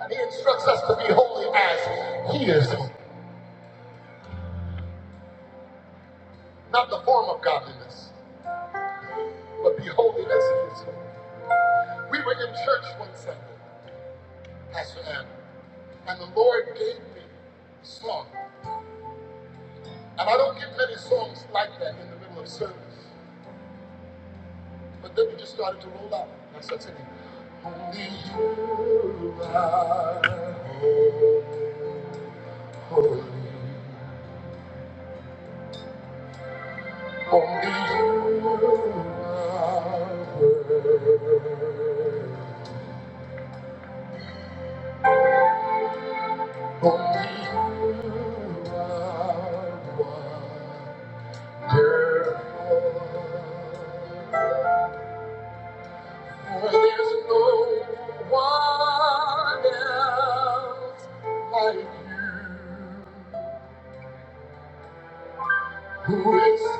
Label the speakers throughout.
Speaker 1: And he instructs us to be holy as he is holy. Not the form of godliness, but be holy as he is holy. We were in church one Sunday, Pastor Adam, and the Lord gave me a song. And I don't get many songs like that in the middle of service. But then we just started to roll out. And I started singing, Only you are holy. Only you are worthy. Who is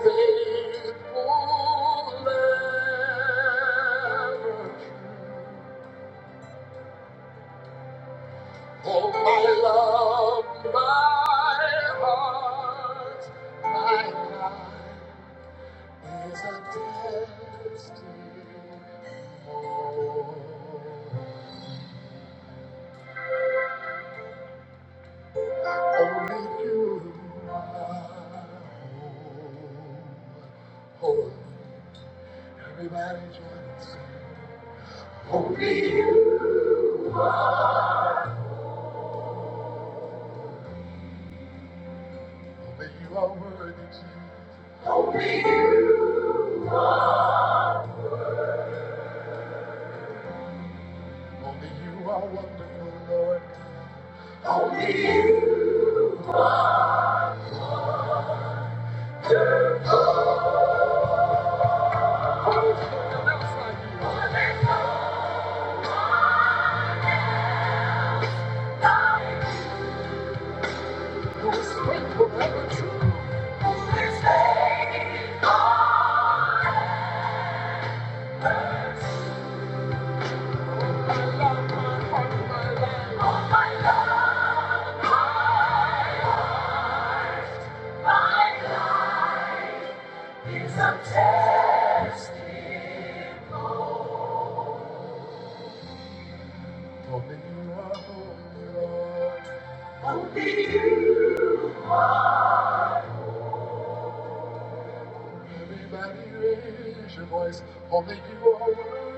Speaker 1: faithful and true? Oh, my love, my heart, my life. There's a destiny more. Only you are holy. Everybody join Only you. Only you are worthy, Jesus. Only you are wonderful, Lord. Only you. None else like you. Who is faithful, ever true. This day. My love, my heart, my life. Holding you up, oh, everybody raise your voice. Only you are worthy.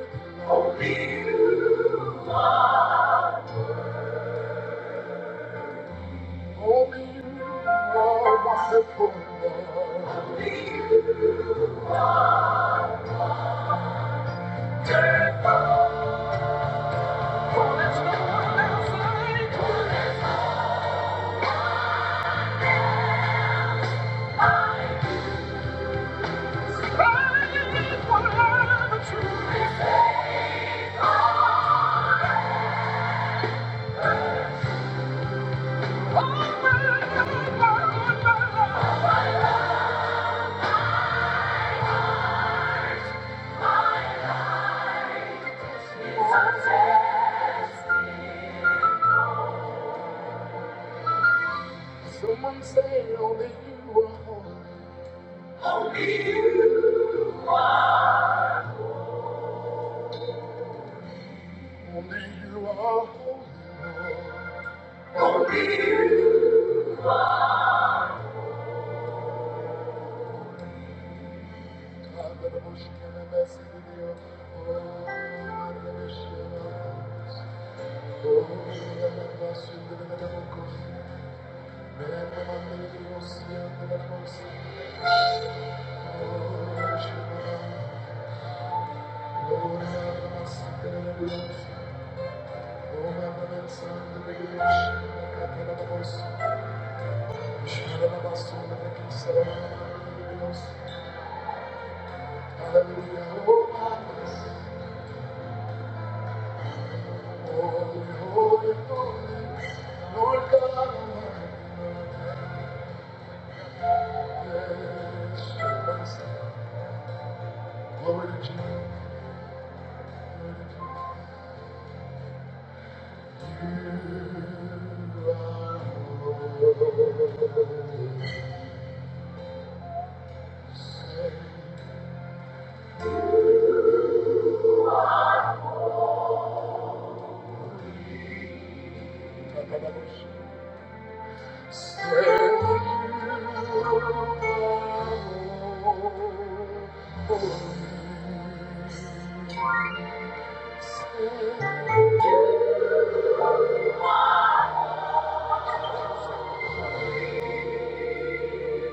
Speaker 1: Only you are wonderful. Lord. We take for there's no one else like you. Crying is what I am true. Oh, my Lord, my Lord, my Lord. Someone say only you are holy. Only you are holy. Hallelujah. Oh, my goodness. Holy, holy, holy, Lord God Almighty. Yes, yes. Glory to Jesus. You are holy. Said you are holy. Said-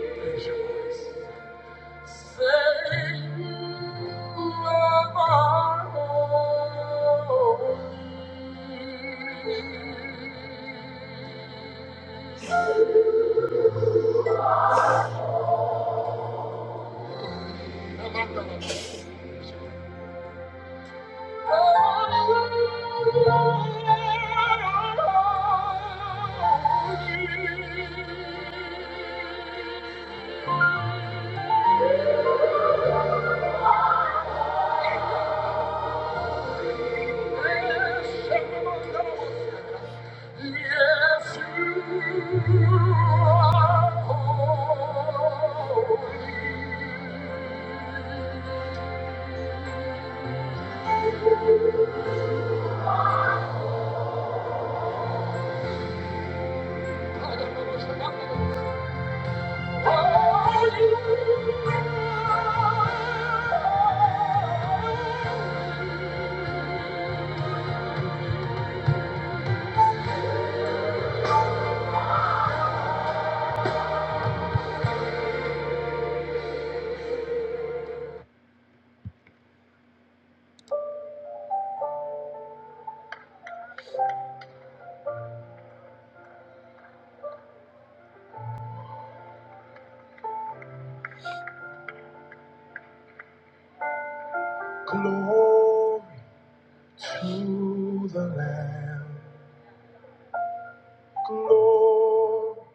Speaker 1: Raise your voice. Say you are my Yes, you are holy. Glory to the Lamb. Glory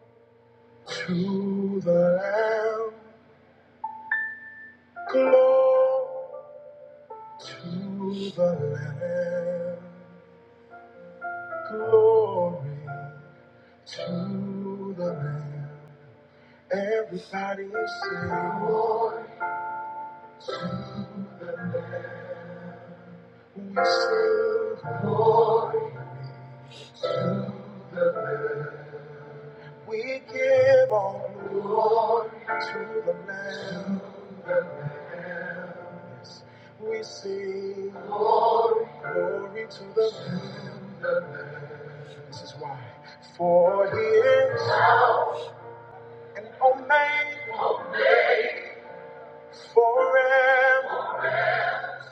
Speaker 1: to the Lamb. Glory to the Lamb. Glory to the Lamb. Everybody sing. Glory to the Lamb. We sing glory to the Lamb. We give all glory to the Lamb. Yes, we sing glory, glory to the Lamb. This is why. For he is an omega forever.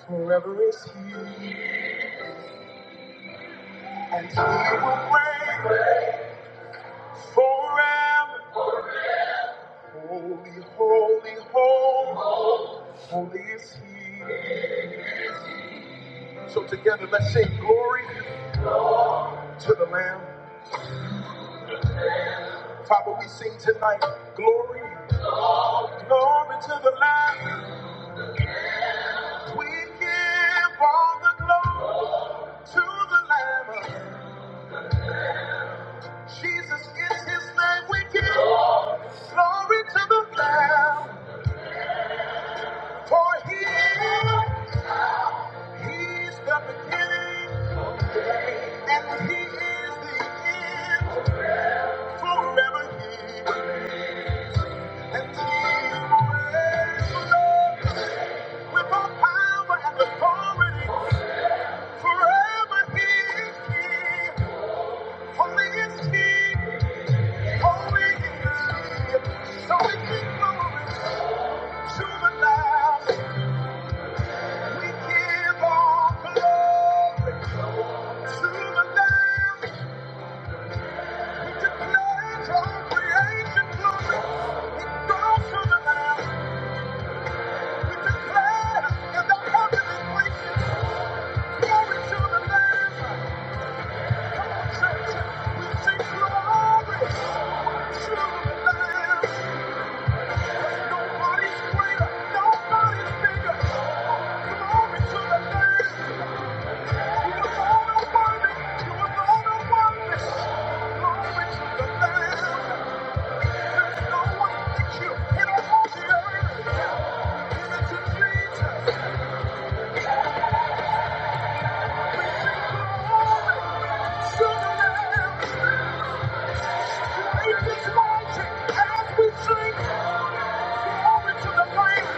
Speaker 1: Forever is he. And he will reign forever. Holy, holy, holy, holy is He. So together, let's sing glory to the Lamb. Father, we sing tonight, glory, glory to the Lamb. We give all the glory to the Lamb. Jesus is His name. We give glory to the Lamb, for He is, He's the beginning and He is the end. Forever He. will. we the declare Thank you. Glory to the Lamb. Come on, church. We sing glory to the Lamb. Nobody's greater. Nobody's bigger. Glory to the Lamb. You was all the worthy. You was all the worthy. Glory to the Lamb. There's no one like you in all the earth. Give it to Jesus. We sing glory to the Lamb. If this mountain as we sing, glory to the Lamb.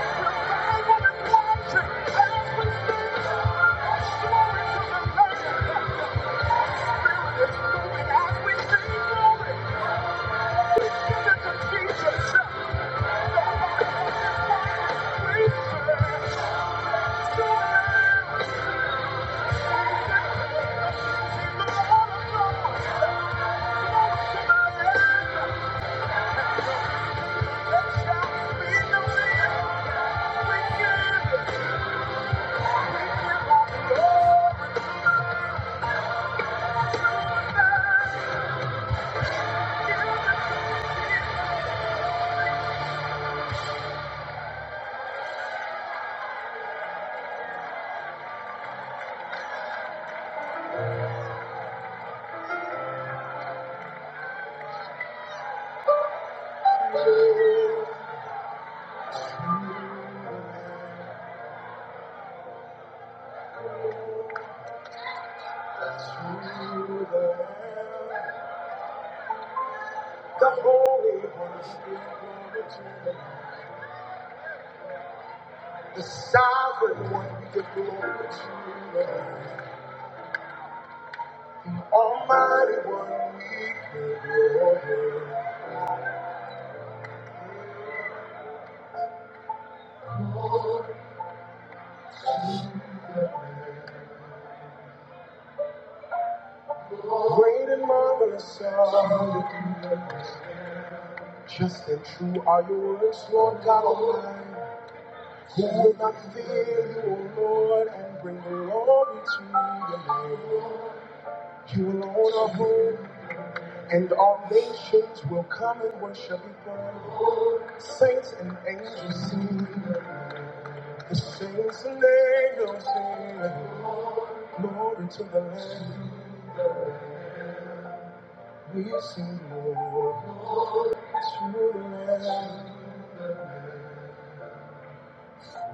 Speaker 1: Revival and passion as we sing, glory to the Lamb. Spirit is moving as we sing, glory. We give it to Jesus. Nobody else is like we serve. Glory to the Lamb. to the Lamb. The Holy One is here, the Sovereign One, we give glory to you. Almighty One, we give glory. Great and marvelous are you. Just and true are your words, Lord God Almighty. Who will not fear you, O Lord, and bring glory to your name? You alone are holy, and all nations will come and worship before you. Saints and angels sing, the saints and angels sing, glory to the Lamb. We sing glory to the Lamb.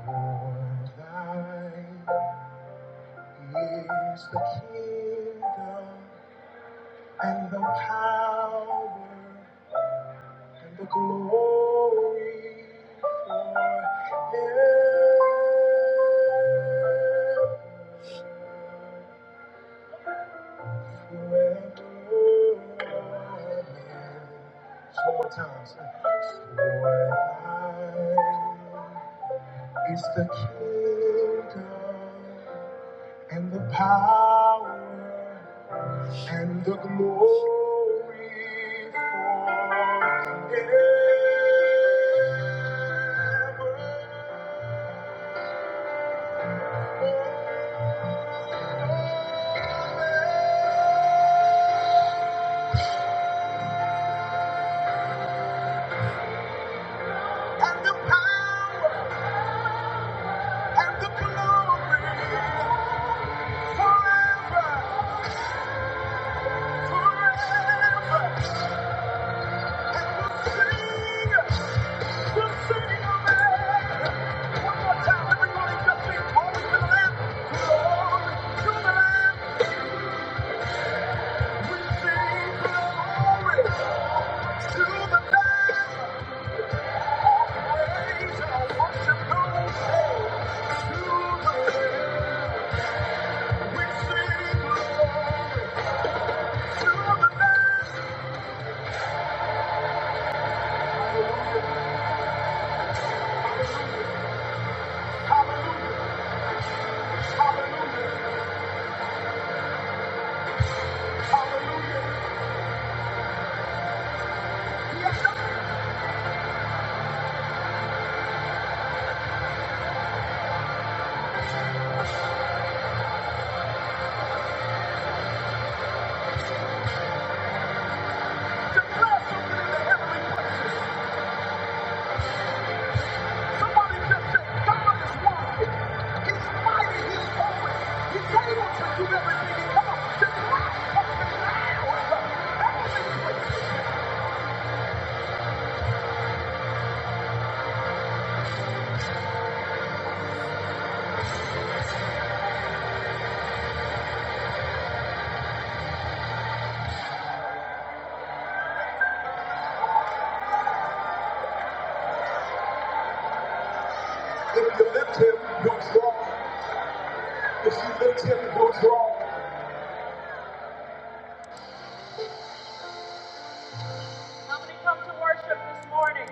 Speaker 1: For thine is the kingdom. and the power and the glory forever. Just One more time. say, For thine is the kingdom and the power and the glory forever, and the power and the glory forever, forever, And we'll we'll sing, sing sing, One more time, everybody, just to to the Lamb, glory to the Lamb. Hallelujah. Hallelujah. Yes, sir. To bless something in the heavenly places. If you lift him, you'll draw. If you lift him, you'll draw. Somebody come to worship this morning.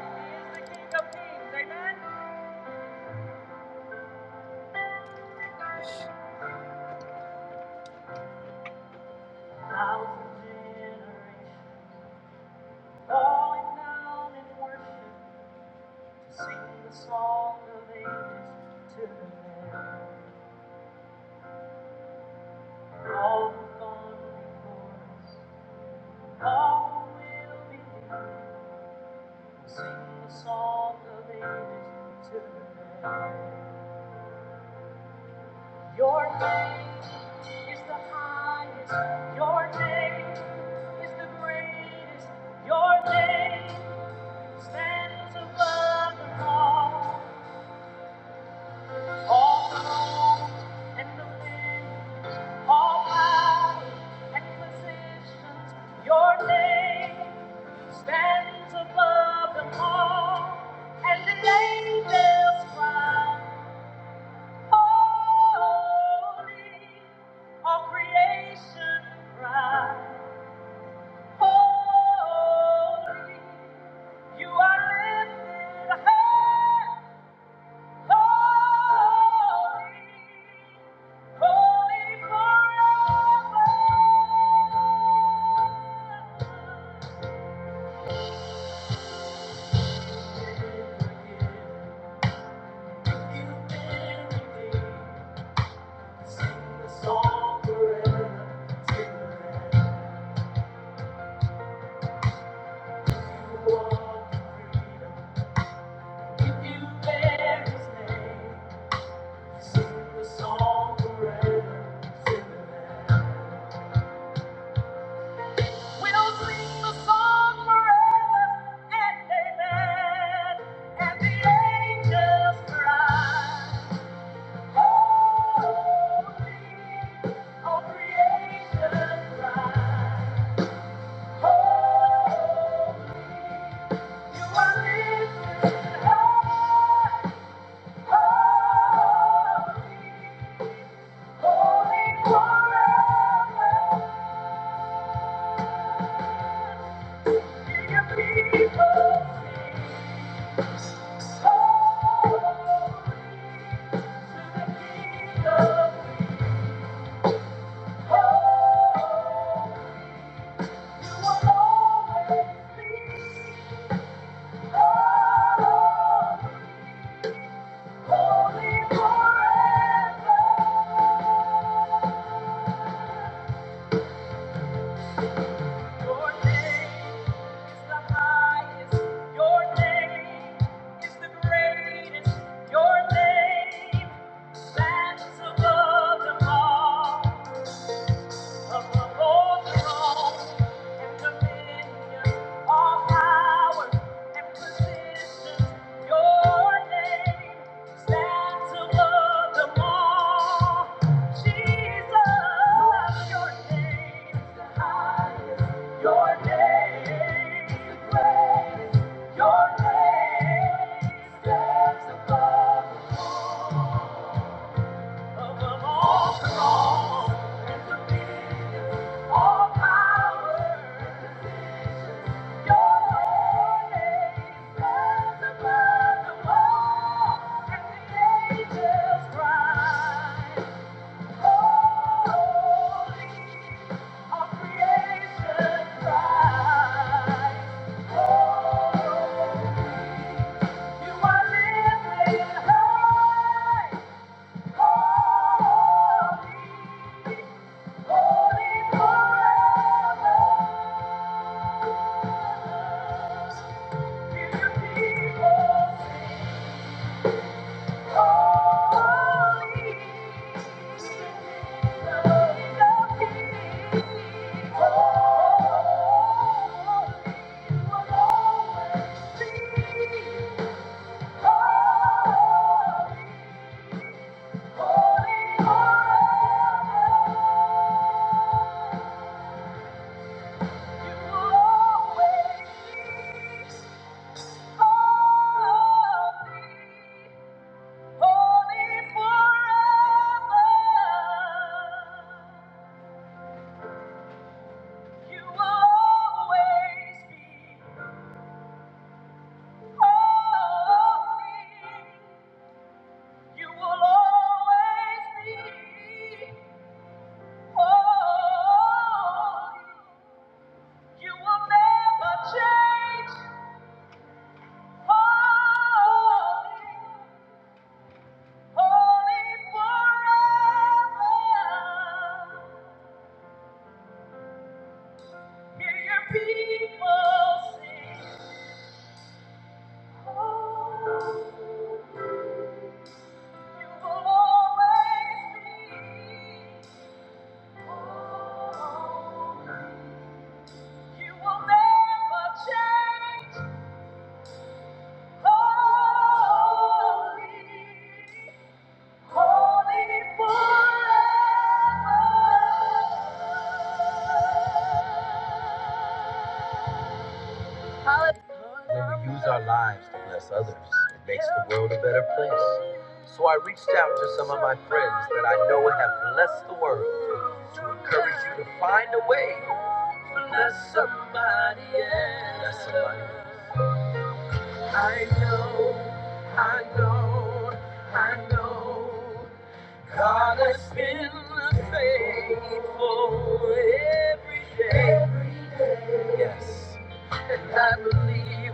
Speaker 1: He is the King of Kings. Amen. Thousand generations falling down in worship to sing the song of ages to the Lamb. All who've gone before us, all who will be with sing the song of ages to the land. Your name is the highest. Your name is the greatest. Your name stands above them all. All throne and dominions, all power and positions. Your name. stands above them all, and the angels cry, Holy, all creation cry, Holy, you are lifted high, holy, holy forever. You forgive, you Your name stands above them all. Your name is great. Your name stands above. all. You are living high. You will always be holy. You will never change. Holy, holy forever. Hear your people sing. Oh, you will always be. holy. You will never change. Holy. When we use our lives to bless others, it makes the world a- difference. So I reached out to some of my friends that I know have blessed the world. Encourage you to bless somebody else. Bless somebody else. I know, I know, I know. God has been faithful every day. Every I believe,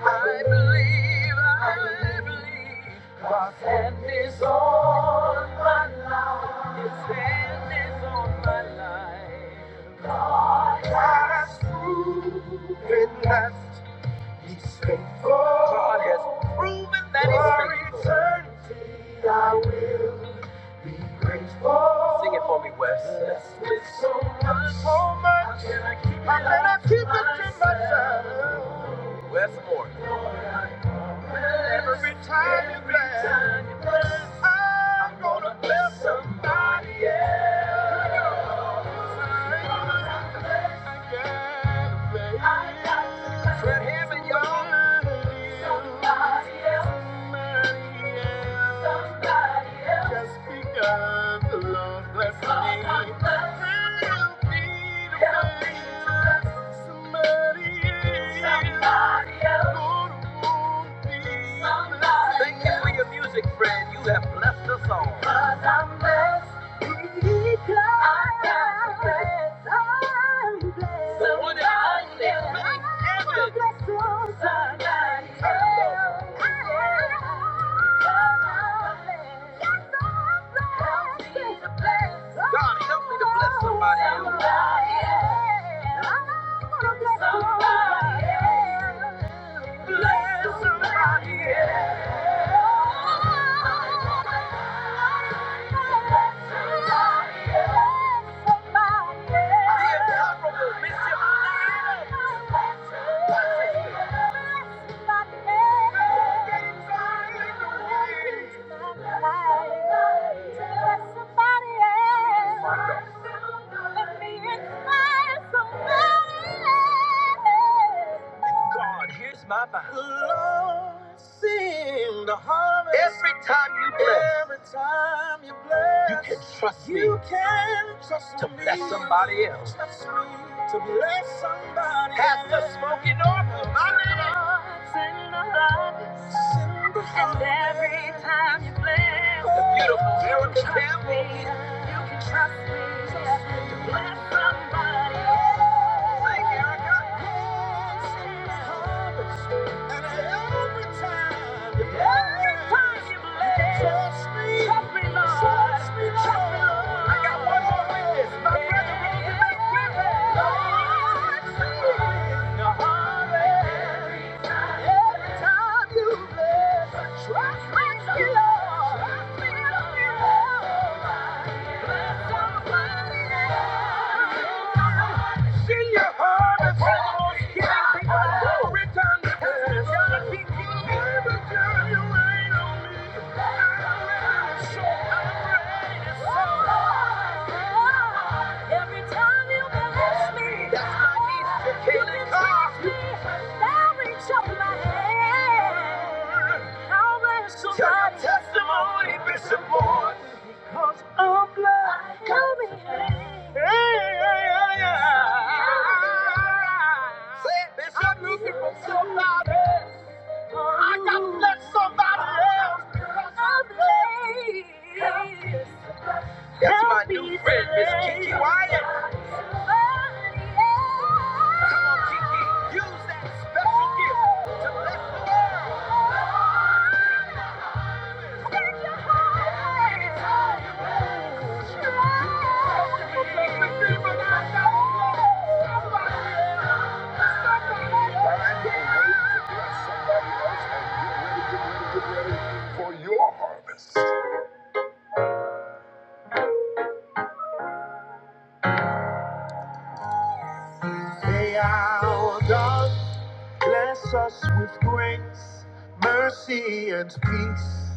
Speaker 1: I believe, I believe. God's hand is on my life. His hand is on my life. God has proven that He's faithful. God has proven that He's faithful. For eternity, I will be grateful. Sing it for me, Wes. Blessed with so much, so much. How can I keep it, to myself? Westmore. Every time you bless, I'm gonna bless somebody. I gotta bless. Let him and y'all Just speak of the Lord bless me. Help me to bless somebody. Somebody else. Lord, will be blessed. Thank you for your music, friend. You have blessed us all. 'Cause I'm blessed. I am blessed. I'm blessed. Someone else is blessed. God, help me to bless somebody else. Bless Somebody else. Bless somebody else. God, here's my vow. Lord, sing the harvest. Every time you bless, you can trust me. You can trust to bless me. somebody else. Trust me to bless somebody. Have the smile. Send the love. Send the And every time you bless, the beautiful Erica Campbell. You can trust me you can trust me to bless somebody. else. Thank you, Erica. Send the harvest. Trust me, Lord. Trust me, Lord. Sing your heart and soul, giving people glory time to come. God, you rain on me. I'm ready to show, Every time you bless me, that's my gift me, i reach up my hand. I'll bless somebody. That's my new friend, Miss Kiki Wyatt. Come on, Kiki, use that special gift to bless. May our God bless us with grace, mercy, and peace.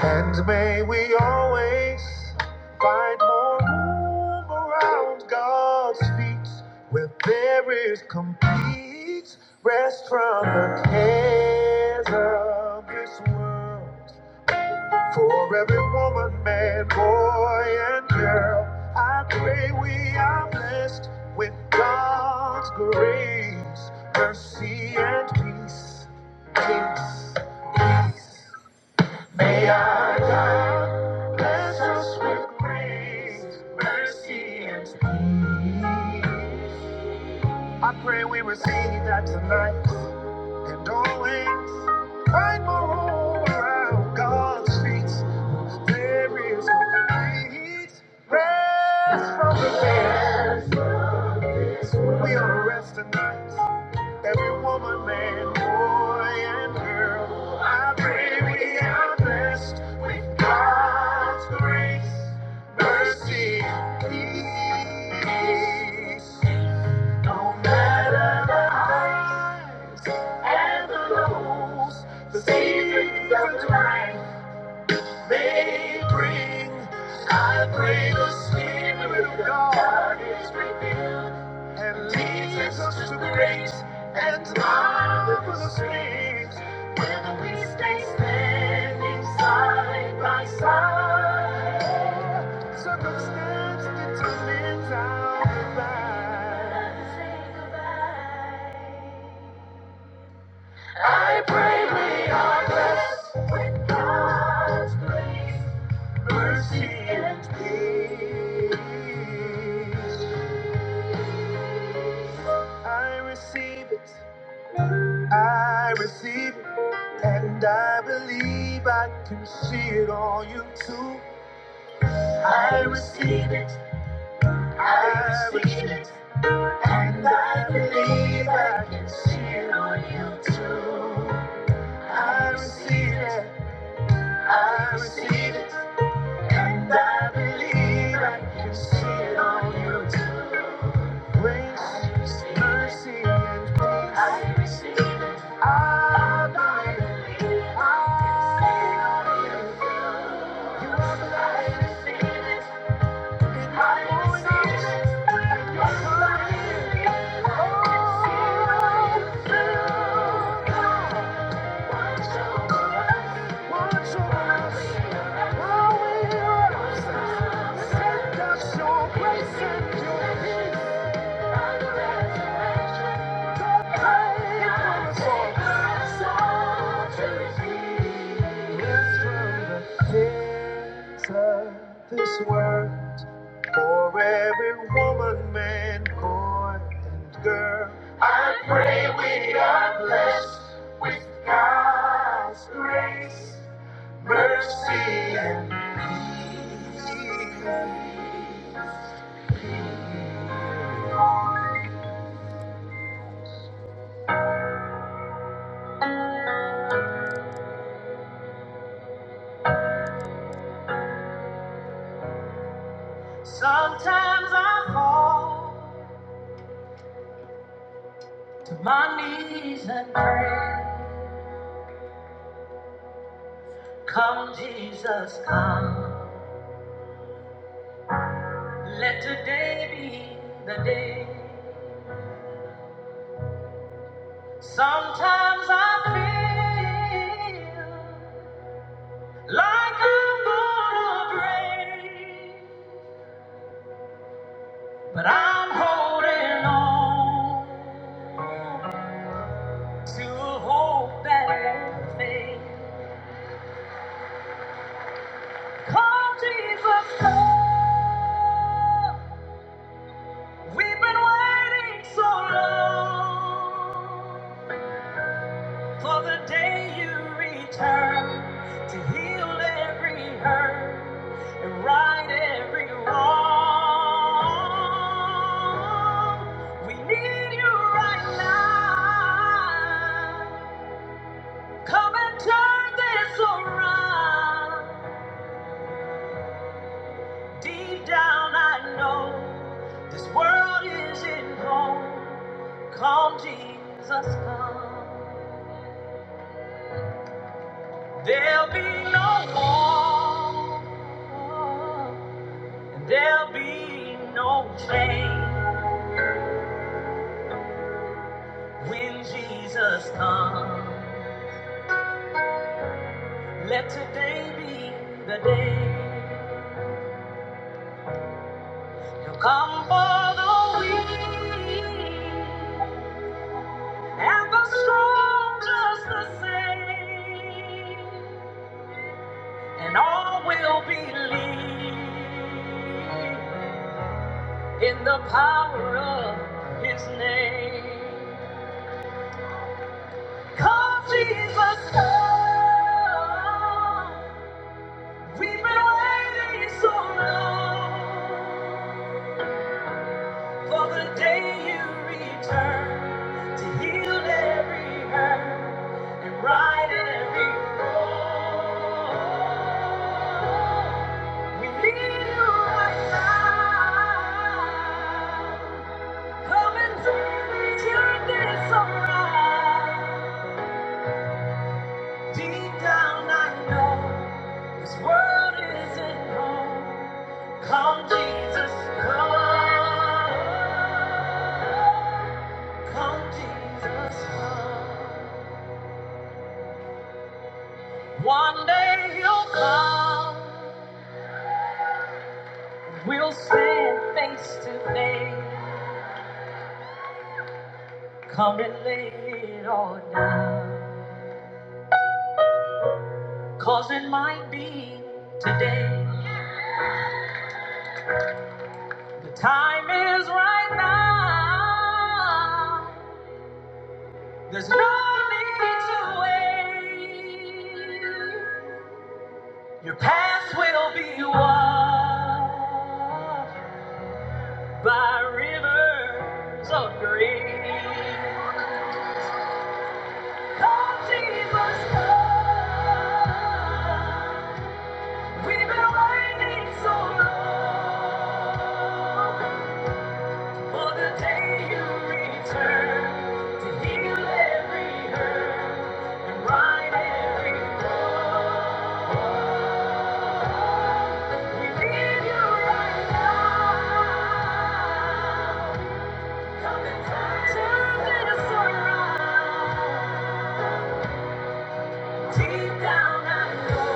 Speaker 1: And may we always find more room around God's feet where there is complete rest from the cares of this world. For every woman, man, boy, and girl, I pray we are blessed with God's grace, mercy, and peace. Peace. May our God bless us with grace, mercy, and peace. I pray we receive that tonight and always find more room around God's feet. There is complete rest from the fears. We are rest tonight. Every woman, man, boy, and girl, I pray we are blessed with God's grace, mercy, peace. No matter the highs and the lows, the seasons of life may bring. I pray the Spirit of God is revealed and leads us to great and marvelous things. Whether we stay standing side by side, I pray we are blessed. God's grace be it. I can see it on you too. I receive it. I receive it. And I believe I can see it on you too. I receive it, I receive it. And I believe I can see it on you too. Grace, mercy, and peace. I receive it. I believe I can see it on you too. You are the light. I receive it. This world. For every woman, man, boy, and girl. Sometimes I fall to my knees and pray. Come, Jesus, come. Let today be the day. Sometimes I feel like I'm gonna break, but I'm holding on to a hope that won't fade. Come, Jesus, come. We've been waiting so long for the day you return to heal every hurt and right every wrong. We need you right now. Come and turn this around. Deep down, I know this world isn't home. Come, Jesus, come. There'll be no war, and there'll be no pain when Jesus comes. Let today be the day He'll come for the weak and the strong just the same. and all will believe in the power of his name. Come, Jesus, come. We've been waiting so long for the day you return to heal every hurt and right every wrong. Come Jesus, come, come Jesus, come. One day you'll come. We'll stand face to face. Come and lay it all down. Cause it might be today. The time is right now. There's no need to wait. Your past will be washed by rivers of grace. Come, Jesus, come. We've been waiting so long. For the day you return to heal every hurt and right every wrong. We need you right now. Come and turn this around. Deep down I know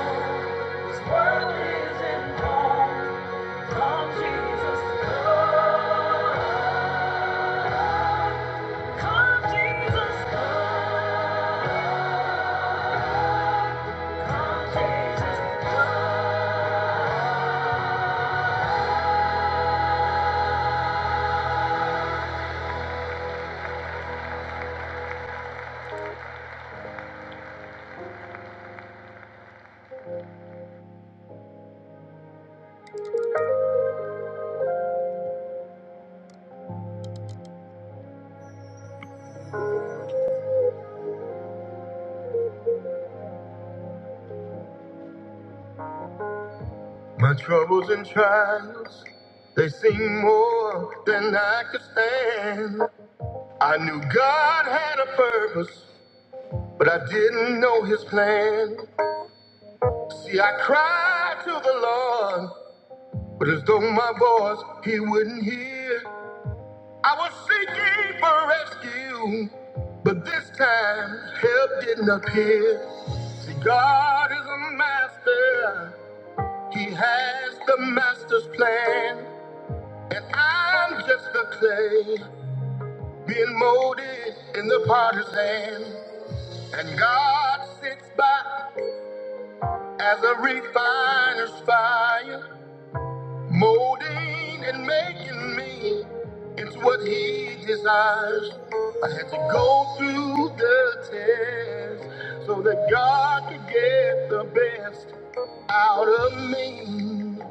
Speaker 1: this world isn't wrong. Come Jesus, come. My troubles and trials, they seem more than I could stand. I knew God had a purpose, but I didn't know his plan. See, I cried to the Lord, but as though my voice he wouldn't hear. I was seeking for rescue, but this time help didn't appear. See, God is a master. He has the master's plan, and I'm just the clay being molded in the potter's hand. And God sits by as a refiner's fire, molding and making me into what He desires. I had to go through the test so that God could get the best out of me.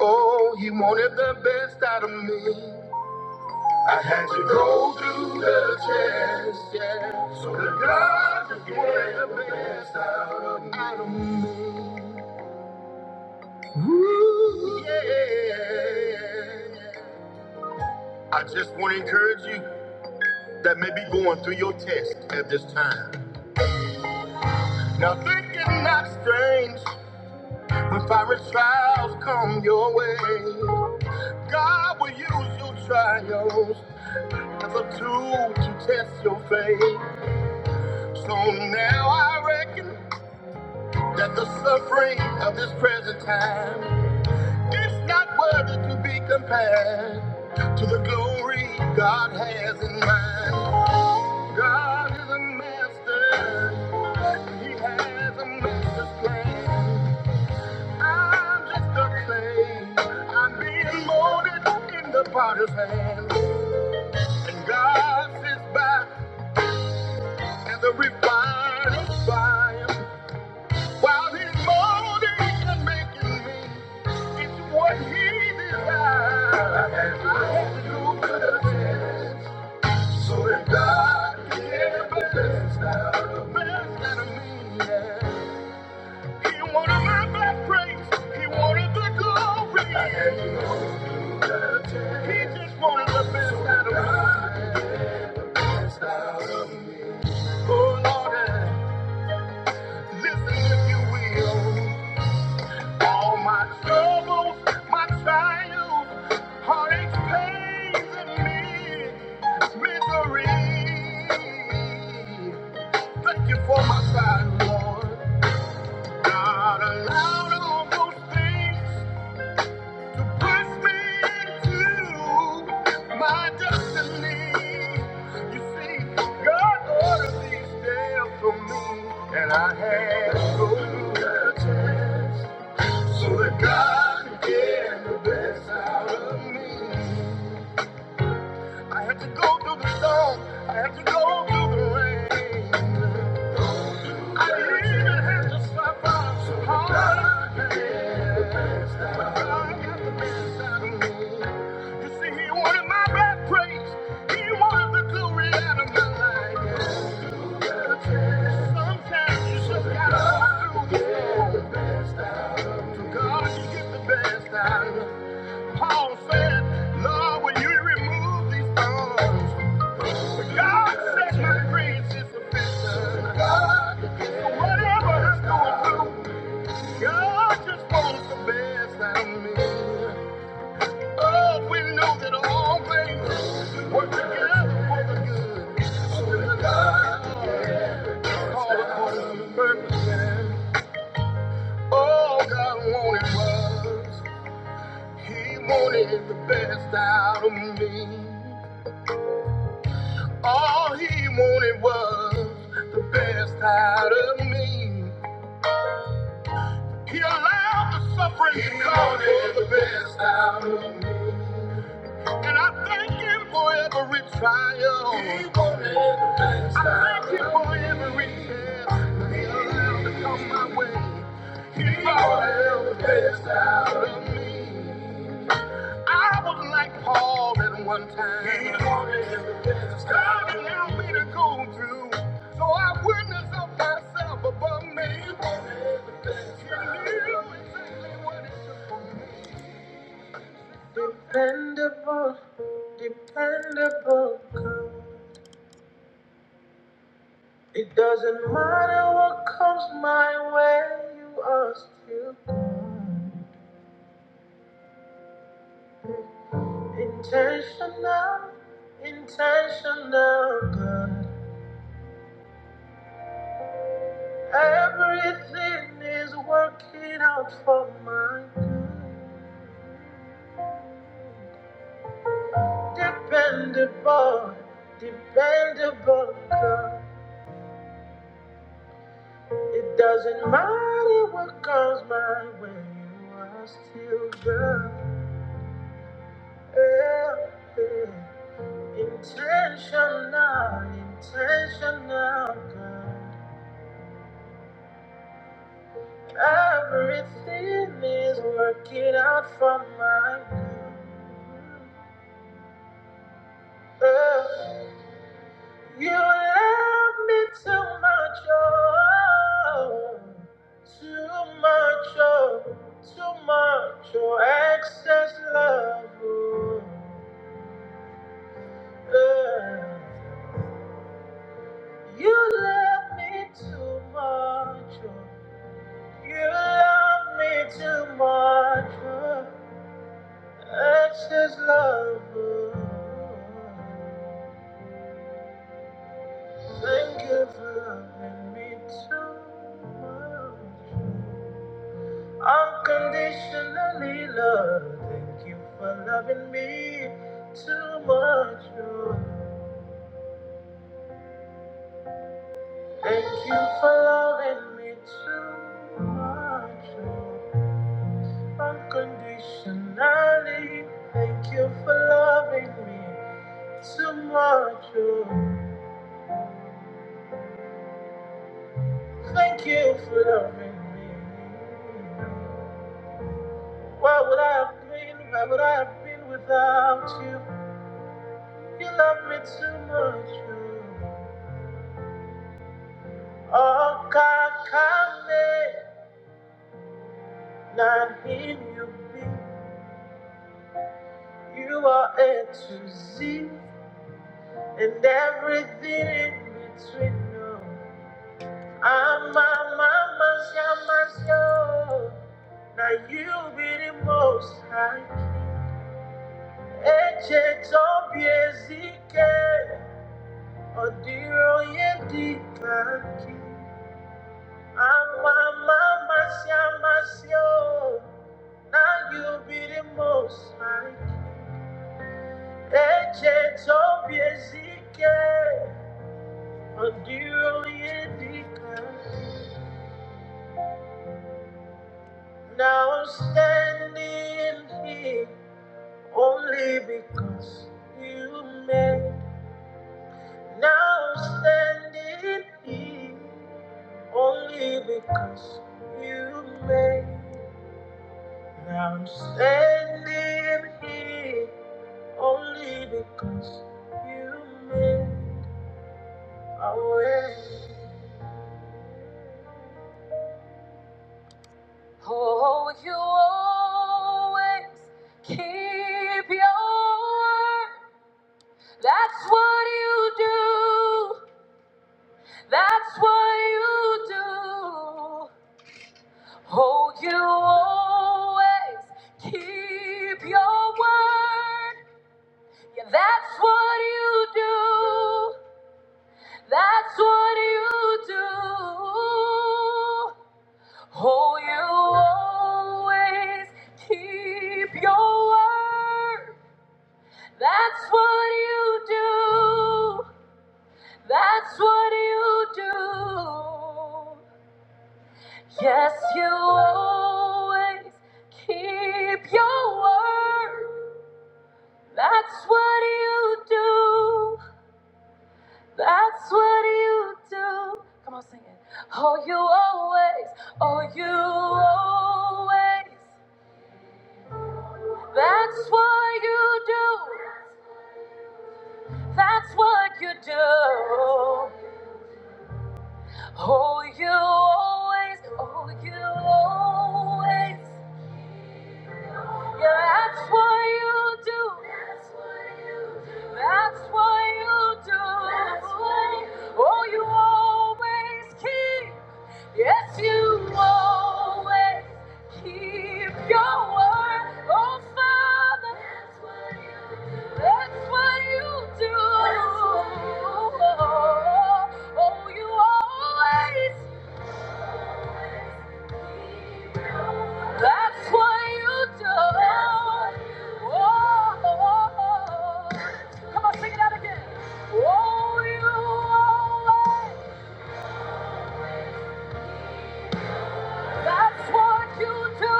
Speaker 1: Oh, he wanted the best out of me. I had to go through the test, yeah. So the God just wanted the best out of me. Out of me. Ooh, yeah. I just want to encourage you that may be going through your test at this time. Now think it not strange when fiery trials come your way. God will use your trials as a tool to test your faith. So now I reckon that the suffering of this present time is not worthy to be compared to the glory God has in mind. God is a master, He has a master's plan. I'm just a clay, I'm being molded in the potter's hand, and God sits back. And the refining fire, while he's molding and making me, it's what he desires. I have to do good so that God can get the best out of me. yeah. He wanted my best praise, he wanted the glory. He just wanted the best out of me. Listen if you will. All my troubles, my trials, heartaches, pains, and mi- misery. Thank you for my side, Lord. God allowed all those things to push me into my destiny. You see, God ordered these days for me, and I had to go through the test. so that God can get the best out of me. I had to go through the storm, I had to go through the rain. I even had to stop by so hard. God can get the best out of me. God got the best out of me. You see, He wanted my bad praise, He wanted the glory out of my life. Sometimes you just gotta go through the storm. So God can get the best out of me. Paul said, Lord, will you remove these thorns? But God said, My grace is sufficient. God, so whatever I'm going through, God just wants the best out of me. Oh, we know that all things work together for the good. So that God is called according to the purpose. All God wanted was, He wanted the best out of me. All he wanted was the best out of me. He allowed the suffering to He come wanted for the best out of me. And I thank him for every trial. He wanted the I thank him for every test he allowed to come my way. He, he wanted the best out of me. I was like Paul at one time. He God allowed me to go through, so I witness of thyself above me. You knew exactly what it took for me. Dependable, dependable God. It doesn't matter what comes my way, you are still intentional, intentional God. Everything is working out for my good. Dependable, dependable girl. It doesn't matter what comes my way, you are still girl. Yeah, yeah. Intentional, intentional girl. Everything is working out for my good. Yeah. You love me too much, oh, too much, oh, too much, oh, excess love. Oh, yeah. You love me too much, oh, you love me too much, oh, excess love. Oh, thank you for loving me too much. oh. Unconditionally love. Thank you for loving me too much. oh. Thank you for loving me too much. oh. Unconditionally. Thank you for loving me too much. oh. Thank you for loving me. What would I have been? Why would I have been without you? You love me too much. oh. Okakame, not him you be. You are A to Z and everything in between. No. I'm a mama's yamasyo. Now you be the most high. Eche tobi ezike, odiro yedi kaki. I'm a mama's yamasyo. Now you be the most high. Eche tobiezike, ondioyedika. Now I'm standing here only because you made. Now I'm standing here only because you made. Now I'm standing here only because you made a way. Oh, you always keep your word. That's what you do. That's what you do. Oh, you always keep your word. Yeah, that's what you do. That's what you do. Oh, you always keep your word. That's what you do. That's what you do. Yes, you always keep your word. That's what you do. That's what you do. Come on, sing it. Oh, you always, oh, you always. That's what you do. That's what you do. Oh, you always, oh, you always. Yeah, that's what you do. That's what you do. That's what you do. That's what you do. Oh, you always keep. Yes, you always keep your word. Oh, Father. That's what you do. That's what you do. That's what you do. Oh, you always That's what you do. Oh, oh, oh. come on, sing it out again. Oh, you always. That's what you do.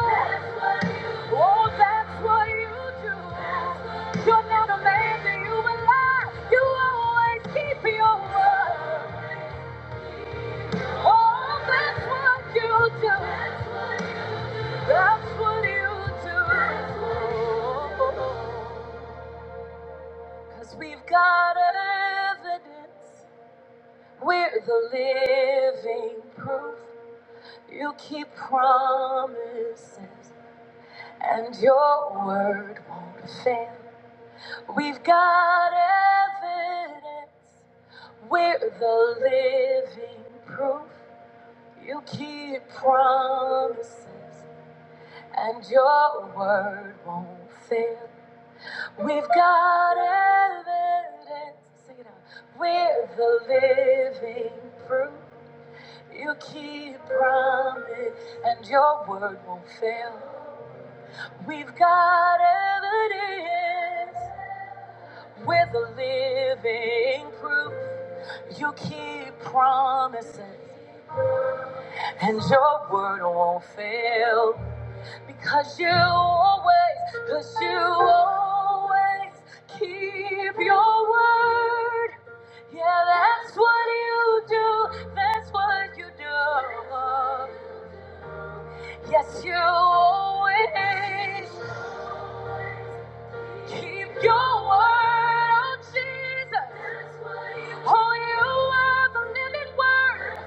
Speaker 1: Oh, that's what you do. You're not a man that you will lie. You always keep your word. Oh, that's what you do. That's what you do. Cause we've got evidence. We're the living proof. You keep promises, and your word won't fail. We've got evidence. We're the living proof. You keep promises, and your word won't fail. We've got evidence. Sing it out. We're the living proof. You keep promise, and your word won't fail. We've got evidence. We're the living proof. You keep promises, and your word won't fail. Because you always, because you always keep your word. Yeah, that's what you do. That's what you do. Yes, you always keep your word. Oh, Jesus. Oh, you are the living word.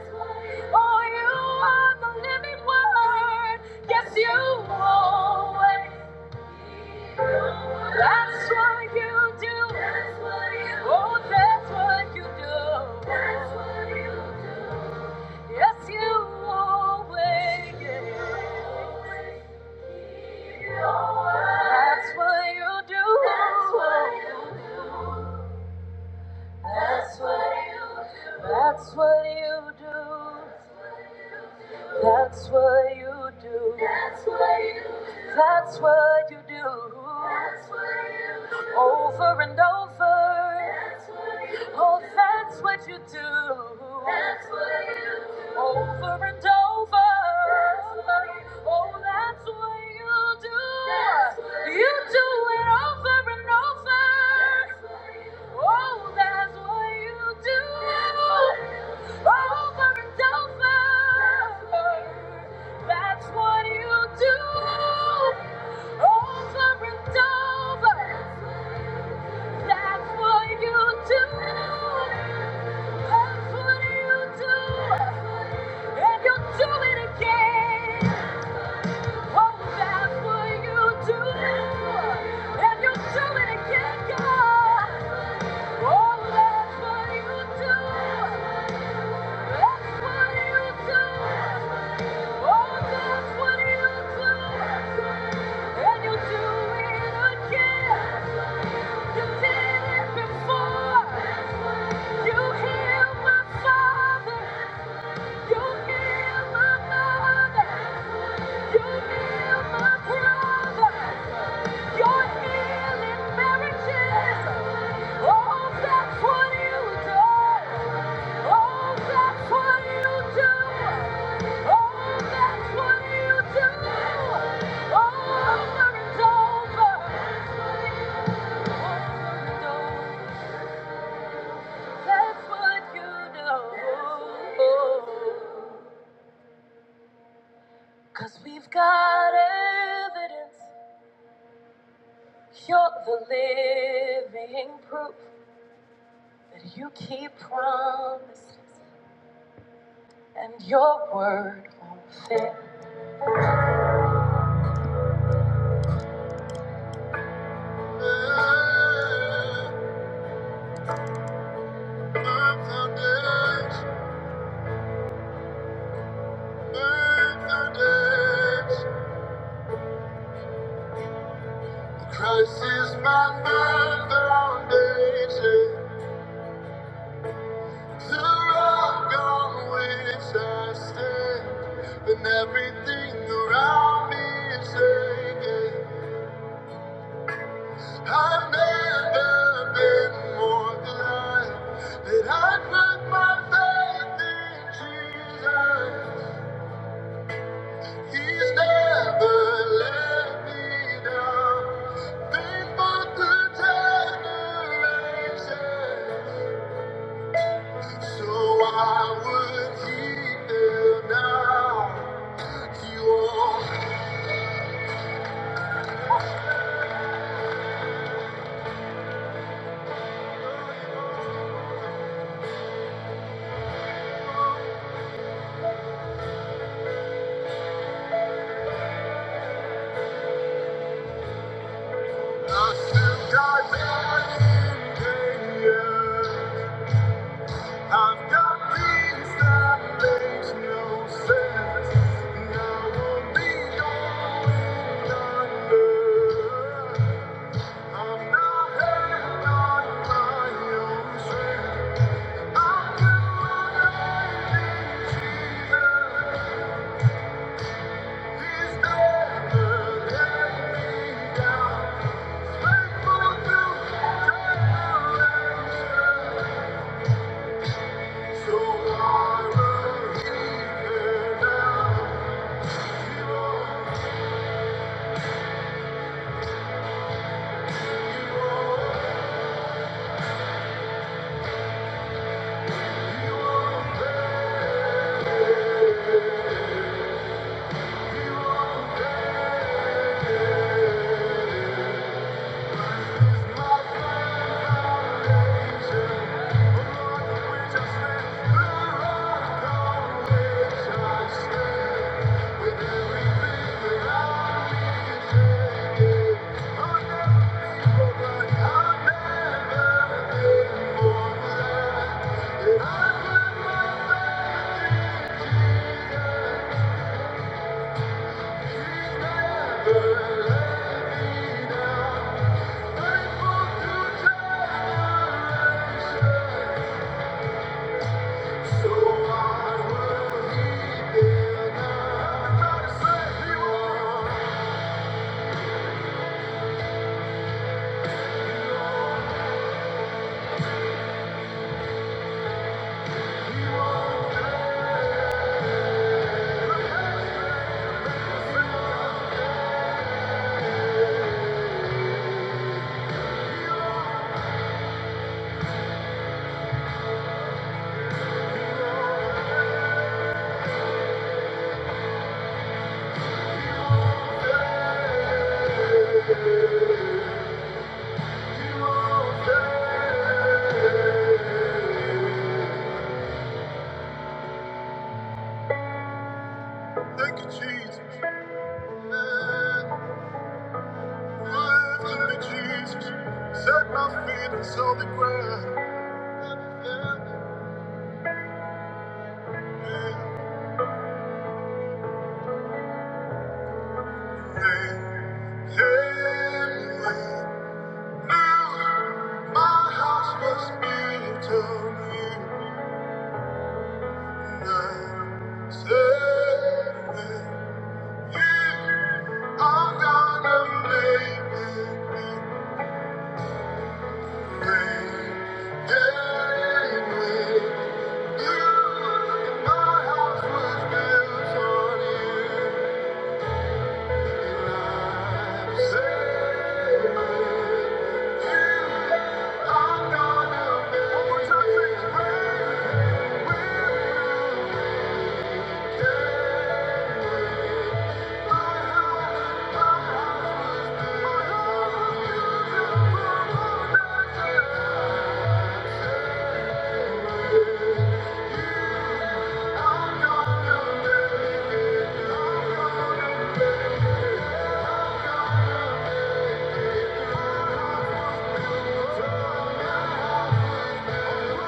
Speaker 1: Oh, you are the living word. Yes, you always. That's what you do. That's what you do. Oh, that's what you do. That's what you do. Yes, you always. That's what you do. That's what you do. That's what you do. That's what you do. That's what you do. That's what you do. That's what you do. That's what you do. Over and over. That's what you do. Oh, that's what you do. That's what you do. Over and over. That's what you do. Oh, that's what you do. That's what you You do do. it over and over. That's what you do. Oh, that's what you do. That's what you do. Over and over. That's what you do. Over and over. That's what you do. That's what you do. And you'll do it again. Oh, that's what you do. And you'll do it again, God. Oh, that's what you do. You heal my brother. You're healing marriages. Oh, that's what you do. Oh, that's what you do. Oh, that's what you do. Over and over. That's what you do. Cause we've got evidence. You're the living proof that you keep promises. and your word won't fail. Make My foundation, firm foundation. Christ is my foundation, the rock on which I stand. When everything around me is shaking, I've never been more glad that I put my faith in Jesus. He's never let me down. Faithful the generations. So why would he fail now? You are not still got hand in danger. I've got peace that makes no sense. And I won't be going under. I'm not held down by your strength. I can believe Jesus is better than me down. Faithful to generation. So I will hear now. He won't, he won't, he won't fail, won't Thank you. Thank you, Jesus. Life to Jesus. Set my feet on solid ground. Yeah, yeah, yeah. yeah. Now my house must be eternal you, I'm gonna make it rain. Anyway, you, my house was built on you. Thank you. Thank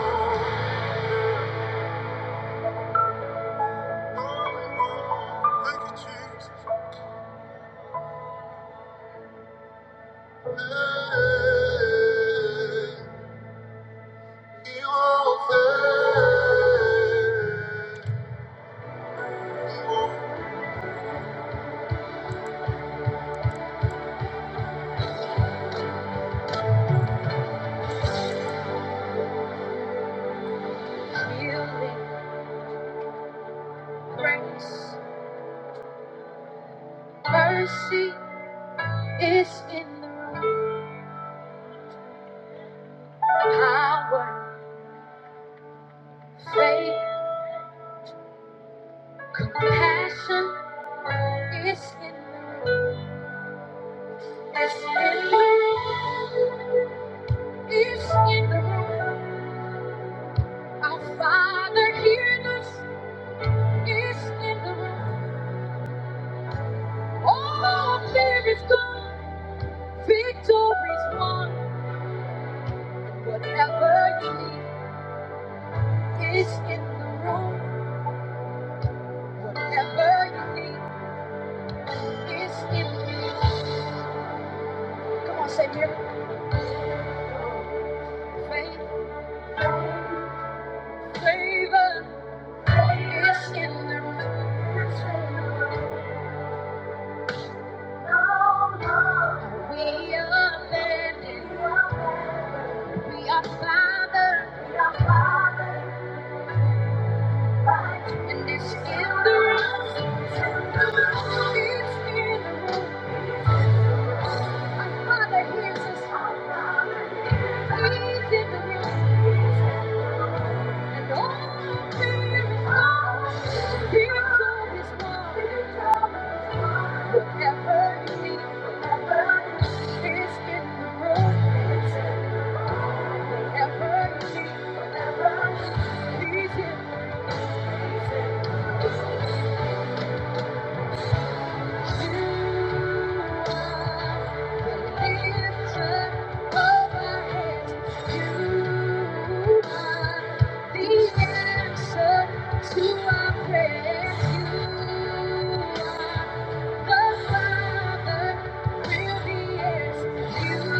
Speaker 1: you. Mercy is in the power. Faith, compassion is in the room. It's in the room. It's in the room. Our Father hears us. It's in the room. Oh, miracles. Victory's won. Whatever you need is in the room. Whatever you need is in the room. Come on, say miracle. Faith, favor is in the room. We are landed. We are fathered. We are Father. And it's in the room. It's in the room. Father, here's us all, Father. Please give the reason. And all we are, here's all this one. Whatever you need, whatever you need, it's in the room. Whatever you need, whatever you need, it's in the room. Lift up our hands, The answer to our prayers, you are the Father with the answer. You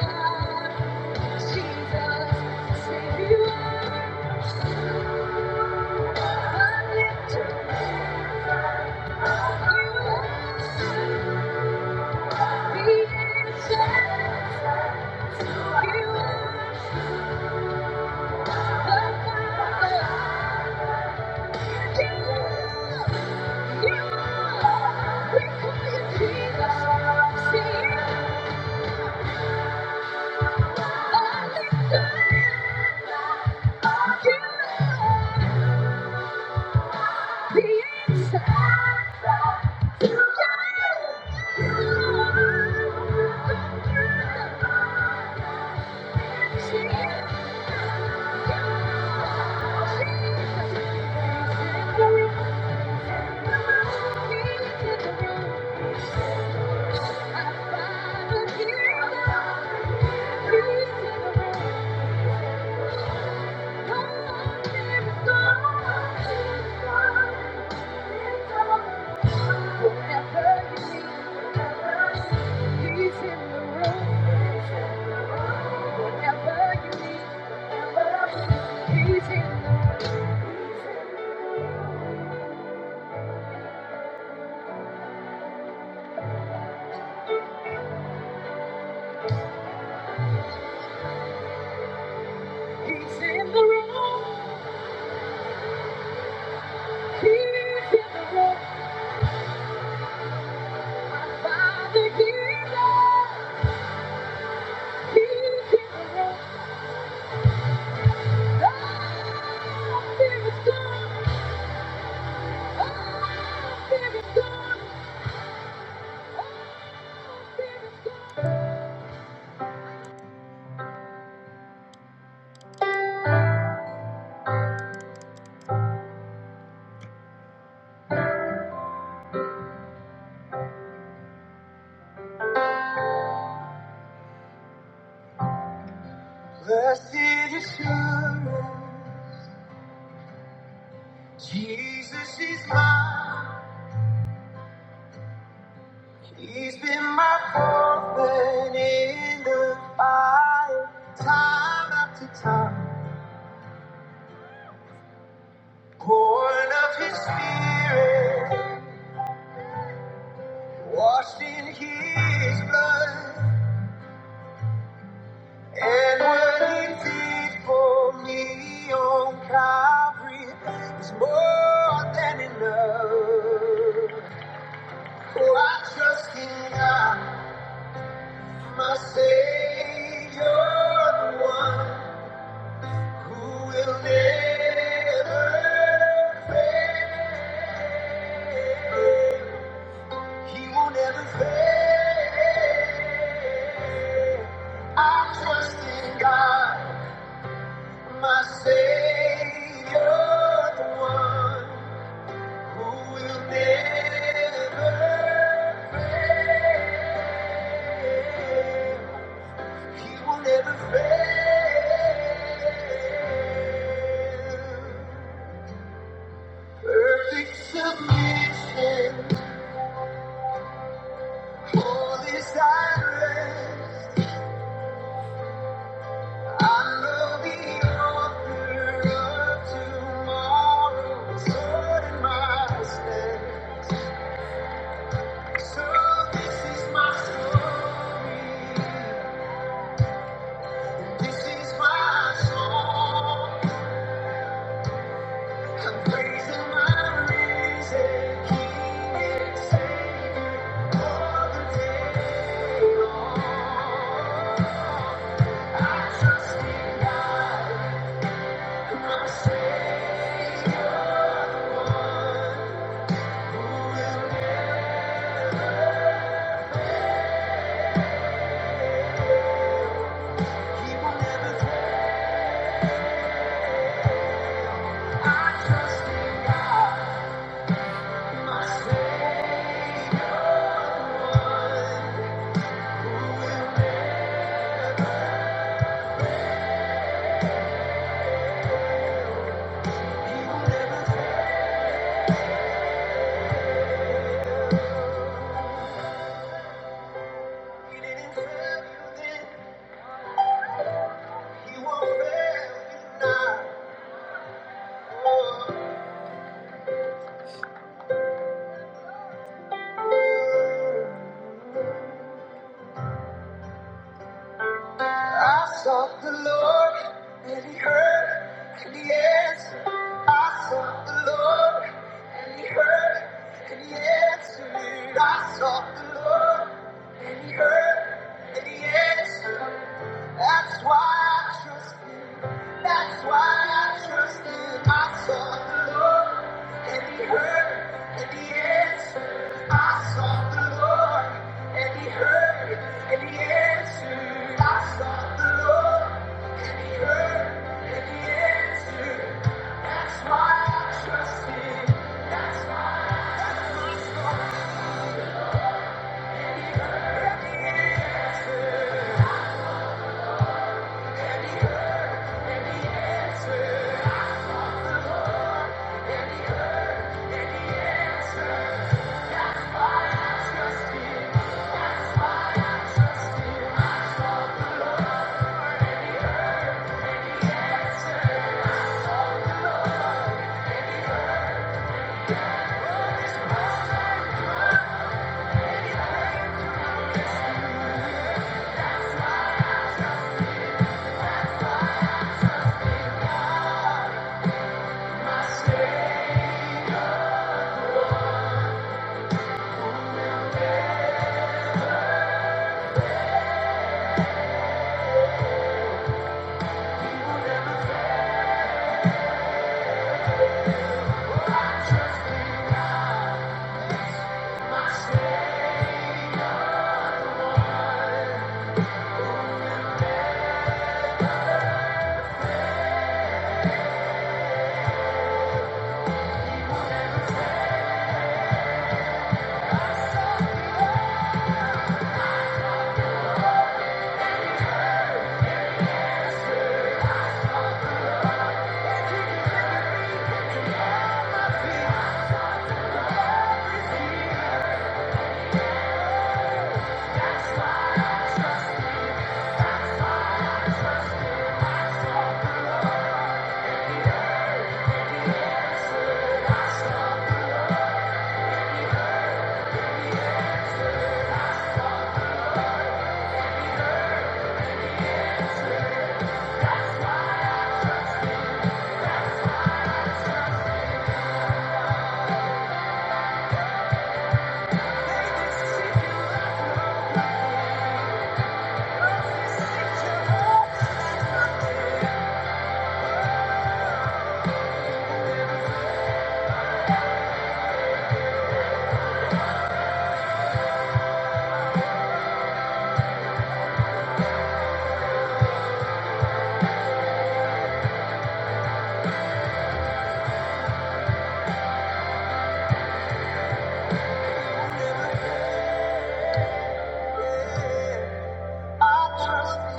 Speaker 1: are Jesus, say you the lifter. You are the answer. You are the Father. You, you are. We call you Jesus. Say you the lifter. Whatever you need. He's in the room. Whatever you he's in the room. Father, he's up. He's in the room. There's nothing. Blessed assurance, Jesus is mine. He's been my comfort in the fire, time after time. Born of His Spirit, washed in His blood. And what he did for me on Calvary is more than enough. For I trust in God, my Savior, the one who will never fail. He will never fail. I trust in God. My Savior, the one who will never fail. He will never fail. Perfect submission, holy silence. I know the author of tomorrow is Lord in my stead. I sought the Lord and he heard and he answered. I sought the Lord and he heard and he answered. I sought the Lord and he heard and he answered. That's why I trust him. That's why I trust him. I sought the Lord and he heard and he answered. I sought the Lord, and He heard, and He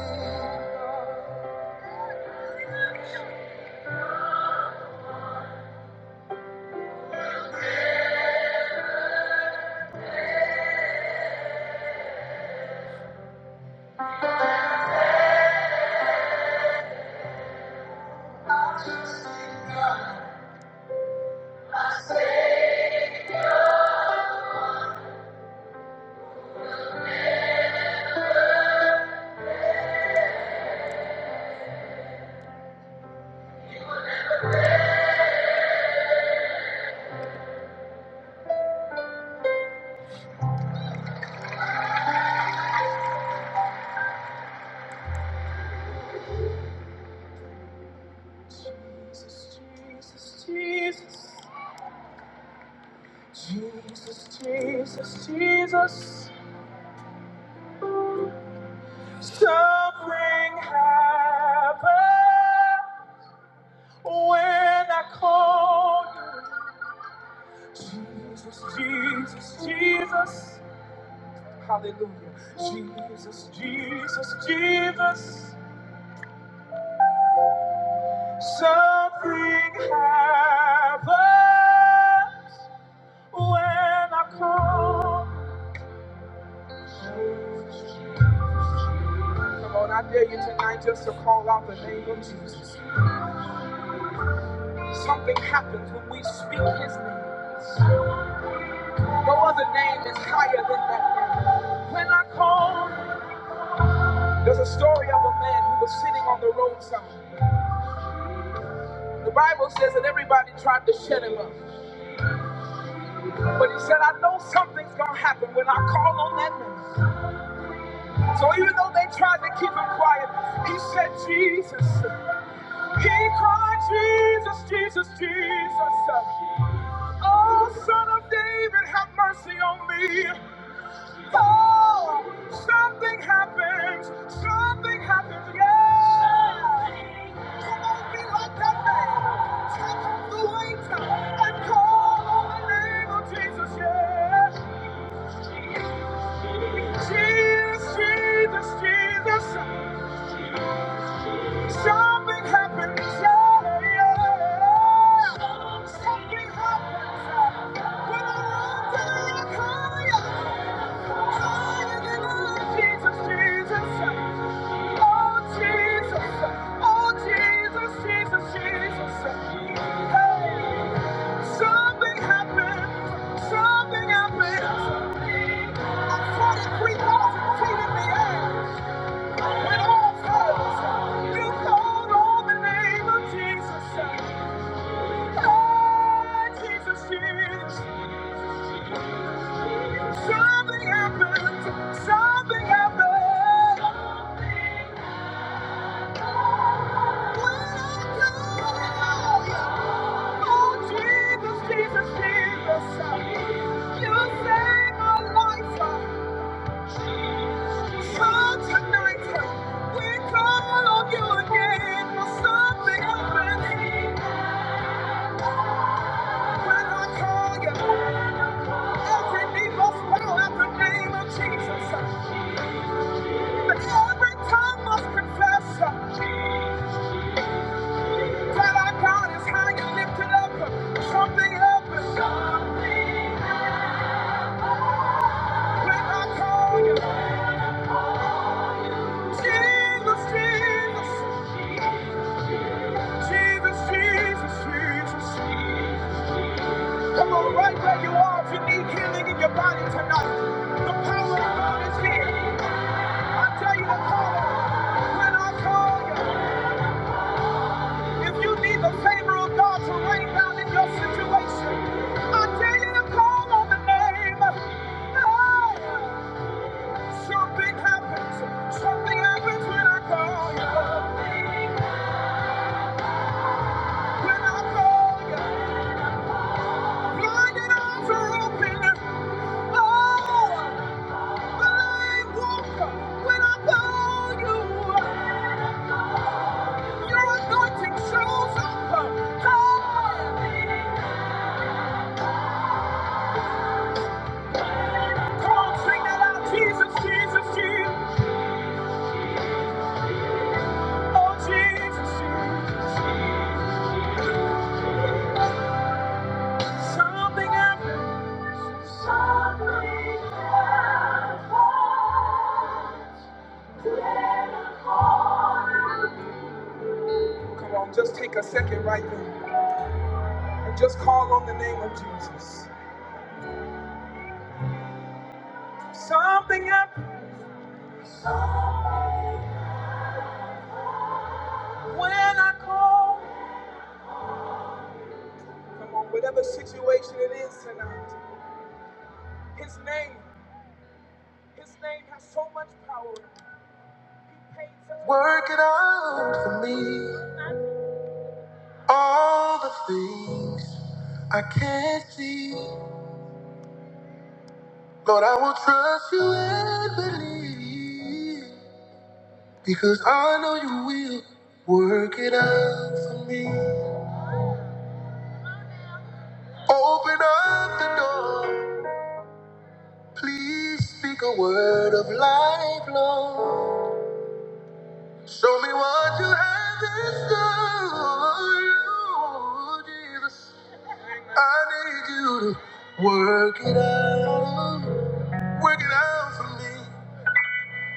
Speaker 1: answered. Jesus, Jesus, Jesus, Jesus, Jesus, Jesus. Something happened when I called you. Jesus, Jesus, Jesus. Hallelujah. Jesus, Jesus, Jesus. Man, he was sitting on the roadside. The Bible says that everybody tried to shut him up. But he said, I know something's gonna happen when I call on that name. So even though they tried to keep him quiet, he said, Jesus. He cried, Jesus, Jesus, Jesus. Oh, son of David, have mercy on me. Oh, something happens. Something happens. Yeah. Come on, be like that man. Take off the weight and call on the name of Jesus. Yeah. Jesus, Jesus, Jesus, something happens. Yeah, yeah. Something happens. yeah. When I run to the higher, higher than I, Jesus, Jesus. Oh, Jesus. Oh, Jesus, Jesus, Jesus. Hey, something happened. Something happened. I am 23,000 feet in the air. When all comes, you call on the name of Jesus. Oh, Jesus, Jesus. Something happened. Something happened. Something happened when I call you. Every knee must bow at the name of Jesus. And every tongue must confess that our God is high and lifted up. Something happens when I call you. Jesus, Jesus, Jesus, Jesus, Jesus. Come on, right where you are if you need healing in your body tonight. The power of God is here. I tell you to call him. When I call you. If you need the favor of God to rain down in your situation, I dare you to call on the name. Ah, Something happens. Something happens when I call you. When I call you. Blinded eyes are open. Oh, the blind walker. When I call you, your anointing shows up. Ah, Come on, sing that out. Jesus, Jesus, Jesus. Oh, Jesus, Something Come on, just take a second right there and just call on the name of Jesus. Something happened when I call. Come on, whatever situation it is tonight, His name, His name has so much power. Work it out for me. All the things I can't see. Lord, I will trust you and believe. Because I know you will work it out for me. Open up the door. Please speak a word of life, Lord. Show me what you have in store, Jesus. I need you to work it out. Work it out for me.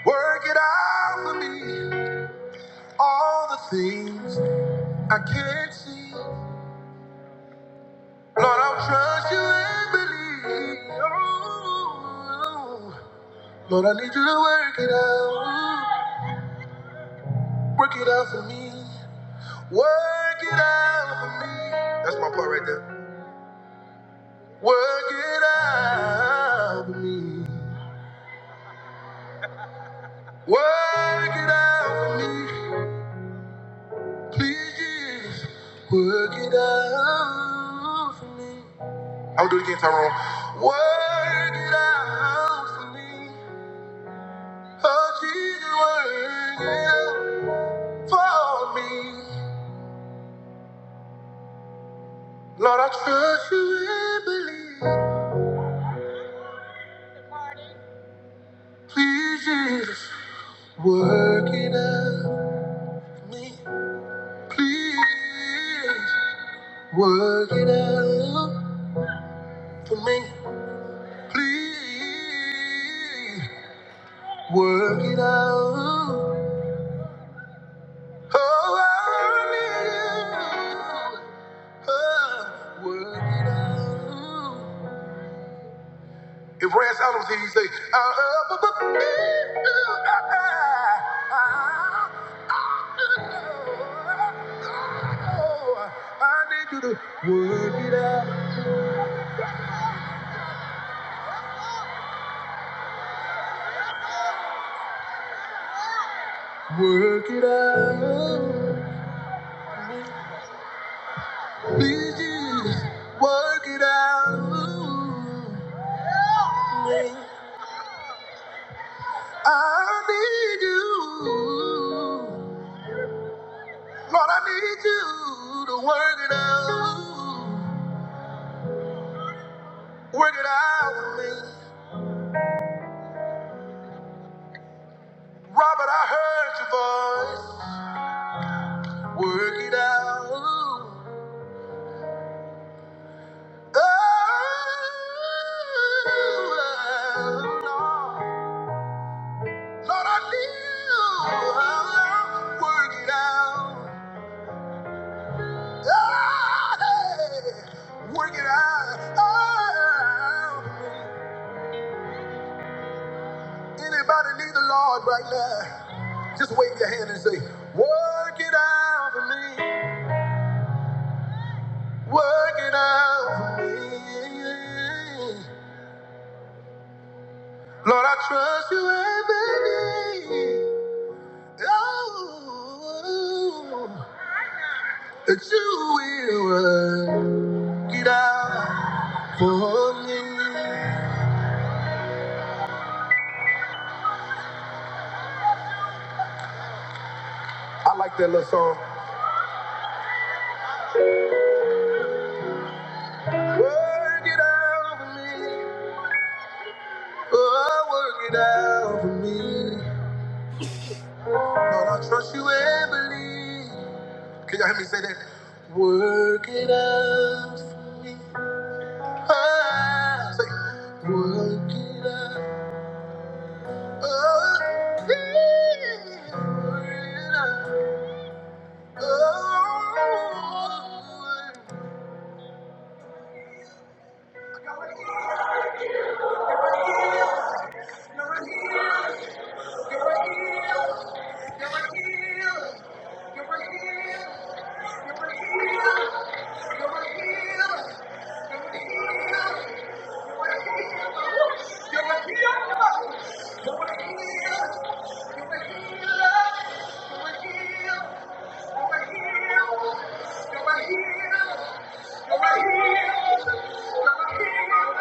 Speaker 1: Work it out for me. All the things I can't see. Lord, I'll trust you and believe. Oh, Lord, I need you to work it out. Work it out for me. Work it out for me. That's my part right there. Work it out for me. Work it out for me. Please, Jesus, work it out for me. I'll do it again, Tyrone. Work it out for me. Oh, Jesus, work it out. for me. Lord, I trust you and believe. Please, Jesus, work it out for me. Please, work it out for me. Please, work it out. Oh, I need you. Oh, work it out. If Rance Adams here, you say, uh, uh, bu- bu- bu- bu- ah, ah, ah. Oh, I need you to work it out, work it out. Please, just work it out. I need you. Lord, I need you to work it out. Work it out with me. Robert, I heard your voice. Work it out. Oh, Lord. Lord, I knew how to work it out. Ah, hey, work it out. Ah. Anybody need the Lord right now? Just wave your hand and say, Work it out for me. Work it out for me. Lord, I trust you every day. Oh, that you will. work. Get out for me. I like that little song. Work it out for me. Oh, work it out for me. Lord, I trust you and believe. Can y'all hear me say that? Work it out for me. Ah, say, work it out. Oh, yeah. Work it out. Oh, I got it. You're a healer. You're a healer. You're a healer. You're a healer. You're a healer. You're a healer. You're a healer.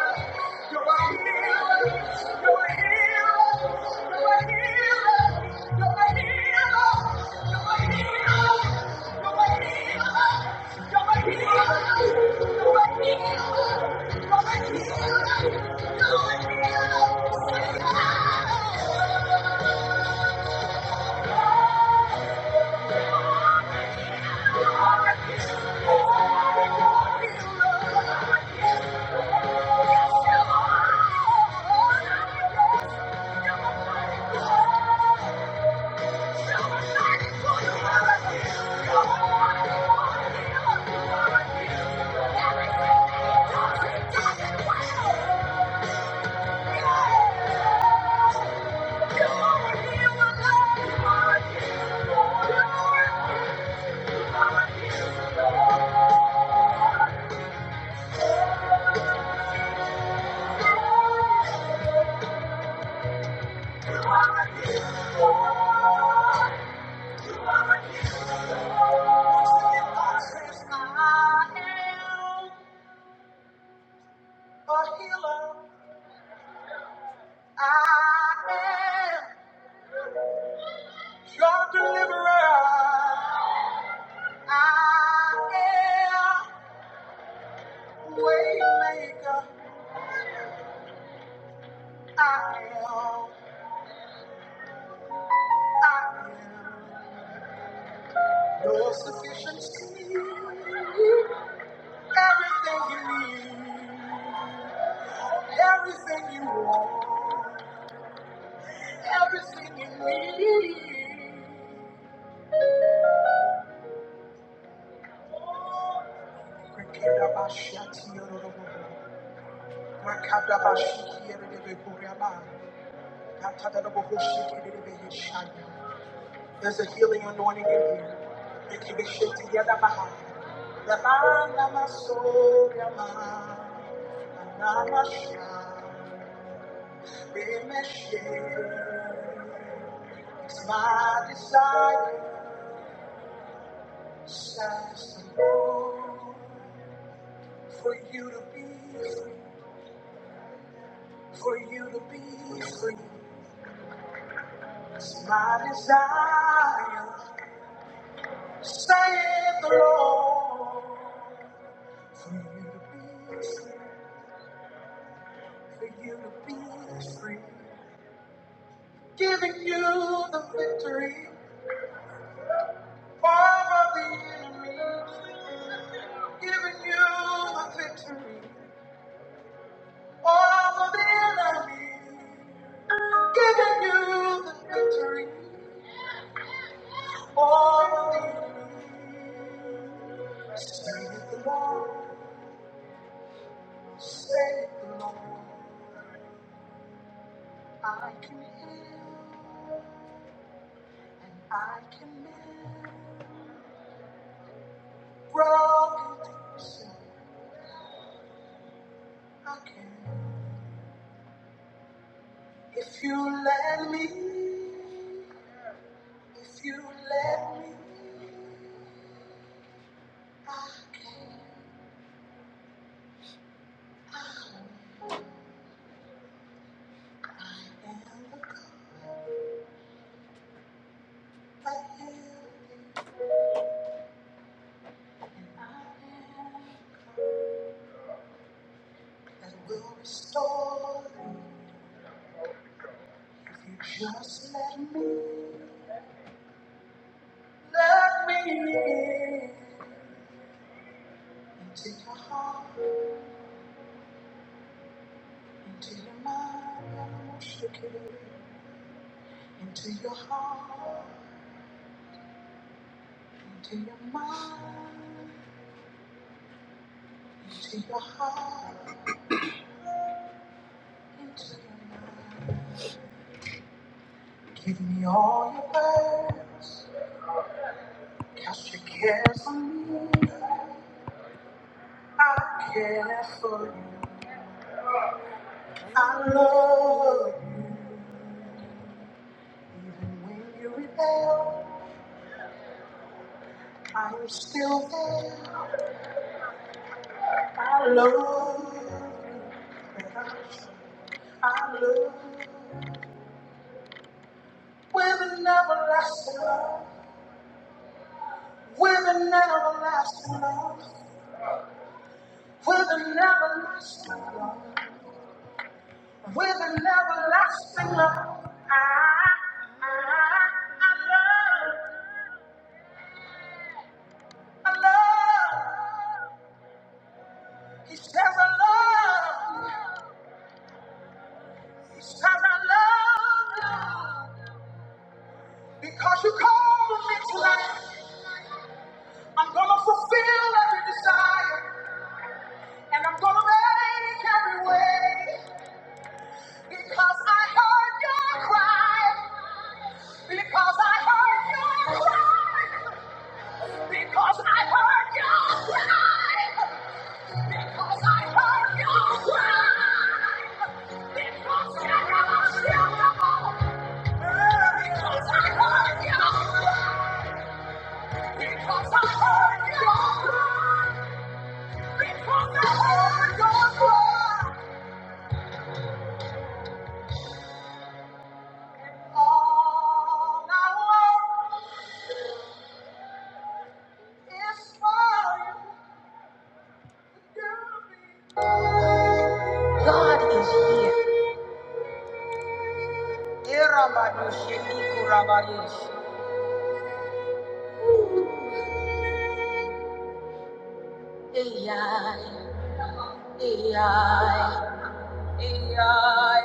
Speaker 1: Thank you. Your deliverer. I am waymaker. I am, I am your sufficiency. Everything you need, everything you want, everything you need. There's a healing anointing in here. You can be shaken together behind. Yama, nama, so, yama, nama, sha, yeme, she. It's my desire, says the Lord, for you to be free, for you to be free. It's my desire, saith the Lord, to be free, for you to be free. Giving you the victory over the enemy. Giving you the victory over the enemy. Giving you the victory. I can heal. I can mend I can. Let me. you just let me. Let me in. Into your heart. Into your mind. I'm gonna shake Into your heart. Into your mind. Take your heart into your mind. Give me all your burdens. Cast your cares on me. I care for you. I love you. Even when you rebel, I am still there. I love. you. He says I love. you. He says I love. you. Because you called me to life, I'm gonna fulfill every desire, and I'm gonna make every way. Because I heard your cry. Because I heard your cry. Because I heard your cry. Because I heard your cry. Because I heard your cry. Because Because Because Because I I I I heard heard heard heard your your your cry. cry. cry. Yeah, yeah. Yeah.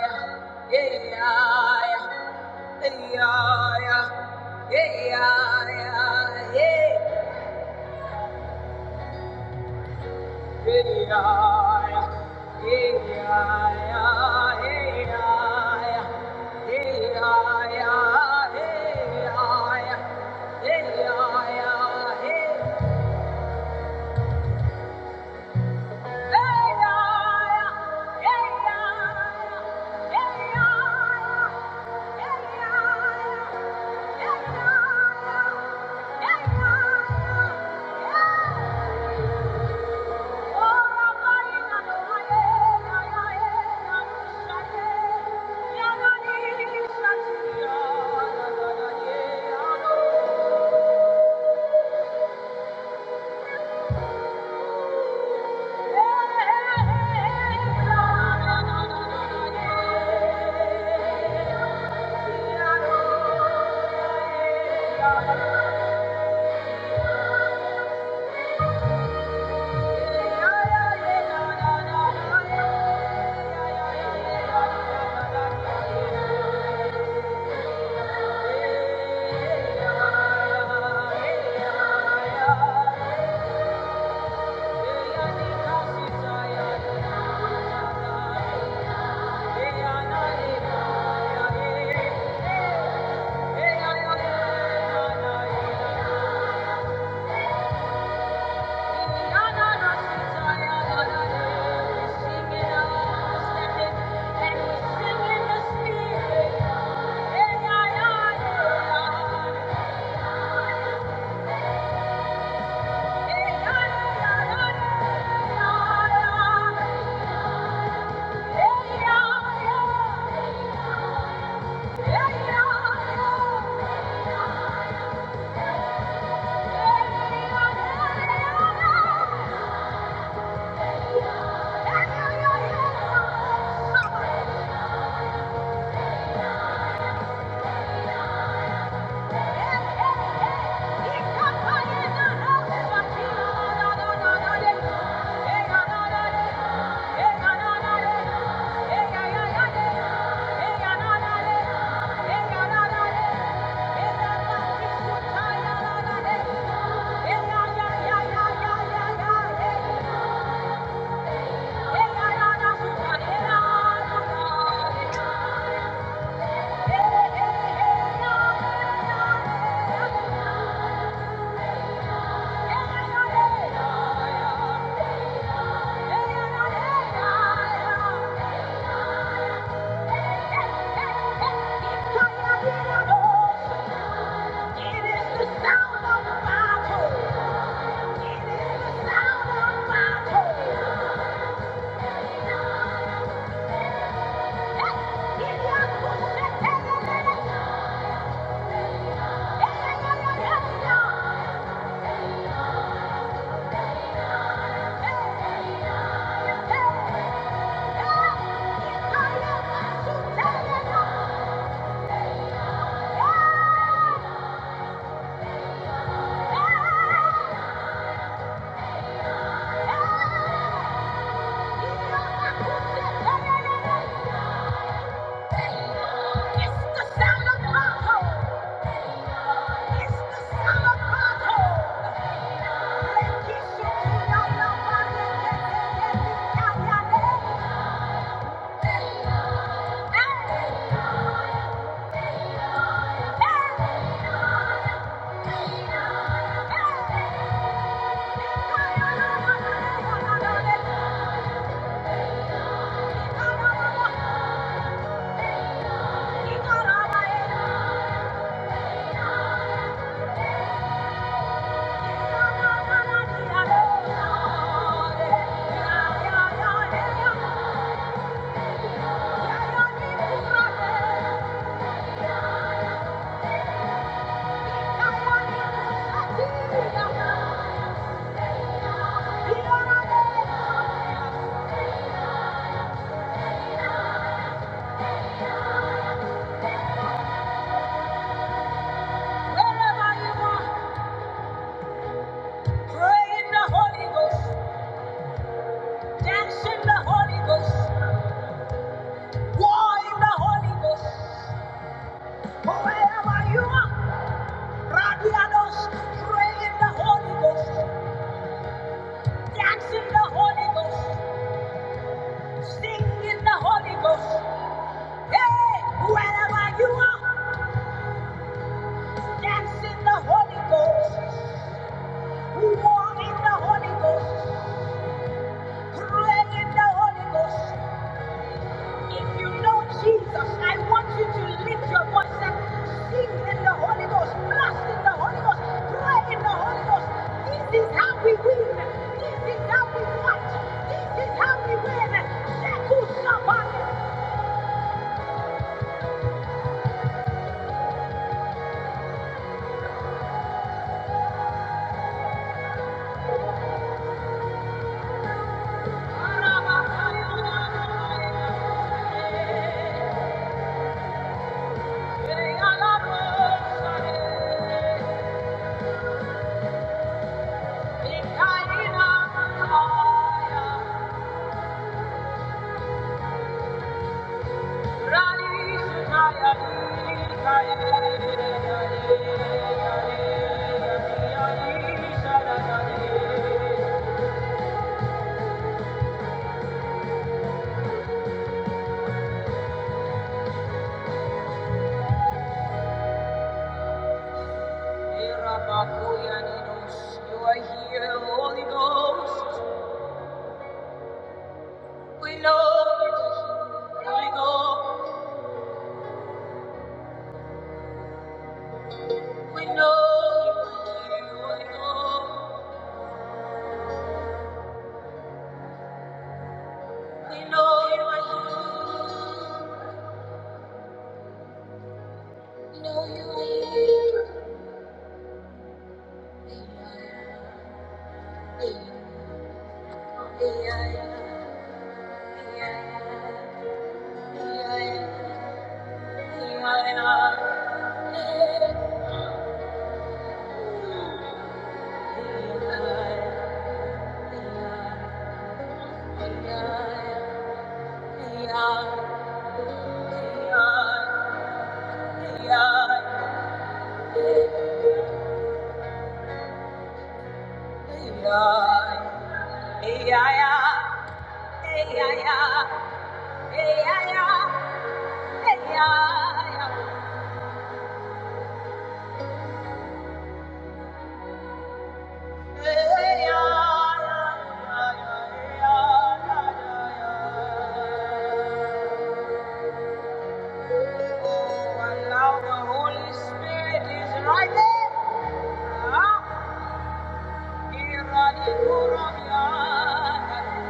Speaker 1: Yeah. Thank you. Yeah. Yeah. Hey! Hey! Pray in the Holy Ghost, dance in the Holy Ghost, war in the Holy Ghost. Wherever you are. Radiados, pray in the Holy Ghost, dance in the Holy Ghost, sing in the Holy Ghost. Hey, wherever you are, dance in the Holy Ghost, walk in the Holy Ghost, pray in the Holy Ghost. If you know Jesus, I want you to lift your voice and sing in the Holy Ghost, blast in the Holy Ghost, pray in the Holy Ghost. This is how we win. This is how we fight. This is how we win. Sheku Sabani. Arabakaya. You are here, Holy Ghost. We know you're here, We know you are here, We know you are here. We know you are here. Yeah, yeah, yeah. Yeah. now the Holy Spirit is right there. Ah, here I am, here I am.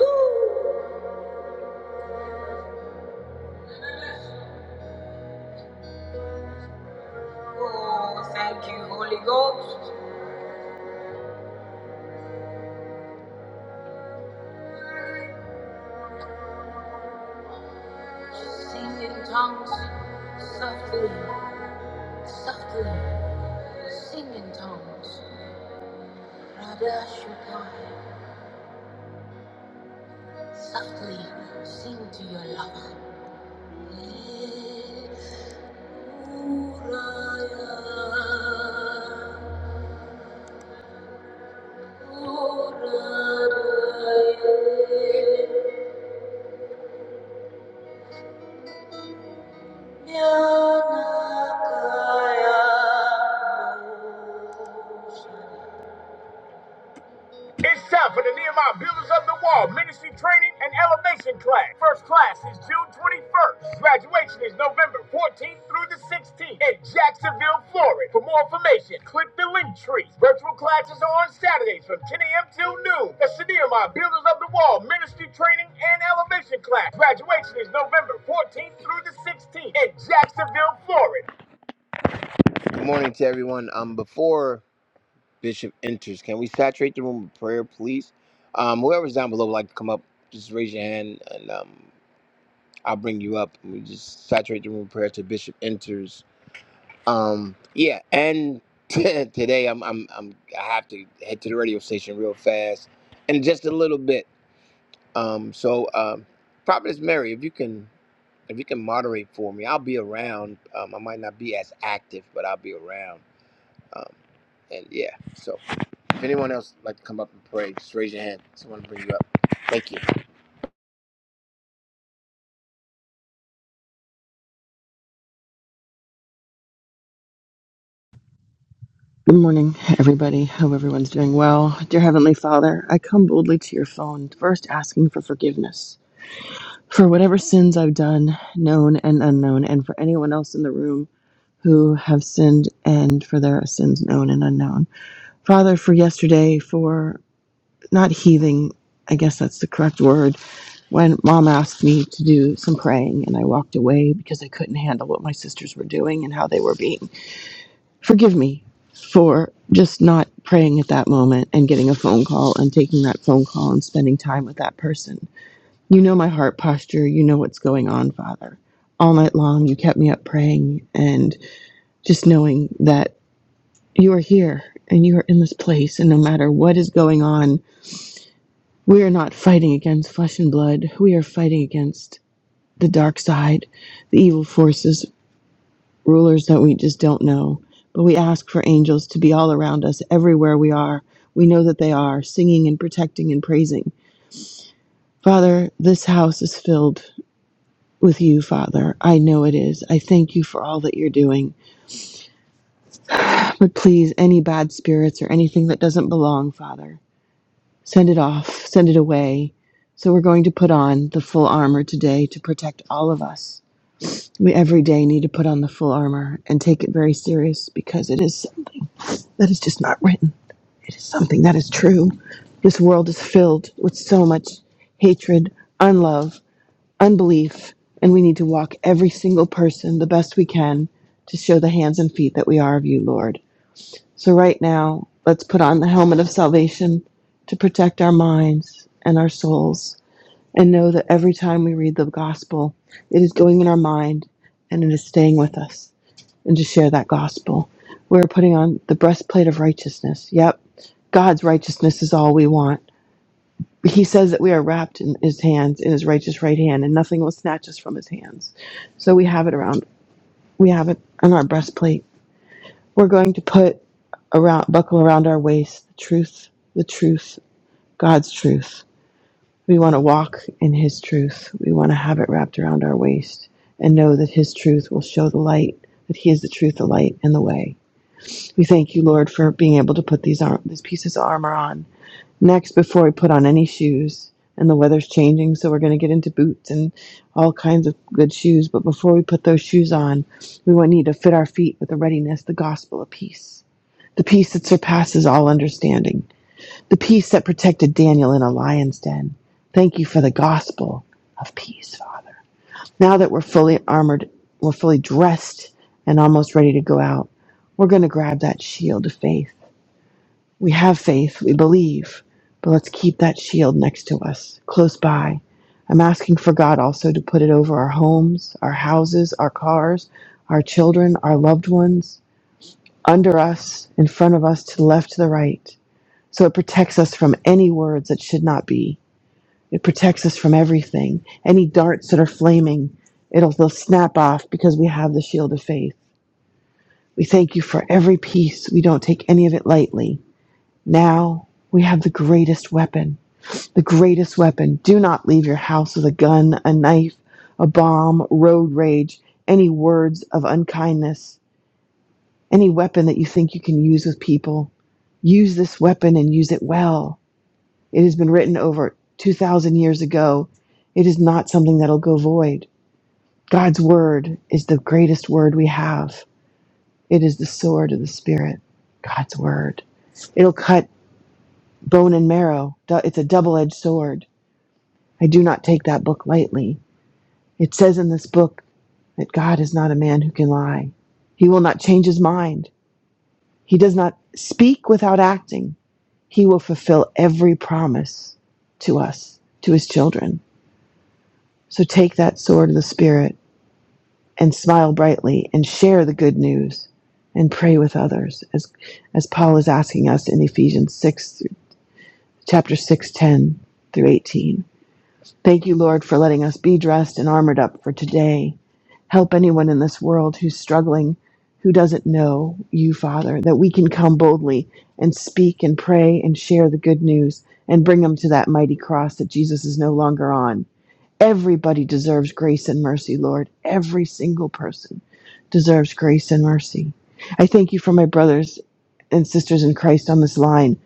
Speaker 1: Ooh. Oh, thank you, Holy Ghost. Sing in tongues, softly, softly, sing in tongues. Mother should die. Softly sing to your lover. Yanakaya. It's time for the Nehemiah Builders of the Wall Ministry Training and Elevation Class. First class is June 21st. Graduation is November 14th through the 16th in Jacksonville, Florida. For more information, click the link tree. Virtual classes are on Saturdays from 10 a.m. till noon. That's the Nehemiah Builders of the Wall Ministry Training and Elevation Class. Graduation is November 14th through the 16th in Jacksonville, Florida. Good morning to everyone. Um, before Bishop enters. Can we saturate the room with prayer, please? Um, whoever's down below would like to come up, just raise your hand and um, I'll bring you up. We just saturate the room with prayer till Bishop enters. Um, yeah, and today I'm, I'm I'm I have to head to the radio station real fast in just a little bit. Um, so um, Prophetess Mary, if you can if you can moderate for me, I'll be around. Um, I might not be as active, but I'll be around. Um, and yeah, so. If anyone else would like to come up and pray, just raise your hand. Someone will bring you up. Thank you.
Speaker 2: Good morning, everybody. Hope everyone's doing well. Dear Heavenly Father, I come boldly to your throne, first asking for forgiveness for whatever sins I've done, known and unknown, and for anyone else in the room who have sinned and for their sins known and unknown. Father, for yesterday, for not heathing, I guess that's the correct word, when mom asked me to do some praying and I walked away because I couldn't handle what my sisters were doing and how they were being forgive me for just not praying at that moment and getting a phone call and taking that phone call and spending time with that person. You know my heart posture. You know what's going on, Father. All night long, you kept me up praying and just knowing that you are here and you are in this place. And no matter what is going on, we are not fighting against flesh and blood. We are fighting against the dark side, the evil forces rulers that we just don't know. But we ask for angels to be all around us everywhere we are. We know that they are, singing and protecting and praising. Father, this house is filled with you, Father. I know it is. I thank you for all that you're doing. But please, any bad spirits or anything that doesn't belong, Father, send it off, send it away. So we're going to put on the full armor today to protect all of us. We every day need to put on the full armor and take it very serious because it is that is just not written. It is something that is true. This world is filled with so much hatred, unlove, unbelief, and we need to walk every single person the best we can to show the hands and feet that we are of you, Lord. So, right now, let's put on the helmet of salvation to protect our minds and our souls and know that every time we read the gospel, it is going in our mind and it is staying with us and to share that gospel. We're putting on the breastplate of righteousness. Yep, God's righteousness is all we want. But He says that we are wrapped in His hands, in His righteous right hand, and nothing will snatch us from His hands. So we have it around. We have it on our breastplate. We're going to put around, buckle around our waist, the truth, the truth, God's truth. We want to walk in His truth. We want to have it wrapped around our waist and know that His truth will show the light, that He is the truth, the light, and the way. We thank you, Lord, for being able to put these arm, these pieces of armor on. Next, before we put on any shoes, and the weather's changing, so we're going to get into boots and all kinds of good shoes. But before we put those shoes on, we will need to fit our feet with the readiness, the gospel of peace, the peace that surpasses all understanding, the peace that protected Daniel in a lion's den. Thank you for the gospel of peace, Father. Now that we're fully armored, we're fully dressed and almost ready to go out, we're going to grab that shield of faith we have faith, we believe, but let's keep that shield next to us, close by. I'm asking for God also to put it over our homes, our houses, our cars, our children, our loved ones, under us, in front of us, to the left, to the right. So it protects us from any words that should not be. It protects us from everything. Any darts that are flaming, it'll they'll snap off because we have the shield of faith. We thank you for every piece. We don't take any of it lightly. Now we have the greatest weapon, the greatest weapon. Do not leave your house with a gun, a knife, a bomb, road rage, any words of unkindness, any weapon that you think you can use with people. Use this weapon and use it well. It has been written over 2,000 years ago. It is not something that'll go void. God's word is the greatest word we have. It is the sword of the Spirit, God's word. It'll cut bone and marrow. It's a double edged sword. I do not take that book lightly. It says in this book that God is not a man who can lie. He will not change his mind. He does not speak without acting. He will fulfill every promise to us, to his children. So take that sword of the Spirit and smile brightly and share the good news and pray with others as, as Paul is asking us in Ephesians 6, chapter 6, 10 through 18. Thank you, Lord, for letting us be dressed and armored up for today. Help anyone in this world who's struggling, who doesn't know you, Father, that we can come boldly and speak and pray and share the good news and bring them to that mighty cross that Jesus is no longer on. Everybody deserves grace and mercy, Lord. Every single person deserves grace and mercy. I thank you for my brothers and sisters in Christ on this line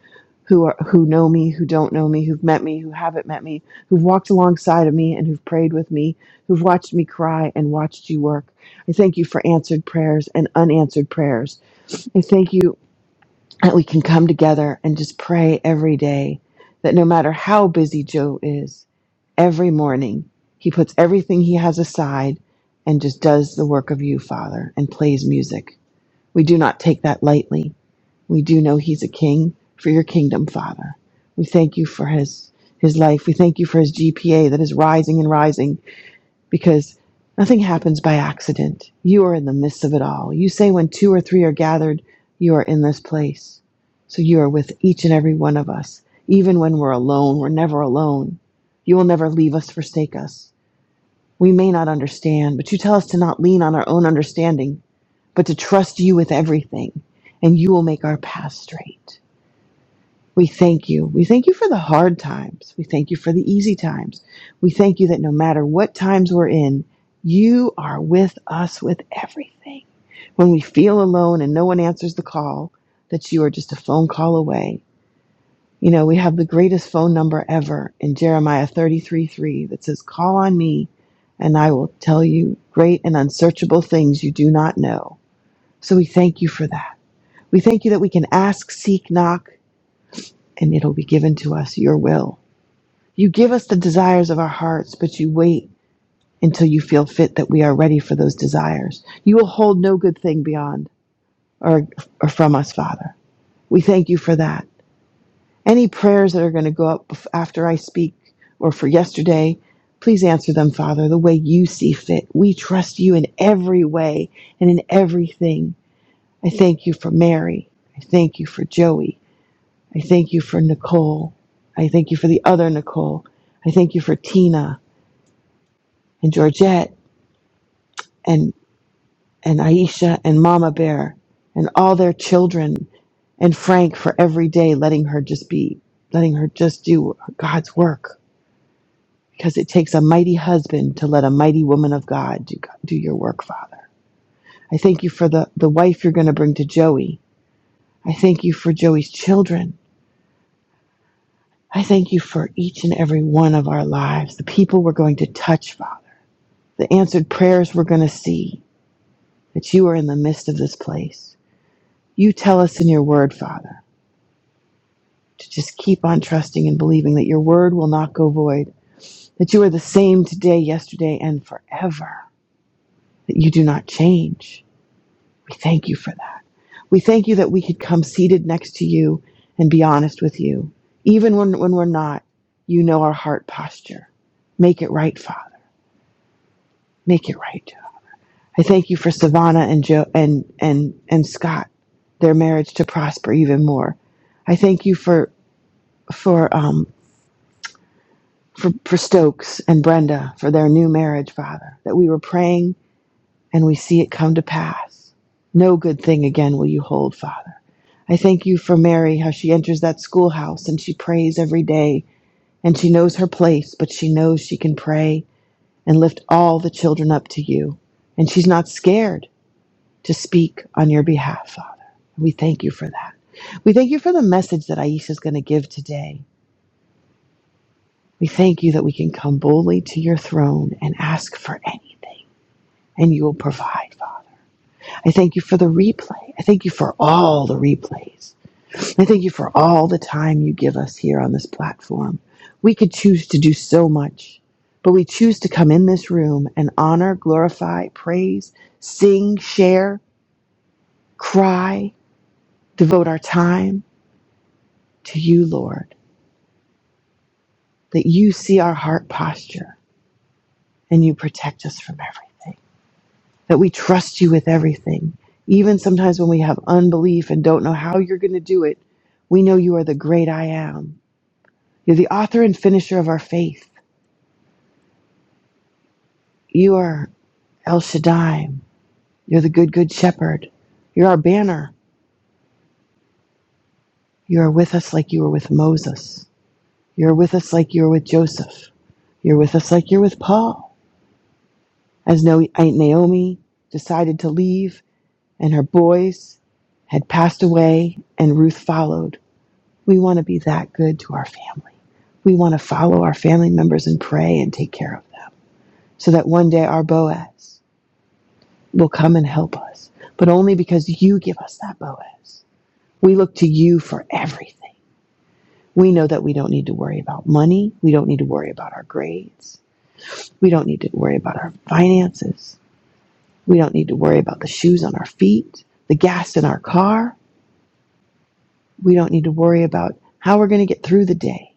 Speaker 2: who are who know me, who don't know me, who've met me, who haven't met me, who've walked alongside of me and who've prayed with me, who've watched me cry and watched you work. I thank you for answered prayers and unanswered prayers. I thank you that we can come together and just pray every day that no matter how busy Joe is, every morning he puts everything he has aside and just does the work of you, Father, and plays music. We do not take that lightly. We do know he's a king for your kingdom, Father. We thank you for his his life. We thank you for his GPA that is rising and rising because nothing happens by accident. You are in the midst of it all. You say, when two or three are gathered, you are in this place. So you are with each and every one of us. Even when we're alone, we're never alone. You will never leave us, forsake us. We may not understand, but you tell us to not lean on our own understanding, but to trust you with everything, and you will make our path straight. We thank you. We thank you for the hard times. We thank you for the easy times. We thank you that no matter what times we're in, you are with us with everything. When we feel alone and no one answers the call, that you are just a phone call away. You know, we have the greatest phone number ever in Jeremiah 33 3 that says, Call on me, and I will tell you great and unsearchable things you do not know. So we thank you for that. We thank you that we can ask, seek, knock, and it'll be given to us, your will. You give us the desires of our hearts, but you wait until you feel fit that we are ready for those desires. You will hold no good thing beyond or, or from us, Father. We thank you for that. Any prayers that are going to go up after I speak or for yesterday, please answer them, Father, the way you see fit. We trust you in every way and in everything. I thank you for Mary. I thank you for Joey. I thank you for Nicole. I thank you for the other Nicole. I thank you for Tina and Georgette and, and Aisha and Mama Bear and all their children and Frank for every day letting her just be, letting her just do God's work. Because it takes a mighty husband to let a mighty woman of God do, do your work, Father. I thank you for the, the wife you're going to bring to Joey. I thank you for Joey's children. I thank you for each and every one of our lives, the people we're going to touch, Father the answered prayers we're going to see that you are in the midst of this place. You tell us in your word, Father, to just keep on trusting and believing that your word will not go void, that you are the same today, yesterday, and forever, that you do not change. We thank you for that. We thank you that we could come seated next to you and be honest with you. Even when, when we're not, you know our heart posture. Make it right, Father. Make it right. I thank you for Savannah and Joe and and and Scott, their marriage to prosper even more. I thank you for for um for, for Stokes and Brenda for their new marriage, Father, that we were praying and we see it come to pass. No good thing again will you hold, Father. I thank you for Mary, how she enters that schoolhouse and she prays every day and she knows her place, but she knows she can pray and lift all the children up to you. And she's not scared to speak on your behalf, Father. We thank you for that. We thank you for the message that Aisha is going to give today. We thank you that we can come boldly to your throne and ask for anything, and you will provide, Father. I thank you for the replay. I thank you for all the replays. I thank you for all the time you give us here on this platform. We could choose to do so much, but we choose to come in this room and honor, glorify, praise, sing, share, cry, devote our time to you, Lord. that you see our heart posture and you protect us from everything, that we trust you with everything. Even sometimes when we have unbelief and don't know how you're going to do it, we know you are the great I am. You're the author and finisher of our faith. You are El Shaddai. You're the good, good shepherd. You're our banner. You are with us like you were with Moses. You're with us like you were with Joseph. You're with us like you're with Paul. As No- Aunt Naomi decided to leave, and her boys had passed away, and Ruth followed. We want to be that good to our family. We want to follow our family members and pray and take care of them so that one day our Boaz will come and help us, but only because you give us that Boaz. We look to you for everything. We know that we don't need to worry about money. We don't need to worry about our grades. We don't need to worry about our finances. We don't need to worry about the shoes on our feet, the gas in our car. We don't need to worry about how we're going to get through the day.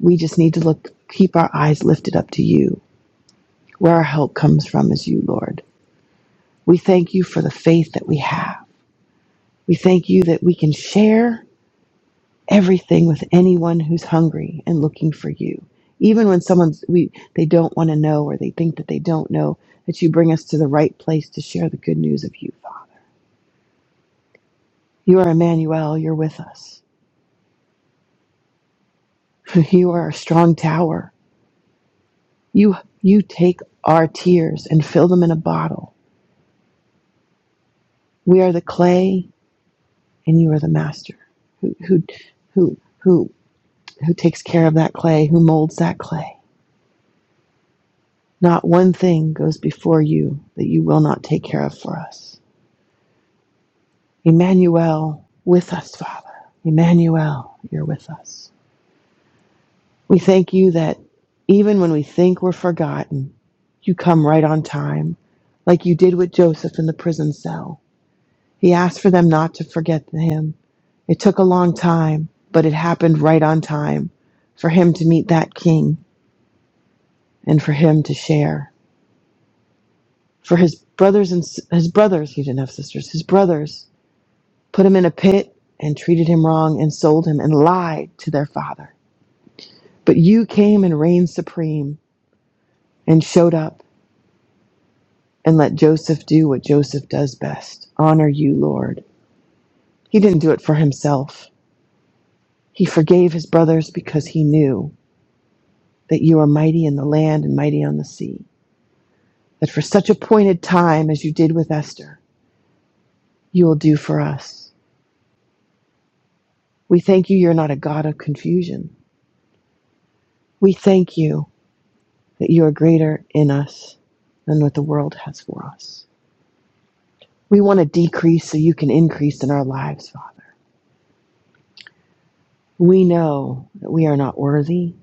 Speaker 2: We just need to look, keep our eyes lifted up to you. Where our help comes from is you, Lord. We thank you for the faith that we have. We thank you that we can share everything with anyone who's hungry and looking for you. Even when someone's we they don't want to know or they think that they don't know, that you bring us to the right place to share the good news of you, Father. You are Emmanuel, you're with us. You are a strong tower. You, you take our tears and fill them in a bottle. We are the clay and you are the master who, who, who, who, who takes care of that clay, who molds that clay. Not one thing goes before you that you will not take care of for us. Emmanuel, with us, Father. Emmanuel, you're with us. We thank you that even when we think we're forgotten, you come right on time, like you did with Joseph in the prison cell He asked for them not to forget him. It took a long time, but it happened right on time for him to meet that king and for him to share. For his brothers and his brothers, he didn't have sisters, his brothers put him in a pit and treated him wrong and sold him and lied to their father. But you came and reigned supreme and showed up and let Joseph do what Joseph does best honor you, Lord. He didn't do it for himself. He forgave his brothers because he knew. that you are mighty in the land and mighty on the sea, that for such appointed time as you did with Esther, you will do for us. We thank you, you're not a God of confusion. We thank you that you are greater in us than what the world has for us. We want to decrease so you can increase in our lives, Father. We know that we are not worthy,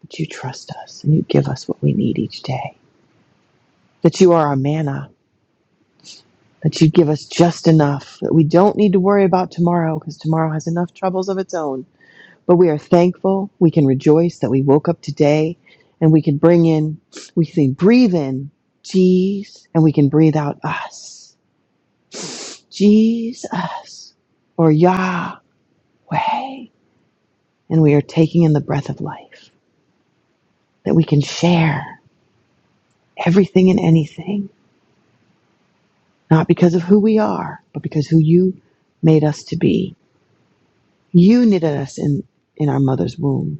Speaker 2: but you trust us and you give us what we need each day. That you are our manna, that you give us just enough, that we don't need to worry about tomorrow because tomorrow has enough troubles of its own But we are thankful. We can rejoice that we woke up today and we can bring in, we can breathe in Jesus and we can breathe out us. Jesus or Yahweh. And we are taking in the breath of life that we can share everything and anything, not because of who we are, but because who you made us to be. You knitted us in, in our mother's womb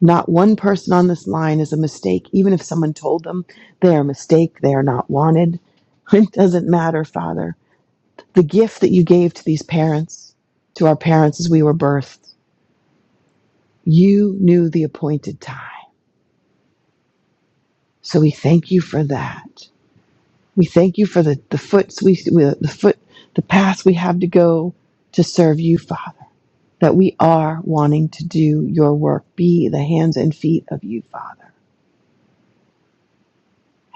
Speaker 2: Not one person on this line is a mistake. Even if someone told them they are a mistake, they are not wanted. It doesn't matter, Father. The gift that you gave to these parents, to our parents as we were birthed, you knew the appointed time. So we thank you for that. We thank you for the, the foots we the foot the path we have to go to serve you, Father. That we are wanting to do your work, be the hands and feet of you, Father.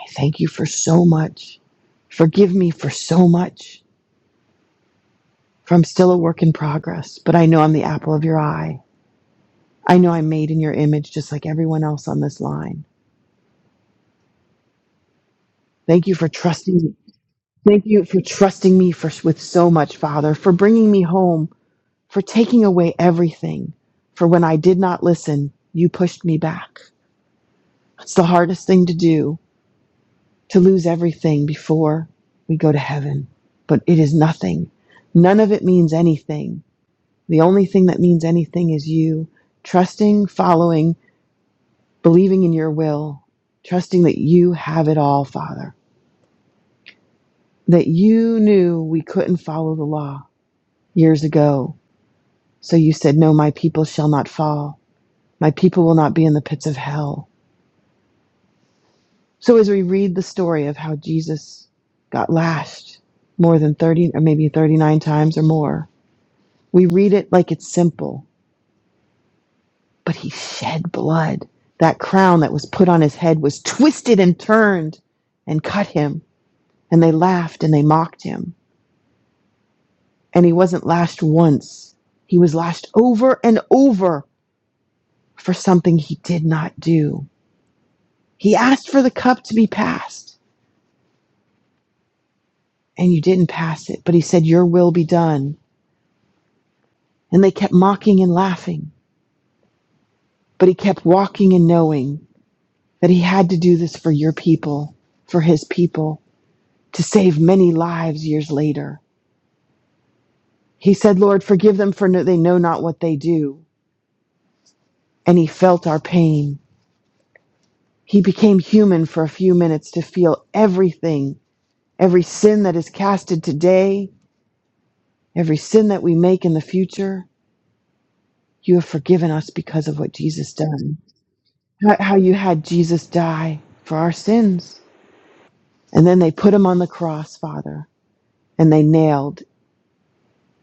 Speaker 2: I thank you for so much. Forgive me for so much. For I'm still a work in progress, but I know I'm the apple of your eye. I know I'm made in your image just like everyone else on this line. Thank you for trusting me. Thank you for trusting me for with so much, Father, for bringing me home, for taking away everything. For when I did not listen, you pushed me back. It's the hardest thing to do, to lose everything before we go to heaven. But it is nothing. None of it means anything The only thing that means anything is you trusting, following, believing in your will, trusting that you have it all, Father. That you knew we couldn't follow the law years ago. So you said, No, my people shall not fall. My people will not be in the pits of hell. So as we read the story of how Jesus got lashed more than 30 or maybe 39 times or more, we read it like it's simple but he shed blood. That crown that was put on his head was twisted and turned and cut him. And they laughed and they mocked him. And he wasn't lashed once, he was lashed over and over for something he did not do. He asked for the cup to be passed, and you didn't pass it, but he said, Your will be done. And they kept mocking and laughing, but he kept walking and knowing that he had to do this for your people, for his people, to save many lives years later. He said, Lord, forgive them for no, they know not what they do. And he felt our pain. He became human for a few minutes to feel everything, every sin that is casted today, every sin that we make in the future. You have forgiven us because of what Jesus done. How how you had Jesus die for our sins. And then they put him on the cross, Father, and they nailed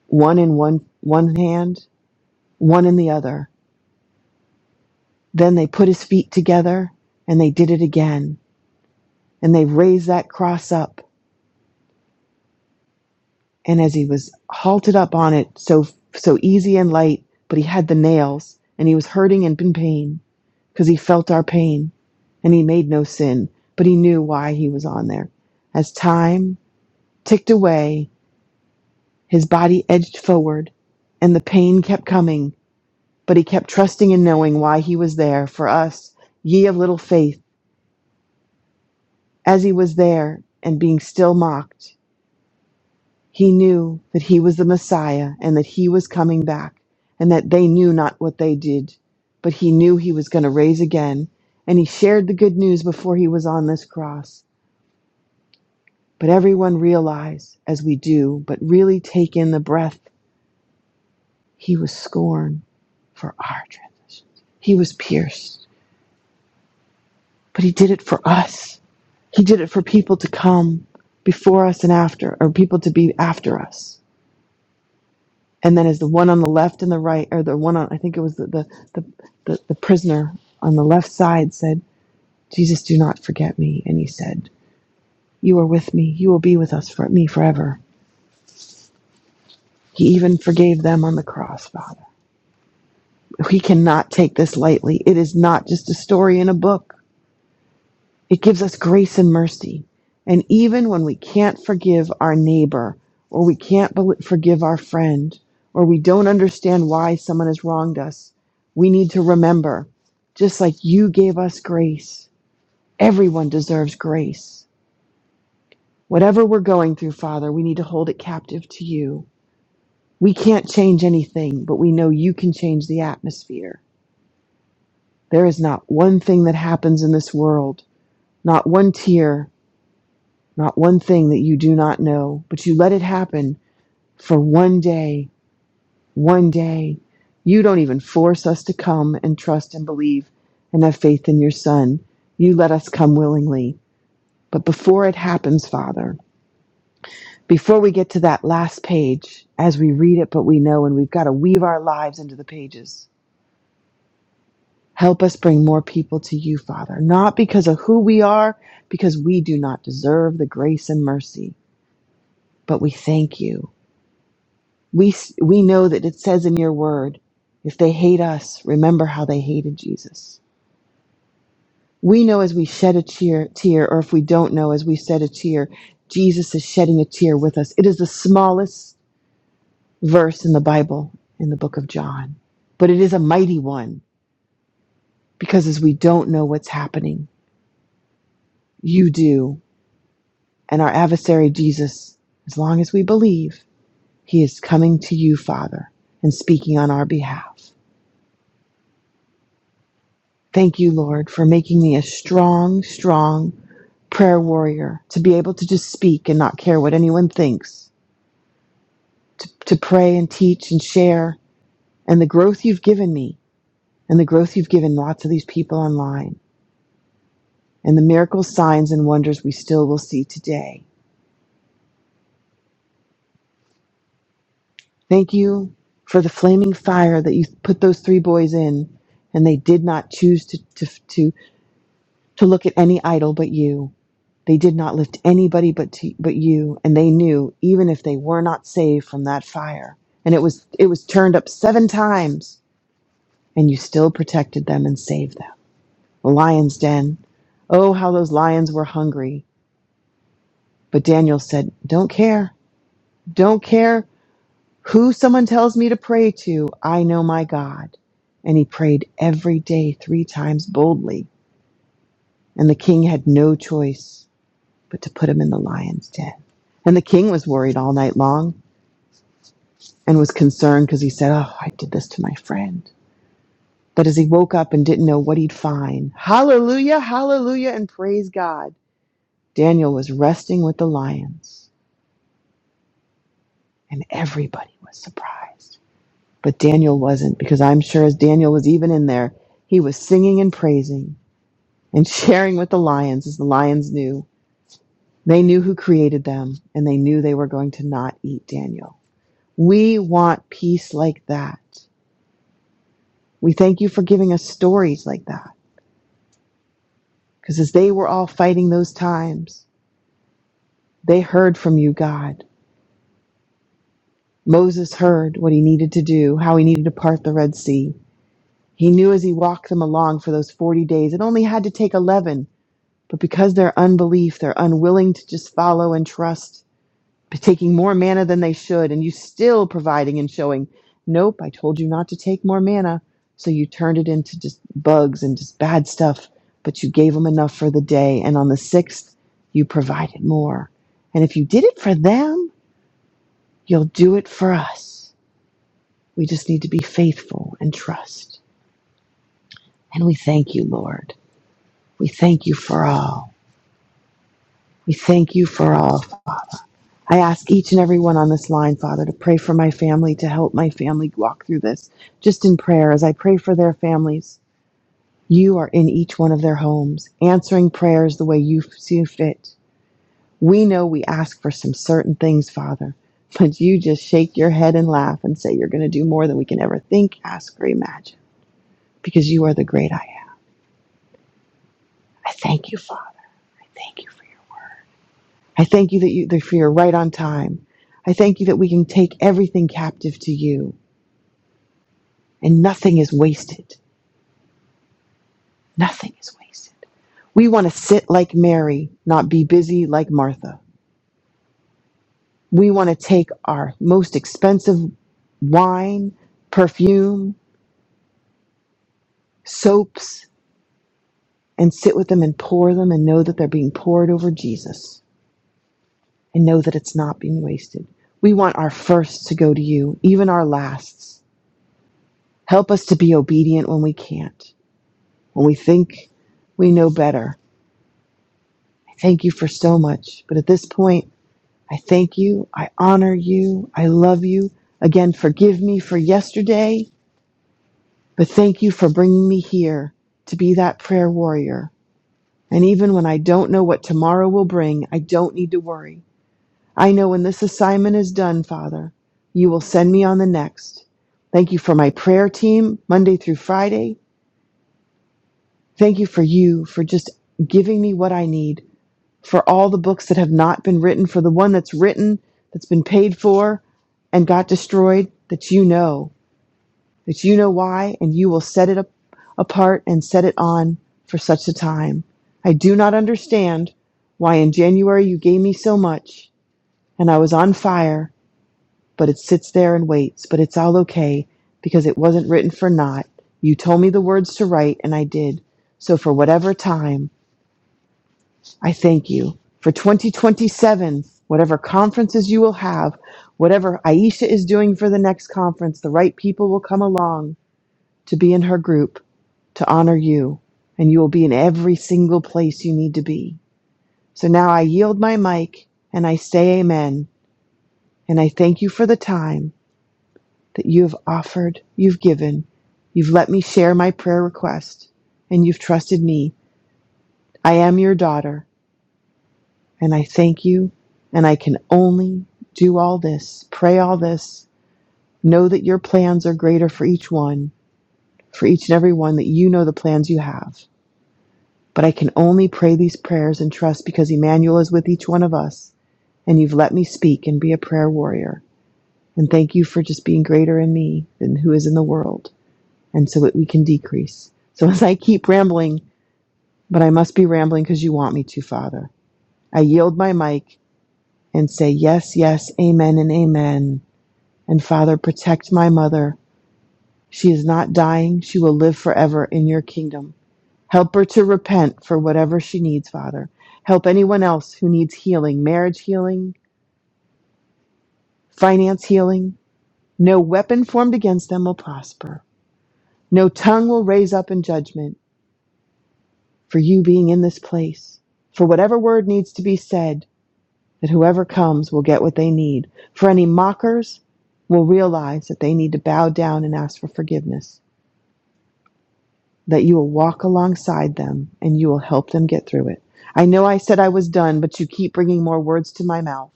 Speaker 2: one in one, one hand, one in the other. Then they put his feet together and they did it again and they raised that cross up and as he was halted up on it so so easy and light but he had the nails and he was hurting and in pain because he felt our pain and he made no sin but he knew why he was on there as time ticked away his body edged forward and the pain kept coming but he kept trusting and knowing why he was there for us ye of little faith as he was there and being still mocked He knew that he was the Messiah and that he was coming back and that they knew not what they did, but he knew he was going to raise again. And he shared the good news before he was on this cross. But everyone realized, as we do, but really take in the breath, he was scorned for our transgressions. He was pierced, but he did it for us. He did it for people to come before us and after, or people to be after us. and then is the one on the left and the right, or the one on, I think it was the, the, the, the, the prisoner on the left side said, Jesus, do not forget me. And he said, You are with me. You will be with us for me forever. He even forgave them on the cross, Father. We cannot take this lightly. It is not just a story in a book. It gives us grace and mercy. And even when we can't forgive our neighbor, or we can't bel forgive our friend, or we don't understand why someone has wronged us, we need to remember just like you gave us grace, everyone deserves grace. Whatever we're going through, Father, we need to hold it captive to you. We can't change anything, but we know you can change the atmosphere. There is not one thing that happens in this world, not one tear, Not one thing that you do not know, but you let it happen for one day, one day. You don't even force us to come and trust and believe and have faith in your Son. You let us come willingly. But before it happens, Father, before we get to that last page, as we read it, but we know and we've got to weave our lives into the pages, help us bring more people to you, Father, not because of who we are, because we do not deserve the grace and mercy, but we thank you. We, we know that it says in your word, if they hate us, remember how they hated Jesus. We know as we shed a tear, tear, or if we don't know as we shed a tear, Jesus is shedding a tear with us. It is the smallest verse in the Bible, in the book of John, but it is a mighty one because as we don't know what's happening, you do. And our adversary, Jesus, as long as we believe, he is coming to you, Father, and speaking on our behalf. Thank you, Lord, for making me a strong, strong prayer warrior to be able to just speak and not care what anyone thinks, to, to pray and teach and share, and the growth you've given me, and the growth you've given lots of these people online, and the miracles, signs, and wonders we still will see today. Thank you for the flaming fire that you put those three boys in, and they did not choose to, to, to look at any idol but you. They did not lift anybody but to, but you, and they knew even if they were not saved from that fire. And it was it was turned up seven times, and you still protected them and saved them. The lion's den. Oh, how those lions were hungry. But Daniel said, "Don't care. Don't care who someone tells me to pray to. I know my God." And he prayed every day 3 times boldly, and the king had no choice but to put him in the lion's den. And the king was worried all night long and was concerned because he said, Oh, I did this to my friend. But as he woke up and didn't know what he'd find, hallelujah, hallelujah, and praise God, Daniel was resting with the lions, and everybody was surprised. But Daniel wasn't, because I'm sure as Daniel was even in there, he was singing and praising and sharing with the lions as the lions knew. They knew who created them, and they knew they were going to not eat Daniel. We want peace like that. We thank you for giving us stories like that. Because as they were all fighting those times, they heard from you, God. Moses heard what he needed to do, how he needed to part the Red Sea. He knew as he walked them along for those 40 days, it only had to take 11. But because their unbelief, they're unwilling to just follow and trust, taking more manna than they should, and you still providing and showing, nope, I told you not to take more manna. So you turned it into just bugs and just bad stuff, but you gave them enough for the day. And on the sixth, you provided more. And if you did it for them, you'll do it for us. We just need to be faithful and trust. And we thank you, Lord. We thank you for all. We thank you for all. Father. I ask each and every one on this line, Father, to pray for my family, to help my family walk through this. Just in prayer, as I pray for their families, you are in each one of their homes, answering prayers the way you see fit. We know we ask for some certain things, Father, but you just shake your head and laugh and say you're going to do more than we can ever think, ask, or imagine, because you are the great I am. I thank you, Father. I Thank you for your. I thank you that you that for your right on time. I thank you that we can take everything captive to you and nothing is wasted. Nothing is wasted. We want to sit like Mary, not be busy like Martha. We want to take our most expensive wine, perfume, soaps, and sit with them and pour them and know that they're being poured over Jesus and know that it's not being wasted. We want our firsts to go to you, even our lasts. Help us to be obedient when we can't, when we think we know better. I Thank you for so much. But at this point, I thank you. I honor you. I love you. Again, forgive me for yesterday, but thank you for bringing me here to be that prayer warrior. And even when I don't know what tomorrow will bring, I don't need to worry. I know when this assignment is done, Father, you will send me on the next. Thank you for my prayer team, Monday through Friday. Thank you for you, for just giving me what I need for all the books that have not been written, for the one that's written, that's been paid for, and got destroyed, that you know, that you know why, and you will set it up, apart and set it on for such a time. I do not understand why in January you gave me so much, and I was on fire, but it sits there and waits, but it's all okay because it wasn't written for naught. You told me the words to write, and I did. So for whatever time, I thank you for 2027, whatever conferences you will have, whatever Aisha is doing for the next conference, the right people will come along to be in her group to honor you, and you will be in every single place you need to be. So now I yield my mic and I say amen. And I thank you for the time that you have offered, you've given, you've let me share my prayer request, and you've trusted me. I am your daughter And I thank you. And I can only do all this, pray all this, know that your plans are greater for each one, for each and every one, that you know the plans you have. But I can only pray these prayers and trust because Emmanuel is with each one of us. And you've let me speak and be a prayer warrior. And thank you for just being greater in me than who is in the world. And so that we can decrease. So as I keep rambling, but I must be rambling because you want me to, Father, I yield my mic and say, Yes, yes, amen, and amen. And Father, protect my mother. She is not dying. She will live forever in your kingdom. Help her to repent for whatever she needs, Father. Help anyone else who needs healing, marriage healing, finance healing. No weapon formed against them will prosper. No tongue will raise up in judgment for you being in this place. For whatever word needs to be said, that whoever comes will get what they need. For any mockers will realize that they need to bow down and ask for forgiveness that you will walk alongside them and you will help them get through it. I know I said I was done, but you keep bringing more words to my mouth.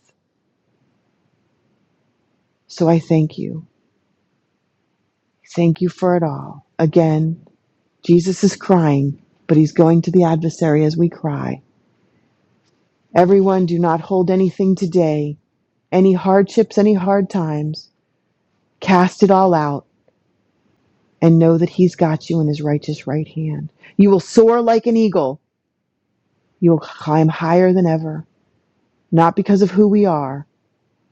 Speaker 2: So I thank you. Thank you for it all. Again, Jesus is crying, but he's going to the adversary as we cry. Everyone, do not hold anything today, any hardships, any hard times. Cast it all out and know that he's got you in his righteous right hand. You will soar like an eagle. You will climb higher than ever, not because of who we are,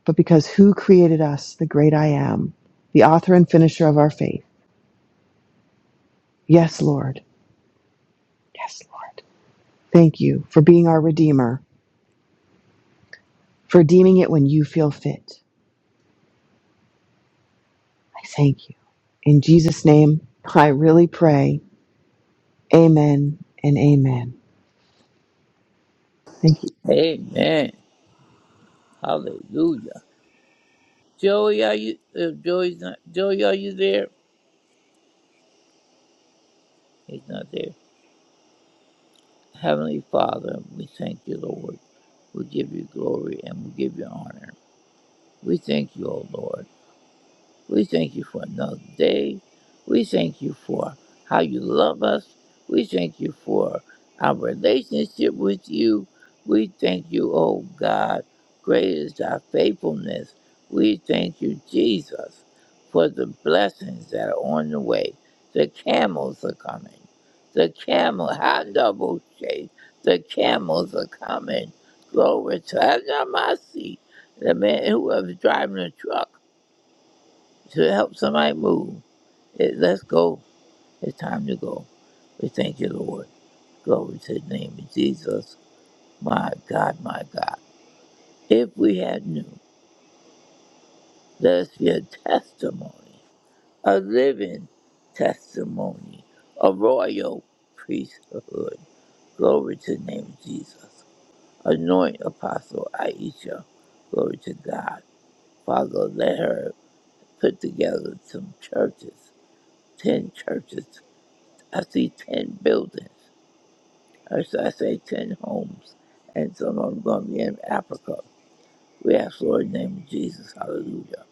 Speaker 2: but because who created us, the great I am, the author and finisher of our faith. Yes, Lord. Yes, Lord. Thank you for being our Redeemer, for redeeming it when you feel fit. I thank you. In Jesus' name, I really pray. Amen and amen. Thank you.
Speaker 3: Amen. Hallelujah. Joey, are you? Uh, Joey's not. Joey, are you there? He's not there. Heavenly Father, we thank you, Lord. We give you glory and we give you honor. We thank you, O Lord. We thank you for another day. We thank you for how you love us. We thank you for our relationship with you. We thank you, oh God. Great is thy faithfulness. We thank you, Jesus, for the blessings that are on the way. The camels are coming. The camel, how double shade. The camels are coming. Glory to my seat. The man who was driving the truck to help somebody move. It, let's go. It's time to go. We thank you, Lord. Glory to the name of Jesus. My God, my God. If we had knew, let us be a testimony, a living testimony, a royal priesthood. Glory to the name of Jesus. Anoint Apostle Aisha. Glory to God. Father, let her put together some churches, 10 churches I see 10 buildings, or should I say 10 homes, and some of them going to be in Africa. We ask, Lord, in the name of Jesus, hallelujah.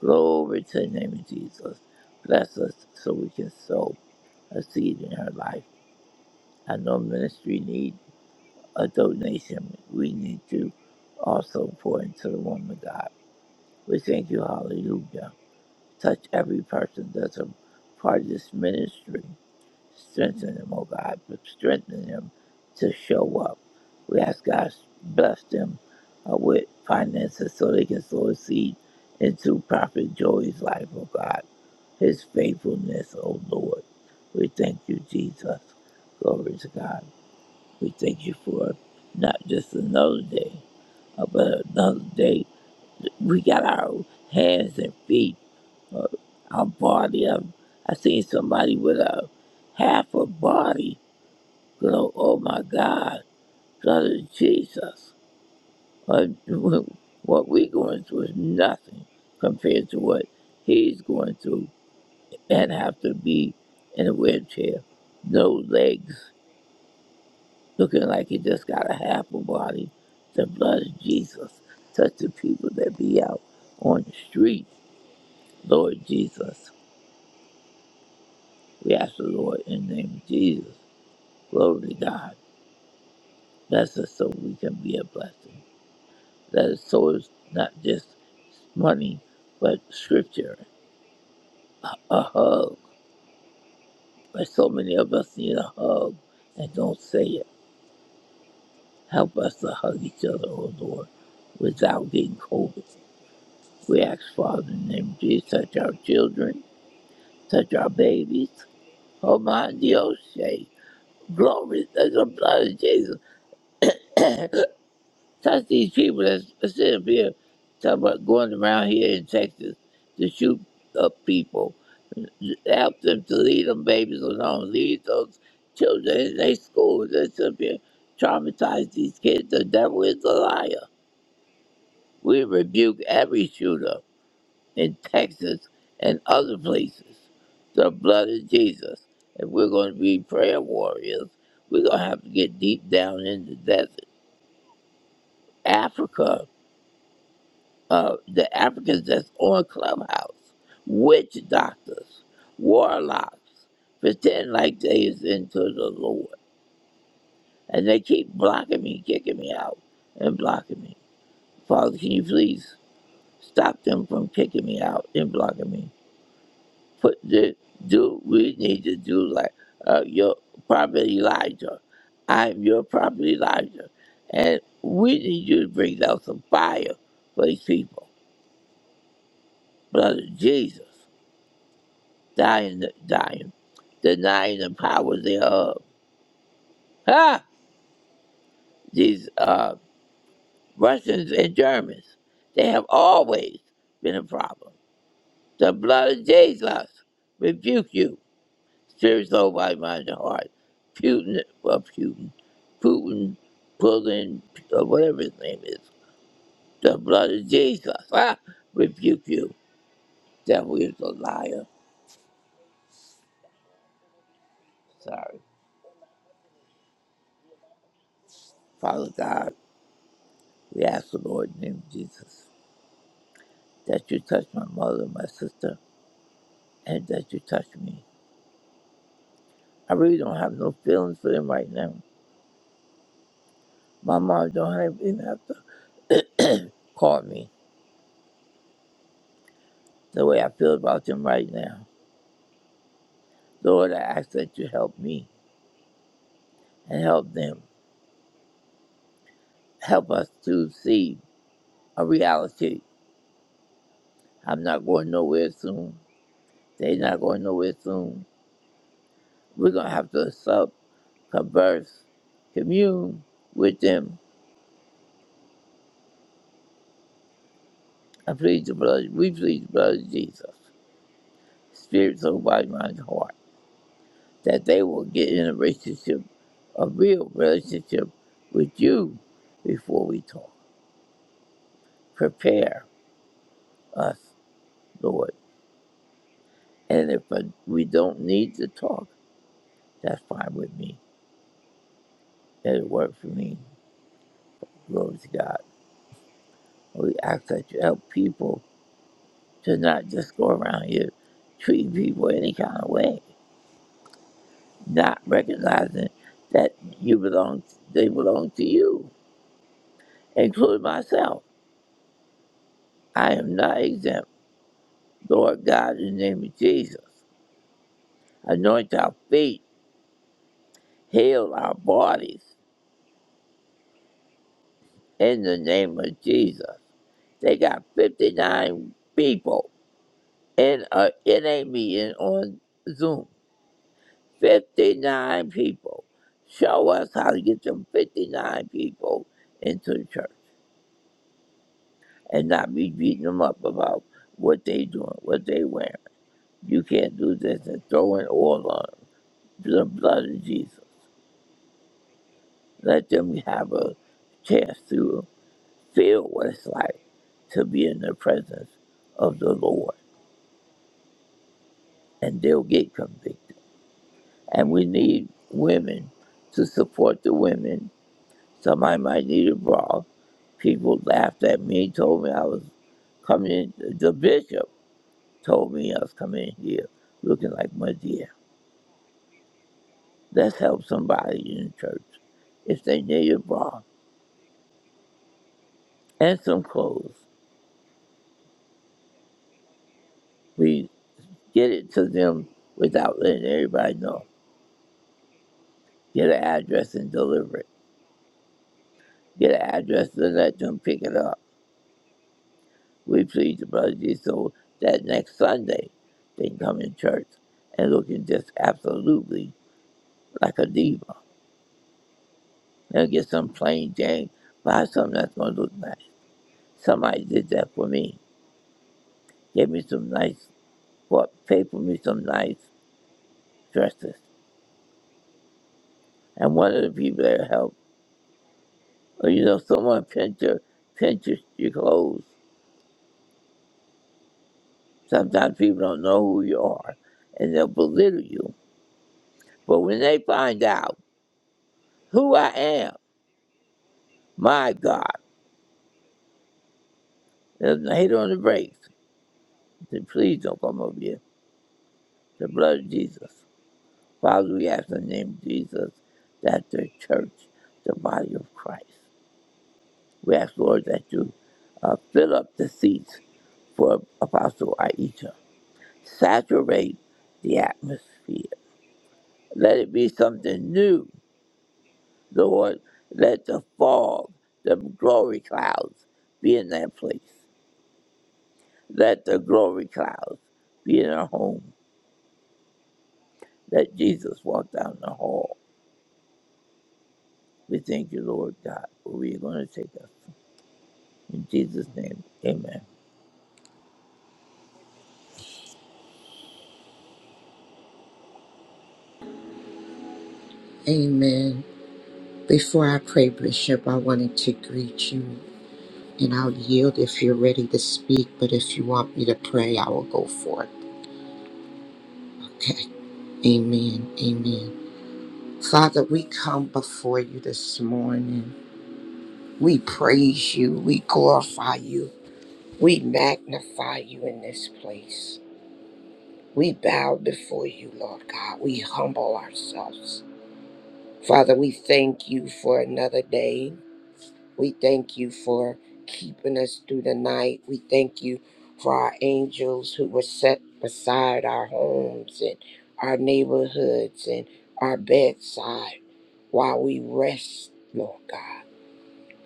Speaker 3: Glory to the name of Jesus. Bless us so we can sow a seed in her life. I know ministry need a donation. We need to also pour into the woman of God. We thank you, hallelujah. Touch every person that's a part of this ministry. Strengthen them, oh God. but Strengthen them to show up. We ask God bless them uh, with finances so they can sow a seed into Prophet Joey's life, oh God. His faithfulness, oh Lord. We thank you, Jesus. Glory to God. We thank you for not just another day, uh, but another day. We got our hands and feet, uh, our body. Um, I seen somebody with a half a body Glory, oh my God, Brother Jesus, what what we going through is nothing compared to what he's going through and have to be in a wheelchair, no legs, looking like he just got a half a body. The blood of Jesus touch the people that be out on the street, Lord Jesus. We ask the Lord in the name of Jesus, glory to God, bless us so we can be a blessing. That is so it's not just money, but scripture. A hug. But so many of us need a hug and don't say it. Help us to hug each other, oh Lord, without getting COVID. We ask Father in the name of Jesus, touch our children, touch our babies. Oh my Dios, say, glory to the blood of Jesus. Touch these people that's that's sitting up here talking about going around here in Texas to shoot up people. Help them to leave them babies alone. Leave those children in their schools. They should be traumatize these kids. The devil is a liar. We rebuke every shooter in Texas and other places. The blood of Jesus. If we're going to be prayer warriors, we're going to have to get deep down in the desert. Africa uh, the Africans that's on Clubhouse, witch doctors, warlocks, pretend like they is into the Lord. And they keep blocking me, kicking me out, and blocking me. Father, can you please stop them from kicking me out and blocking me? Put the, do we need to do like uh, your prophet Elijah. I'm your prophet Elijah. And we need you to bring down some fire for these people. Brother Jesus. dying, the- dying, denying the power thereof. Ha! These uh, Russians and Germans, they have always been a problem. The blood of Jesus rebuke you. Spirit, soul, body, mind, and heart. Putin, well, Putin, Putin, Putin, or whatever his name is. The blood of Jesus, ah, rebuke you. Devil is a liar. Sorry. Father God, we ask the Lord in the name of Jesus. that you touched my mother, my sister, and that you touched me. I really don't have no feelings for them right now. My mom don't even have to call me the way I feel about them right now. Lord, I ask that you help me and help them. Help us to see a reality. I'm not going nowhere soon. They're not going nowhere soon. We're going to have to sub, converse, commune with them. I plead the blood. We plead the blood of Jesus. Spiritual soul, body, heart, that they will get in a relationship, a real relationship with you before we talk. Prepare us, Lord. And if uh, we don't need to talk, that's fine with me. It'll work for me. Glory to God. We ask that you help people to not just go around here treating people any kind of way, not recognizing that you belong, they belong to you, including myself. I am not exempt. Lord God, in the name of Jesus, anoint our feet, heal our bodies in the name of Jesus. They got 59 people in a in a meeting on Zoom. 59 people. Show us how to get them 59 people into the church and not be beating them up about what they doing, what they wearing. You can't do this and throw an oil on 'em. the blood of Jesus. Let them have a chance to. feel what it's like to be in the presence of the Lord, and they'll get convicted. And we need women to support the women. Somebody might need a bra. People laughed at me, told me I was coming in. The bishop told me I was coming in here looking like my dear. Let's help somebody in the church if they need a bra and some clothes. We get it to them without letting everybody know. Get an address and deliver it get an address and let them pick it up. We plead the blood of Jesus so that next Sunday they can come in church and looking just absolutely like a diva. They'll get some plain Jane, buy something that's going to look nice. Somebody did that for me. Gave me some nice, bought, paid for me some nice dresses. And one of the people that helped, or you know, someone pinched your, pinched your your clothes. Sometimes people don't know who you are and they'll belittle you. But when they find out, who I am. My God. There's no hate on the brakes. Say, please don't come over here. The blood of Jesus. Father, we ask in the name of Jesus that the church, the body of Christ, we ask, Lord, that you uh, fill up the seats for Apostle Aisha. Saturate the atmosphere. Let it be something new, Lord. Let the fog, the glory clouds be in that place. Let the glory clouds be in our homes that Jesus walked down the hall. We thank you, Lord God, where we are going to take us. In Jesus' name, amen.
Speaker 4: Amen. Before I pray, Bishop, I wanted to greet you and I'll yield if you're ready to speak, but if you want me to pray, I will go for it. Okay. Amen. Amen. Father, we come before you this morning. We praise you. We glorify you. We magnify you in this place. We bow before you, Lord God. We humble ourselves. Father, we thank you for another day. We thank you for keeping us through the night. We thank you for our angels who were set beside our homes and our neighborhoods and our bedside while we rest, Lord God.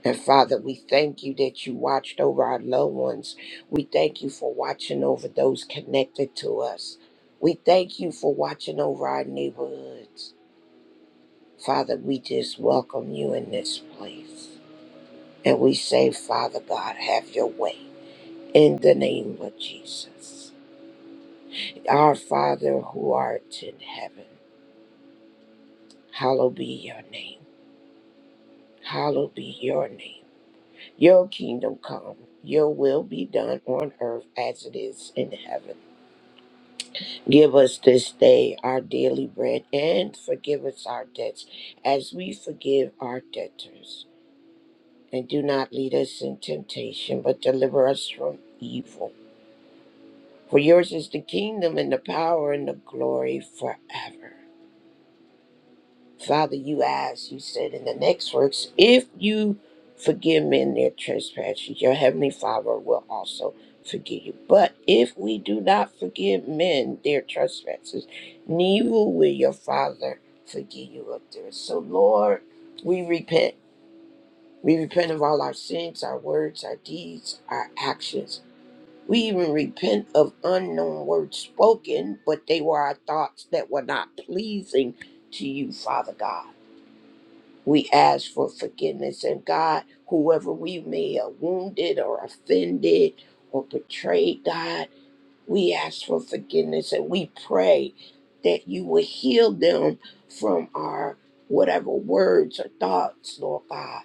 Speaker 4: And Father, we thank you that you watched over our loved ones. We thank you for watching over those connected to us. We thank you for watching over our neighborhoods. Father, we just welcome you in this place. And we say, Father God, have your way in the name of Jesus. Our Father who art in heaven, hallowed be your name. Hallowed be your name. Your kingdom come, your will be done on earth as it is in heaven. Give us this day our daily bread and forgive us our debts as we forgive our debtors. And do not lead us in temptation, but deliver us from evil. For yours is the kingdom and the power and the glory forever. Father, you asked, you said in the next works, if you forgive men their trespasses, your heavenly Father will also forgive you. But if we do not forgive men their trespasses, neither will your Father forgive you of theirs. So, Lord, we repent. We repent of all our sins, our words, our deeds, our actions we even repent of unknown words spoken, but they were our thoughts that were not pleasing to you, Father God. We ask for forgiveness, and God, whoever we may have wounded or offended or betrayed, God, we ask for forgiveness and we pray that you will heal them from our whatever words or thoughts, Lord God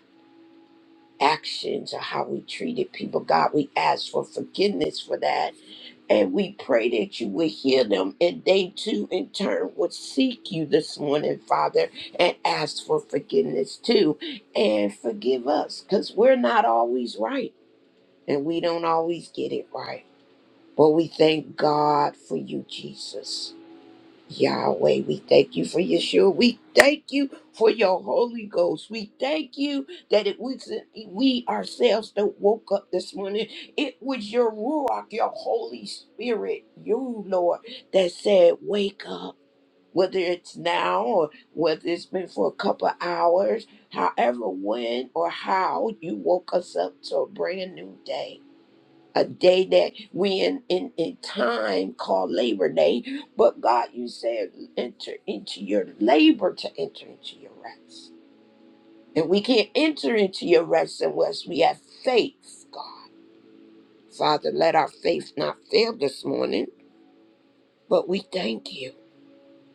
Speaker 4: actions or how we treated people. God, we ask for forgiveness for that. And we pray that you would heal them and they too, in turn, would seek you this morning, Father, and ask for forgiveness too. And forgive us because we're not always right and we don't always get it right. But we thank God for you, Jesus. Yahweh, we thank you for Yeshua. We thank you for your Holy Ghost. We thank you that it was we ourselves that woke up this morning. It was your Ruach, your Holy Spirit, you Lord, that said, Wake up. Whether it's now or whether it's been for a couple of hours, however, when or how you woke us up to a brand new day a day that we in, in, in time called Labor Day. But God, you said enter into your labor to enter into your rest. And we can't enter into your rest unless we have faith, God. Father, let our faith not fail this morning. But we thank you.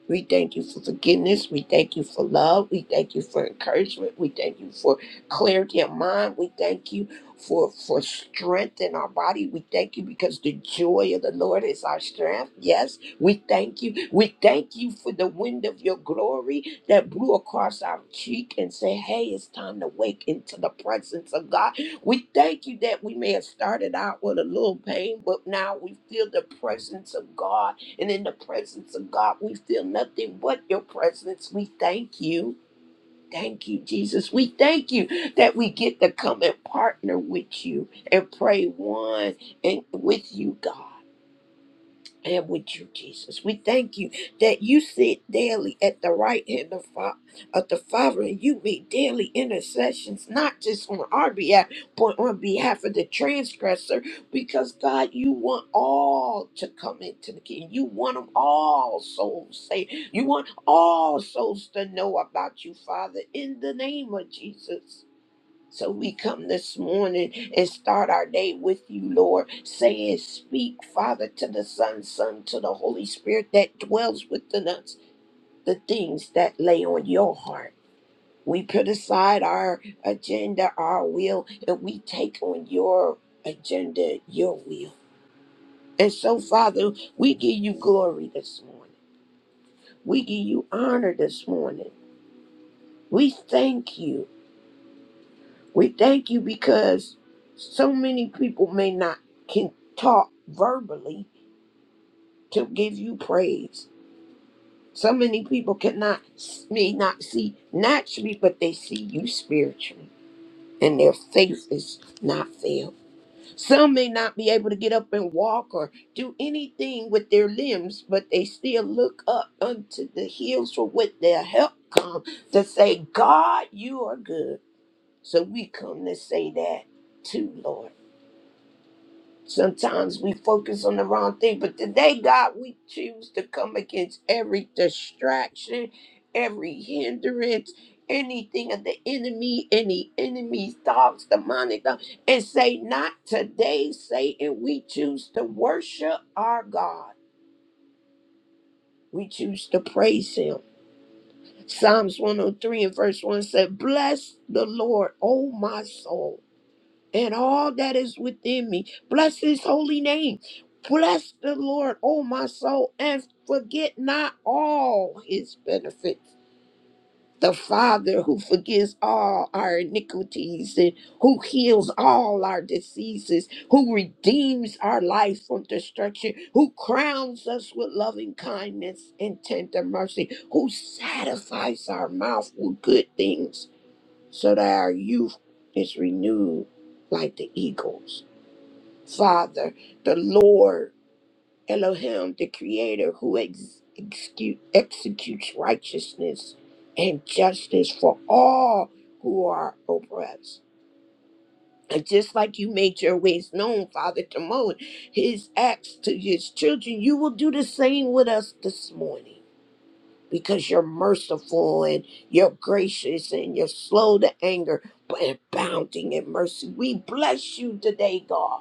Speaker 4: We thank you for forgiveness. We thank you for love. We thank you for encouragement. We thank you for clarity of mind. We thank you for for strength in our body. We thank you because the joy of the Lord is our strength. Yes, we thank you. We thank you for the wind of your glory that blew across our cheek and said, "Hey, it's time to wake into the presence of God." We thank you that we may have started out with a little pain, but now we feel the presence of God and in the presence of God, we feel nothing but your presence. We thank you. Thank you, Jesus. We thank you that we get to come and partner with you and pray one and with you, God and with you, Jesus. We thank you that you sit daily at the right hand of, fa- of the Father and you make daily intercessions, not just on our behalf, but on behalf of the transgressor, because God, you want all to come into the kingdom. You want them all souls saved. You want all souls to know about you, Father, in the name of Jesus. So we come this morning and start our day with you, Lord, saying, Speak, Father, to the Son, Son, to the Holy Spirit that dwells within us, the things that lay on your heart. We put aside our agenda, our will, and we take on your agenda, your will. And so, Father, we give you glory this morning. We give you honor this morning. We thank you. We thank you because so many people may not can talk verbally to give you praise. So many people cannot may not see naturally, but they see you spiritually, and their faith is not failed. Some may not be able to get up and walk or do anything with their limbs, but they still look up unto the hills for what their help come to say, God, you are good. So we come to say that too, Lord. Sometimes we focus on the wrong thing, but today, God, we choose to come against every distraction, every hindrance, anything of the enemy, any enemy thoughts, demonic thoughts, and say, Not today, Satan. We choose to worship our God, we choose to praise Him. Psalms 103 and verse 1 said, Bless the Lord, O my soul and all that is within me. Bless his holy name. Bless the Lord, O my soul, and forget not all his benefits. The Father who forgives all our iniquities and who heals all our diseases, who redeems our life from destruction, who crowns us with loving kindness and tender mercy, who satisfies our mouth with good things so that our youth is renewed like the eagles. Father, the Lord Elohim, the Creator, who ex- execute, executes righteousness and justice for all who are oppressed. And just like you made your ways known, Father, to Moses, his acts to his children, you will do the same with us this morning because you're merciful and you're gracious and you're slow to anger, but abounding in mercy. We bless you today, God.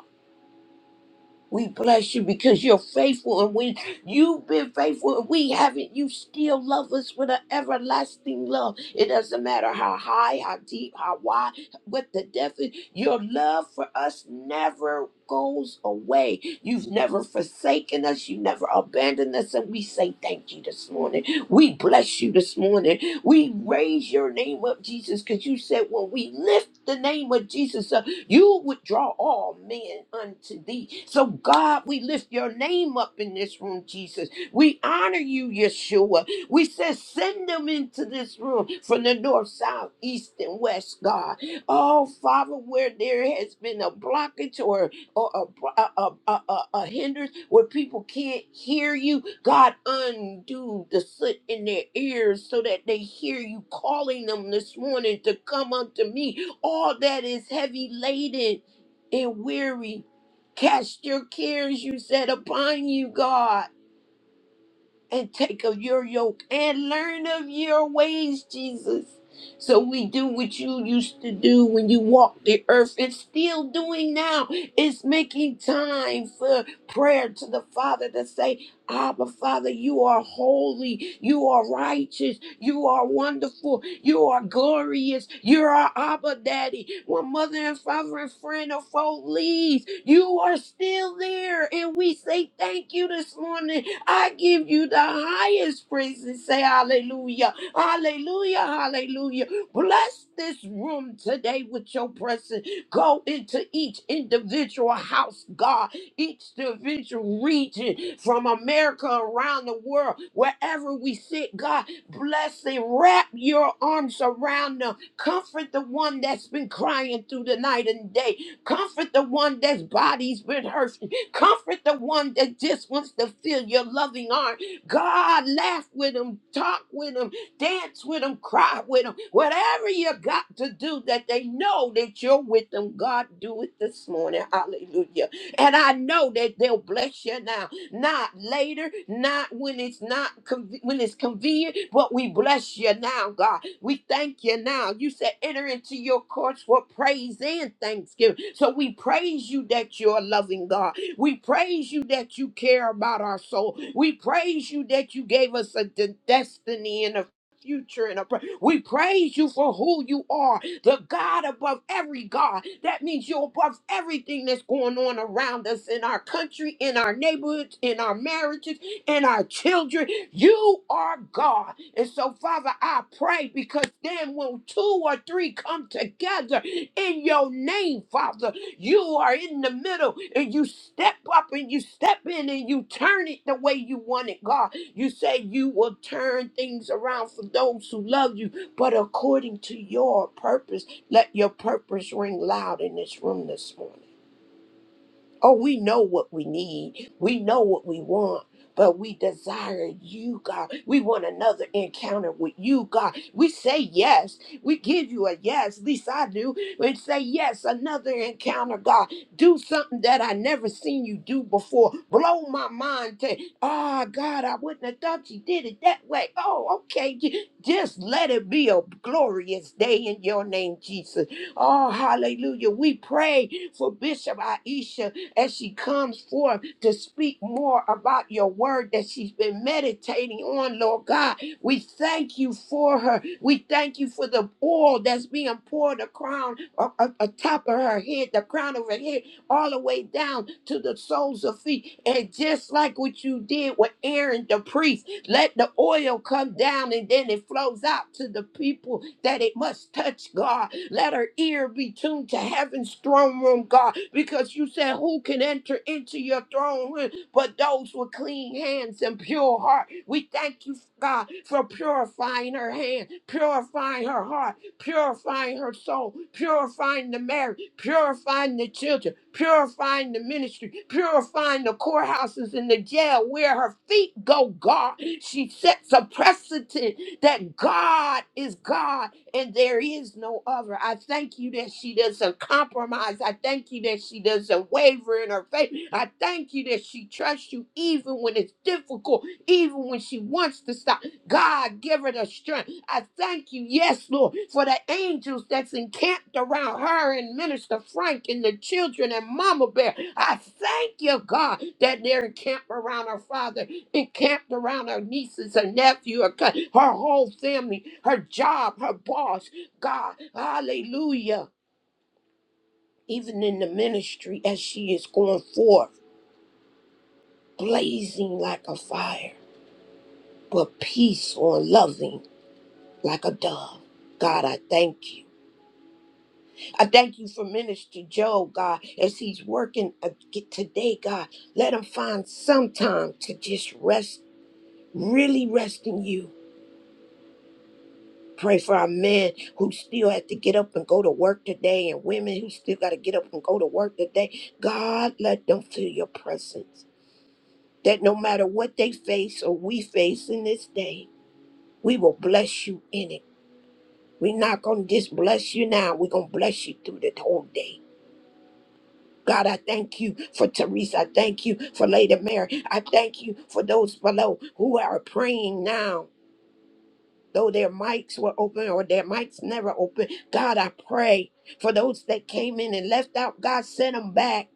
Speaker 4: We bless you because you're faithful and we you've been faithful and we haven't. You still love us with an everlasting love. It doesn't matter how high, how deep, how wide, what the depth is, your love for us never goes away. You've never forsaken us, you never abandoned us, and we say thank you this morning. We bless you this morning. We raise your name up, Jesus, because you said when we lift the name of Jesus up. You would draw all men unto thee. So, God, we lift your name up in this room, Jesus. We honor you, Yeshua. We say, send them into this room from the north, south, east, and west, God. Oh, Father, where there has been a blockage or, or a, a, a, a, a a hindrance where people can't hear you, God, undo the soot in their ears so that they hear you calling them this morning to come unto me all that is heavy laden and weary. Cast your cares, you said, upon you, God and take of your yoke and learn of your ways, Jesus. So we do what you used to do when you walked the earth and still doing now is making time for prayer to the Father to say, Abba, Father, you are holy, you are righteous, you are wonderful, you are glorious, you're our Abba Daddy. When mother and father and friend or foe leaves, you are still there. And we say thank you this morning I give you the highest praise and say hallelujah. Hallelujah. Hallelujah. Bless this room today with your presence. Go into each individual house, God, each individual region from America around the world, wherever we sit, God, bless them. Wrap your arms around them. Comfort the one that's been crying through the night and day. Comfort the one that's body's been hurt Comfort the one that just wants to feel your loving arm. God, laugh with them, talk with them, dance with them, cry with them. Whatever you got to do that they know that you're with them, God, do it this morning. Hallelujah. And I know that they'll bless you now. Not later, not when it's not con- when it's convenient, but we bless you now, God. We thank you now. You said enter into your courts for praise and thanksgiving. So we praise you that you're a loving God. We praise you that you care about our soul. We praise you that you gave us a de- destiny and a future and a pr- we praise you for who you are the god above every god that means you're above everything that's going on around us in our country in our neighborhoods in our marriages in our children you are god and so father i pray because then when two or three come together in your name father you are in the middle and you step up and you step in and you turn it the way you want it, God. You say you will turn things around for those who love you, but according to your purpose, let your purpose ring loud in this room this morning. Oh, we know what we need. We know what we want. But we desire you, God. We want another encounter with you, God. We say yes. We give you a yes. At least I do. We say yes, another encounter, God. Do something that I never seen you do before. Blow my mind to, oh, God, I wouldn't have thought you did it that way. Oh, okay. J- Just let it be a glorious day in your name, Jesus. Oh, hallelujah. We pray for Bishop Aisha as she comes forth to speak more about your word that she's been meditating on, Lord God. We thank you for her. We thank you for the oil that's being poured crown atop of her head, the crown of her head, all the way down to the soles of feet. And just like what you did with Aaron the priest, let the oil come down and then it flows out to the people that it must touch, God. Let her ear be tuned to heaven's throne room, God, because you said, Who can enter into your throne room but those with clean hands and pure heart? We thank you, God, for purifying her hand, purifying her heart, purifying her soul, purifying the marriage, purifying the children, purifying the ministry, purifying the courthouses and the jail where her feet go, God. She sets a precedent that God is God and there is no other. I thank you that she doesn't compromise. I thank you that she doesn't waver in her faith. I thank you that she trusts you even when it's difficult, even when she wants to stop. God, give her the strength. I thank you, yes, Lord, for the angels that's encamped around her and Minister Frank and the children and Mama Bear. I thank you, God, that they're encamped around her father, encamped around her nieces, her nephew, her, co- her whole family, her job, her boss. God, hallelujah. Even in the ministry, as she is going forth, blazing like a fire, but peaceful and loving like a dove. God, I thank you. I thank you for Minister Joe, God, as he's working ag- today, God. Let him find some time to just rest, really rest in you. Pray for our men who still have to get up and go to work today, and women who still got to get up and go to work today. God, let them feel your presence. That no matter what they face or we face in this day, we will bless you in it. We're not going to just bless you now, we're going to bless you through the whole day. God, I thank you for Teresa. I thank you for Lady Mary. I thank you for those below who are praying now, though their mics were open or their mics never open. God, I pray for those that came in and left out. God, sent them back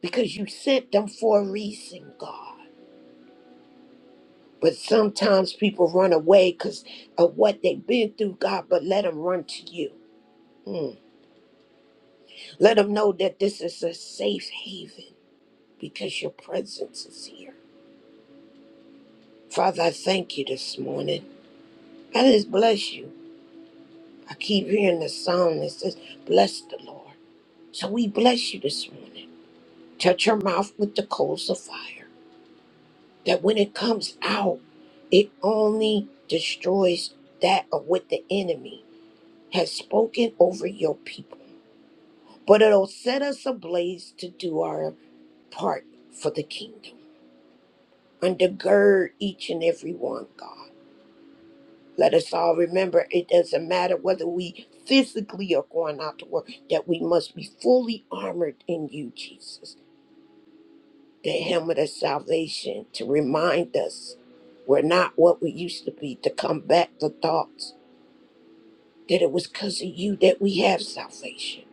Speaker 4: because you sent them for a reason, God. But sometimes people run away because of what they've been through, God, but let them run to you. Mm. Let them know that this is a safe haven because your presence is here. Father, I thank you this morning. I just bless you. I keep hearing the song that says, Bless the Lord. So we bless you this morning. Touch your mouth with the coals of fire, that when it comes out, it only destroys that of what the enemy has spoken over your people. But it'll set us ablaze to do our part for the kingdom. Undergird each and every one, God. Let us all remember it doesn't matter whether we physically are going out to work, that we must be fully armored in you, Jesus. The helmet of salvation to remind us we're not what we used to be, to combat the thoughts that it was because of you that we have salvation.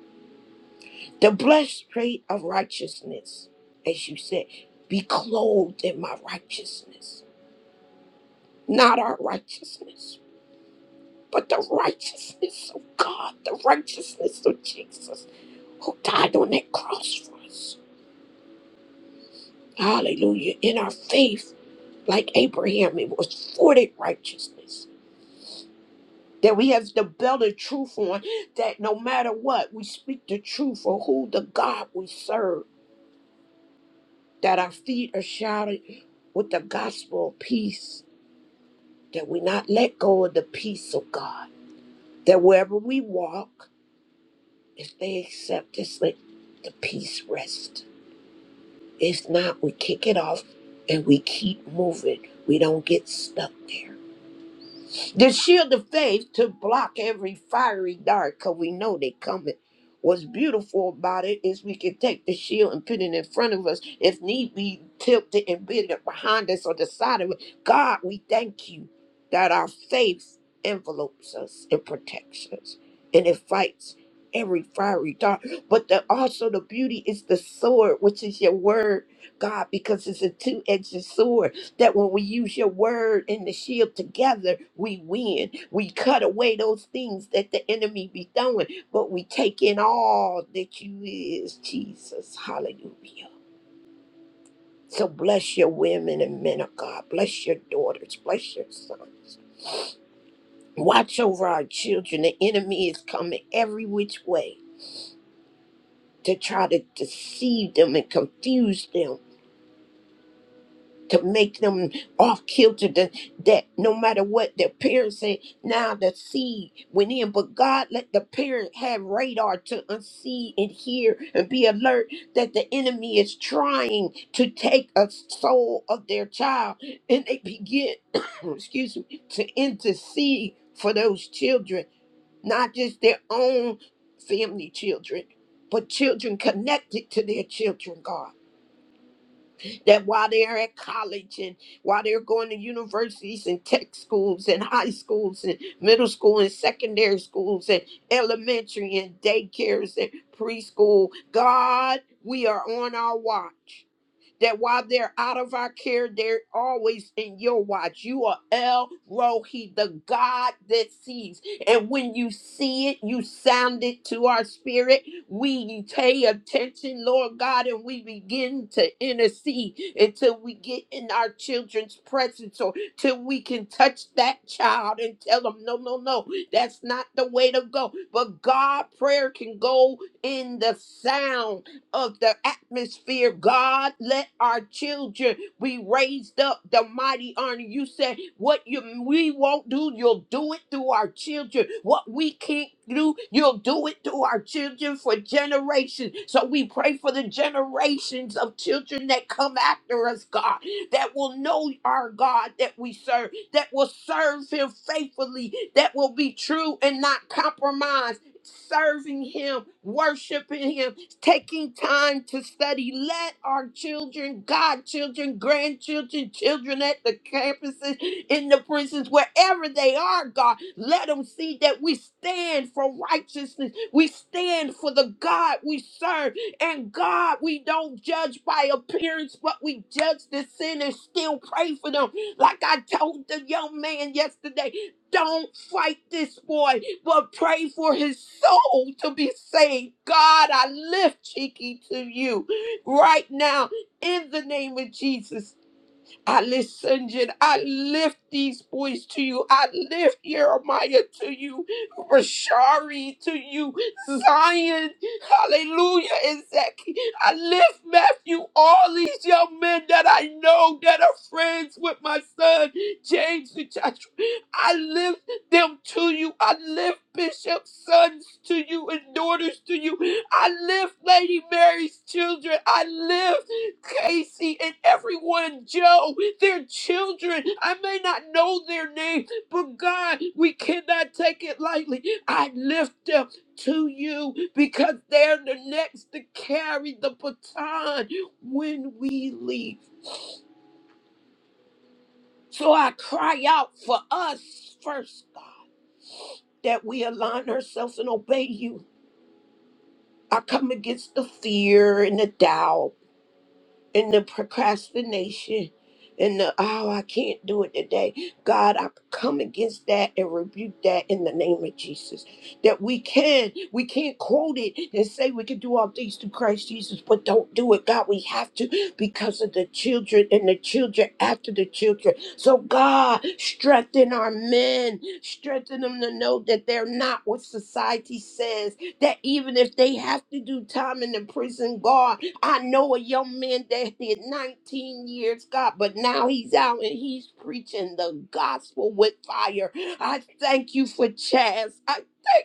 Speaker 4: The blessed trait of righteousness, as you said, be clothed in my righteousness, not our righteousness, but the righteousness of God, the righteousness of Jesus. who died on that cross for us. Hallelujah. In our faith, like Abraham, it was forty righteousness. That we have the belt of truth on, that no matter what, we speak the truth for who the God we serve, that our feet are shouted with the gospel of peace, that we not let go of the peace of God, that wherever we walk, if they accept us, let the peace rest. It's not, we kick it off and we keep moving. We don't get stuck there. The shield of faith to block every fiery dart, because we know they coming. What's beautiful about it is we can take the shield and put it in front of us if need be, tilt it and build it behind us or the side of it. God, we thank you that our faith envelopes us and protects us and it fights every fiery dart. But the, also the beauty is the sword, which is your word, God, because it's a two-edged sword that when we use your word and the shield together, we win. We cut away those things that the enemy be throwing, but we take in all that you is, Jesus. Hallelujah. So bless your women and men of God. Bless your daughters. Bless your sons. Watch over our children. The enemy is coming every which way to try to deceive them and confuse them to make them off kilter that, that no matter what their parents said now the seed went in but god let the parent have radar to unsee and hear and be alert that the enemy is trying to take a soul of their child and they begin excuse me to intercede for those children not just their own family children but children connected to their children god that while they're at college and while they're going to universities and tech schools and high schools and middle school and secondary schools and elementary and daycares and preschool, God, we are on our watch that while they're out of our care, they're always in your watch. You are El Rohi, the God that sees. And when you see it, you sound it to our spirit. We pay attention, Lord God, and we begin to intercede until we get in our children's presence or till we can touch that child and tell them, no, no, no, that's not the way to go. But God, prayer can go in the sound of the atmosphere. God, let our children be raised up. The mighty army. You said what you we won't do, you'll do it through our children. What we can't do, you'll do it through our children for generations. So we pray for the generations of children that come after us, God, that will know our God that we serve, that will serve Him faithfully, that will be true and not compromise serving him, worshiping him, taking time to study. Let our children, godchildren, grandchildren, children at the campuses, in the prisons, wherever they are, God, let them see that we stand for righteousness. We stand for the God we serve. And God, we don't judge by appearance, but we judge the sin and still pray for them. Like I told the young man yesterday, don't fight this boy but pray for his soul to be saved. God, I lift Cheeky to you right now in the name of Jesus. I listen, Jen. I lift these boys to you. I lift Jeremiah to you, Rashari to you, Zion, hallelujah, and Zaki. I lift Matthew, all these young men that I know that are friends with my son, James and Joshua. I lift them to you. I lift Bishop's sons to you and daughters to you. I lift Lady Mary's children. I lift. Casey and everyone, Joe, their children. I may not know their name, but God, we cannot take it lightly. I lift them to you because they're the next to carry the baton when we leave. So I cry out for us first, God, that we align ourselves and obey you. I come against the fear and the doubt. and the procrastination and the oh I can't do it today. God, I come against that and rebuke that in the name of Jesus. That we can, we can't quote it and say we can do all things through Christ Jesus, but don't do it. God, we have to because of the children and the children after the children. So God, strengthen our men, strengthen them to know that they're not what society says. That even if they have to do time in the prison, God, I know a young man that did 19 years, God, but now he's out and he's preaching the gospel with fire. I thank you for Chaz. I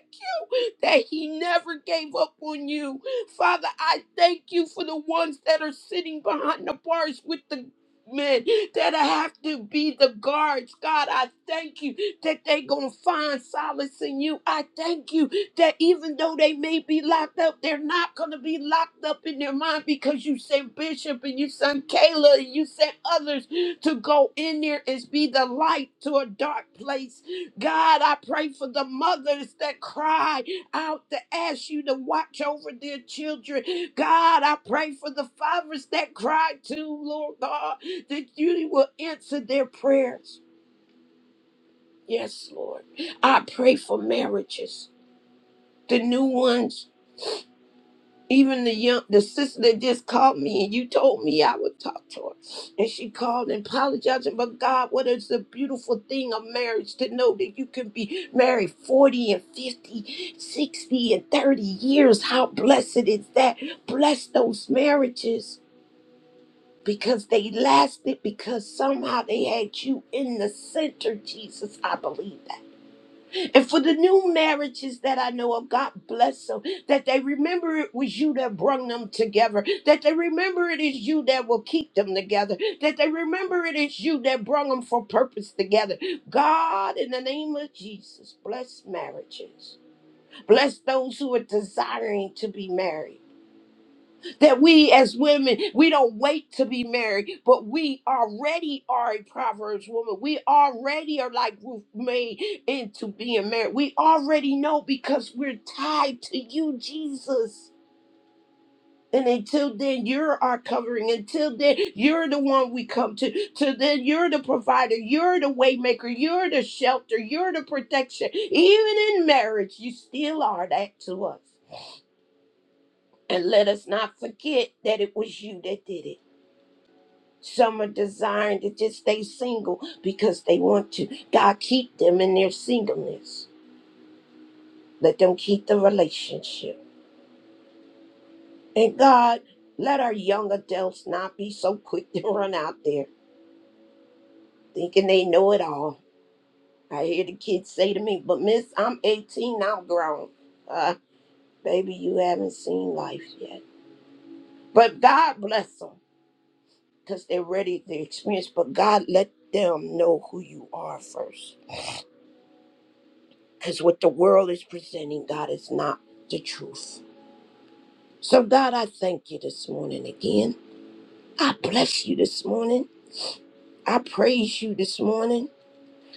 Speaker 4: that he never gave up on you. Father, I thank you for the ones that are sitting behind the bars with the men that have to be the guards. God, I thank you that they going to find solace in you. I thank you that even though they may be locked up, they're not going to be locked up in their mind because you sent Bishop and you sent Kayla and you sent others to go in there and be the light to a dark place. God, I pray for the mothers that cry out to ask you to watch over their children. God, I pray for the fathers that cry too, Lord God, that you will answer their prayers. Yes, Lord. I pray for marriages, the new ones. Even the young, the sister that just called me and you told me I would talk to her. And she called and apologized. But God, what is the beautiful thing of marriage to know that you can be married 40 and 50, 60 and 30 years. How blessed is that? Bless those marriages because they lasted because somehow they had you in the center, Jesus. I believe that. And for the new marriages that I know of, God bless them. That they remember it was you that brung them together. That they remember it is you that will keep them together. That they remember it is you that brung them for purpose together. God, in the name of Jesus, bless marriages. Bless those who are desiring to be married that we as women we don't wait to be married but we already are a proverbs woman we already are like ruth made into being married we already know because we're tied to you jesus and until then you're our covering until then you're the one we come to till then you're the provider you're the waymaker you're the shelter you're the protection even in marriage you still are that to us and let us not forget that it was you that did it Some are designed to just stay single because they want to. God, keep them in their singleness. Let them keep the relationship. And God, let our young adults not be so quick to run out there thinking they know it all. I hear the kids say to me, but miss, I'm 18, I'm grown. Uh, baby, you haven't seen life yet. But God bless them because they're ready to experience. But God, let them know who you are first Because what the world is presenting, God, is not the truth. So, God, I thank you this morning again. I bless you this morning. I praise you this morning.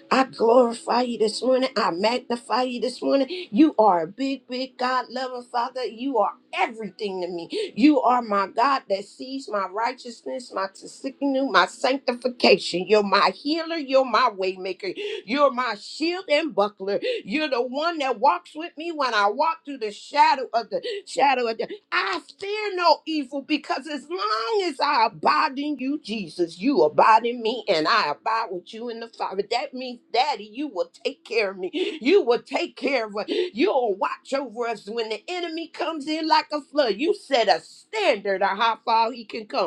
Speaker 4: I glorify you this morning. I magnify you this morning. You are a big, big God loving Father. You are everything to me. You are my God that sees my righteousness, my tsikinu, my sanctification. You're my healer. You're my waymaker. You're my shield and buckler. You're the one that walks with me when I walk through the shadow of the shadow of death. I fear no evil because as long as I abide in you, Jesus, you abide in me and I abide with you in the Father. That means, Daddy, you will take care of me. You will take care of us. You'll watch over us when the enemy comes in like a flood. You set a standard of how far he can come.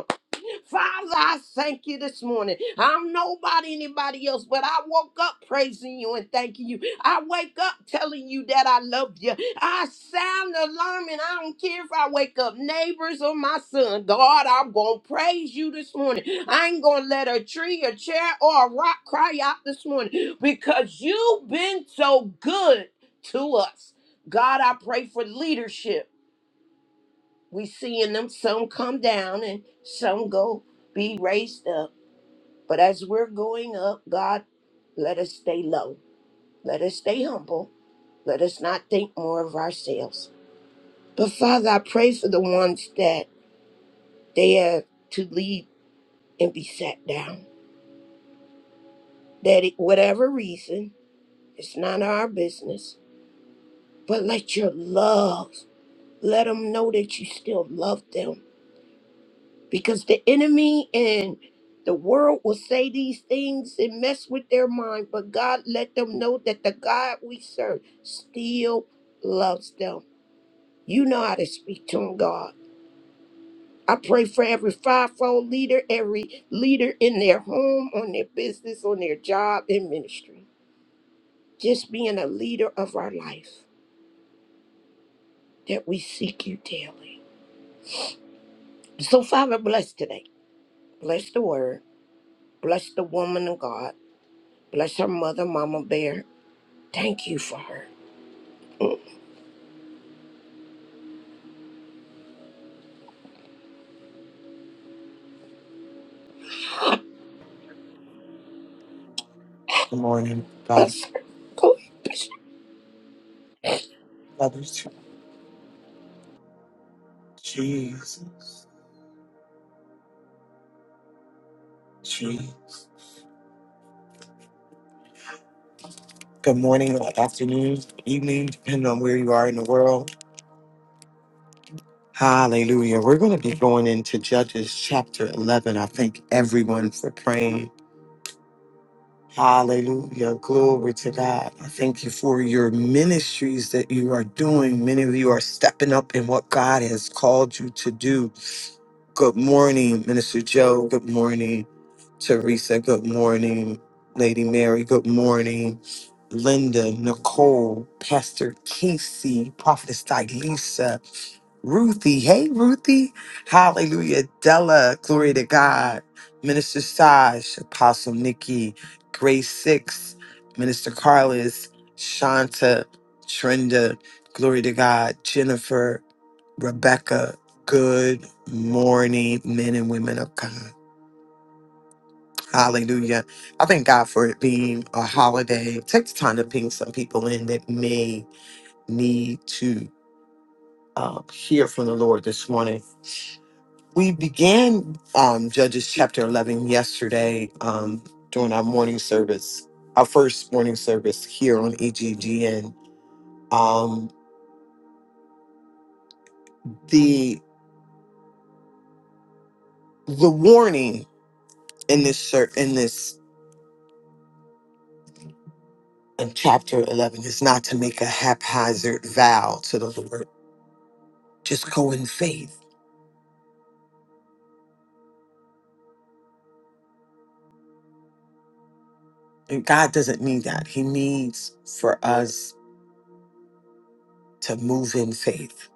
Speaker 4: Father, I thank you this morning. I'm nobody, anybody else, but I woke up praising you and thanking you. I wake up telling you that I love you. I sound the alarm and I don't care if I wake up neighbors or my son. God, I'm going to praise you this morning. I ain't going to let a tree, a chair, or a rock cry out this morning because you've been so good to us. God, I pray for leadership we seeing them some come down and some go be raised up but as we're going up god let us stay low let us stay humble let us not think more of ourselves but father i pray for the ones that they have to leave and be sat down that it, whatever reason it's none of our business but let your love let them know that you still love them because the enemy and the world will say these things and mess with their mind, but God let them know that the God we serve still loves them. You know how to speak to them, God. I pray for every fivefold leader, every leader in their home, on their business, on their job, in ministry. Just being a leader of our life, that we seek you daily. So, Father, bless today. Bless the word. Bless the woman of God. Bless her mother, Mama Bear. Thank you, Father. Mm,
Speaker 5: Good morning, God.
Speaker 4: Yes, Go ahead, Bishop.
Speaker 5: Love you too. Jesus. Jesus. Good morning, good afternoon, good evening, depending on where you are in the world. Hallelujah. We're going to be going into Judges chapter 11. I thank everyone for praying. Hallelujah. Glory to God. I thank you for your ministries that you are doing. Many of you are stepping up in what God has called you to do. Good morning, Minister Joe. Good morning, Teresa. Good morning, Lady Mary. Good morning, Linda, Nicole, Pastor Casey, Prophetess Dilisa, Ruthie. Hey, Ruthie. Hallelujah. Della. Glory to God. Minister Saj, Apostle Nikki, Grace Six, Minister Carlos, Shanta, Trenda. Glory to God. Jennifer. Rebecca, good morning, men and women of God. Hallelujah. I thank God for it being a holiday. Take the time to ping some people in that may need to uh, hear from the Lord this morning. We began um, Judges chapter 11 yesterday um, during our morning service, our first morning service here on EGGN. Um, the the warning in this ser- in this in chapter 11 is not to make a haphazard vow to the Lord. Just go in faith. And God doesn't need that. He needs for us to move in faith.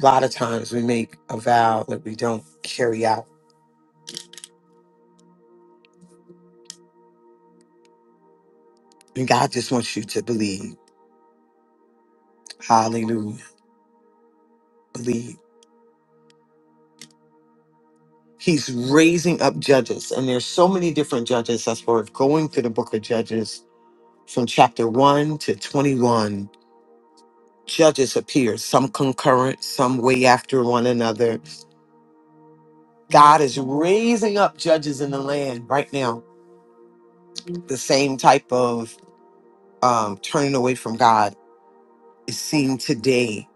Speaker 5: A lot of times we make a vow that we don't carry out. And God just wants you to believe. Hallelujah. Believe. He's raising up judges. And there's so many different judges. That's why we're going through the book of Judges from chapter 1 to 21. Judges appear, some concurrent, some way after one another God is raising up judges in the land right now. The same type of um, turning away from God is seen today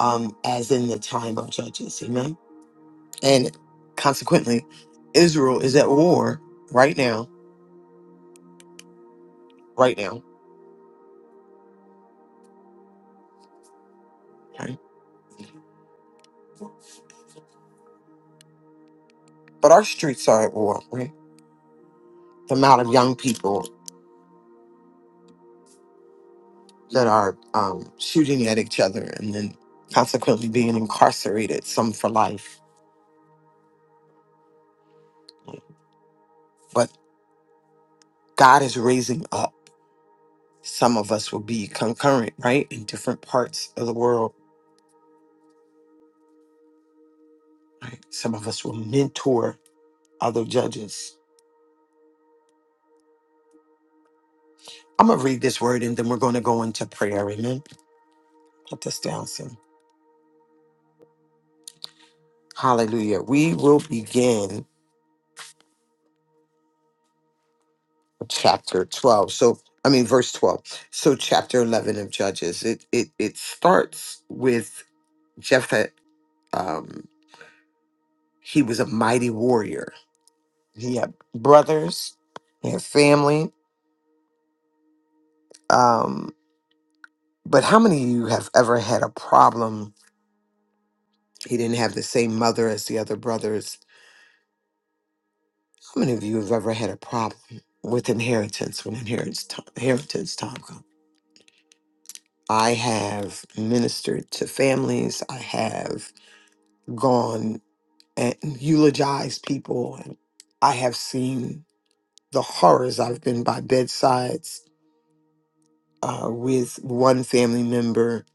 Speaker 5: um, as in the time of judges. Amen. And consequently, Israel is at war right now, right now. okay. But our streets are at war, right? The amount of young people that are um, shooting at each other and then consequently being incarcerated, some for life. But God is raising up. Some of us will be concurrent, right, in different parts of the world. Right? Some of us will mentor other judges. I'm going to read this word and then we're going to go into prayer. Amen. Put this down, Sam. Hallelujah. We will begin chapter 12. So, I mean, verse 12. So, chapter 11 of Judges, it, it, it starts with Jephthah um, he was a mighty warrior. He had brothers, he had family. Um, But how many of you have ever had a problem? He didn't have the same mother as the other brothers. How many of you have ever had a problem with inheritance when inheritance time, inheritance time comes? I have ministered to families. I have gone and eulogized people. And I have seen the horrors. I've been by bedsides uh, with one family member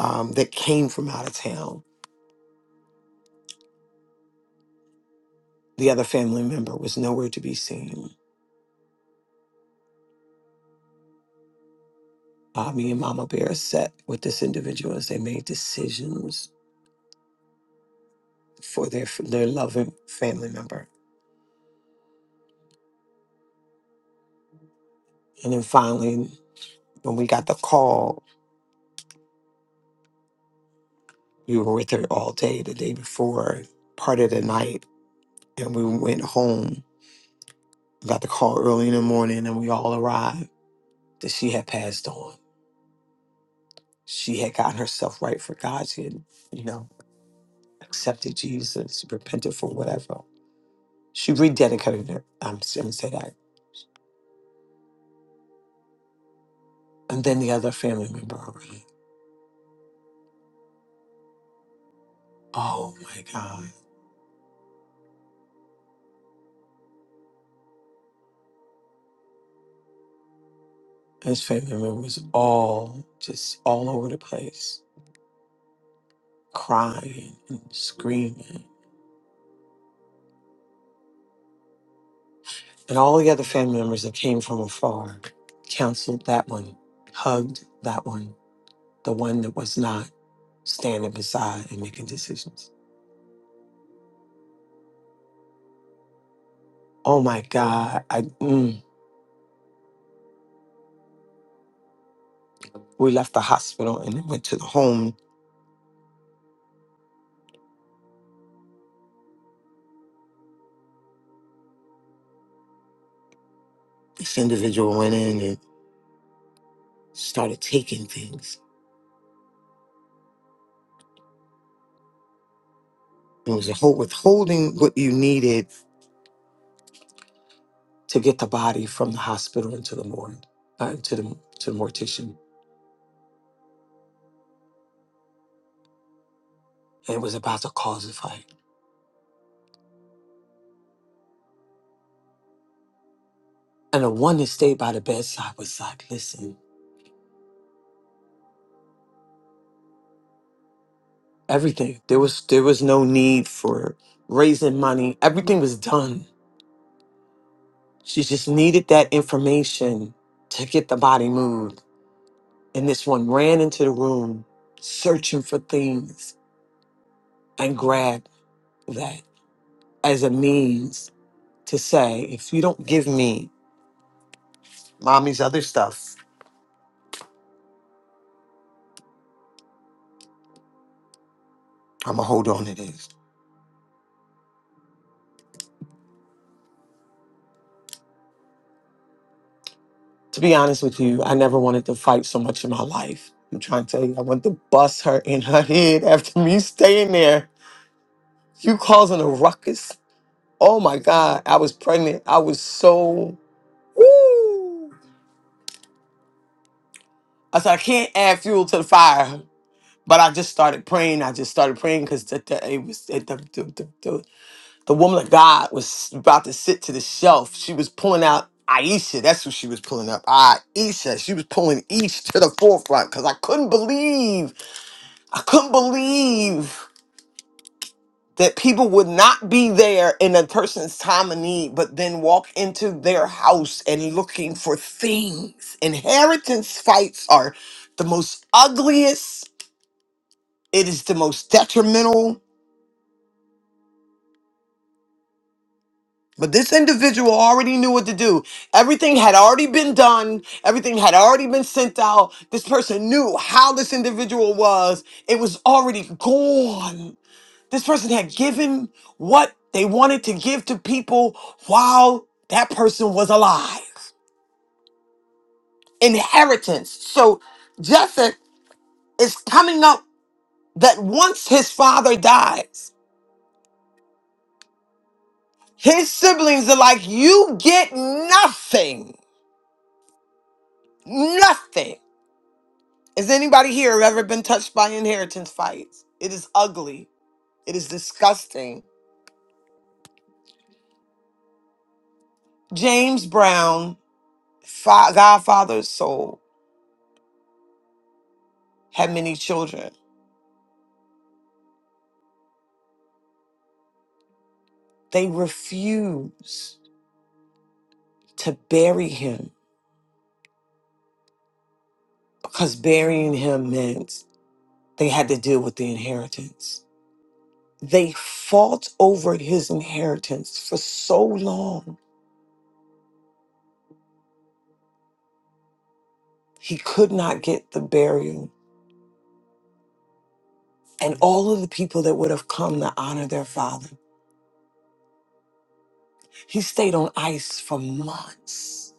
Speaker 5: um, that came from out of town. The other family member was nowhere to be seen uh, me and Mama Bear sat with this individual as they made decisions for their their loving family member. And then finally, when we got the call, we were with her all day the day before, part of the night, and we went home. We Got the call early in the morning, and we all arrived that she had passed on. She had gotten herself right for God. She had, you know, accepted Jesus, repented for whatever. She rededicated her. I'm, I'm gonna say that. And then the other family member arrived Oh my God. His family members all just all over the place, crying and screaming. And all the other family members that came from afar counseled that one, hugged that one, the one that was not standing beside and making decisions. Oh my God. I, mm, we left the hospital and then went to the home. This individual went in and started taking things. It was a whole withholding what you needed to get the body from the hospital into the morgue, uh, into the to the mortician, and was about to cause a fight. And the one that stayed by the bedside was like, "Listen, everything. There was there was no need for raising money. Everything was done. She just needed that information to get the body moved." And this one ran into the room, searching for things, and grabbed that as a means to say, "If you don't give me mommy's other stuff, I'm gonna hold on to this." To be honest with you, I never wanted to fight so much in my life. I'm trying to tell you, I wanted to bust her in her head after me staying there. You causing a ruckus. Oh my God, I was pregnant. I was so, woo. I said, I can't add fuel to the fire. But I just started praying. I just started praying because the, the, it was it, the, the, the, the, the woman of God was about to sit to the shelf. She was pulling out Aisha. That's who she was pulling up. Aisha. She was pulling each to the forefront because I couldn't believe I couldn't believe that people would not be there in a person's time of need, but then walk into their house and looking for things. Inheritance fights are the most ugliest, it is the most detrimental. But this individual already knew what to do. Everything had already been done. Everything had already been sent out. This person knew how this individual was. It was already gone This person had given what they wanted to give to people while that person was alive. Inheritance. So Joseph is coming up that once his father dies, his siblings are like, You get nothing. Nothing. Has anybody here ever been touched by inheritance fights? It is ugly. It is disgusting. James Brown, fa- Godfather's soul, had many children. They refused to bury him because burying him meant they had to deal with the inheritance. They fought over his inheritance for so long, he could not get the burial. And all of the people that would have come to honor their father, he stayed on ice for months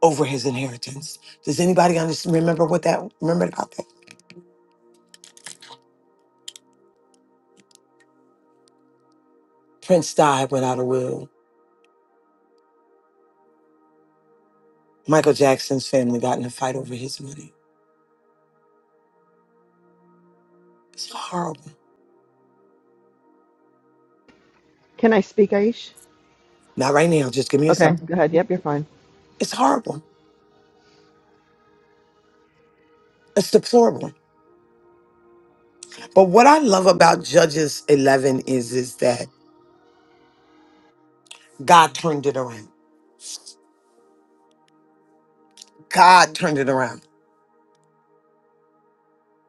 Speaker 5: over his inheritance. Does anybody understand, remember what that, remember about that? Prince died without a will. Michael Jackson's family got in a fight over his money. It's horrible.
Speaker 2: Can I speak, Aish?
Speaker 5: Not right now. Just give me a
Speaker 2: Okay,
Speaker 5: second.
Speaker 2: go ahead. Yep, you're fine.
Speaker 5: It's horrible. It's deplorable. But what I love about Judges 11 is, is that God turned it around. God turned it around.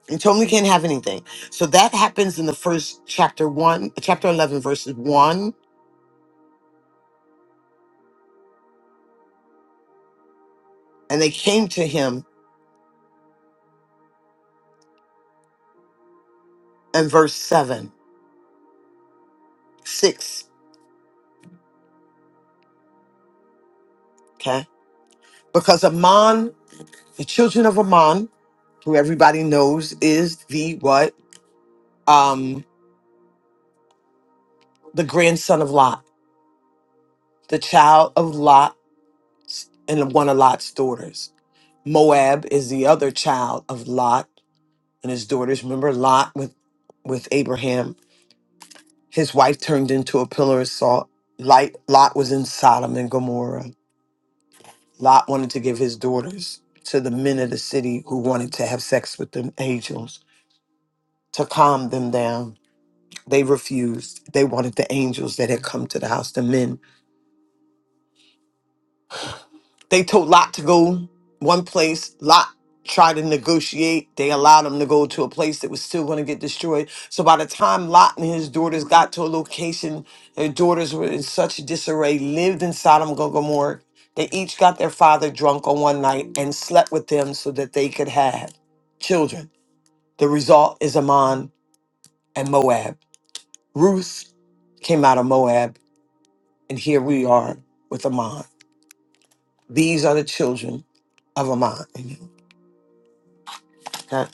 Speaker 5: He told me we can't have anything. So that happens in the first chapter one, chapter 11, verses one. And they came to him in verse seven, six. Okay. Because Ammon, the children of Ammon, who everybody knows is the what? Um, the grandson of Lot, the child of Lot and one of Lot's daughters. Moab is the other child of Lot and his daughters. Remember Lot with with Abraham. His wife turned into a pillar of salt. Light, Lot was in Sodom and Gomorrah. Lot wanted to give his daughters to the men of the city who wanted to have sex with the angels to calm them down. They refused. They wanted the angels that had come to the house, the men They told Lot to go one place. Lot tried to negotiate. They allowed him to go to a place that was still going to get destroyed. So by the time Lot and his daughters got to a location, their daughters were in such disarray, lived in Sodom and Gomorrah. They each got their father drunk on one night and slept with them so that they could have children. The result is Ammon and Moab. Ruth came out of Moab, and here we are with Ammon. These are the children of Ammon. Amen.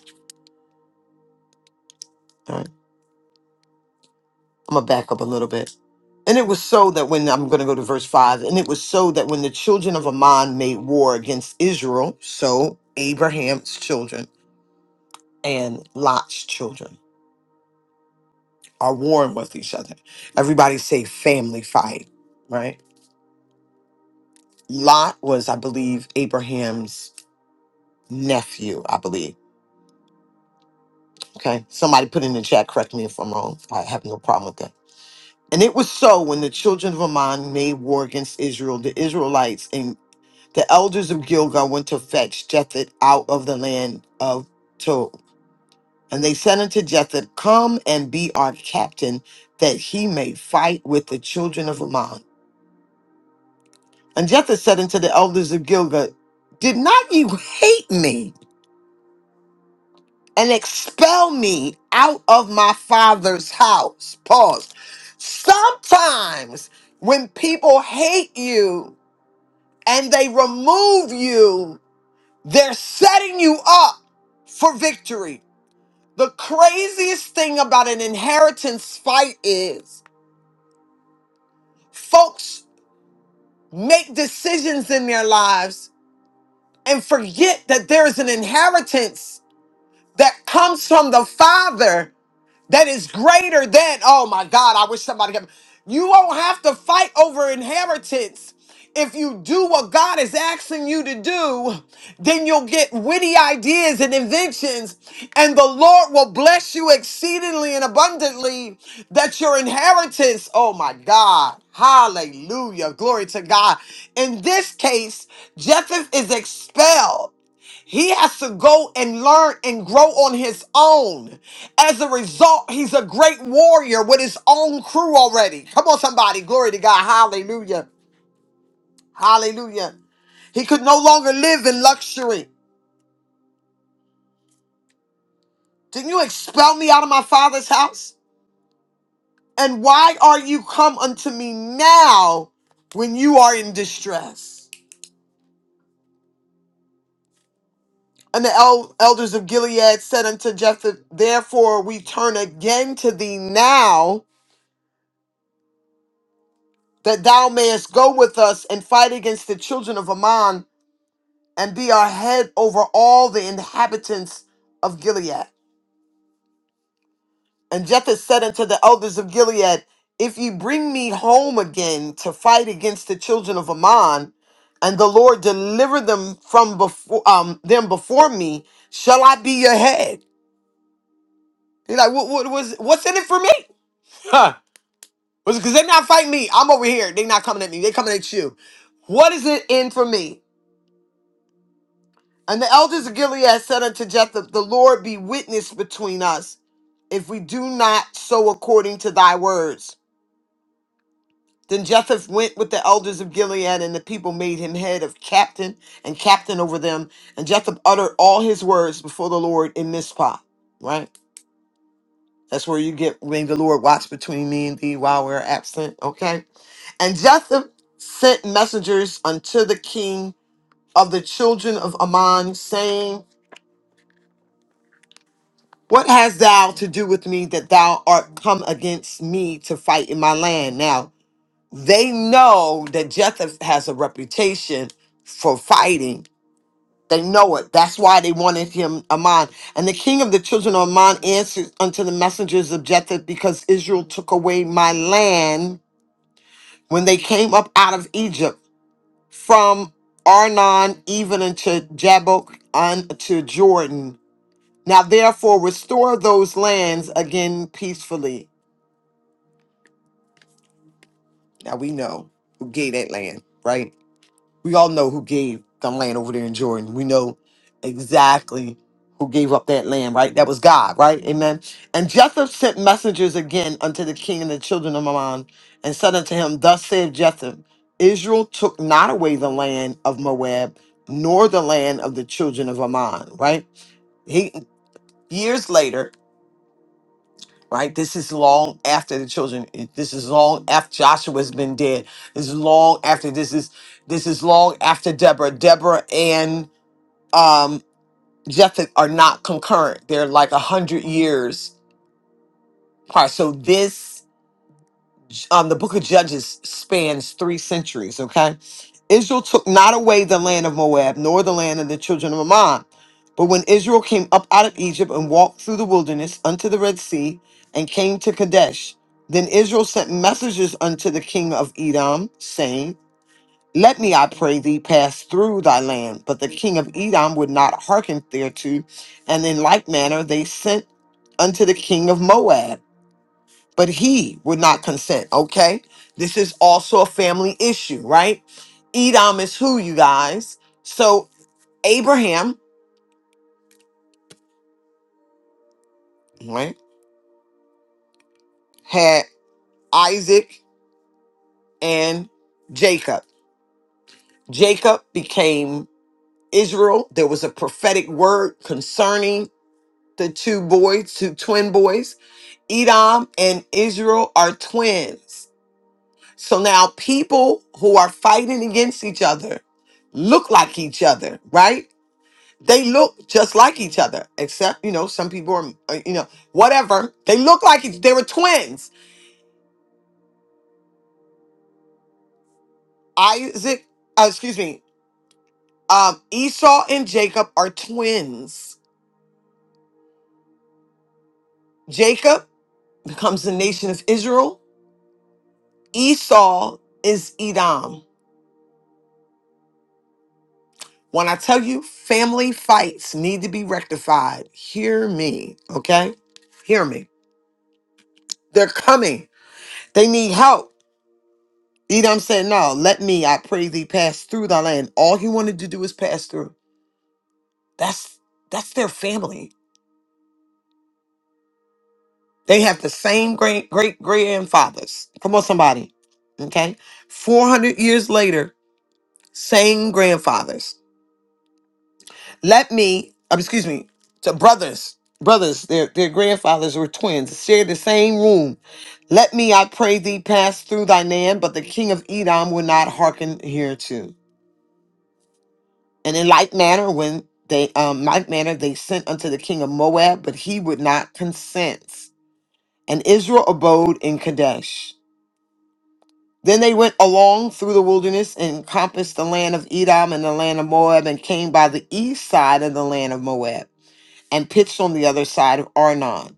Speaker 5: All right. I'm gonna back up a little bit. And it was so that when I'm gonna go to verse five, and it was so that when the children of Ammon made war against Israel, so Abraham's children and Lot's children are warring with each other. Everybody say family fight, right? Lot was, I believe, Abraham's nephew, I believe. Okay. Somebody put in the chat, correct me if I'm wrong. I have no problem with that. And it was so when the children of Ammon made war against Israel, the Israelites The elders of Gilgal went to fetch Jethet out of the land of Tob. And they said unto Jethet, Come and be our captain, that he may fight with the children of Ammon. And Jethet said unto the elders of Gilgal, Did not you hate me and expel me out of my father's house? Pause. Sometimes when people hate you and they remove you, they're setting you up for victory. The craziest thing about an inheritance fight is folks make decisions in their lives and forget that there's an inheritance that comes from the Father that is greater than, oh my God, I wish somebody could. You won't have to fight over inheritance. If you do what God is asking you to do, then you'll get witty ideas and inventions, and the Lord will bless you exceedingly and abundantly that your inheritance, oh my God, hallelujah, glory to God. In this case, Jephthah is expelled. He has to go and learn and grow on his own. As a result, he's a great warrior with his own crew already. Come on, somebody. Glory to God. Hallelujah. Hallelujah. He could no longer live in luxury. Didn't you expel me out of my father's house? And why are you come unto me now when you are in distress? And the el- elders of Gilead said unto Jephthah, Therefore we turn again to thee now that thou mayest go with us and fight against the children of Ammon and be our head over all the inhabitants of Gilead. And Jephthah said unto the elders of Gilead, If ye bring me home again to fight against the children of Ammon, and the Lord deliver them from before um, them before me, shall I be your head? He's like, what, what was what's in it for me? Huh? Because they're not fighting me. I'm over here. They're not coming at me. They're coming at you. What is it in for me? And the elders of Gilead said unto Jephthah, The Lord be witness between us, if we do not so according to thy words. Then Jephthah went with the elders of Gilead, and the people made him head of captain and captain over them. And Jephthah uttered all his words before the Lord in Mizpah. Right? That's where you get when the Lord watch between me and thee while we're absent. Okay? And Jephthah sent messengers unto the king of the children of Ammon, saying, What hast thou to do with me that thou art come against me to fight in my land? Now, they know that Jephthah has a reputation for fighting. They know it. That's why they wanted him Ammon. And the king of the children of Ammon answered unto the messengers of Jephthah, because Israel took away my land when they came up out of Egypt from Arnon even unto Jabbok unto Jordan now therefore restore those lands again peacefully. Now we know who gave that land, right? We all know who gave the land over there in Jordan. We know exactly who gave up that land, right? That was God, right? Amen. And Jethro sent messengers again unto the king and the children of Ammon and said unto him, Thus saith Jethro, Israel took not away the land of Moab, nor the land of the children of Ammon, right? He years later right? This is long after the children. This is long after Joshua's been dead. This is long after this is this is long after Deborah. Deborah and um Jephthah are not concurrent. They're like a hundred years apart. So this um, the book of Judges spans three centuries, okay? Israel took not away the land of Moab, nor the land of the children of Ammon. But when Israel came up out of Egypt and walked through the wilderness unto the Red Sea and came to Kadesh, then Israel sent messengers unto the king of Edom, saying, Let me, I pray thee, pass through thy land. But the king of Edom would not hearken thereto. And in like manner they sent unto the king of Moab but he would not consent. Okay. This is also a family issue, right? Edom is who, you guys? So Abraham, right, had Isaac and Jacob. Jacob became Israel. There was a prophetic word concerning the two boys, two twin boys. Edom and Israel are twins. So now people who are fighting against each other look like each other, right? They look just like each other, except, you know, some people are, uh, you know, whatever. They look like each They were twins. Isaac, uh, excuse me, um, Esau and Jacob are twins. Jacob becomes the nation of Israel. Esau is Edom. When I tell you family fights need to be rectified, hear me, okay? Hear me. They're coming. They need help. Edom said, No, let me, I pray thee, pass through thy land. All he wanted to do was pass through. That's that's their family. They have the same great great grandfathers. Come on, somebody. Okay. 400 years later, same grandfathers. Let me, um, excuse me, to brothers, brothers, their, their grandfathers were twins, shared the same room. Let me, I pray thee, pass through thy land, but the king of Edom will not hearken hereto. And in like manner, when they, um, like manner, they sent unto the king of Moab, but he would not consent. And Israel abode in Kadesh. Then they went along through the wilderness and encompassed the land of Edom and the land of Moab and came by the east side of the land of Moab and pitched on the other side of Arnon,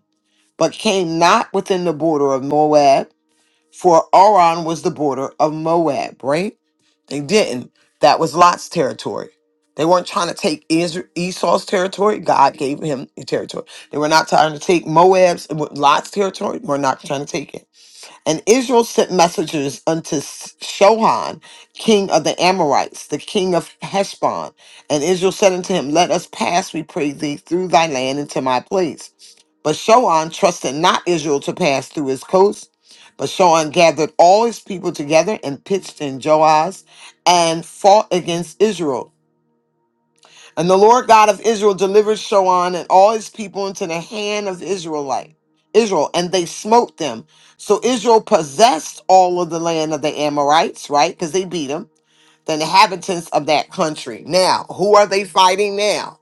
Speaker 5: but came not within the border of Moab, for Aron was the border of Moab, right? They didn't. That was Lot's territory. They weren't trying to take Is- Esau's territory. God gave him the territory. They were not trying to take Moab's, Lot's territory. We're not trying to take it. And Israel sent messengers unto S- Shohan, king of the Amorites, the king of Heshbon. And Israel said unto him, Let us pass, we pray thee, through thy land into my place. But Shohan trusted not Israel to pass through his coast. But Shohan gathered all his people together and pitched in Joaz and fought against Israel. And the Lord God of Israel delivered Shoan and all his people into the hand of the Israelite, Israel, and they smote them. So Israel possessed all of the land of the Amorites, right? Because they beat them, the inhabitants of that country. Now, who are they fighting now?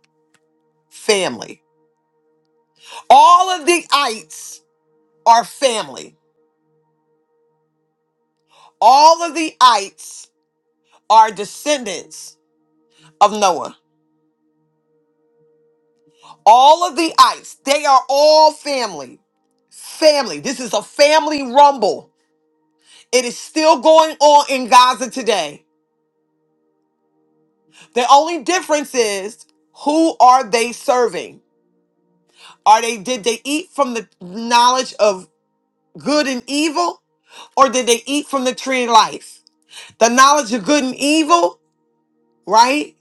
Speaker 5: Family. All of the ites are family. All of the ites are descendants of Noah. All of the ites, they are all family. Family. This is a family rumble It is still going on in Gaza today. The only difference is who are they serving? Are they did they eat from the knowledge of good and evil or did they eat from the tree of life? The knowledge of good and evil, right?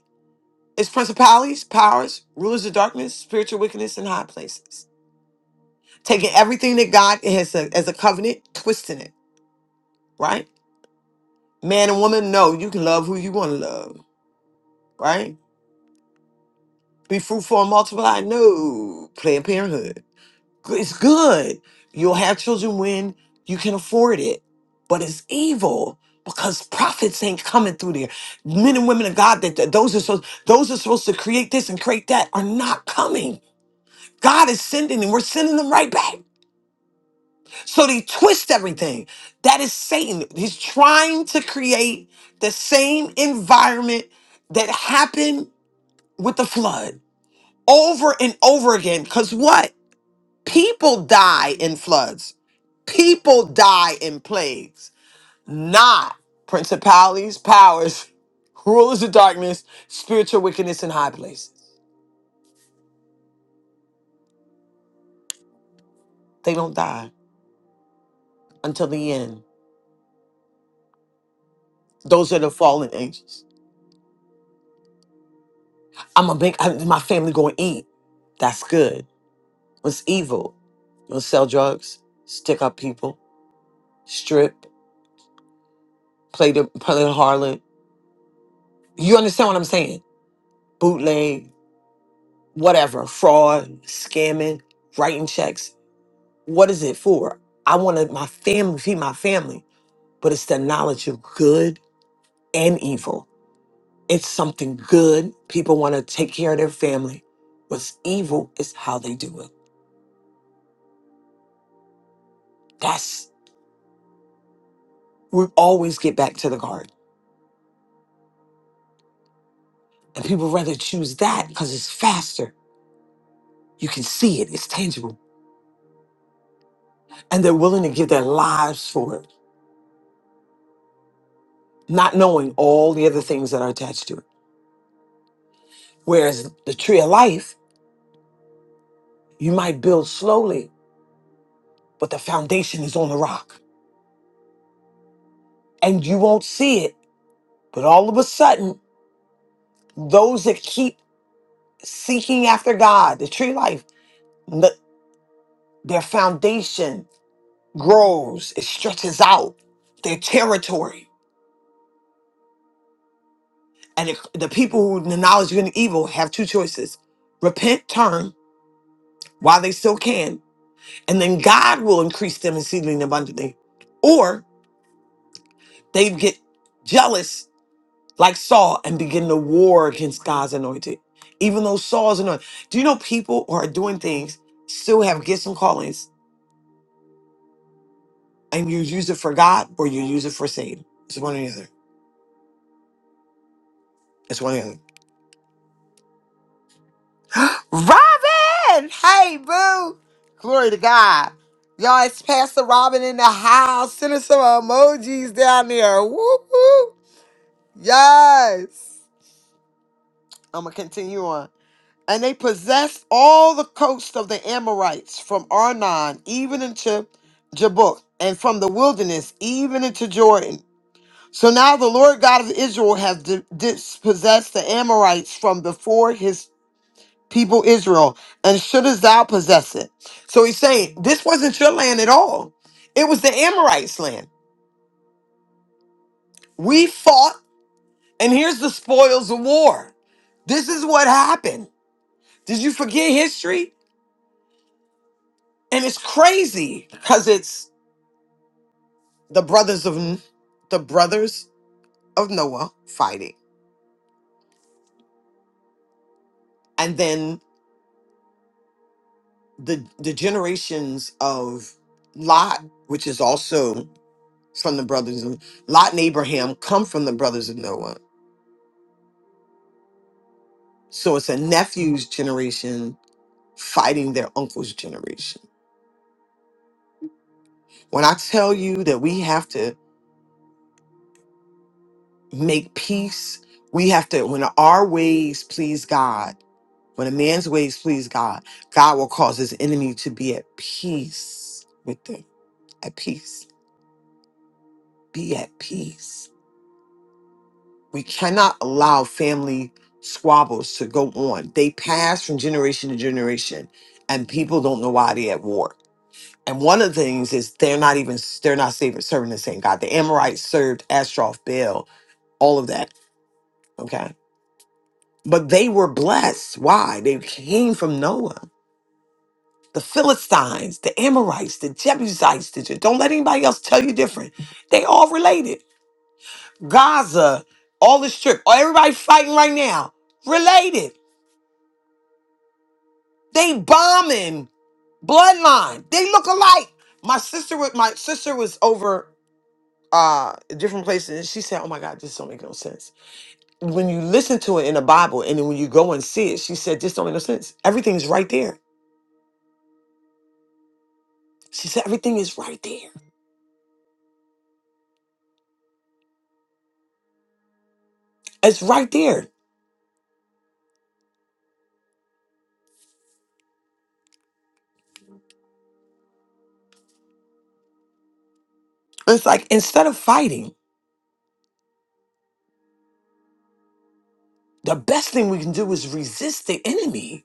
Speaker 5: Is principalities, powers, rulers of darkness, spiritual wickedness in high places. Taking everything that God has a- as a covenant, twisting it, right? Man and woman, no, you can love who you want to love, right? Be fruitful and multiply? No. Planned Parenthood. G- It's good. You'll have children when you can afford it, but it's evil because prophets ain't coming through there. Men and women of God that that those are supposed those are supposed to create this and create that are not coming. God is sending them. We're sending them right back. So they twist everything. That is Satan. He's trying to create the same environment that happened with the flood over and over again. Because what? People die in floods. People die in plagues, not principalities, powers, rulers of darkness, spiritual wickedness in high places. They don't die until the end. Those are the fallen angels. I'm a big, I, my family going to eat. That's good. What's evil? You'll sell drugs, stick up people, strip, play the, play the harlot. You understand what I'm saying? Bootleg, whatever, fraud, scamming, writing checks. What is it for? I wanted my family, feed my family, but it's the knowledge of good and evil. It's something good. People want to take care of their family. What's evil is how they do it. That's, we always get back to the garden. And people rather choose that because it's faster. You can see it, it's tangible. And they're willing to give their lives for it, not knowing all the other things that are attached to it. Whereas the tree of life, you might build slowly, but the foundation is on the rock. and you won't see it. But all of a sudden, those that keep seeking after God, the tree life, n- their foundation grows, it stretches out their territory. And it, the people who acknowledge good and evil have two choices repent, turn while they still can, and then God will increase them exceedingly and abundantly. Or they get jealous like Saul and begin to war against God's anointed. Even though Saul's anointed. Do you know people who are doing things still have gifts and callings and you use it for God or you use it for Satan? It's one or the other. It's one or the other. Robin! Hey, boo! Glory to God. Y'all, it's Pastor Robin in the house. Send us some emojis down there. Woo woo! Yes! I'm going to continue on. And they possessed all the coast of the Amorites from Arnon even into Jabbok, and from the wilderness even into Jordan. So now the Lord God of Israel has di- dispossessed the Amorites from before his people Israel, and shouldest thou possess it? So he's saying, This wasn't your land at all. It was the Amorites' land. We fought, and here's the spoils of war. This is what happened. Did you forget history? And it's crazy because it's the brothers of N- the brothers of Noah fighting, and then the the generations of Lot, which is also from the brothers of Lot and Abraham, come from the brothers of Noah. So it's a nephew's generation fighting their uncle's generation. When I tell you that we have to make peace, we have to when our ways please God, when a man's ways please God, God will cause his enemy to be at peace with them. at peace. Be at peace. We cannot allow family squabbles to go on. They pass from generation to generation, and people don't know why they're at war. And one of the things is they're not even they're not saving, serving the same God. The Amorites served Astroth, Baal, all of that. Okay, but they were blessed. Why? They came from Noah. The Philistines, the Amorites, the Jebusites, the, don't let anybody else tell you different. They all related Gaza, all this trip, oh, everybody fighting right now, related. They bombing bloodline. They look alike. My sister with my sister was over uh different places and she said, Oh my God, this don't make no sense. When you listen to it in the Bible and then when you go and see it, she said, This don't make no sense. Everything's right there. She said, Everything is right there. It's right there. It's like instead of fighting, the best thing we can do is resist the enemy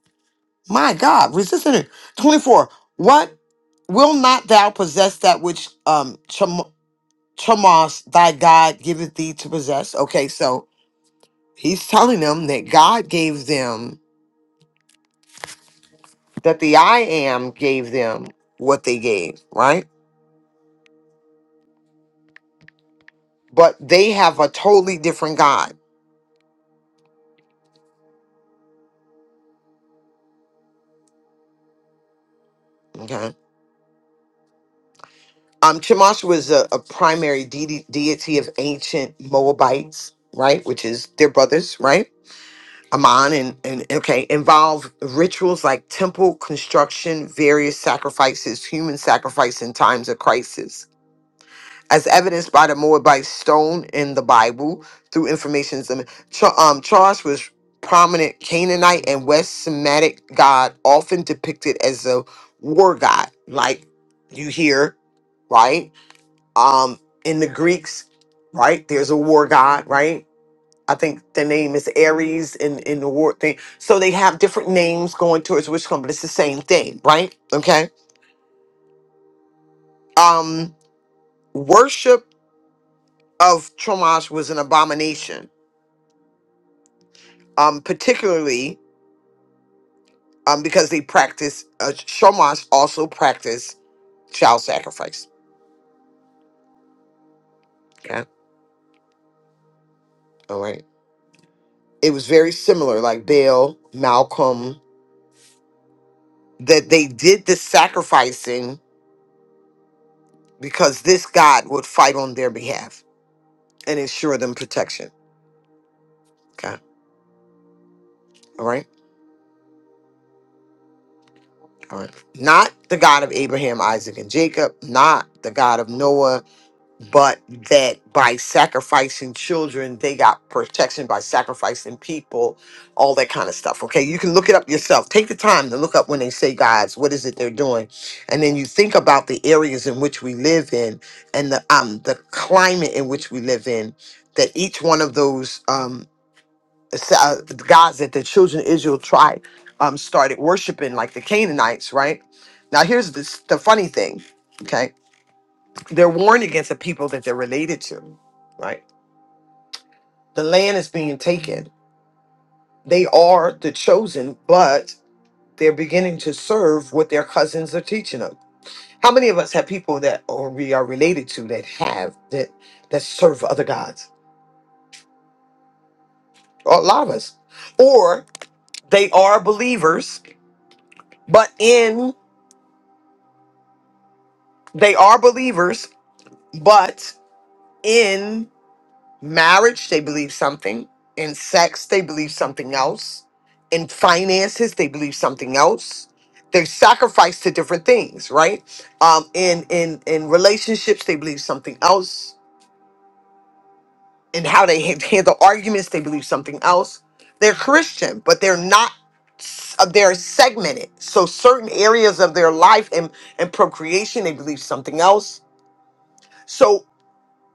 Speaker 5: My God, resist it. 24. What will not thou possess that which um Cham- Chamos thy God giveth thee to possess? Okay, so he's telling them that God gave them, that the I am gave them what they gave, right? But they have a totally different God. Okay. Um, Chemosh was a, a primary deity, deity of ancient Moabites, right? Which is their brothers, right? Amon and, and okay, involve rituals like temple construction, various sacrifices, human sacrifice in times of crisis, as evidenced by the Moabite stone in the Bible through information. Char- um, Charles was prominent Canaanite and West Semitic god, often depicted as a war god, like you hear, right? Um, in the Greeks, right? There's a war god, right? I think the name is Aries in, in the word thing. So they have different names going towards which one, but it's the same thing, right? Okay. Um, worship of Shamash was an abomination, um, particularly um, because they practice, uh, Shamash also practiced child sacrifice. Okay. All right. It was very similar, like Baal, Malcolm, that they did the sacrificing because this God would fight on their behalf and ensure them protection. Okay. All right Lord. Not the God of Abraham, Isaac, and Jacob, not the God of Noah, but that by sacrificing children, they got protection by sacrificing people, all that kind of stuff. Okay, you can look it up yourself. Take the time to look up when they say gods, what is it they're doing? And then you think about the areas in which we live in and the um the climate in which we live in, that each one of those um, uh, the gods that the children of Israel tried um, started worshiping, like the Canaanites, right? Now, here's this, the funny thing, okay? They're warned against the people that they're related to, right? The land is being taken. They are the chosen, but they're beginning to serve what their cousins are teaching them. How many of us have people that or we are related to that have that that serve other gods? A lot of us. Or they are believers, but in they are believers But in marriage, they believe something. In sex, they believe something else. In finances, they believe something else. They sacrifice to different things, right? Um, in in in relationships, they believe something else. In how they ha- handle arguments, they believe something else. They're Christian, but they're not. s- uh, They're segmented. So certain areas of their life and and procreation, they believe something else. So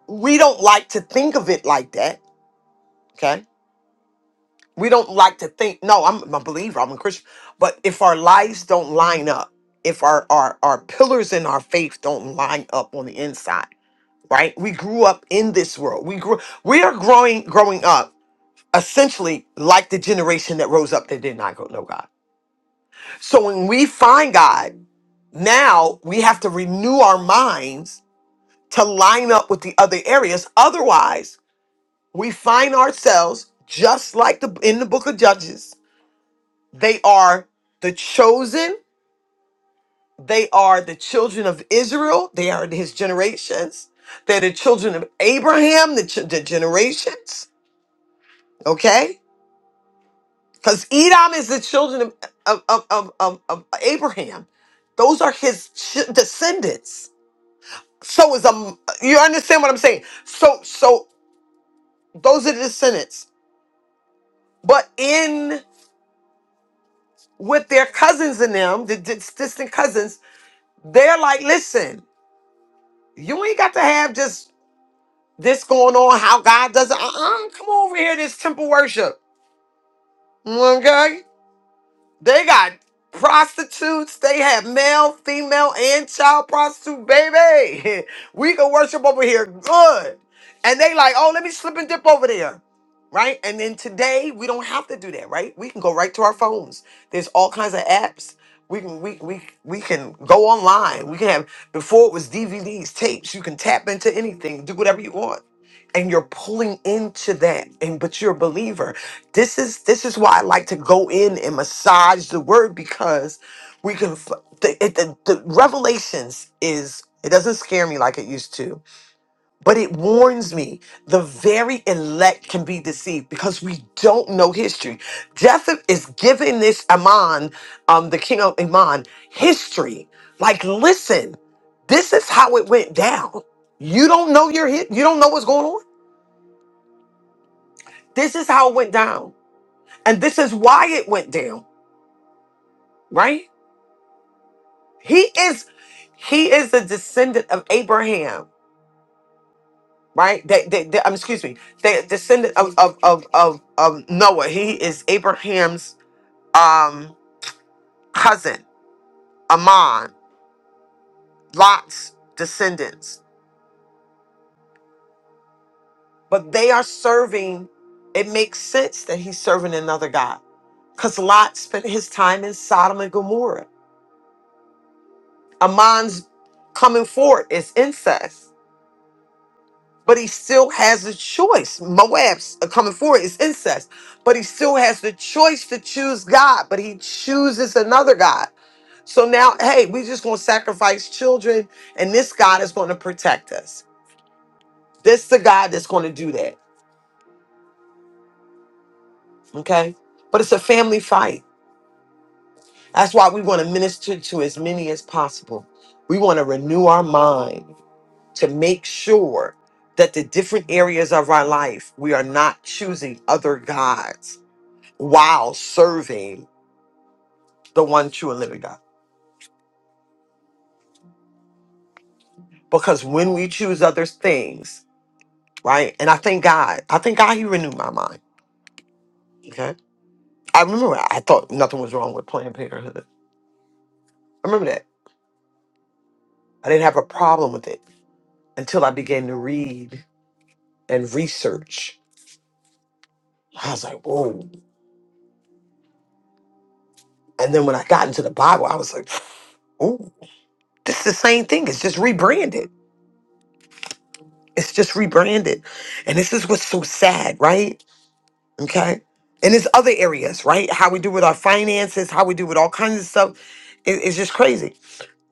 Speaker 5: we don't like to think of it like that Okay. We don't like to think, no, I'm a believer, I'm a Christian. But if our lives don't line up, if our, our, our pillars in our faith don't line up on the inside, right? We grew up in this world. We grew we are growing growing up essentially like the generation that rose up that did not go know God. So when we find God, now we have to renew our minds to line up with the other areas otherwise we find ourselves just like the in the book of judges They are the chosen. They are the children of Israel. They are his generations. They're the children of Abraham, the, ch- the generations. Okay? Because Edom is the children of, of, of, of, of- of Abraham. Those are his ch- descendants. So is um you understand what I'm saying? So so those are the descendants. But in with their cousins in them, the dis- distant cousins, they're like, listen, you ain't got to have just this going on, how God does it. Uh-uh, come over here, this temple worship. Okay? They got prostitutes. They have male, female, and child prostitute, baby. we can worship over here good. And they like, oh, let me slip and dip over there. Right? And then today, we don't have to do that, right? We can go right to our phones. There's all kinds of apps. We can we, we we can go online. We can have before it was DVDs, tapes. You can tap into anything, do whatever you want and you're pulling into that and but you're a believer this is this is why i like to go in and massage the word because we can f- the, it, the, the revelations is it doesn't scare me like it used to but it warns me the very elect can be deceived because we don't know history jephthah is giving this amon um the king of Ammon, history like listen this is how it went down you don't know your hit you don't know what's going on this is how it went down. And this is why it went down, right? He is he is a descendant of Abraham, right? That that- that- um, excuse me, the descendant of of, of of of Noah. He is Abraham's um cousin, Ammon, Lot's descendants. But they are serving, it makes sense that he's serving another God. Because Lot spent his time in Sodom and Gomorrah. Ammon's coming forward is incest. but he still has a choice. Moab's uh, coming forward is incest, but he still has the choice to choose God, but he chooses another God. So now, hey, we just gonna sacrifice children, and this God is gonna protect us. This the God that's gonna do that. Okay. But it's a family fight. That's why we want to minister to as many as possible. We want to renew our mind to make sure that the different areas of our life, we are not choosing other gods while serving the one true and living God. Because when we choose other things, right? And I thank God, I thank God He renewed my mind. Okay. I remember I thought nothing was wrong with Planned Parenthood. I remember that. I didn't have a problem with it until I began to read and research. I was like, whoa. And then when I got into the Bible, I was like, oh, this is the same thing. It's just rebranded. It's just rebranded. And this is what's so sad, right? Okay. And it's other areas, right? How we do with our finances, how we do with all kinds of stuff. It- it's just crazy.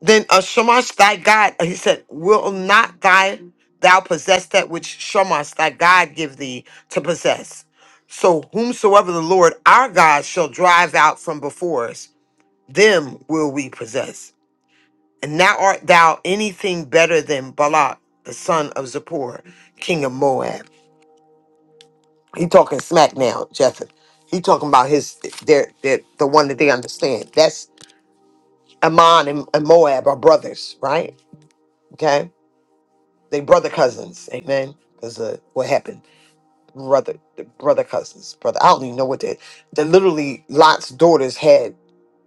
Speaker 5: Then uh, Shamash, thy God, uh, he said, will not thy thou possess that which Shamash, thy God, give thee to possess. So whomsoever the Lord our God shall drive out from before us, them will we possess. And now art thou anything better than Balak, the son of Zippor, king of Moab. He talking smack now, Jeffin. He talking about his their, their the one that they understand. That's Ammon and, and Moab are brothers, right? Okay, they brother cousins. Amen. Because uh, what happened? Brother, brother cousins, brother. I don't even know what they. That literally, Lot's daughters had.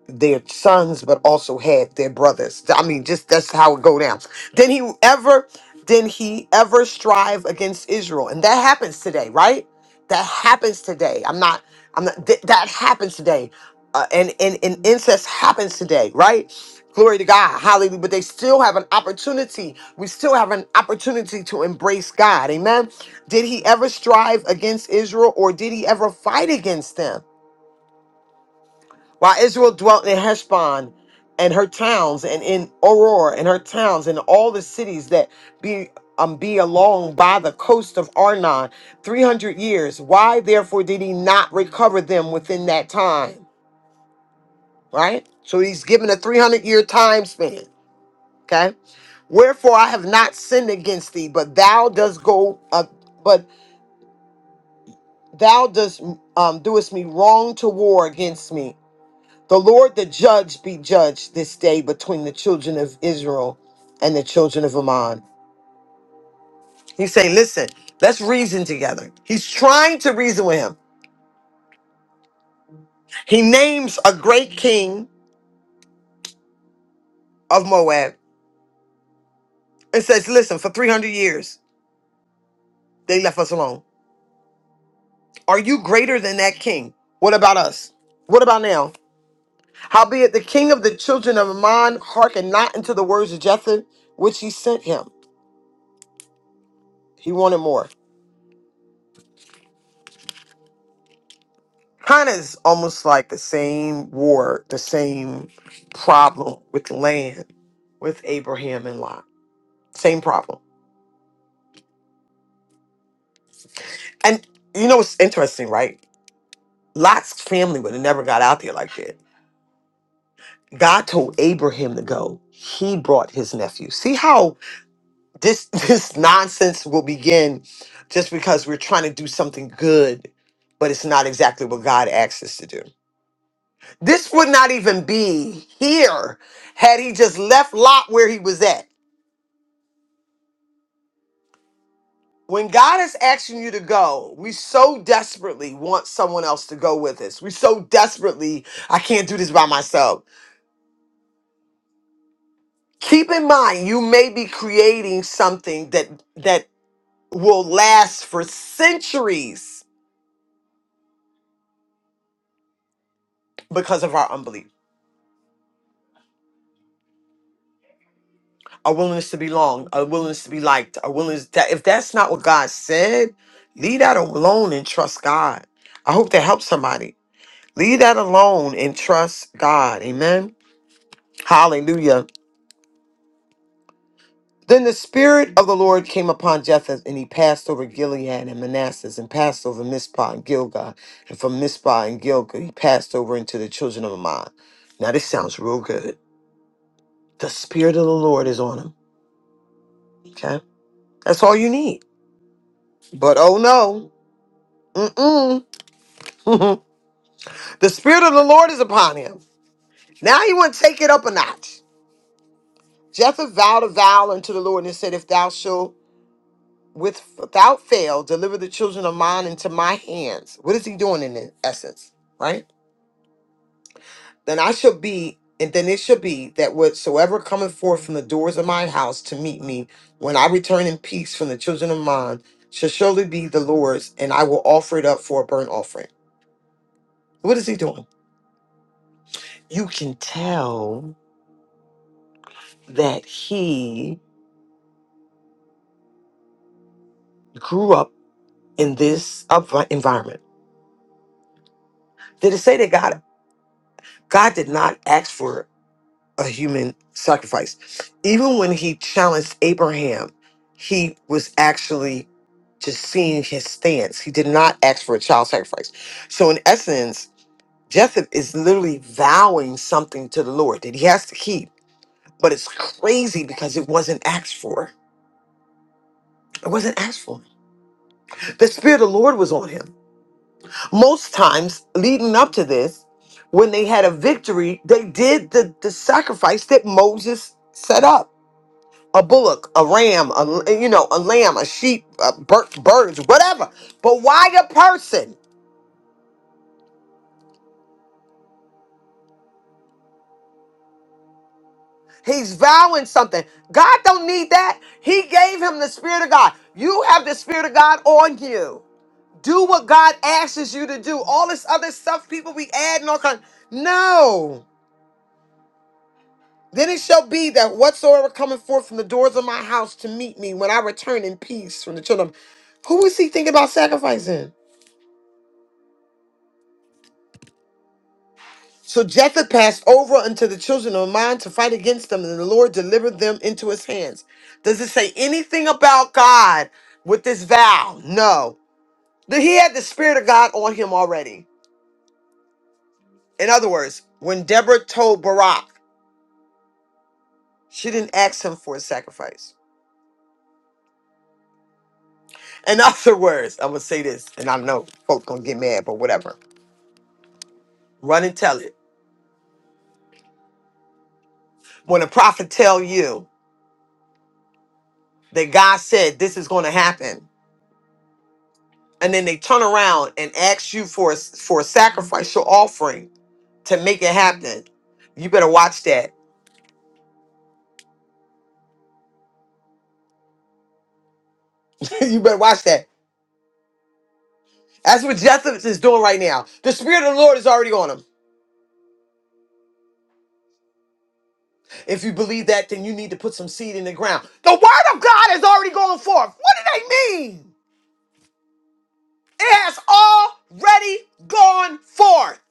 Speaker 5: their sons, but also had their brothers. I mean, just that's how it go down. Did he ever, did he ever strive against Israel? And that happens today, right? That happens today. I'm not, I'm not, th- that happens today. Uh, and, and, and incest happens today, right? Glory to God. Hallelujah. But they still have an opportunity. We still have an opportunity to embrace God. Amen. Did he ever strive against Israel or did he ever fight against them? While Israel dwelt in Heshbon and her towns, and in Oror and her towns, and all the cities that be um, be along by the coast of Arnon, three hundred years. Why therefore did he not recover them within that time? Right. So he's given a three hundred year time span. Okay. Wherefore I have not sinned against thee, but thou dost go, uh, but thou dost um, doest me wrong toward against me. The Lord the judge be judged this day between the children of Israel and the children of Ammon. He's saying, listen, let's reason together. He's trying to reason with him. He names a great king of Moab and says, listen, for 300 years, they left us alone. Are you greater than that king? What about us? What about now? Howbeit the king of the children of Ammon hearkened not unto the words of Jether, which he sent him. He wanted more. kind of is almost like the same war, the same problem with land with Abraham and Lot. Same problem. And you know what's interesting, right? Lot's family would have never got out there like that. God told Abraham to go. He brought his nephew. See how this this nonsense will begin just because we're trying to do something good, but it's not exactly what God asked us to do. This would not even be here had he just left Lot where he was at. when God is asking you to go, we so desperately want someone else to go with us. We so desperately, I can't do this by myself. Keep in mind, you may be creating something that that will last for centuries because of our unbelief, our willingness to belong, our willingness to be liked, our willingness that if that's not what God said, leave that alone and trust God. I hope that helps somebody. Leave that alone and trust God. Amen. Hallelujah. Then the Spirit of the Lord came upon Jephthah, and he passed over Gilead and Manassas, and passed over Mizpah and Gilgal. And from Mizpah and Gilgal, he passed over into the children of Ammon. Now, this sounds real good. The Spirit of the Lord is on him. Okay? That's all you need. But oh no. Mm-mm. the Spirit of the Lord is upon him. Now he want to take it up a notch. Jephthah vowed a vow unto the Lord and said, If thou shalt with without fail deliver the children of mine into my hands. What is he doing in it- essence? Right? Then I shall be, and then it shall be that whatsoever cometh forth from the doors of my house to meet me, when I return in peace from the children of mine, shall surely be the Lord's, and I will offer it up for a burnt offering. What is he doing? You can tell that he grew up in this upright environment. Did it say that God God did not ask for a human sacrifice. Even when he challenged Abraham, he was actually just seeing his stance. He did not ask for a child sacrifice. So, in essence, Jetheth is literally vowing something to the Lord that he has to keep. But it's crazy because it wasn't asked for. It wasn't asked for. The Spirit of the Lord was on him. Most times leading up to this, when they had a victory, they did the, the sacrifice that Moses set up a bullock, a ram, a you know, a lamb, a sheep, a bir- birds, whatever. But why a person? He's vowing something. God don't need that. He gave him the spirit of God. You have the spirit of God on you. Do what God asks you to do. All this other stuff, people be adding all kind. No. Then it shall be that whatsoever cometh forth from the doors of my house to meet me when I return in peace from the children. of- Who is he thinking about sacrificing? So Japheth passed over unto the children of Ammon to fight against them, and the Lord delivered them into his hands. Does it say anything about God with this vow? No. That He had the Spirit of God on him already. In other words, when Deborah told Barak, she didn't ask him for a sacrifice. In other words, I'm gonna say this, and I know folks gonna get mad, but whatever. Run and tell it. When a prophet tell you that God said this is gonna happen, and then they turn around and ask you for a, for a sacrificial offering to make it happen. You better watch that. you better watch that. That's what Jethro is doing right now. The Spirit of the Lord is already on him. If you believe that, then you need to put some seed in the ground. The Word of God is already going forth. What do they mean? It has already gone forth.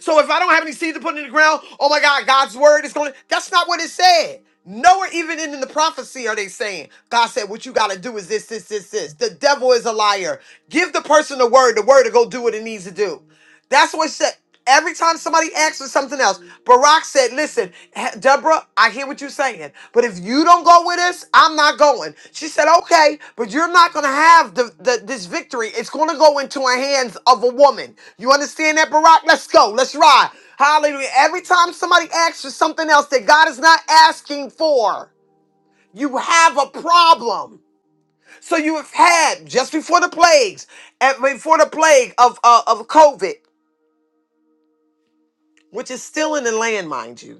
Speaker 5: So if I don't have any seed to put in the ground, oh my God, God's word is going to. That's not what it said. Nowhere even in the prophecy are they saying, God said, what you got to do is this, this, this, this. The devil is a liar. Give the person the word, the word to go do what it needs to do. That's what it said. Every time somebody asks for something else, Barack said, listen said, "He- Deborah, I hear what you're saying, but if you don't go with us, I'm not going. She said, okay, but you're not going to have the, the, this victory. It's going to go into the hands of a woman. You understand that, Barack? Let's go. Let's ride. Hallelujah. Every time somebody asks for something else that God is not asking for, you have a problem. So you have had just before the plagues, and before the plague of uh, of COVID, which is still in the land, mind you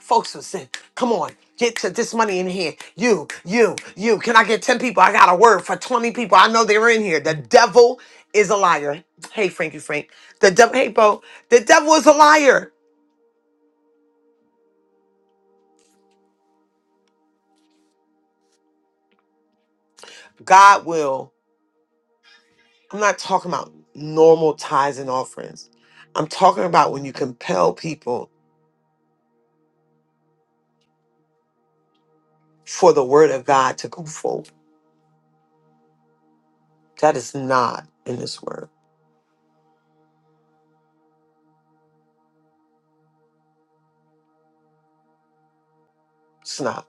Speaker 5: Folks was saying, come on, get to this money in here. You, you, you. Can I get 10 people? I got a word for 20 people. I know they were in here. The devil is a liar. Hey, Frankie Frank. The devil, hey, Bo. The devil is a liar. God will. I'm not talking about normal tithes and offerings. I'm talking about when you compel people for the word of God to go forward. That is not in this word. It's not.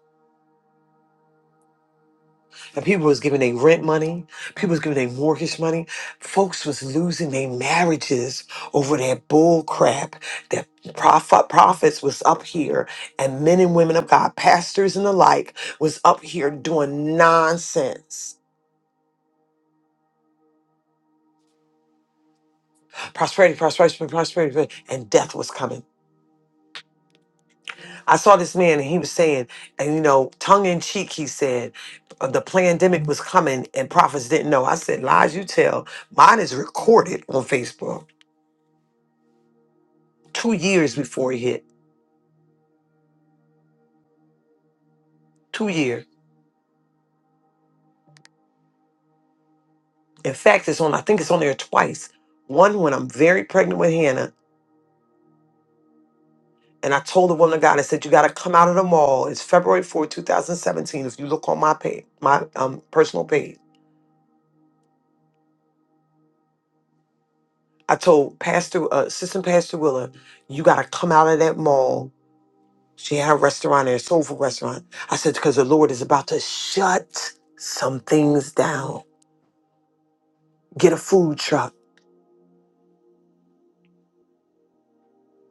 Speaker 5: And people was giving their rent money. People was giving their mortgage money. Folks was losing their marriages over that bull crap that prophet, prophets was up here and men and women of God, pastors and the like, was up here doing nonsense. Prosperity, prosperity, prosperity, prosperity, and death was coming. I saw this man and he was saying, and you know, tongue in cheek, he said, uh, the pandemic was coming and prophets didn't know. I said, lies you tell. Mine is recorded on Facebook. two years before it hit. Two years. In fact, it's on. I think it's on there twice. One when I'm very pregnant with Hannah, and I told the woman of God, I said, "You got to come out of the mall." It's February 4, 2017. If you look on my page, my um, personal page, I told Pastor uh, Assistant Pastor Willa, "You got to come out of that mall." She had a restaurant there, a soul food restaurant. I said, "Because the Lord is about to shut some things down. Get a food truck."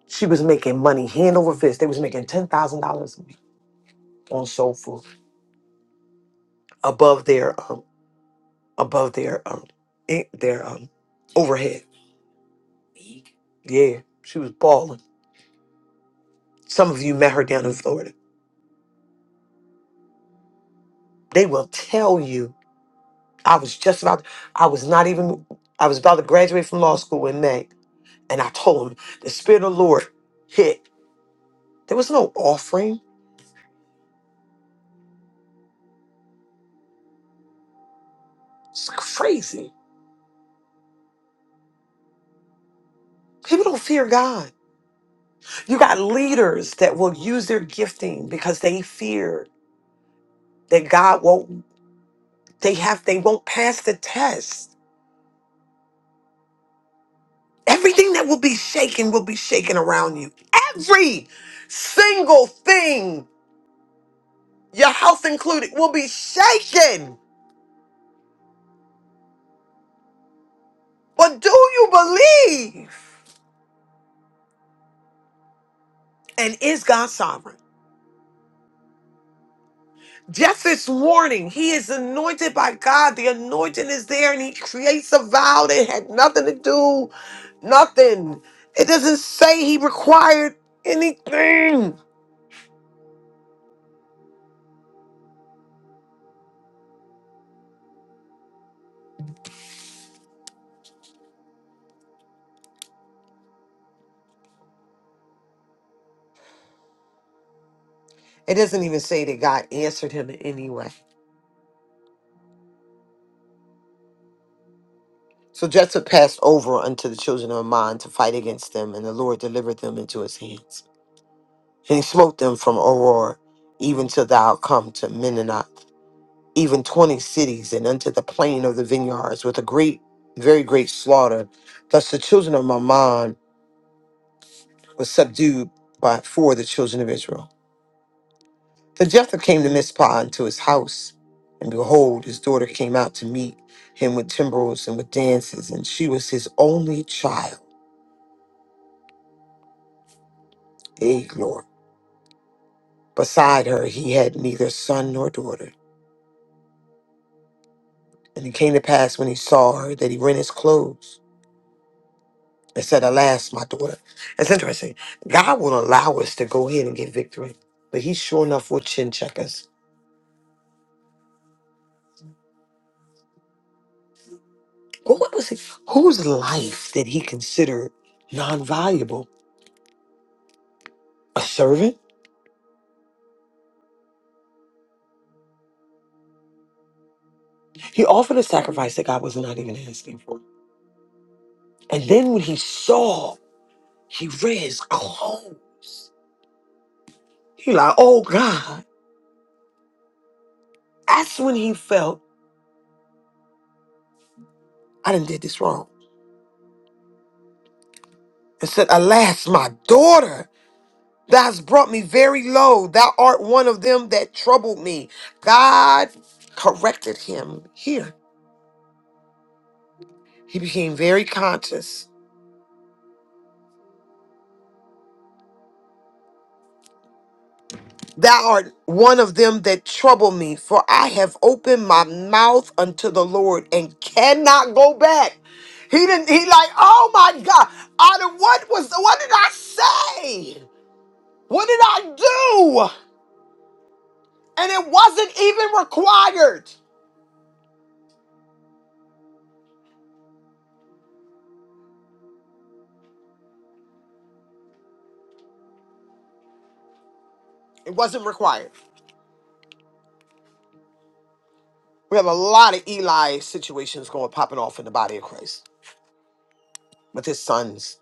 Speaker 5: She was making money hand over fist. They was making ten thousand dollars on soul food above their um above their um in, their um overhead. Yeah, she was balling. Some of you met her down in Florida. They will tell you. I was just about. I was not even. I was about to graduate from law school in May, and I told them the spirit of the Lord hit. There was no offering. It's crazy. People don't fear God. You got leaders that will use their gifting because they fear that God won't. They have they won't pass the test. Everything that will be shaken will be shaken around you. Every single thing, your health included, will be shaken. But do you believe? And is God sovereign? Jeff is warning. He is anointed by God. The anointing is there, and he creates a vow that had nothing to do, nothing. It doesn't say he required anything. It doesn't even say that God answered him in any way. So Jephthah passed over unto the children of Ammon to fight against them, and the Lord delivered them into his hands. And he smote them from Aurora, even till thou come to Menonoth, even twenty cities, and unto the plain of the vineyards, with a great, very great slaughter. Thus the children of Ammon were subdued by for the children of Israel. Then Jephthah came to Mizpah unto his house, and behold, his daughter came out to meet him with timbrels and with dances, and she was his only child. Hey, glory. Beside her, he had neither son nor daughter. And it came to pass when he saw her that he rent his clothes and said, Alas, my daughter. It's interesting. God will allow us to go ahead and get victory, but he sure enough will chin check us. Well, what was it? Whose life did he consider non valuable? A servant? He offered a sacrifice that God was not even asking for. And then when he saw, he rent his clothes. He like, oh God. That's when he felt, I done did this wrong. and said, Alas, my daughter, thou hast brought me very low. Thou art one of them that troubled me. God corrected him here. He became very conscious. Thou art one of them that trouble me, for I have opened my mouth unto the Lord and cannot go back. He didn't, he like, oh my God, out of what was, what did I say? What did I do? And it wasn't even required. It wasn't required. We have a lot of Eli situations going popping off in the body of Christ with his sons.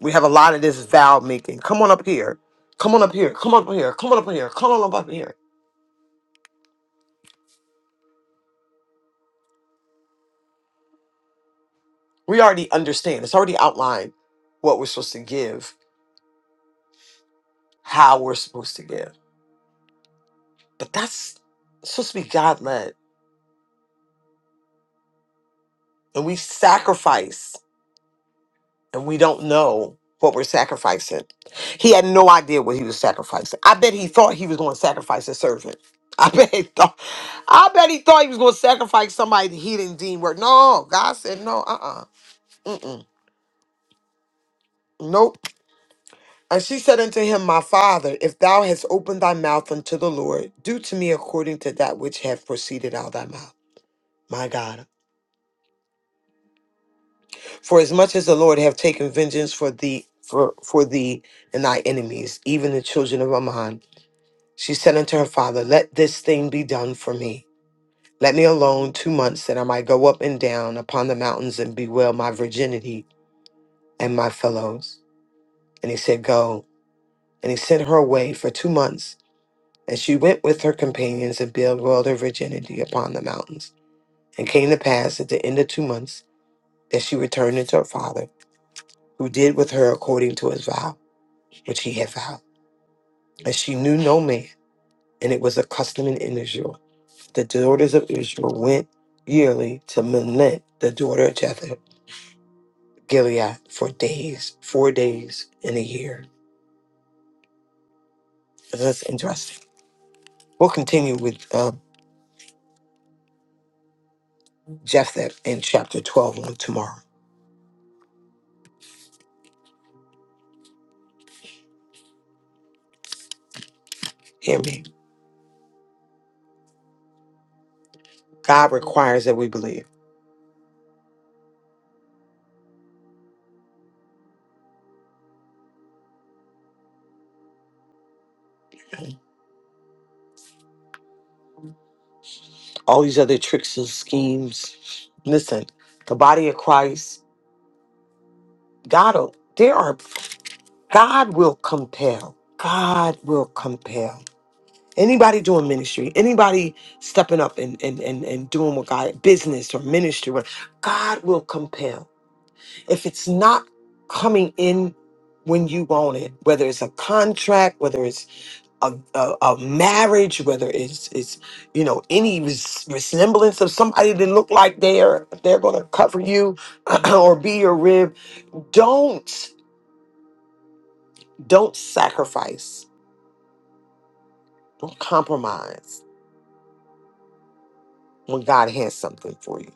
Speaker 5: We have a lot of this vow making. Come on up here. Come on up here. Come on up here. Come on up here. Come on up, up here. We already understand. It's already outlined what we're supposed to give, how we're supposed to give. But that's it's supposed to be God led. And we sacrifice and we don't know what we're sacrificing. He had no idea what he was sacrificing. I bet he thought he was going to sacrifice a servant. I bet he thought. I bet he thought he was going to sacrifice somebody that he didn't deem worth. No, God said no. Uh uh-uh, uh. Nope. And she said unto him, My father, if thou hast opened thy mouth unto the Lord, do to me according to that which hath proceeded out of thy mouth. My God. For as much as the Lord hath taken vengeance for thee, for, for thee and thy enemies, even the children of Ammon, She said unto her father, Let this thing be done for me. Let me alone two months that I might go up and down upon the mountains and bewail my virginity and my fellows. And he said, Go. And he sent her away for two months. And she went with her companions and bewailed her virginity upon the mountains. And came to pass at the end of two months that she returned unto her father, who did with her according to his vow, which he had vowed. And she knew no man, and it was a custom in Israel the daughters of Israel went yearly to Milnet, the daughter of Jethro, Gilead, for days, four days in a year. That's interesting. We'll continue with uh, Jephthah in chapter 12 on tomorrow. Hear me. God requires that we believe. All these other tricks and schemes. Listen, the body of Christ, God, will- there are, God will compel. God will compel. Anybody doing ministry, anybody stepping up and, and, and, and doing what God, business or ministry, what- God will compel. If it's not coming in when you want it, whether it's a contract, whether it's a, a, a marriage, whether it's, it's you know any res- resemblance of somebody that look like they're they're going to cover you or be your rib, don't don't sacrifice, don't compromise when God has something for you.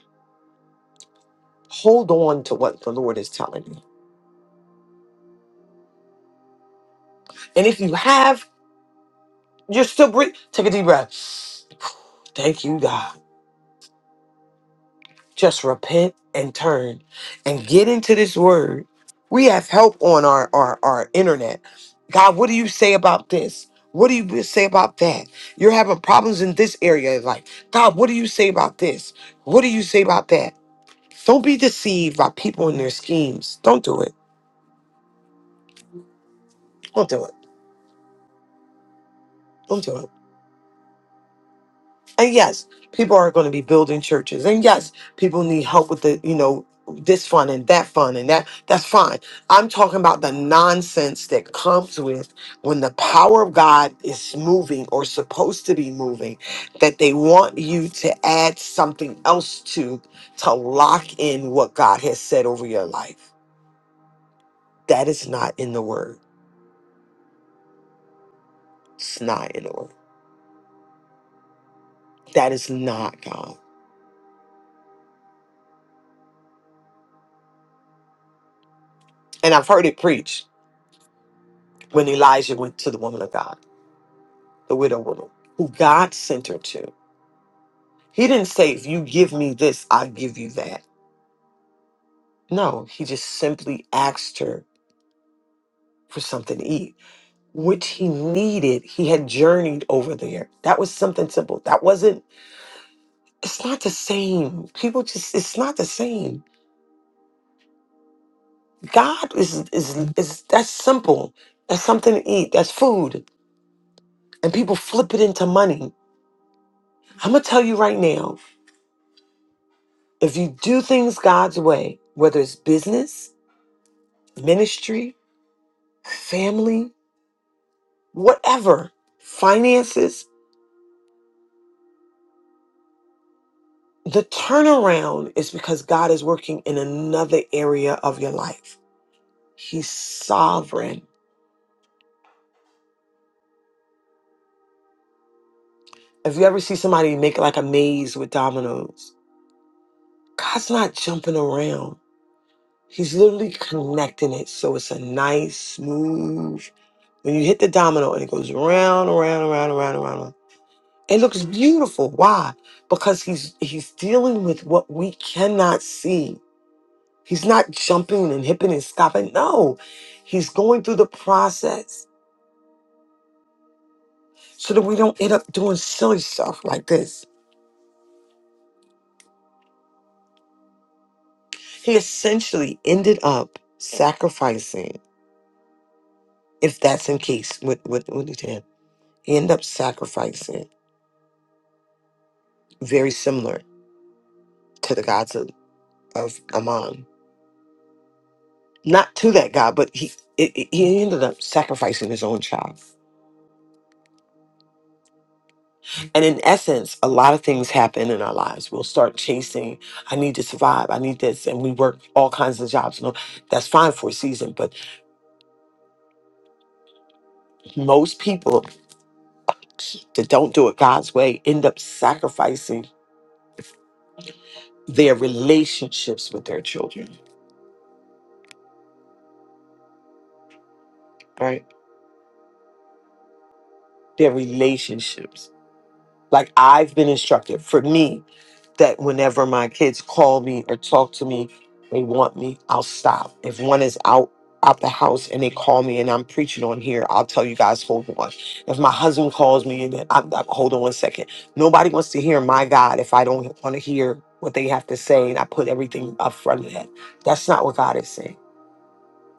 Speaker 5: Hold on to what the Lord is telling you. And if you have, you're still breathing. Take a deep breath. Thank you, God. Just repent and turn and get into this word. We have help on our, our, our internet. God, what do you say about this? What do you say about that? You're having problems in this area of life. God, what do you say about this? What do you say about that? Don't be deceived by people and their schemes. Don't do it. Don't do it. Don't do it. And yes, people are going to be building churches. And yes, people need help with the, you know, this fund and that fund and that. That's fine. I'm talking about the nonsense that comes with when the power of God is moving or supposed to be moving, that they want you to add something else to to lock in what God has said over your life. That is not in the word. It's not in the word. That is not God. And I've heard it preached when Elijah went to the woman of God. the widow woman, who God sent her to. He didn't say, if you give me this, I'll give you that. No, he just simply asked her for something to eat, which he needed. He had journeyed over there. That was something simple. That wasn't, it's not the same. People just, it's not the same. God is, is, is that's simple. That's something to eat. That's food. And people flip it into money. I'm going to tell you right now if you do things God's way, whether it's business, ministry, family, whatever, finances. The turnaround is because God is working in another area of your life. He's sovereign. If you ever see somebody make like a maze with dominoes, God's not jumping around. He's literally connecting it so it's a nice, smooth. When you hit the domino and it goes round, around, around, around, around, around. It looks beautiful. Why? Because he's he's dealing with what we cannot see He's not jumping and hipping and stopping. No, he's going through the process so that we don't end up doing silly stuff like this. He essentially ended up sacrificing, if that's in case, what, what, what he did. He ended up sacrificing, very similar to the gods of, of Amon. Not to that god, but he, it, it- he ended up sacrificing his own child And in essence, a lot of things happen in our lives. We'll start chasing, I need to survive, I need this. And we work all kinds of jobs. No, that's fine for a season. But most people that don't do it God's way end up sacrificing their relationships with their children, right? Their relationships. Like I've been instructed for me that whenever my kids call me or talk to me, they want me, I'll stop. If one is out out the house and they call me and I'm preaching on here, I'll tell you guys, hold on. If my husband calls me and I'm, I'm hold on one second. Nobody wants to hear my God if I don't want to hear what they have to say and I put everything up front of that. That's not what God is saying.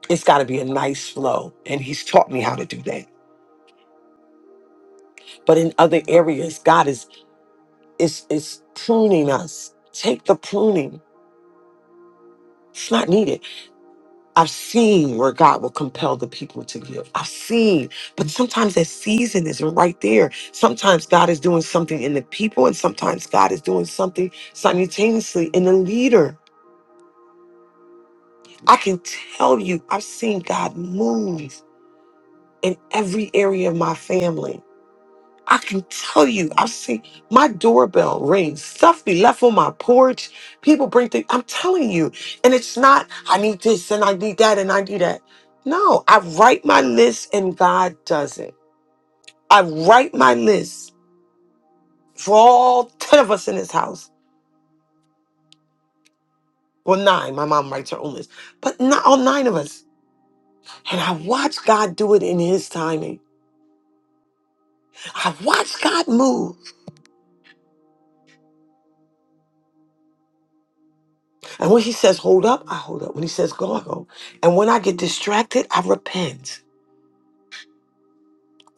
Speaker 5: It's got to be a nice flow. And he's taught me how to do that. But in other areas, God is. It's it's pruning us. Take the pruning. It's not needed. I've seen where God will compel the people to give. I've seen, but sometimes that season isn't right there. Sometimes God is doing something in the people, and sometimes God is doing something simultaneously in the leader. I can tell you, I've seen God move in every area of my family I can tell you, I've seen my doorbell ring, stuff be left on my porch. People bring things. I'm telling you. And it's not, I need this and I need that and I need that. No, I write my list and God does it. I write my list for all 10 of us in this house. Well, nine. My mom writes her own list, but not all nine of us. And I watch God do it in his timing. I watch God move. And when he says hold up, I hold up. When he says go, I go. And when I get distracted, I repent.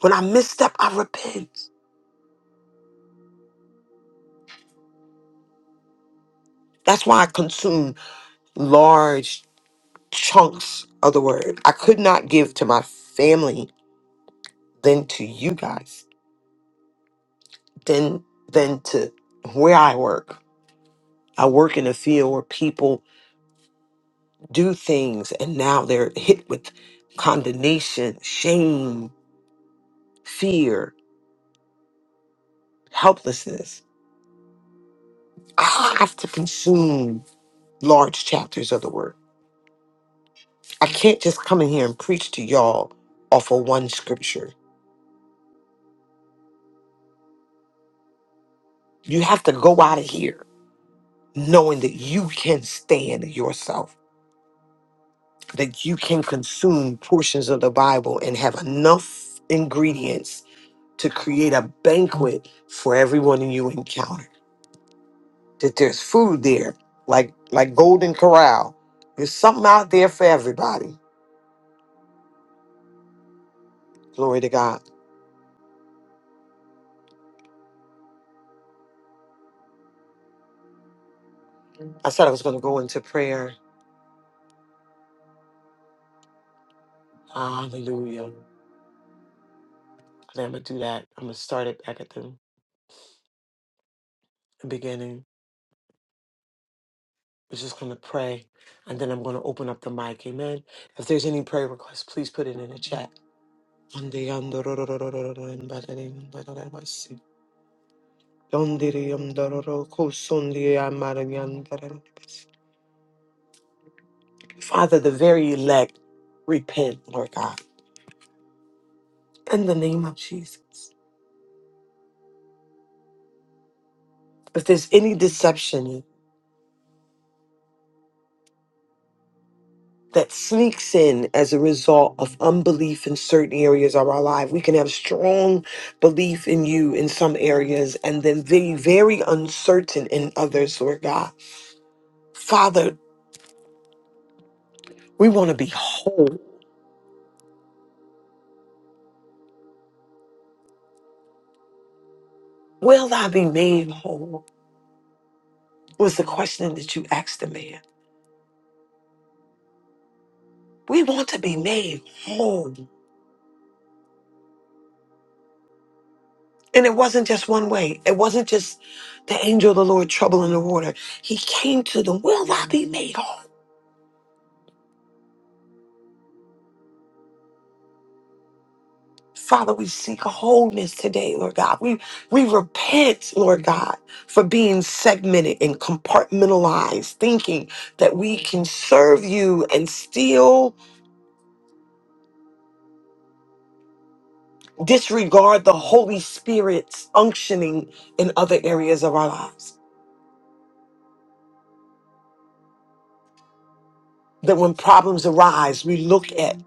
Speaker 5: When I misstep, I repent. That's why I consume large chunks of the word. I could not give to my family, then to you guys, then then to where I work. I work in a field where people do things and now they're hit with condemnation, shame, fear, helplessness. I have to consume large chapters of the word. I can't just come in here and preach to y'all off of one scripture. You have to go out of here knowing that you can stand yourself, that you can consume portions of the Bible and have enough ingredients to create a banquet for everyone you encounter. That there's food there, like like Golden Corral. There's something out there for everybody. Glory to God. I said I was going to go into prayer. Hallelujah. And I'm gonna do that. I'm gonna start it back at the beginning. We're just going to pray and then I'm going to open up the mic. Amen. If there's any prayer requests, please put it in the chat. Father, the very elect repent, Lord God, in the name of Jesus. If there's any deception, that sneaks in as a result of unbelief in certain areas of our life. We can have strong belief in you in some areas and then be very uncertain in others, Lord God. Father, we want to be whole. Will I be made whole? Was the question that you asked the man. We want to be made whole. And it wasn't just one way. It wasn't just the angel of the Lord troubling the water. He came to them, Will I be made whole? Father, we seek wholeness today, Lord God. We we repent, Lord God, for being segmented and compartmentalized, thinking that we can serve you and still disregard the Holy Spirit's unctioning in other areas of our lives. That when problems arise, we look at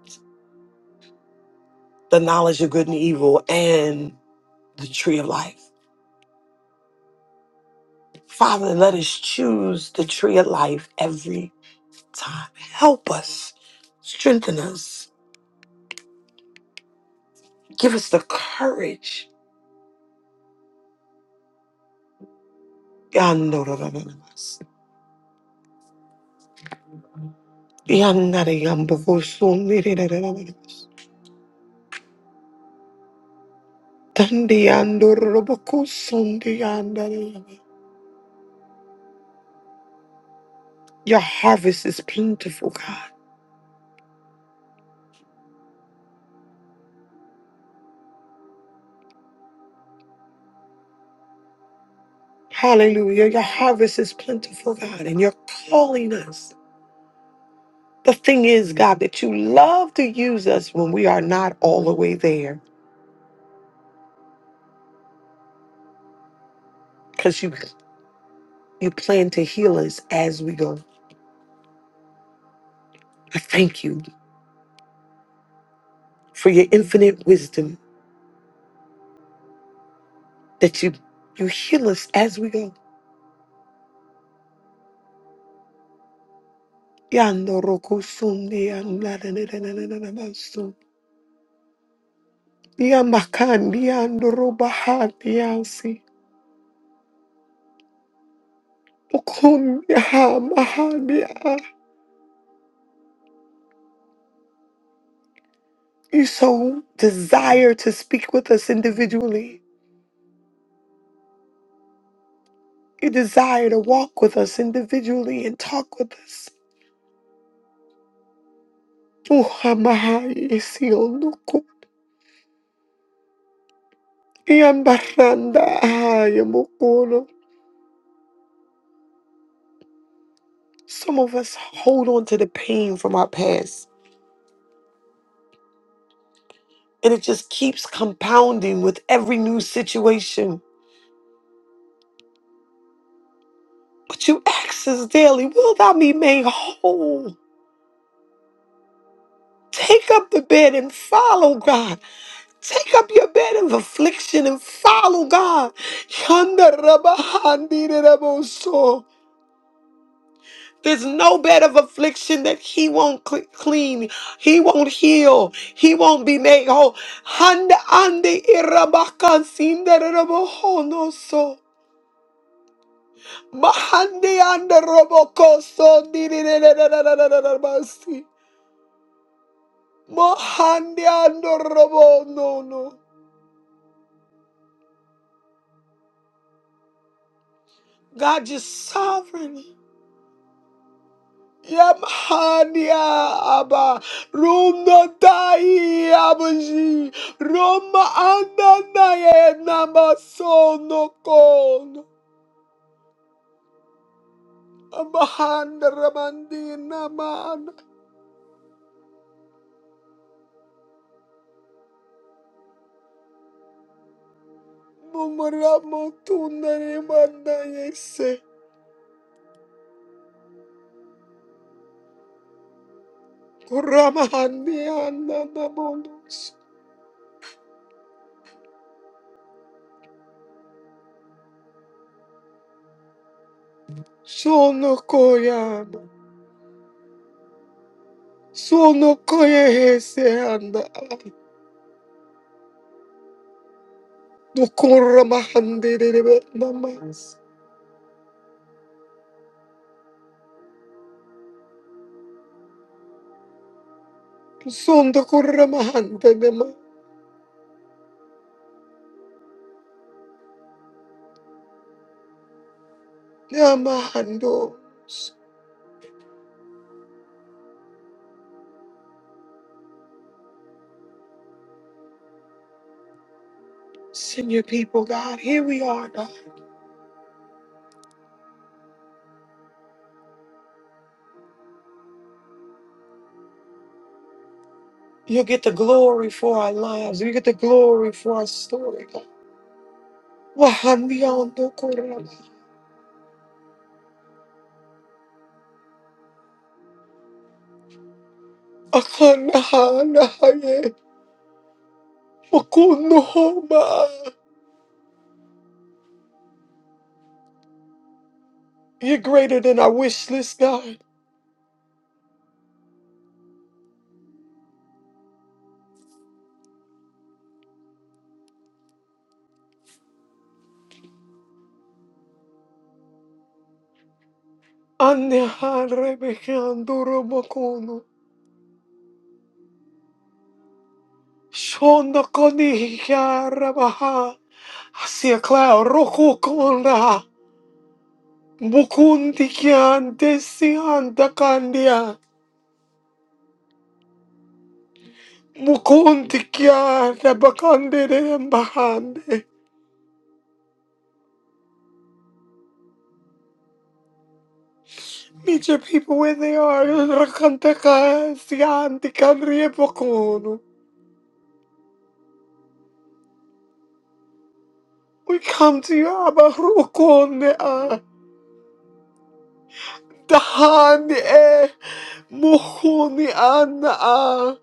Speaker 5: the knowledge of good and evil and the tree of life. Father, let us choose the tree of life every time. Help us, strengthen us Give us the courage. Yandorobos. Yandariyambobosundiriyandorobos. Dandiyandorobokosundiyandorobos. Your harvest is plentiful, God. Hallelujah. Your harvest is plentiful, God, and you're calling us. The thing is, God, that you love to use us when we are not all the way there because you, you plan to heal us as we go. I thank you for your infinite wisdom that you you heal us as we go. Yando roko so. Yamakandi yando roba handi You so desire to speak with us individually. You desire to walk with us individually and talk with us. Uha Yambaranda ha Some of us hold on to the pain from our past. And it just keeps compounding with every new situation. But you ask us daily, will thou be made whole? Take up the bed and follow God. Take up your bed of affliction and follow God. Yonder rubber handi de rubber so. There's no bed of affliction that he won't cle- clean. He won't heal. He won't be made whole. Handa ande iraba kansinda rubber hono so. Mahandi and Roboko son di di di di di di di di di basi. Mahandi and Robo no no. God is sovereign. Yamhania Abba Roma Tai Abaji Roma Ananaye Nama Sono Kon Abahanda Ramandi Naman Mumra Motunari Mandayese Kuramahandiananabondos. Sono koyama. Sono koye heseanda. Dukuramahandirebe namas. Sondo kuramahandanema. Namahandos. Send your people, God. Here we are, God. You get the glory for our lives. You get the glory for our story, God. Wahandiando kurama. Akanahanahaye. Wakunuhoma. You're greater than our wish list, God. Aneharebehanduromokono. Shondokonihyarabaha. I see a cloud. Rokokona. Mukundikyandesyandakandya. Mukundikyarabakandedembahande. Meet your people where they are. Rakantakasyandikandriebokono. We come to you, Abba Rokone. Dahane Muhuni Anna.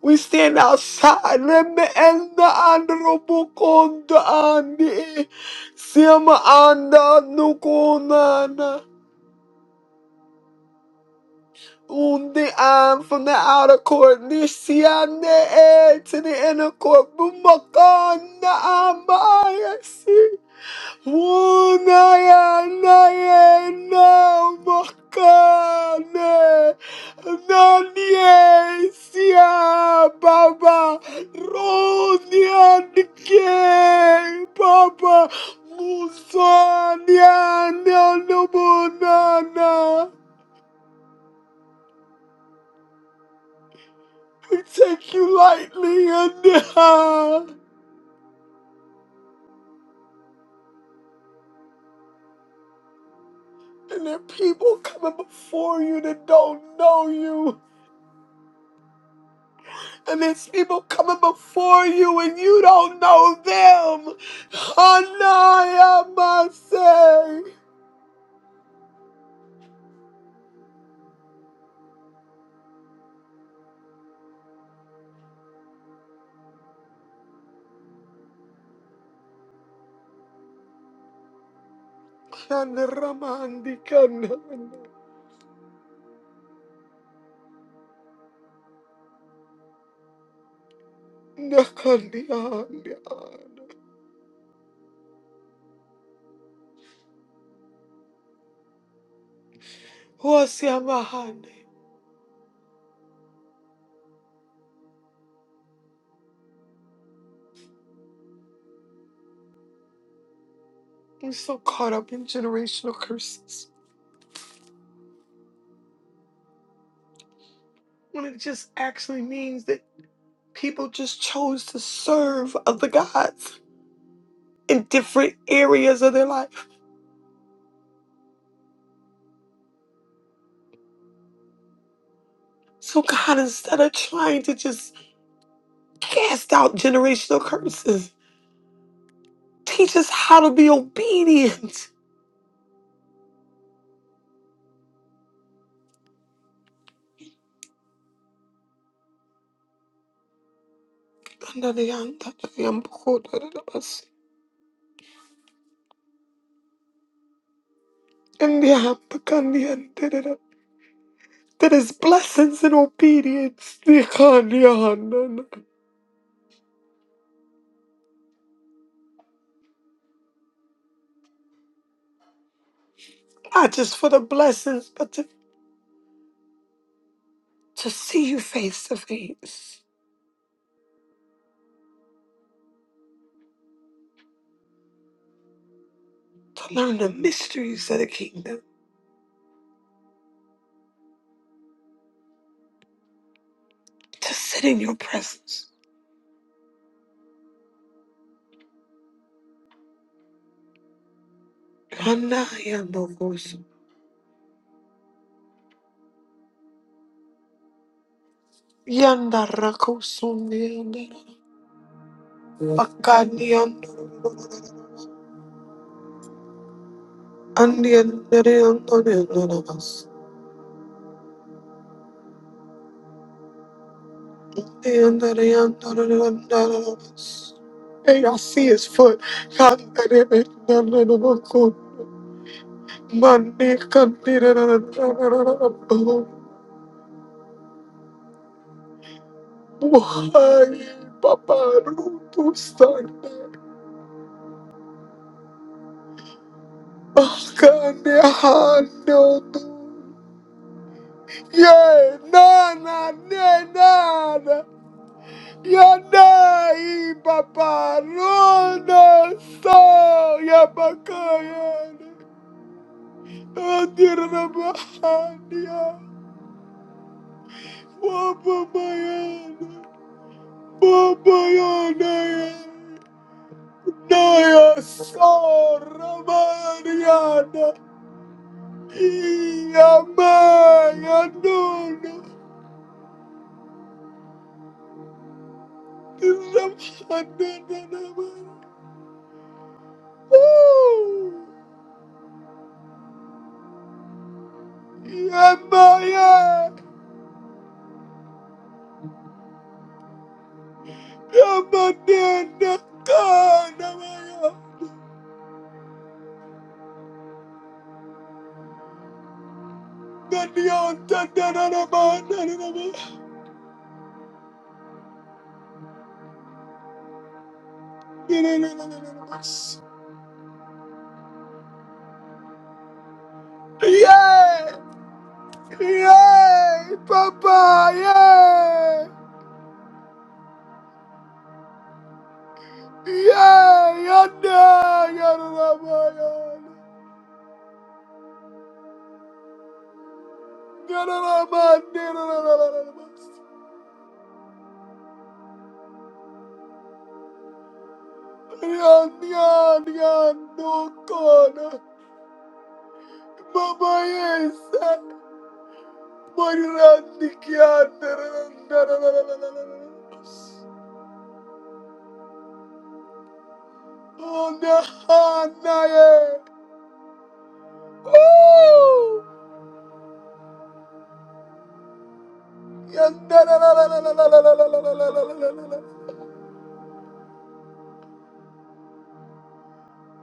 Speaker 5: We stand outside Lemme and the honorable Konda Andi Sima Anda Nukunana Undi An from the outer court Nisiane to the inner court Bumakana Amaya Unayanayamakane Nanyesia Baba Ronianke Baba Musanianabonana Who take you lightly and uh, and there are people coming before you that don't know you And there's people coming before you and you don't know them. Hanaya Masay. Kandramandi Kandana. Nakandianda. Wasiamahande. I'm so caught up in generational curses. When it just actually means that people just chose to serve other gods in different areas of their life. So God, instead of trying to just cast out generational curses, Teach us how to be obedient. That is blessings and obedience. Not just for the blessings, but to, to see you face to face, to learn the mysteries of the kingdom, to sit in your presence. Yanda And that I am not another. Hey, I see his foot. can't Money can be another. Why, Papa Rupu Sunday? Oh, God, I Akane Hando. Yeah, Nana, Nana. Yanai, Papa Runo, So, yeah. Papa, yeah. Andira na bahania. Baba bayana. Baba yana. Naya sora bayana. Iya maya nuna. Ramhanda na Woo! Iya maya. Ramadana kana maya. Nani on tanda na na bahana na na bahana. Yay! Yay! Papa! Yay! Yay! Yanda! Yarabaya! Yarabaya! Yan, yan, yan, no corner. Mama yes, Marirandi Oh, na, ah, na, yeah. Woo! Yan, da, da, da, da, da, da, da, da, da, da, da, da, da, da.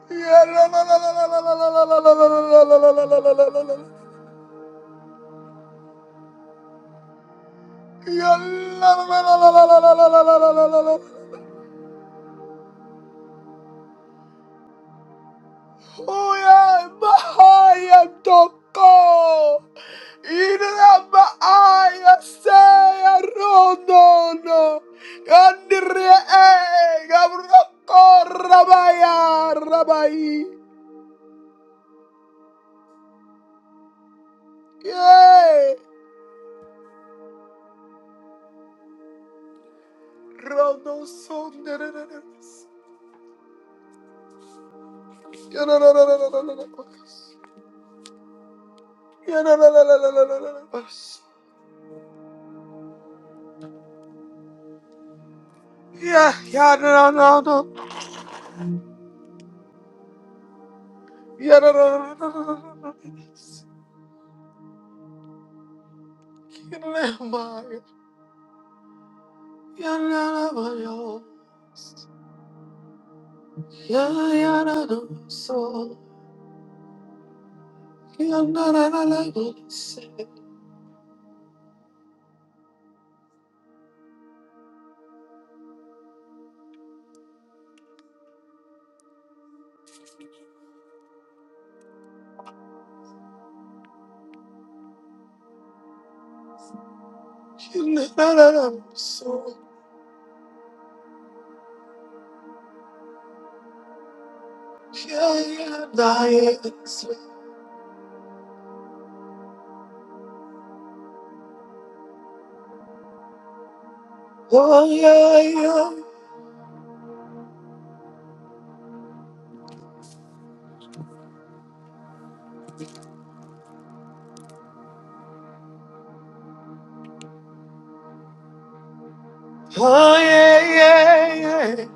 Speaker 5: Yeah. Yeah, no, no, no, no, no, no, no, no. no. Yeah, yeah, no, no, no, no. Yeah, no, no, no, no, no, no, no. no. Yeah, no, no, no, no. no. Yeah, no, no, no, no. no. Yeah, yeah, no, no, so. Yeah, no, no, no, no, no. Yeah, no, no, no, no, so. Yeah, yeah, no, yes. Oh, yeah, yeah. Oh, yeah, yeah, yeah.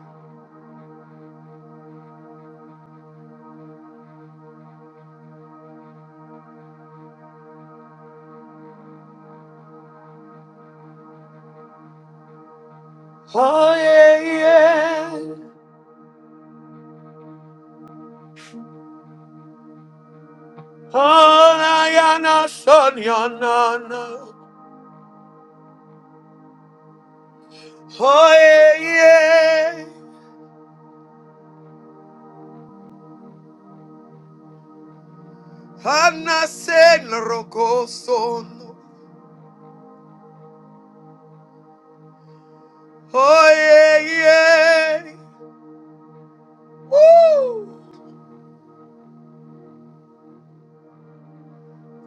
Speaker 5: Oh, yeah, yeah. Onayana sonyana. Oye, Hanna sen rogoson. Oye, Woo!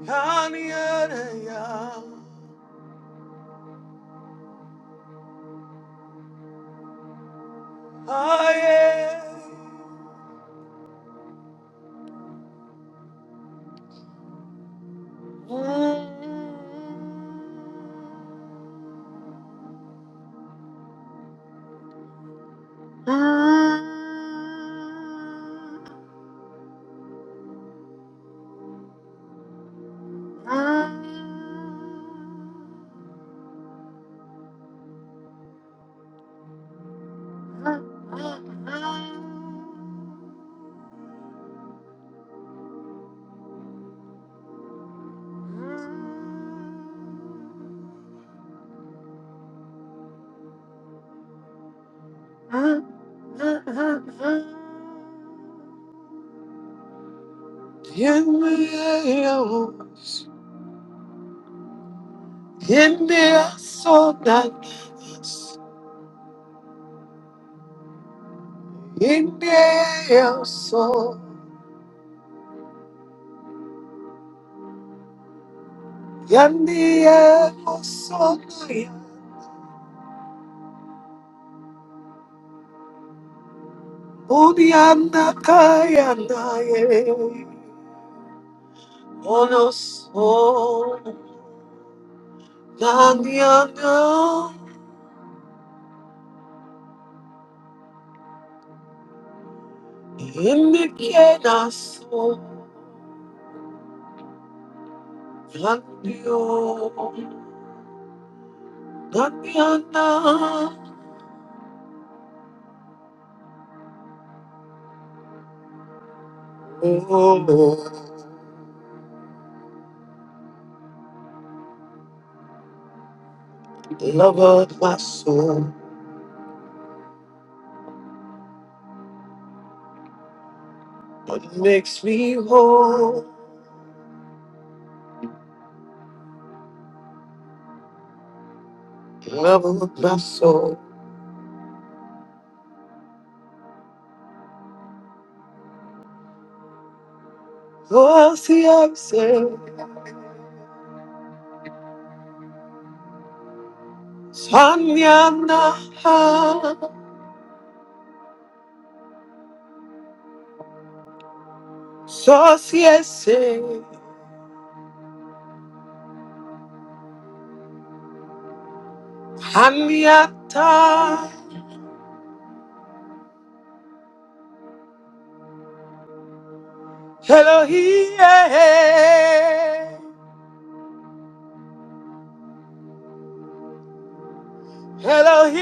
Speaker 5: Yaniana ya. Oye. India so that India so Yandia so Udianda kayanda ye Ono so Danyana imikena so danyo Danyana oh love of my soul what makes me whole love of my soul was the absent Sanyana Sosiese Hanyata Elohim, Elohim,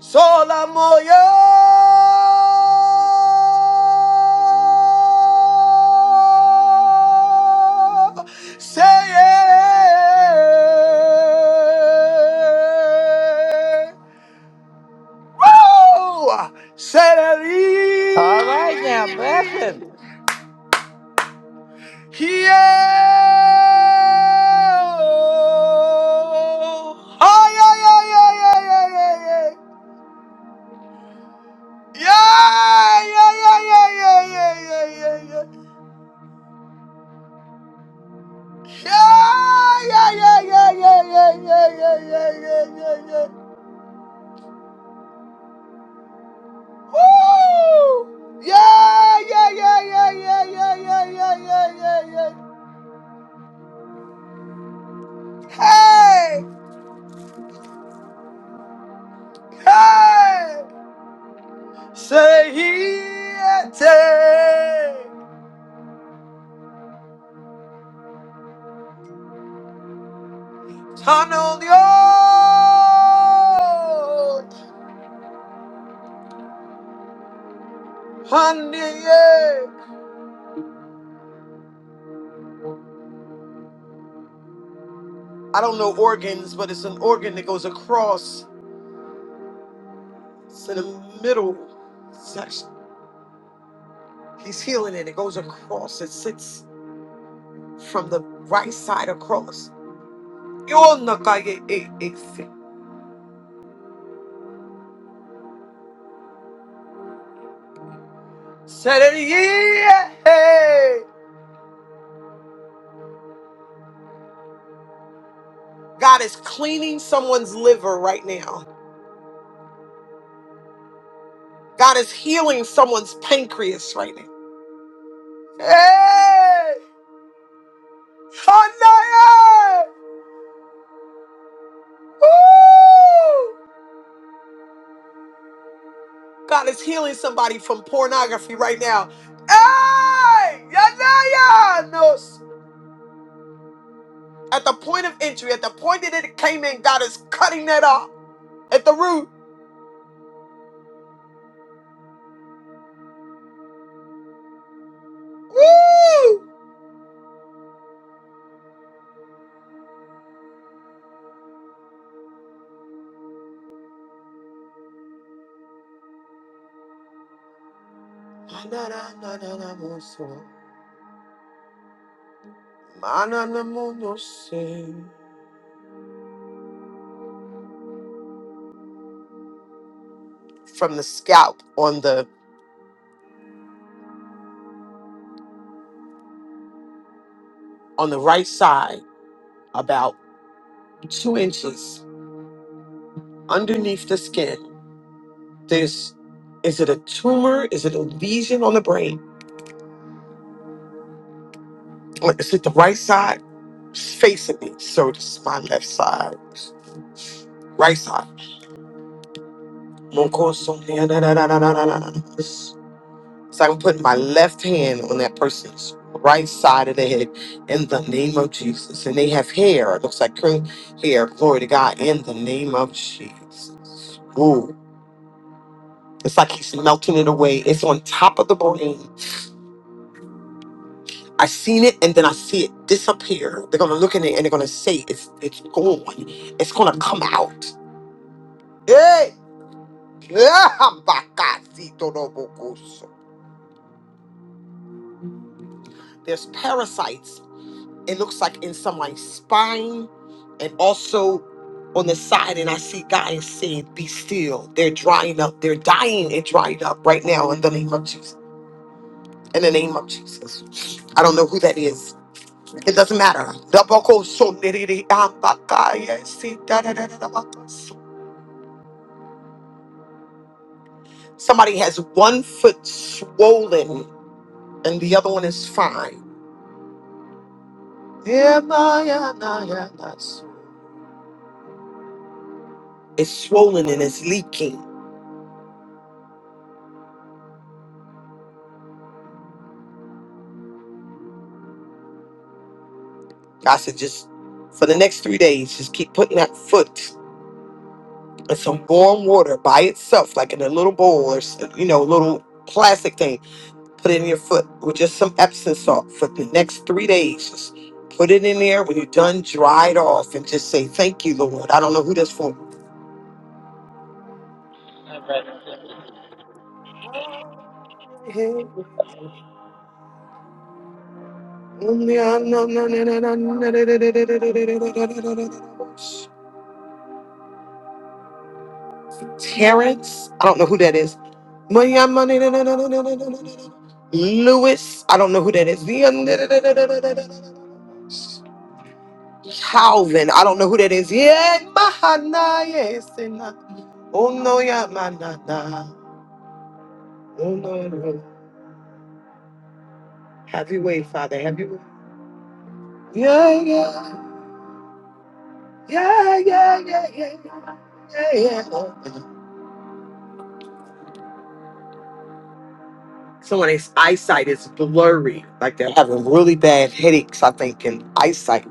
Speaker 5: Solamoyo. Say it. Woo! Say
Speaker 3: All right now, bless
Speaker 5: it.
Speaker 3: him.
Speaker 5: Yeah. Ah, yeah, yeah, yeah, yeah, yeah, yeah, yeah. Yeah, yeah, yeah, yeah, yeah, yeah, yeah, yeah, yeah. Yeah, yeah, yeah, yeah, yeah, yeah, yeah, yeah, yeah, yeah, yeah, yeah. Woo! Yeah, yeah, yeah, yeah, yeah, yeah, yeah, yeah, yeah, yeah, yeah. Hey, hey. Say he Tanolio! Haneye! I don't know organs, but it's an organ that goes across. It's in the middle section. He's healing it. It goes across. It sits from the right side across. Yonakaye-e-e-se. Sereye! hey. God is cleaning someone's liver right now. God is healing someone's pancreas right now. Hey! Haneye! Woo! God is healing somebody from pornography right now. Hey! Yanayanos! At the point of entry, at the point that it came in, God is cutting that off at the root. Woo! Mananananamoso. Mananamonose. From the scalp on the on the right side, about two inches underneath the skin. There's is it a tumor? Is it a lesion on the brain? Like, is it the right side? It's facing me, so this is my left side. Right side. Monkoso- So I'm putting my left hand on that person's right side of the head in the name of Jesus. And they have hair. It looks like cream hair. Glory to God. In the name of Jesus. Ooh. It's like he's melting it away. It's on top of the brain. I seen it and then I see it disappear. They're gonna look in it and they're gonna say it's it's gone. It's gonna come out. Hey! There's parasites, it looks like in somebody's spine and also on the side. And I see guys saying, Be still. They're drying up, they're dying and dried up right now in the name of Jesus. In the name of Jesus. I don't know who that is. It doesn't matter. Somebody has one foot swollen and the other one is fine. Yeah, my, yeah, nah, yeah, nah. It's swollen and it's leaking. I said, just for the next three days, just keep putting that foot in some warm water by itself, like in a little bowl or, s- you know, little plastic thing. Put it in your foot with just some Epsom salt for the next three days. Just put it in there. When you're done, dry it off and just say, thank you, Lord. I don't know who that's for. Terrence, I don't know who that is. Money, i money, no, no, no, no, no, no, no, no, no, no. Lewis, I don't know who that is. The- um, no, no, no, no, no, no, no, no, no. Calvin, I don't know who that is. Yeah, Mahana, yes, and I- oh no, yeah, Manana, oh no, no. no. Have your way, Father, have your way. Yeah, yeah, yeah, yeah, yeah, yeah, yeah, yeah. yeah. Someone's eyesight is blurry, like they're having really bad headaches, I think, and eyesight.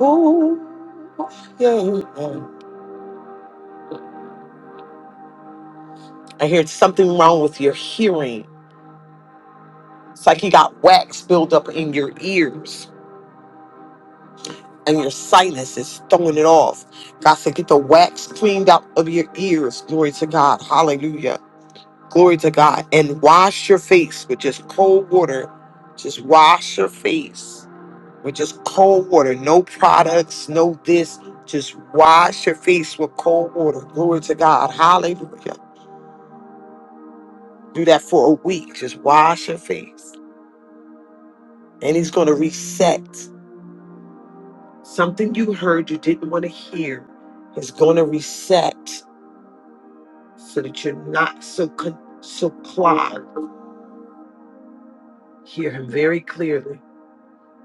Speaker 5: Ooh, yeah. I hear something wrong with your hearing. It's like you got wax built up in your ears and your sinus is throwing it off. God said, get the wax cleaned out of your ears. Glory to God. Hallelujah. Glory to God. And wash your face with just cold water. Just wash your face with just cold water. No products, no this. Just wash your face with cold water. Glory to God. Hallelujah. Do that for a week. Just wash your face. And he's going to reset. Something you heard you didn't want to hear is going to reset so that you're not so con- so clogged. Hear him very clearly.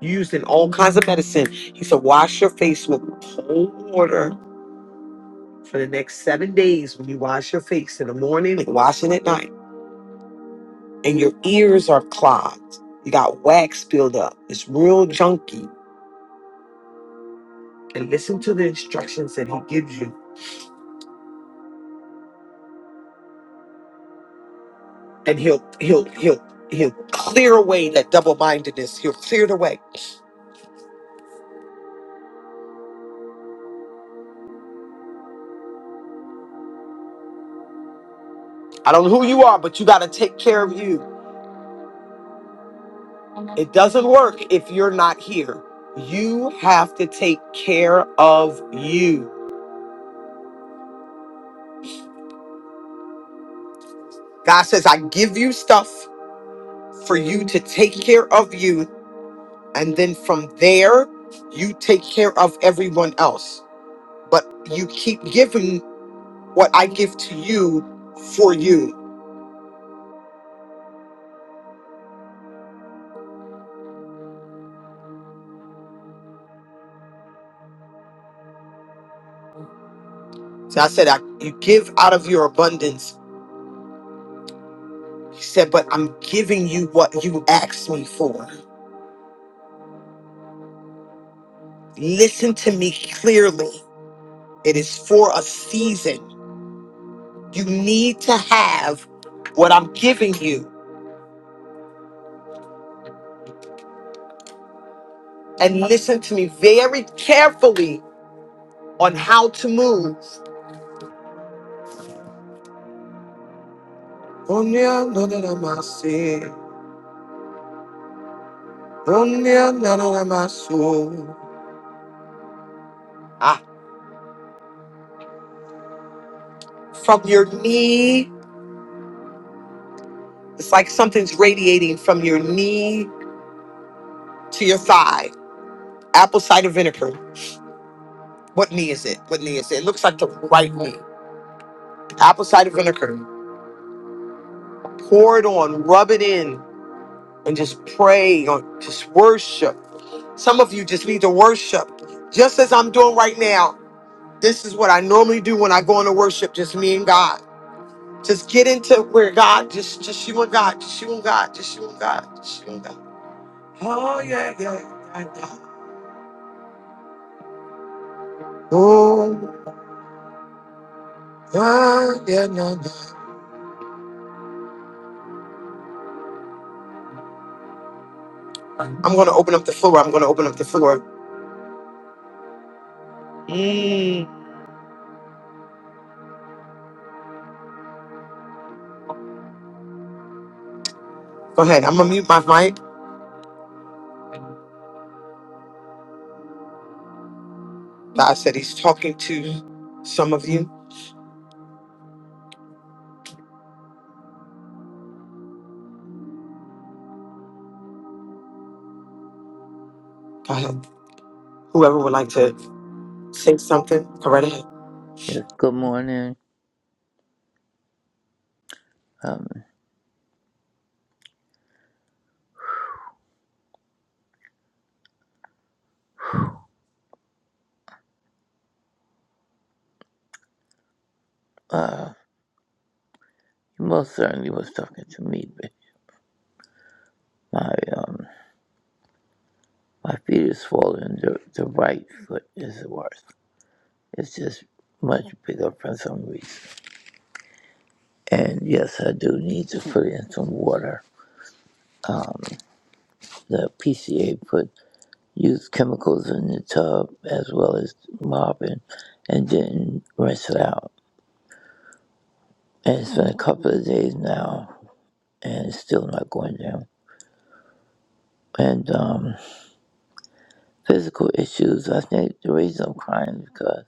Speaker 5: Used in all kinds of medicine. He said, wash your face with cold water for the next seven days when you wash your face in the morning and washing at night. And your ears are clogged. You got wax build up. It's real junky. And listen to the instructions that he gives you and he'll he'll he'll he'll clear away that double-mindedness he'll clear it away i don't know who you are but you got to take care of you it doesn't work if you're not here you have to take care of you god says i give you stuff for you to take care of you and then from there you take care of everyone else but you keep giving what i give to you for you so i said I, you give out of your abundance He said, But I'm giving you what you asked me for. Listen to me clearly. It is for a season. You need to have what I'm giving you. And listen to me very carefully on how to move. Oh, no, no, no, no, my sin. Oh, no, no, no, no, my soul. Ah, from your knee, it's like something's radiating from your knee to your thigh. Apple cider vinegar. What knee is it? What knee is it? It looks like the right knee. Apple cider vinegar. Pour it on, rub it in, and just pray on, just worship. Some of you just need to worship. Just as I'm doing right now, this is what I normally do when I go into worship, just me and God. Just get into where God, just just you and God, just you and God, just you and God, just you and God. Oh yeah, yeah, yeah, yeah. Oh yeah, yeah, yeah, yeah. I'm gonna open up the floor. I'm gonna open up the floor. Mm. Go ahead. I'm gonna mute my mic. God said he's talking to some of you. Go ahead. Whoever would like to say something, go right ahead.
Speaker 3: Yes, good morning. Um, uh, you most certainly was talking to me, but my, um, my feet is swollen. The, the right foot is the worst. It's just much bigger for some reason. And yes, I do need to put in some water. Um, the PCA put used chemicals in the tub as well as mopping and didn't rinse it out. And it's been a couple of days now and it's still not going down. And um, physical issues, I think the reason I'm crying is because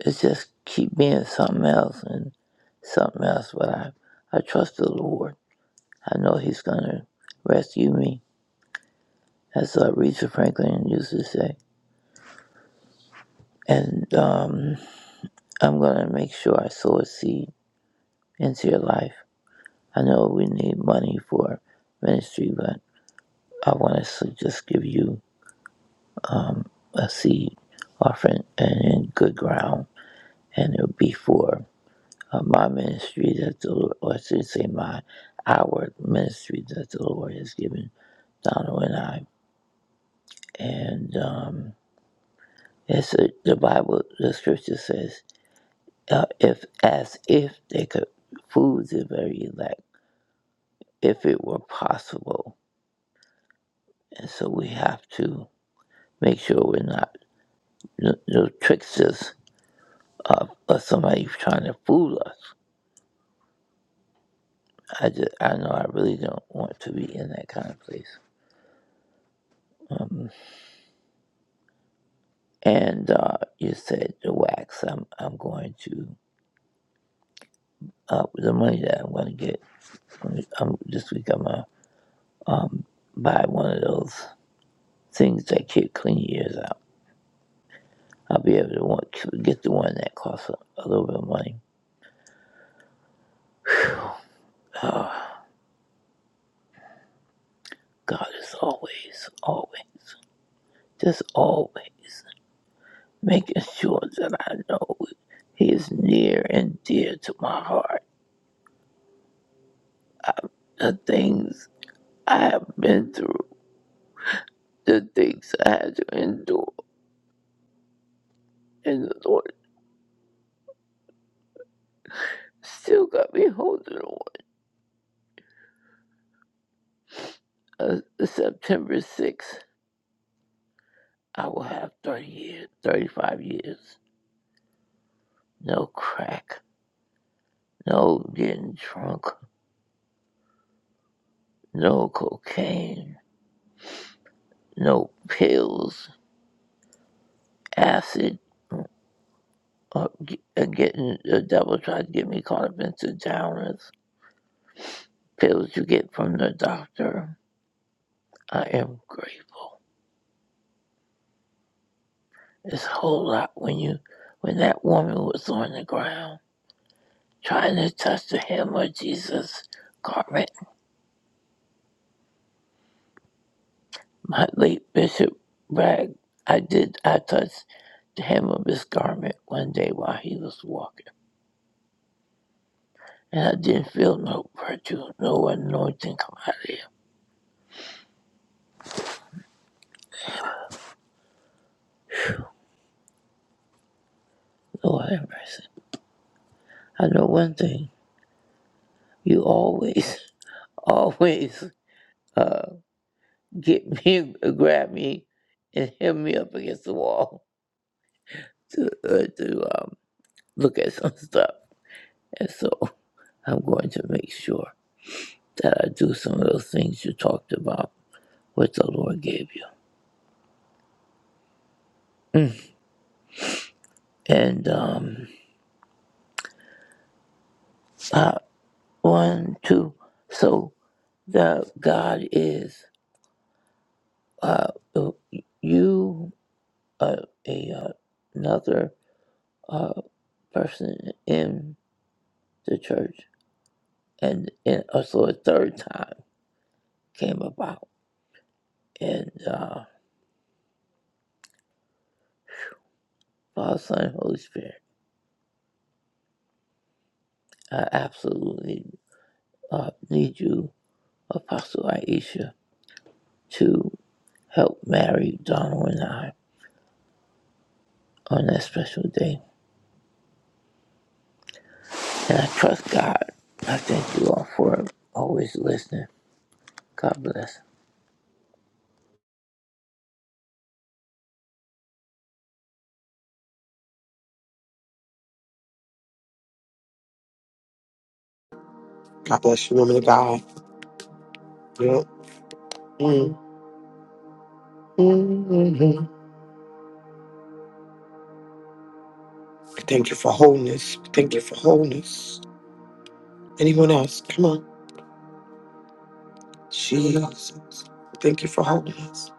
Speaker 3: it's just keep being something else and something else. But I, I trust the Lord. I know He's going to rescue me, as uh, Aretha Franklin used to say. And um, I'm going to make sure I sow a seed into your life I know we need money for ministry, but I want to just give you um, a seed offering and in good ground, and it'll be for uh, my ministry that the Lord, or I should say my our ministry that the Lord has given Donald and I. And um, it's a, the Bible, the Scripture says, uh, if as if they could food the very elect, if it were possible. And so we have to make sure we're not no, no tricksters of, of somebody trying to fool us. I just, I know I really don't want to be in that kind of place. Um, and uh, you said the wax. I'm, I'm going to uh, the money that I'm going to get from um, this week. I'm gonna um, buy one of those things that keep clean years out. I'll be able to want, get the one that costs a, a little bit of money. Oh, God is always, always, just always. making sure that I know He is near and dear to my heart. The things I have been through, the things I had to endure, and the Lord still got me holding on. Uh, September 6th, I will have 30 years, 35 years. No crack, no getting drunk, no cocaine, no pills, acid, uh, g- uh, getting the devil tried to get me caught up into downers. pills you get from the doctor. I am grateful. It's a whole lot when you when that woman was on the ground trying to touch the hem of Jesus' garment. My late Bishop Bragg, I did I touched the hem of his garment one day while he was walking. And I didn't feel no virtue, no anointing come out of him. Lord have mercy. I know one thing. You always, always uh, get me, grab me, and held me up against the wall to uh, to um, look at some stuff. And so I'm going to make sure that I do some of those things you talked about, what the Lord gave you. Mm. And um, uh, one, two. So the God is uh, uh, you uh, a uh, another uh, person in the church, and, and also a third time came about and uh, Father, Son, and Holy Spirit. I absolutely uh, need you, Apostle Aisha, to help marry Donald and I on that special day. And I trust God. I thank you all for always listening. God bless.
Speaker 5: God bless you, woman of God. Yeah. Mm. Mm-hmm. We thank you for wholeness. We thank you for wholeness. Anyone else? Come on. Jesus. We Thank you for wholeness.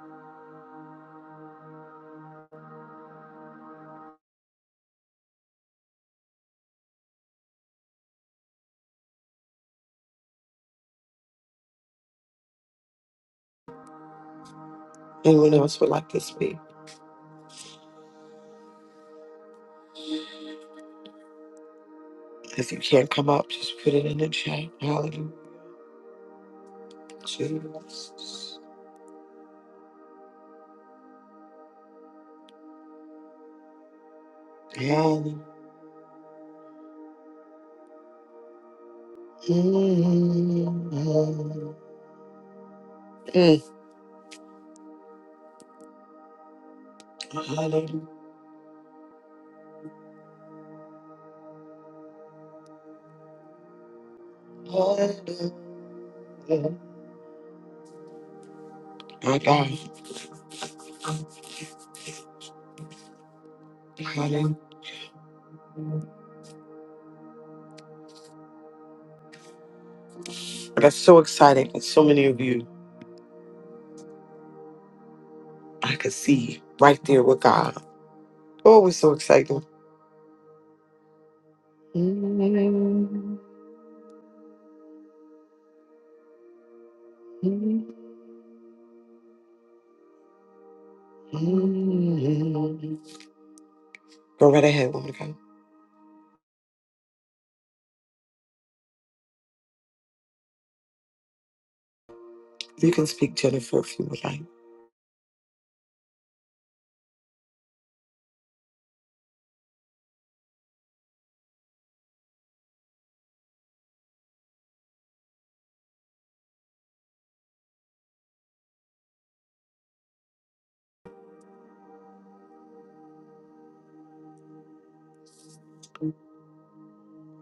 Speaker 5: Anyone else would like to speak? If you can't come up, just put it in the chat. Hallelujah. Jesus. Hallelujah. Mm. mm, mm. Mm, Hallelujah. Hallelujah. My God. Hallelujah. That's so exciting. And so many of you I could see right there with God. Oh, it was so exciting. Go right ahead, woman of God. You can speak, Jennifer, if you would like.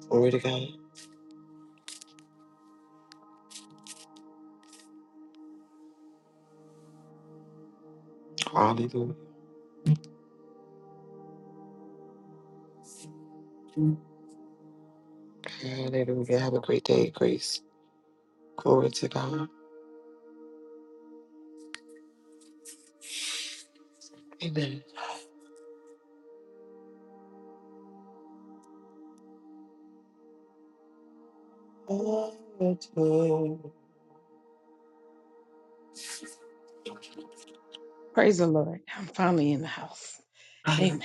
Speaker 5: Glory to God. Hallelujah. Hallelujah. Have a great day, Grace. Glory to God. Amen. Glory to
Speaker 6: Praise the Lord. I'm finally in the house.
Speaker 5: God.
Speaker 6: Amen.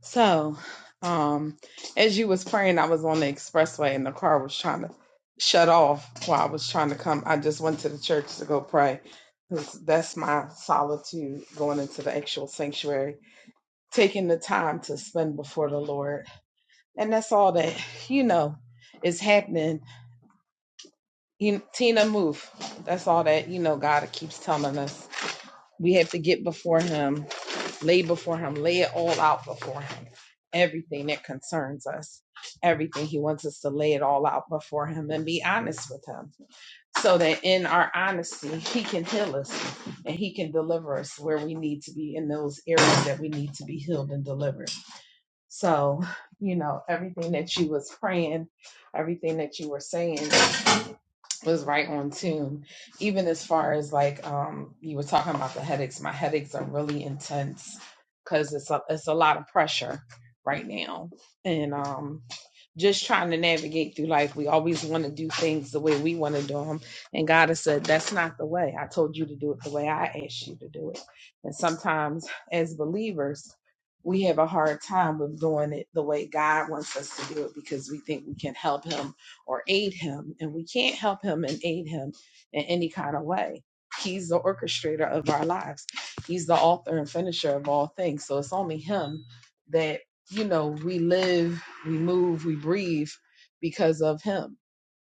Speaker 6: So, um, as you was praying, I was on the expressway and the car was trying to shut off while I was trying to come. I just went to the church to go pray. 'Cause That's my solitude going into the actual sanctuary, taking the time to spend before the Lord. And that's all that, you know, is happening. You, Tina, move. That's all that, you know, God keeps telling us. We have to get before Him lay before him, lay it all out before him. Everything that concerns us, everything he wants us to lay it all out before him and be honest with him so that in our honesty, he can heal us and he can deliver us where we need to be in those areas that we need to be healed and delivered. So, you know, everything that you was praying, everything that you were saying was right on tune. Even as far as like um you were talking about the headaches, my headaches are really intense because it's a it's a lot of pressure right now. And um just trying to navigate through life. We always want to do things the way we want to do them. And God has said, that's not the way. I told you to do it the way I asked you to do it. And sometimes as believers, we have a hard time with doing it the way God wants us to do it because we think we can help Him or aid him, and we can't help him and aid him in any kind of way. He's the orchestrator of our lives. He's the author and finisher of all things. So it's only him that, you know, we live, we move, we breathe because of him.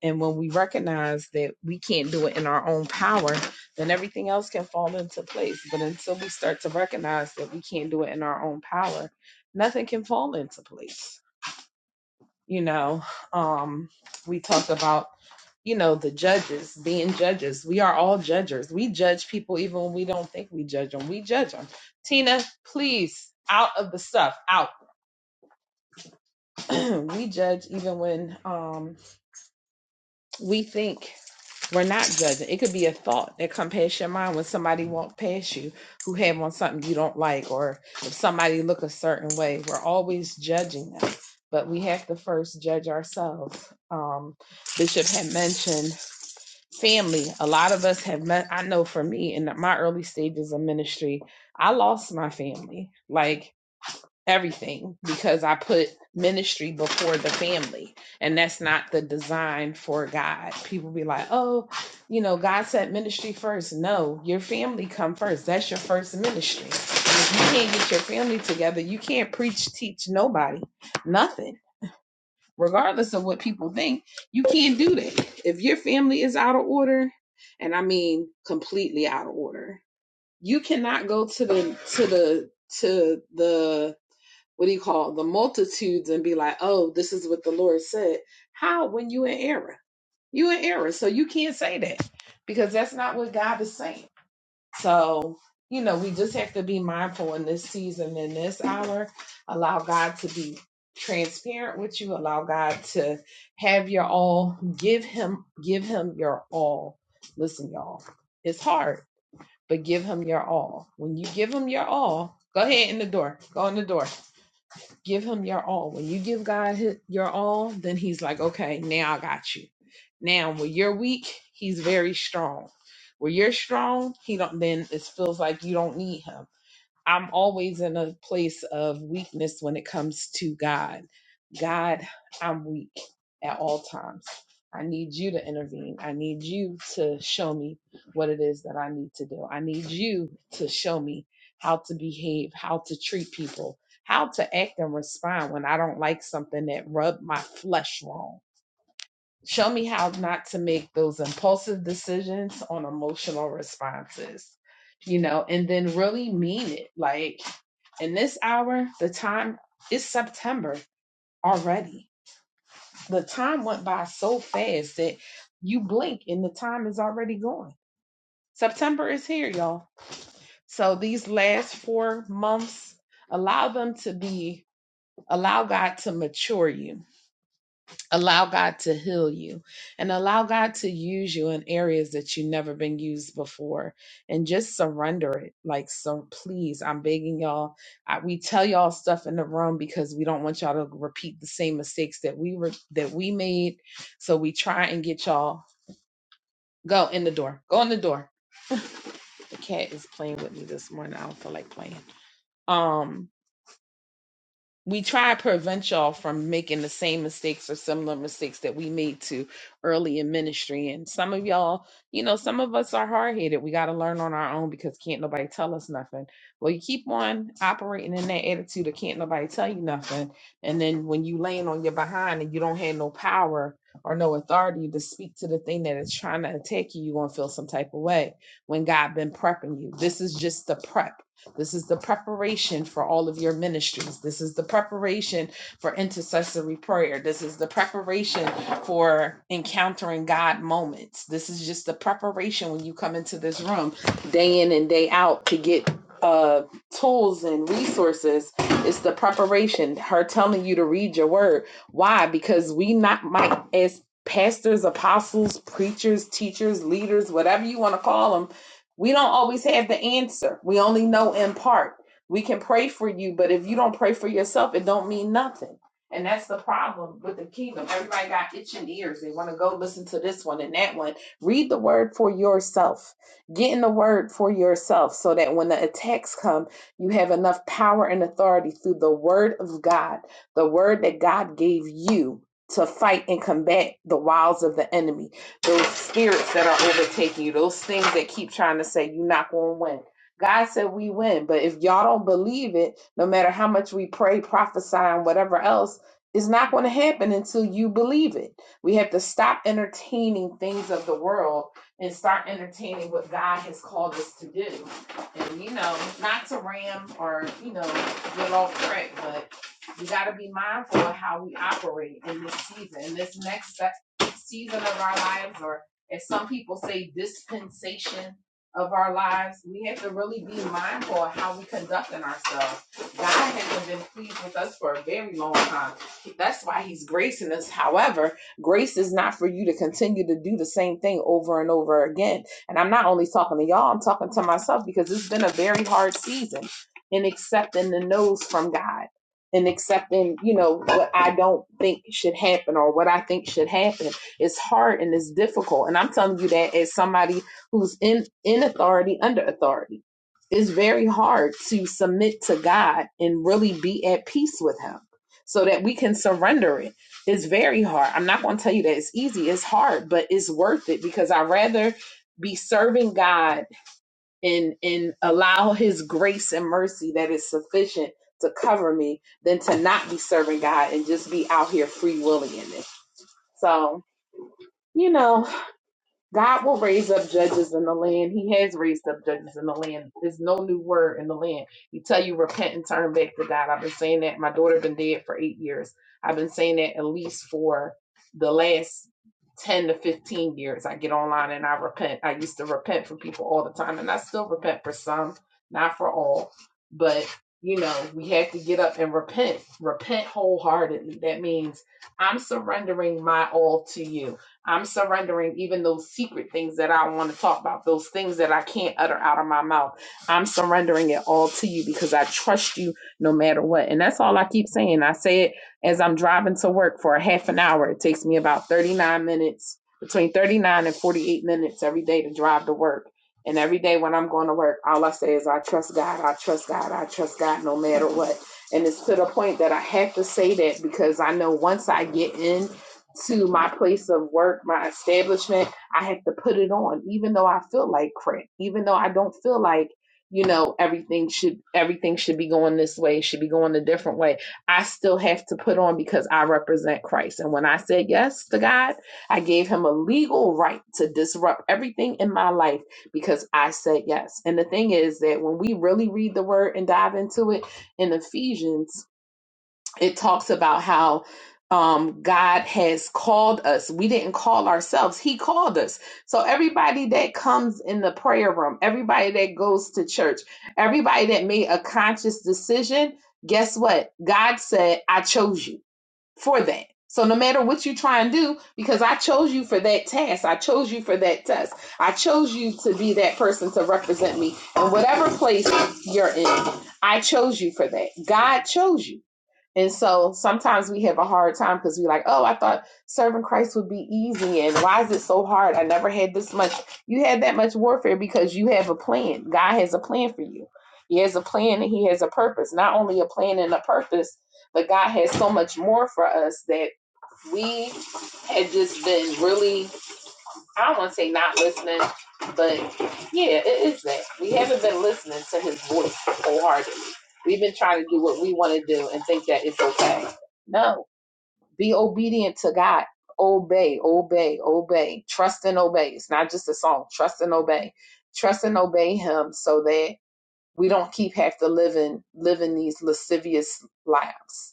Speaker 6: And when we recognize that we can't do it in our own power, then everything else can fall into place. But until we start to recognize that we can't do it in our own power, nothing can fall into place you know um we talk about you know the judges being judges we are all judges we judge people even when we don't think we judge them we judge them tina please out of the stuff out we judge even when um, we think we're not judging. It could be a thought that come past your mind when somebody walk past you who have on something you don't like, or if somebody look a certain way. We're always judging them, but we have to first judge ourselves. Um, Bishop had mentioned family. A lot of us have met. I know for me in my early stages of ministry, I lost my family. Like everything because I put ministry before the family. And that's not the design for God. People be like, oh, you know, God said ministry first. No, your family come first. That's your first ministry. And if you can't get your family together, you can't preach, teach nobody, nothing. Regardless of what people think, you can't do that. If your family is out of order, and I mean completely out of order, you cannot go to the to the to the what do you call it, the multitudes and be like, oh, this is what the Lord said. How when you in error? You in error. So you can't say that because that's not what God is saying. So, you know, we just have to be mindful in this season, in this hour, allow God to be transparent with you, allow God to have your all, give him, give him your all. Listen, y'all, it's hard, but give him your all. When you give him your all, go ahead in the door. Go in the door Give him your all. When you give God hi- your all, then he's like, okay, now I got you. Now, when you're weak, he's very strong. When you're strong, he don't. Then it feels like you don't need him I'm always in a place of weakness when it comes to God. God, I'm weak at all times. I need you to intervene. I need you to show me what it is that I need to do. I need you to show me how to behave, how to treat people, how to act and respond when I don't like something that rubbed my flesh wrong. Show me how not to make those impulsive decisions on emotional responses, you know, and then really mean it. Like in this hour, the time is September already. The time went by so fast that you blink and the time is already gone. September is here, y'all. So these last four months, allow them to be, allow God to mature you Allow God to heal you and allow God to use you in areas that you've never been used before and just surrender it. Like, so please, I'm begging y'all. I, we tell y'all stuff in the room because we don't want y'all to repeat the same mistakes that we were, that we made. So we try and get y'all go in the door, go in the door. The cat is playing with me this morning. I don't feel like playing. Um, we try to prevent y'all from making the same mistakes or similar mistakes that we made to early in ministry. And some of y'all, you know, some of us are hard headed. We got to learn on our own because can't nobody tell us nothing. Well, you keep on operating in that attitude of can't nobody tell you nothing. And then when you laying on your behind and you don't have no power or no authority to speak to the thing that is trying to attack you, you're going to feel some type of way when God been prepping you. This is just the prep this is the preparation for all of your ministries. This is the preparation for intercessory prayer. This is the preparation for encountering God moments. This is just the preparation when you come into this room day in and day out to get uh tools and resources it's the preparation her telling you to read your word why because we not might as pastors apostles preachers teachers leaders whatever you want to call them we don't always have the answer. We only know in part. We can pray for you, but if you don't pray for yourself, it don't mean nothing. And that's the problem with the kingdom. Everybody got itching ears. They want to go listen to this one and that one. Read the word for yourself. Get in the word for yourself so that when the attacks come, you have enough power and authority through the word of God, the word that God gave you to fight and combat the wiles of the enemy those spirits that are overtaking you, those things that keep trying to say you're not going to win. God said we win, but if y'all don't believe it, no matter how much we pray, prophesy, and whatever else, it's not going to happen until you believe it. We have to stop entertaining things of the world and start entertaining what God has called us to do. And, you know, not to ram or, you know, get off track, but we got to be mindful of how we operate in this season, in this next season of our lives, or as some people say, dispensation of our lives, we have to really be mindful of how we conducting ourselves. God hasn't been pleased with us for a very long time. That's why He's gracing us. However, grace is not for you to continue to do the same thing over and over again. And I'm not only talking to y'all, I'm talking to myself because it's been a very hard season in accepting the no's from God and accepting, you know, what I don't think should happen or what I think should happen it's hard and it's difficult. And I'm telling you that as somebody who's in, in authority, under authority. It's very hard to submit to God and really be at peace with Him so that we can surrender it. It's very hard. I'm not going to tell you that it's easy. It's hard, but it's worth it because I'd rather be serving God and, and allow His grace and mercy that is sufficient to cover me than to not be serving God and just be out here free willing in it. So, you know, God will raise up judges in the land. He has raised up judges in the land. There's no new word in the land. He tell you repent and turn back to God. I've been saying that. My daughter been dead for eight years. I've been saying that at least for the last ten to fifteen years. I get online and I repent. I used to repent for people all the time, and I still repent for some, not for all. But you know, we have to get up and repent. Repent wholeheartedly. That means I'm surrendering my all to you. I'm surrendering even those secret things that I want to talk about, those things that I can't utter out of my mouth. I'm surrendering it all to you because I trust you no matter what. And that's all I keep saying. I say it as I'm driving to work for a half an hour. It takes me about 39 minutes, between 39 and 48 minutes every day to drive to work. And every day when I'm going to work, all I say is, I trust God, I trust God, I trust God no matter what. And it's to the point that I have to say that because I know once I get in to my place of work, my establishment, I have to put it on, even though I feel like crap, even though I don't feel like, you know, everything should everything should be going this way, should be going a different way. I still have to put on because I represent Christ. And when I said yes to God, I gave him a legal right to disrupt everything in my life because I said yes. And the thing is that when we really read the word and dive into it in Ephesians, it talks about how um, God has called us. We didn't call ourselves, He called us. So, everybody that comes in the prayer room, everybody that goes to church, everybody that made a conscious decision, guess what? God said, I chose you for that. So, no matter what you try and do, because I chose you for that task, I chose you for that test, I chose you to be that person to represent me in whatever place you're in. I chose you for that. God chose you. And so sometimes we have a hard time because we're like, oh, I thought serving Christ would be easy. And why is it so hard? I never had this much. You had that much warfare because you have a plan. God has a plan for you. He has a plan and He has a purpose. Not only a plan and a purpose, but God has so much more for us that we had just been really I don't want to say not listening, but yeah, it is that. We haven't been listening to his voice wholeheartedly. We've been trying to do what we want to do and think that it's okay. No, be obedient to God. Obey, obey, obey. Trust and obey. It's not just a song. Trust and obey. Trust and obey Him so that we don't keep have to live in living these lascivious lives.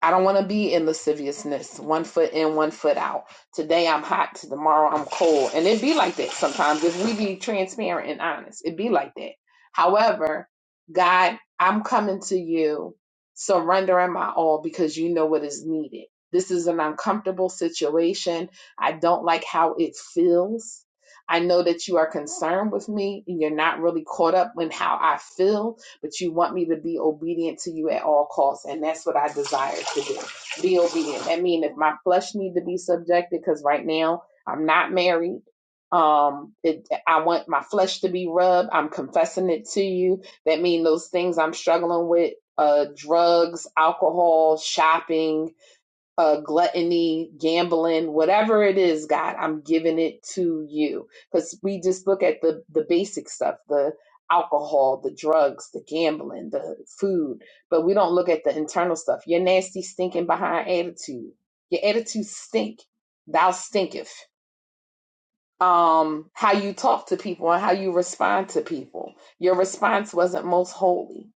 Speaker 6: I don't want to be in lasciviousness, one foot in, one foot out. Today I'm hot, tomorrow I'm cold. And it be like that sometimes if we be transparent and honest. It be like that. However, God, I'm coming to you, surrendering my all because you know what is needed. This is an uncomfortable situation. I don't like how it feels. I know that you are concerned with me and you're not really caught up in how I feel but you want me to be obedient to you at all costs. And that's what I desire to do. Be obedient. That means if my flesh need to be subjected, because right now I'm not married. Um, it, I want my flesh to be rubbed. I'm confessing it to you. That means those things I'm struggling with, uh, drugs, alcohol, shopping, uh, gluttony, gambling, whatever it is, God, I'm giving it to you. Because we just look at the the basic stuff, the alcohol, the drugs, the gambling, the food, but we don't look at the internal stuff. Your nasty, stinking behind attitude. Your attitude stink. Thou stinketh. Um, how you talk to people and how you respond to people. Your response wasn't most holy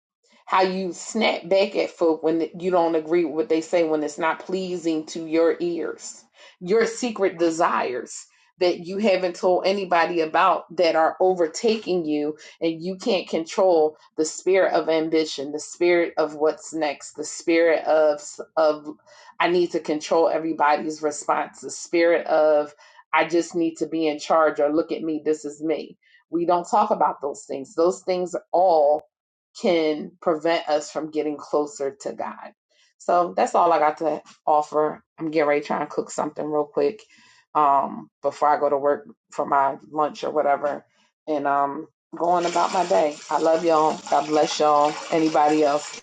Speaker 6: how you snap back at folk when you don't agree with what they say when it's not pleasing to your ears your secret desires that you haven't told anybody about that are overtaking you and you can't control the spirit of ambition the spirit of what's next the spirit of of i need to control everybody's response the spirit of i just need to be in charge or look at me this is me we don't talk about those things those things all can prevent us from getting closer to God. So that's all I got to offer. I'm getting ready to try and cook something real quick um, before I go to work for my lunch or whatever. And um, going about my day. I love y'all. God bless y'all. Anybody else?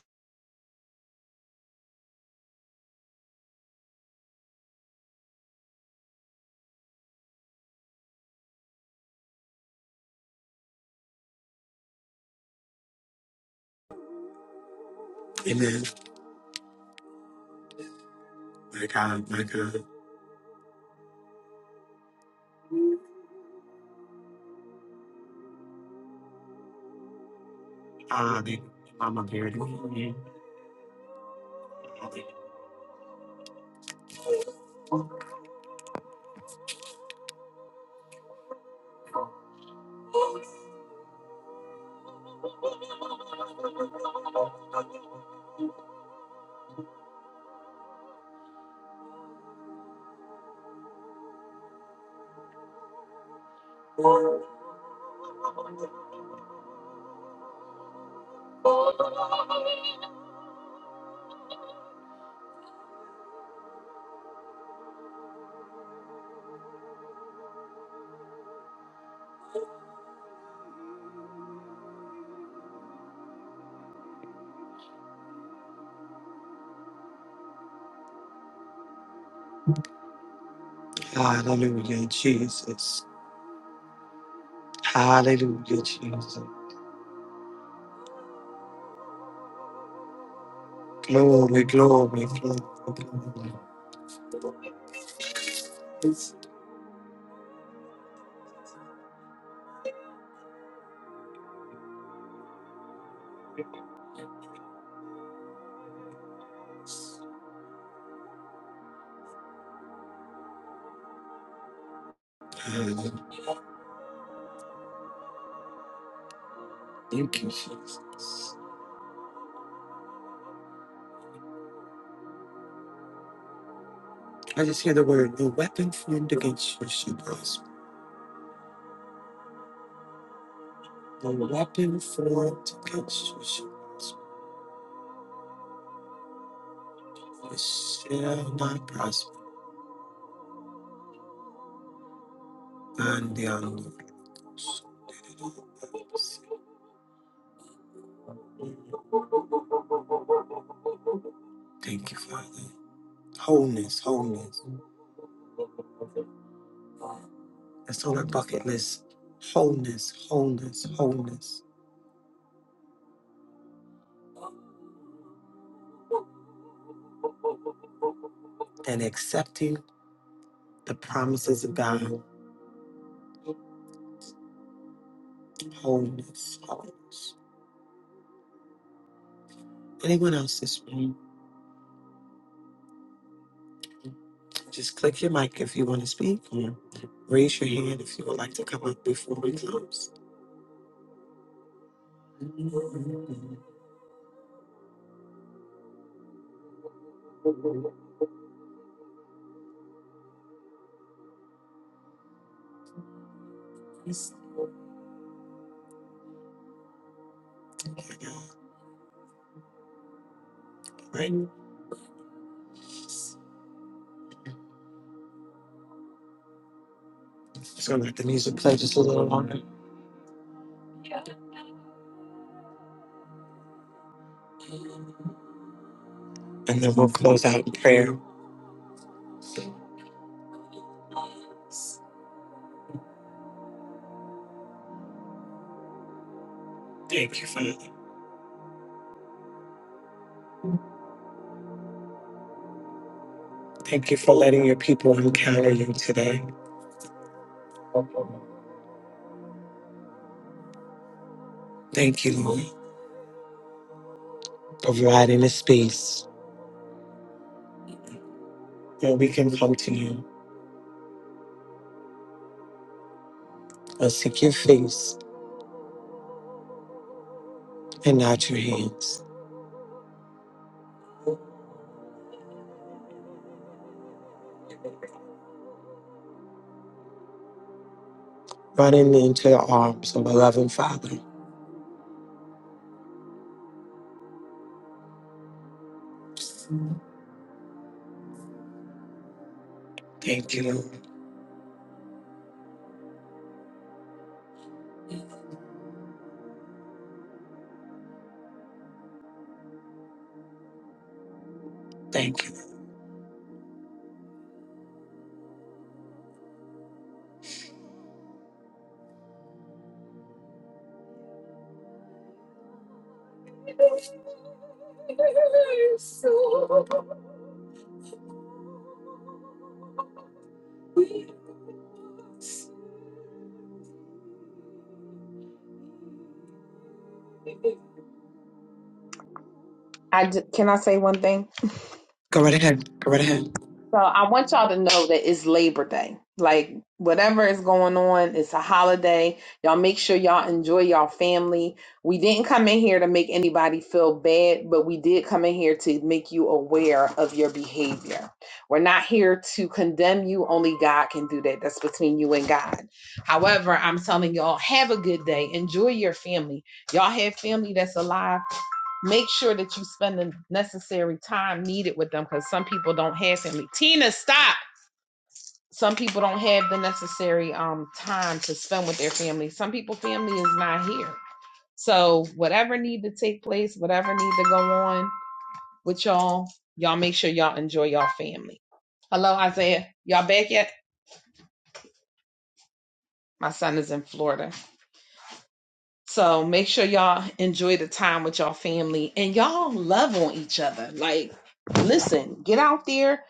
Speaker 5: Amen. My God, my God. Hallelujah. Mama Beard. Hallelujah. Hallelujah, Jesus. Hallelujah, Jesus. Glory, glory, glory, glory. Hallelujah. Thank you, Jesus. I just hear the word, no weapon formed against you shall prosper. No weapon formed against you shall prosper. It shall not prosper. And the unknown. Thank you, Father. Wholeness, wholeness. That's on our bucket list. Wholeness, wholeness, wholeness. And accepting the promises of God. Wholeness, wholeness. Anyone else this morning? Just click your mic if you want to speak or raise your hand if you would like to come up before we close. Right? Just gonna let the music play just a little longer and then we'll close out in prayer. Thank you for thank you for letting your people encounter you today. Thank you, Lord, for providing a space where we can come to you and seek your face and not your hands. Running into the arms of a loving Father. Thank you, Lord. Thank you.
Speaker 6: I j- can I say one thing?
Speaker 5: Go right ahead. Go right ahead.
Speaker 6: So I want y'all to know that it's Labor Day. Like whatever is going on, it's a holiday. Y'all make sure y'all enjoy y'all family. We didn't come in here to make anybody feel bad, but we did come in here to make you aware of your behavior. We're not here to condemn you. Only God can do that. That's between you and God. However, I'm telling y'all, have a good day. Enjoy your family. Y'all have family that's alive make sure that you spend the necessary time needed with them because some people don't have family. Tina, stop. Some people don't have the necessary um time to spend with their family. Some people family is not here. So whatever need to take place, whatever need to go on with y'all, y'all make sure y'all enjoy y'all family. Hello, Isaiah. Y'all back yet? My son is in Florida. So make sure y'all enjoy the time with y'all family and y'all love on each other. Like, listen, get out there.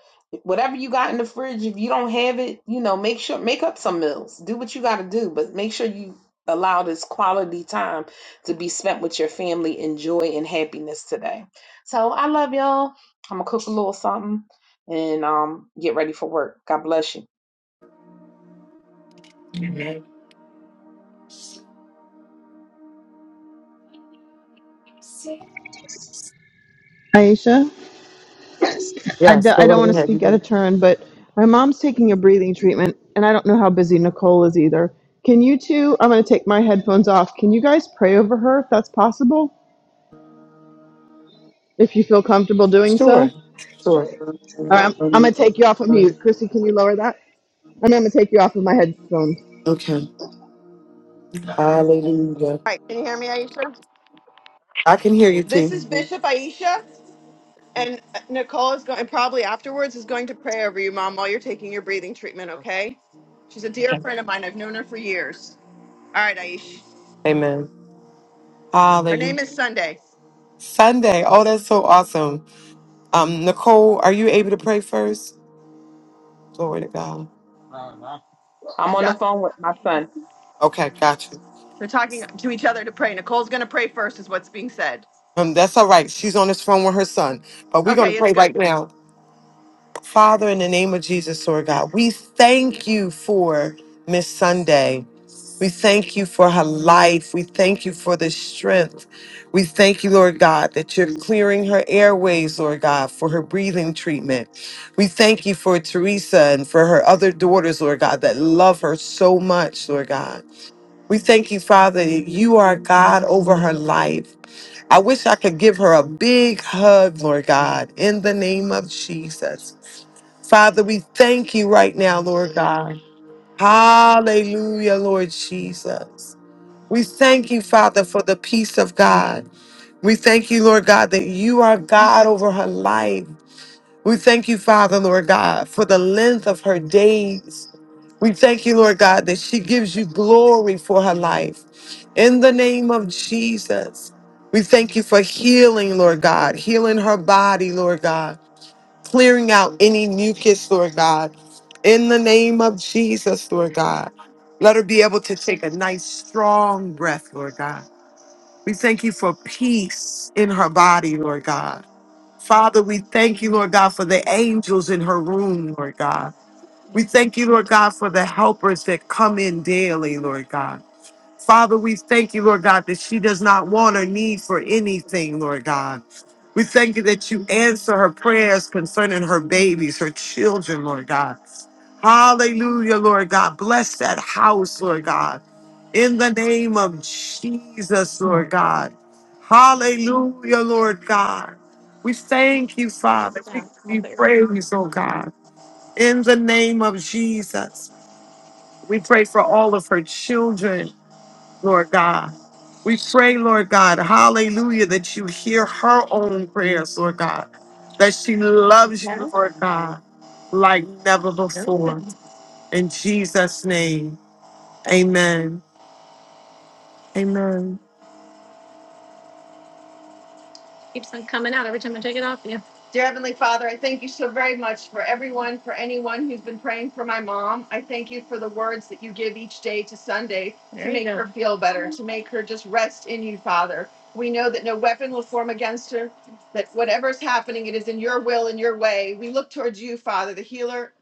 Speaker 6: Whatever you got in the fridge, if you don't have it, you know, make sure make up some meals. Do what you got to do, but make sure you allow this quality time to be spent with your family in joy and happiness today. So I love y'all. I'm gonna cook a little something and um get ready for work. God bless you.
Speaker 2: Aisha? I, d-
Speaker 5: Yes,
Speaker 2: I
Speaker 5: go
Speaker 2: don't
Speaker 5: right
Speaker 2: want to speak out of
Speaker 5: ahead.
Speaker 2: turn, but my mom's taking a breathing treatment, and I don't know how busy Nicole is either. Can you two? I'm going to take my headphones off. Can you guys pray over her if that's possible? If you feel comfortable doing so?
Speaker 5: Sure.
Speaker 2: All
Speaker 5: Sure.
Speaker 2: right, I'm, I'm going to take you off of mute. Chrissy, can you lower that? And I'm going to take you off of my headphones.
Speaker 5: Okay. Hallelujah.
Speaker 2: All right, can you hear me, Aisha?
Speaker 5: I can hear you, T.
Speaker 2: This is Bishop Aisha, and Nicole is going, and probably afterwards is going to pray over you, Mom, while you're taking your breathing treatment. Okay? She's a dear
Speaker 5: Okay.
Speaker 2: friend of mine. I've known her for years. All right, Aisha.
Speaker 5: Amen.
Speaker 2: Her
Speaker 5: Hallelujah.
Speaker 2: name is Sunday.
Speaker 5: Sunday. Oh, that's so awesome. Um, Nicole, are you able to pray first? Glory to God.
Speaker 6: I'm
Speaker 2: She's
Speaker 6: on the
Speaker 2: out.
Speaker 6: phone with my son.
Speaker 5: Okay, got you.
Speaker 2: They're talking to each other to pray. Nicole's going to pray first, is what's being said.
Speaker 5: Um, that's all right. She's on this phone with her son. But we're going to
Speaker 2: Okay, it's
Speaker 5: pray
Speaker 2: good.
Speaker 5: right now. Father, in the name of Jesus, Lord God, we thank you for Miss Sunday. We thank you for her life. We thank you for the strength. We thank you, Lord God, that you're clearing her airways, Lord God, for her breathing treatment. We thank you for Teresa and for her other daughters, Lord God, that love her so much, Lord God. We thank you, Father, that you are God over her life. I wish I could give her a big hug, Lord God, in the name of Jesus. Father, we thank you right now, Lord God. Hallelujah, Lord Jesus. We thank you, Father, for the peace of God. We thank you, Lord God, that you are God over her life. We thank you, Father, Lord God, for the length of her days. We thank you, Lord God, that she gives you glory for her life. In the name of Jesus, we thank you for healing, Lord God, healing her body, Lord God, clearing out any mucus, Lord God. In the name of Jesus, Lord God, let her be able to take a nice, strong breath, Lord God. We thank you for peace in her body, Lord God. Father, we thank you, Lord God, for the angels in her room, Lord God. We thank you, Lord God, for the helpers that come in daily, Lord God. Father, we thank you, Lord God, that she does not want or need for anything, Lord God. We thank you that you answer her prayers concerning her babies, her children, Lord God. Hallelujah, Lord God. Bless that house, Lord God. In the name of Jesus, Lord God. Hallelujah, Lord God. We thank you, Father. We give you praise, oh God. In the name of Jesus, we pray for all of her children, Lord God. We pray, Lord God, hallelujah, that you hear her own prayers, Lord God, that she loves you, Lord God, like never before. In Jesus' name, amen. Amen.
Speaker 2: Dear Heavenly Father, I thank you so very much for everyone, for anyone who's been praying for my mom. I thank you for the words that you give each day to Sunday to feel better, to make her just rest in you, Father. We know that no weapon will form against her, that whatever's happening, it is in your will and your way. We look towards you, Father, the healer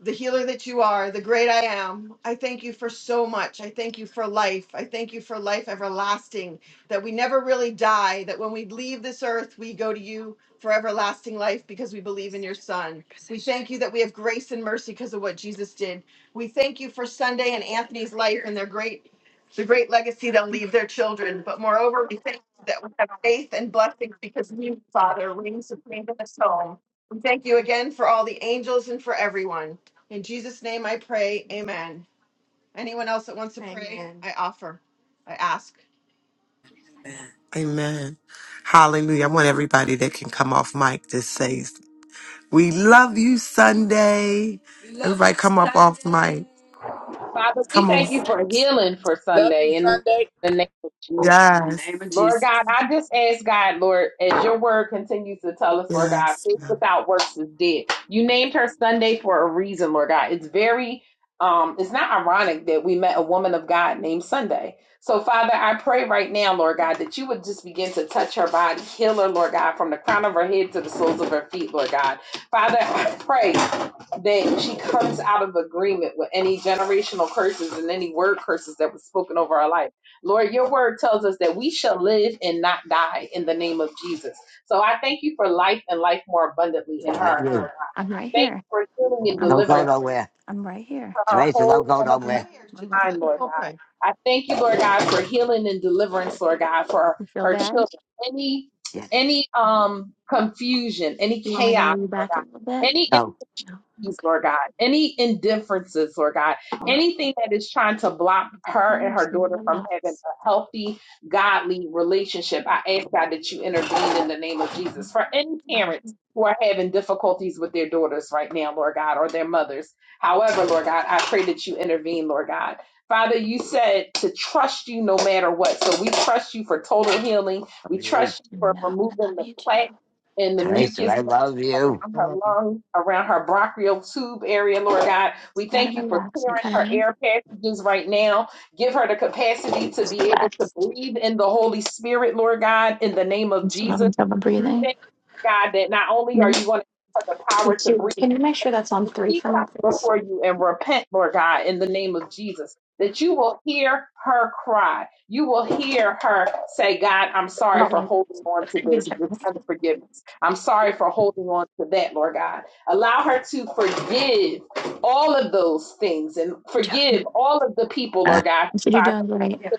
Speaker 2: the healer that you are, the great I am. I thank you for so much. I thank you for life. I thank you for life everlasting, that we never really die, that when we leave this earth, we go to you for everlasting life because we believe in your son. We thank you that we have grace and mercy because of what Jesus did. We thank you for Sunday and Anthony's life and their great the great legacy they'll leave their children. But moreover, we thank you that we have faith and blessings because you, Father, reign supreme in this home. We thank you again for all the angels and for everyone. In Jesus' name I pray. Amen. Anyone else that wants to pray, I offer, I ask.
Speaker 5: Amen. Hallelujah. I want everybody that can come off mic to say, We love you, Sunday. everybody come up off mic.
Speaker 6: Father, we
Speaker 5: Come on.
Speaker 6: thank you for healing for Sunday in the name of
Speaker 5: In
Speaker 6: Jesus.
Speaker 5: the Yes. name of
Speaker 6: Lord
Speaker 5: Jesus.
Speaker 6: God, I just ask God, Lord, as your word continues to tell us, Lord God,
Speaker 5: Yes.
Speaker 6: faith
Speaker 5: yes.
Speaker 6: without works is dead. You named her Sunday for a reason, Lord God. It's very um, it's not ironic that we met a woman of God named Sunday. So, Father, I pray right now, Lord God, that you would just begin to touch her body, heal her, Lord God, from the crown of her head to the soles of her feet, Lord God. Father, I pray that she comes out of agreement with any generational curses and any word curses that was spoken over her life. Lord, your word tells us that we shall live and not die in the name of Jesus. So I thank you for life and life more abundantly in
Speaker 2: What
Speaker 6: her,
Speaker 2: you?
Speaker 6: Lord God. Thank you for healing and
Speaker 2: Don't go
Speaker 6: deliverance
Speaker 2: nowhere.
Speaker 6: for her
Speaker 2: Teresa, don't
Speaker 6: whole
Speaker 2: go
Speaker 6: family
Speaker 2: nowhere. Come here. Just
Speaker 6: time,
Speaker 2: let
Speaker 6: Lord
Speaker 2: people
Speaker 6: God.
Speaker 2: pray.
Speaker 6: I thank you, Lord God, for healing and deliverance, Lord God, for her children. Any
Speaker 2: Yeah,
Speaker 6: any um confusion, any chaos, Lord God, any
Speaker 2: no.
Speaker 6: insecurities, Lord God, any indifferences, Lord God, anything that is trying to block her and her daughter from having a healthy, godly relationship. I ask God that you intervene in the name of Jesus. For any parents who are having difficulties with their daughters right now, Lord God, or their mothers. However, Lord God, I pray that you intervene, Lord God. Father, you said to trust you no matter what. So we trust you for total healing.
Speaker 2: Love
Speaker 6: We
Speaker 2: you.
Speaker 6: trust you for removing the plaque and the
Speaker 2: Teresa,
Speaker 6: mucus
Speaker 2: I love you.
Speaker 6: around her lung, around her bronchial tube area, Lord God. We thank you for clearing her air passages right now. Give her the capacity to be able to breathe in the Holy Spirit, Lord God, in the name of Jesus. We thank you, God, that not only are you going to give her the power to breathe, she comes before you and repent, Lord God, in the name of Jesus, that you will hear her cry. You will hear her say, God, I'm sorry for holding on to this, this unforgiveness. I'm sorry for holding on to that, Lord God. Allow her to forgive all of those things and forgive all of the people,
Speaker 2: Uh,
Speaker 6: Lord God, who tried to,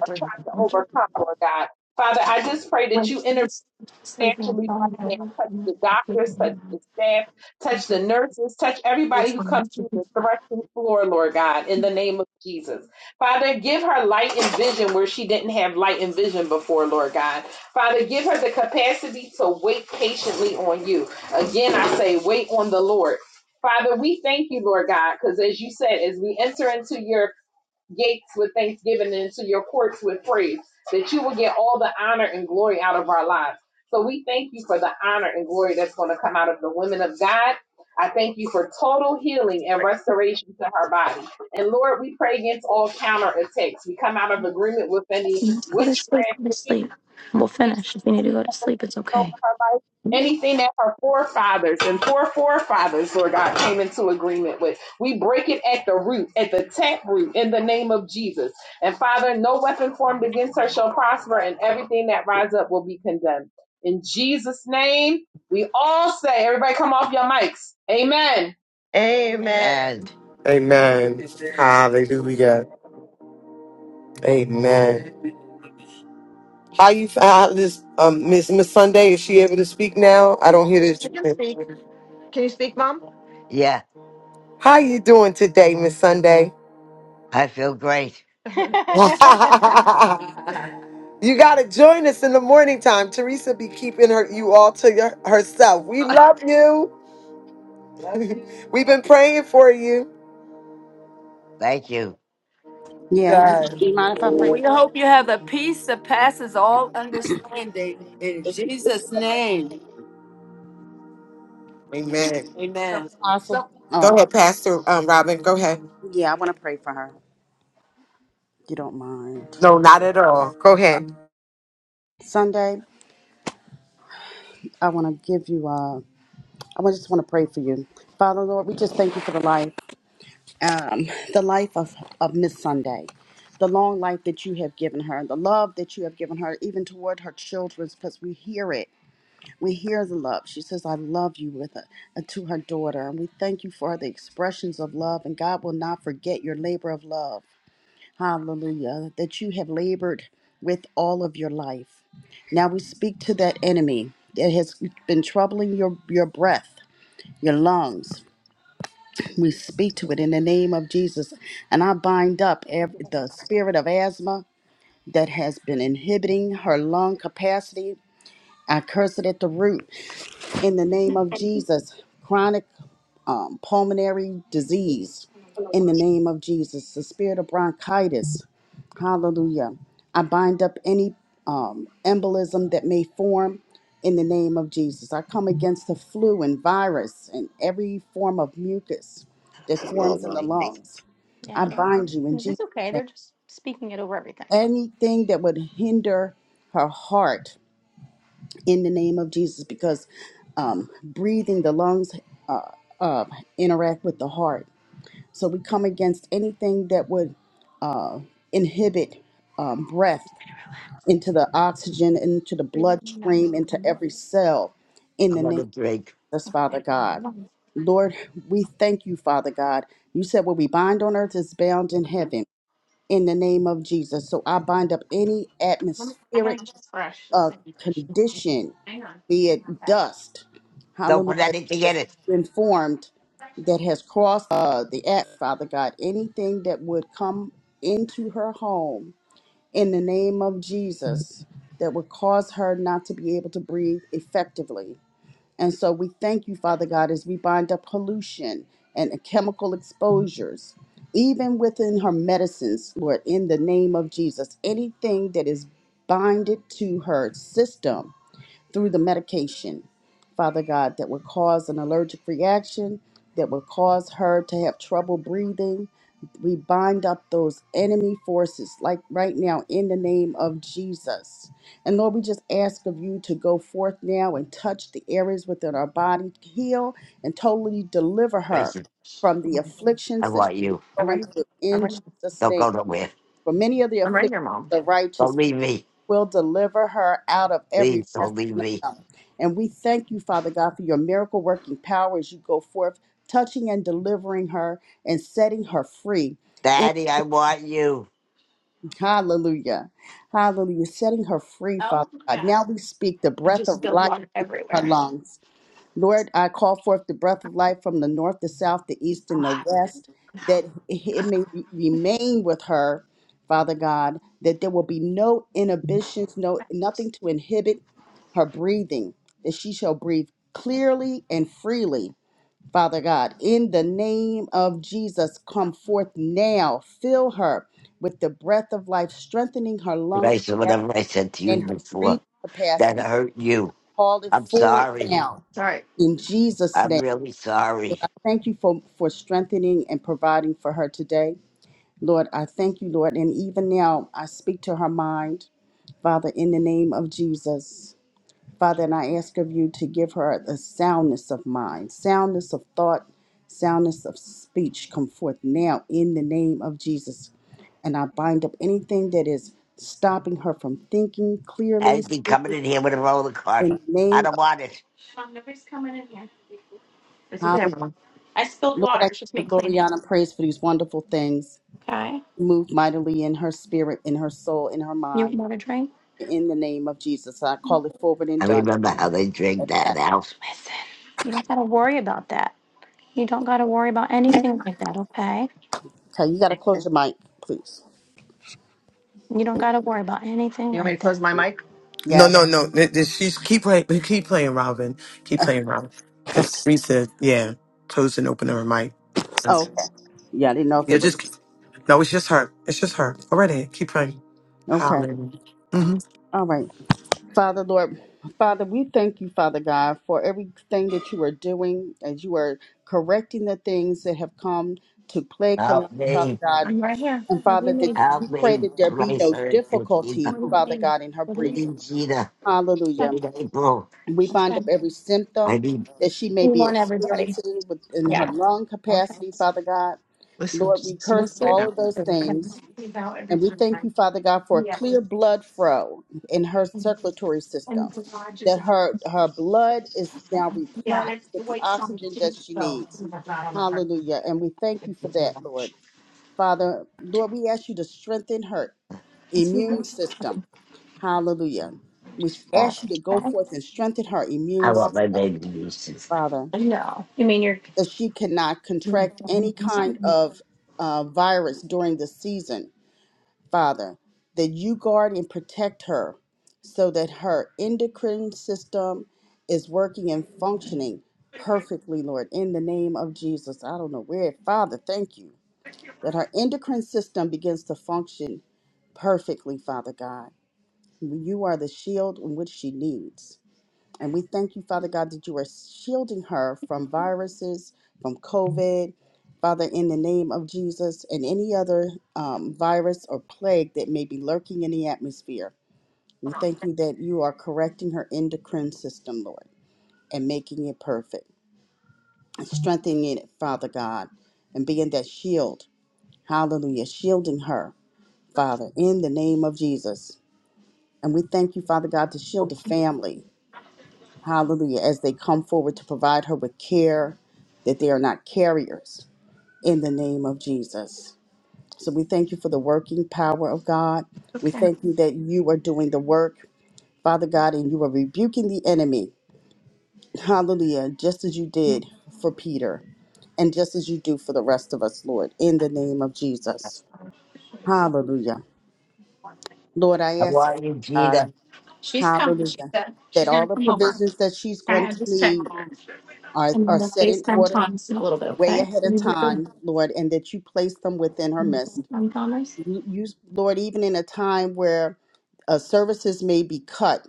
Speaker 6: or tried to overcome, Lord God. Father, I just pray that you intervene financially right now. Touch the doctors, touch the staff, touch the nurses, touch everybody who comes through the threshing floor, Lord God, in the name of Jesus. Father, give her light and vision where she didn't have light and vision before, Lord God. Father, give her the capacity to wait patiently on you. Again, I say, wait on the Lord. Father, we thank you, Lord God, because as you said, as we enter into your gates with thanksgiving and to your courts with praise, that you will get all the honor and glory out of our lives. So we thank you for the honor and glory that's going to come out of the women of God. I thank you for total healing and restoration to her body. And Lord, we pray against all counterattacks. We come out of agreement with any witchcraft over her life. Anything that her forefathers and poor forefathers, Lord God, came into agreement with, we break it at the root, at the tap root, in the name of Jesus. And Father, no weapon formed against her shall prosper, and everything that rises up will be condemned. In Jesus' name, we all say, everybody come off your mics. Amen.
Speaker 2: Amen.
Speaker 5: Amen. Hallelujah. Amen. How you how this um Miss Miss Sunday? Is she able to speak now? I don't hear this.
Speaker 2: Speak. Can you speak, Mom? yeah,
Speaker 5: How you doing today, Miss Sunday?
Speaker 2: I feel great. so,
Speaker 5: you gotta join us in the morning time. Teresa be keeping her you all to your, herself. We love you. We've been praying for you.
Speaker 2: Thank you.
Speaker 7: Yeah. Do you mind if I pray
Speaker 5: We
Speaker 7: for her?
Speaker 5: hope you have a peace that passes all understanding. In Jesus' name, Amen.
Speaker 2: so,
Speaker 5: amen.
Speaker 7: Awesome.
Speaker 2: so
Speaker 7: All
Speaker 5: Go
Speaker 7: right.
Speaker 5: ahead, Pastor um, Robin. Go ahead.
Speaker 7: Yeah, I want to pray for her. If you don't mind.
Speaker 5: No, not at all. Go ahead.
Speaker 7: Sunday, I want to give you. Uh, I wa- just want to pray for you, Father Lord. We just thank you for the life, um, the life of of Miss Sunday, the long life that you have given her, the love that you have given her, even toward her children, because we hear it. We hear the love. She says, "I love you," with a, uh, to her daughter, and we thank you for the expressions of love. And God will not forget your labor of love. Hallelujah. That you have labored with all of your life. Now we speak to that enemy that has been troubling your, your breath, your lungs. We speak to it in the name of Jesus. And I bind up ev- the spirit of asthma that has been inhibiting her lung capacity. I curse it at the root in the name of Jesus. Chronic um, pulmonary disease in the name of Jesus, the spirit of bronchitis. Hallelujah. I bind up any um, embolism that may form in the name of Jesus. I come against the flu and virus and every form of mucus that
Speaker 2: Oh, no,
Speaker 7: forms in the
Speaker 2: thanks.
Speaker 7: lungs. I bind you in Jesus' name. Anything that would hinder her heart in the name of Jesus because um, breathing, the lungs uh, uh, interact with the heart so we come against anything that would uh, inhibit um, breath into the oxygen, into the bloodstream, into every cell in
Speaker 2: I
Speaker 7: the
Speaker 2: want
Speaker 7: name
Speaker 2: a
Speaker 7: of
Speaker 2: drink.
Speaker 7: Jesus, Father God. Lord, we thank you, Father God. You said what we bind on earth is bound in heaven in the name of Jesus. So I bind up any atmospheric a condition, be it dust,
Speaker 2: Don't
Speaker 7: hallelujah,
Speaker 2: put anything
Speaker 7: that's
Speaker 2: in it.
Speaker 7: been formed that has crossed uh, the act, Father God, anything that would come into her home in the name of Jesus that would cause her not to be able to breathe effectively. And so we thank you, Father God, as we bind up pollution and chemical exposures, even within her medicines, Lord, in the name of Jesus. Anything that is binded to her system through the medication, Father God, that would cause an allergic reaction, that would cause her to have trouble breathing. We bind up those enemy forces, like right now, in the name of Jesus. And Lord, we just ask of you to go forth now and touch the areas within our body, heal and totally deliver her
Speaker 2: Teresa,
Speaker 7: from the
Speaker 2: I
Speaker 7: afflictions that
Speaker 2: want
Speaker 7: she's
Speaker 2: you.
Speaker 7: going through in Jesus'
Speaker 2: Don't
Speaker 7: name.
Speaker 2: go nowhere.
Speaker 7: For many of the afflictions, of the
Speaker 2: Don't
Speaker 7: righteous
Speaker 2: leave me.
Speaker 7: will deliver her out of every
Speaker 2: Please
Speaker 7: mess.
Speaker 2: don't leave
Speaker 7: of
Speaker 2: me.
Speaker 7: them. And we thank you, Father God, for your miracle working power as you go forth, touching and delivering her and setting her free. In,
Speaker 2: Daddy, I want you.
Speaker 7: hallelujah. Hallelujah. Setting her free, Father God. Now we speak the breath of life into her lungs. Lord, I call forth the breath of life from the north, the south, the east, and the west, that it may re- remain with her, Father God, that there will be no inhibitions, no nothing to inhibit her breathing, that she shall breathe clearly and freely. Father God, in the name of Jesus, come forth now. Fill her with the breath of life, strengthening her lung
Speaker 2: Rachel,
Speaker 7: capacity
Speaker 2: whatever I said to you
Speaker 7: and her breathing
Speaker 2: before, that
Speaker 7: capacity.
Speaker 2: hurt you.
Speaker 7: Call it
Speaker 2: I'm
Speaker 7: forward
Speaker 2: sorry.
Speaker 7: now.
Speaker 2: Sorry.
Speaker 7: In Jesus'
Speaker 2: I'm
Speaker 7: name.
Speaker 2: really sorry.
Speaker 7: Thank you for, for strengthening and providing for her today. Lord, I thank you, Lord. And even now, I speak to her mind, Father, in the name of Jesus. Father, and I ask of you to give her a soundness of mind, soundness of thought, soundness of speech. Come forth now in the name of Jesus. And I bind up anything that is stopping her from thinking clearly
Speaker 2: Anything
Speaker 7: speaking
Speaker 2: coming in here with a roller cart,
Speaker 7: in the
Speaker 2: I
Speaker 7: name
Speaker 2: don't
Speaker 7: of
Speaker 2: want it.
Speaker 7: Hallelujah. Lord, I give you glory, honor, and praise for these wonderful things. Move mightily in her spirit, in her soul, in her mind. In the name of Jesus, I call it forward and
Speaker 2: I
Speaker 7: done.
Speaker 2: remember how they drink that out.
Speaker 7: Okay, you got to close your mic, please.
Speaker 2: Close my mic.
Speaker 5: No,
Speaker 7: Yes.
Speaker 5: no, no. Th- th- She's keep playing. Keep playing, Robin. Keep playing, Robin. Because Teresa, yeah, closed and opened her mic.
Speaker 7: Oh, okay. Yeah, I didn't know if
Speaker 5: Yeah,
Speaker 7: it was.
Speaker 5: just keep- no. It's just her. It's just her. Go right ahead. Keep playing.
Speaker 7: Okay.
Speaker 5: Hallelujah. hmm
Speaker 7: All right. Father, Lord, Father, we thank you, Father God, for everything that you are doing as you are correcting the things that have come to plague her life,
Speaker 2: Help
Speaker 7: Father
Speaker 2: me,
Speaker 7: God. And Father, that we
Speaker 2: help
Speaker 7: pray
Speaker 2: me.
Speaker 7: that there be
Speaker 2: I
Speaker 7: no
Speaker 2: sorry. I
Speaker 7: difficulty, Father God, in her
Speaker 2: need
Speaker 7: breathing.
Speaker 2: Gina, I
Speaker 7: Hallelujah.
Speaker 2: need April.
Speaker 7: We bind up every
Speaker 2: I
Speaker 7: symptom
Speaker 2: need,
Speaker 7: that she may be experiencing within her lung capacity, Father God.
Speaker 2: Listen.
Speaker 7: Lord, we curse all of those things. And we thank you, Father God, for a clear blood flow in her circulatory system. That her her blood is now replenished with the oxygen that she needs. Hallelujah. And we thank you for that, Lord. Father, Lord, we ask you to strengthen her immune system. Hallelujah. We ask you to go forth and strengthen her
Speaker 2: I
Speaker 7: immune system.
Speaker 2: want my baby nieces.
Speaker 7: Father, that she cannot contract any kind of uh, virus during the season, Father, that you guard and protect her so that her endocrine system is working and functioning perfectly, Lord, in the name of Jesus. I don't know where, Father, thank you that her endocrine system begins to function perfectly, Father God. You are the shield in which she needs. And we thank you, Father God, that you are shielding her from viruses, from COVID. Father, in the name of Jesus and any other um, virus or plague that may be lurking in the atmosphere, we thank you that you are correcting her endocrine system, Lord, and making it perfect, and strengthening it, Father God, and being that shield. Hallelujah. Shielding her, Father, in the name of Jesus. And we thank you, Father God, to shield the family Hallelujah. As they come forward to provide her with care, that they are not carriers in the name of Jesus. So we thank you for the working power of God. We thank you that you are doing the work, Father God, and you are rebuking the enemy. Hallelujah. Just as you did for Peter and just as you do for the rest of us, Lord, in the name of Jesus. Hallelujah. Lord, I
Speaker 2: I
Speaker 7: ask,
Speaker 2: want you,
Speaker 7: God,
Speaker 2: Gina.
Speaker 7: hallelujah, that all the provisions that she's going to need are, are set in order way ahead of time, Lord, and that you place them within her midst. You, you- Lord, even in a time where uh, services may be cut,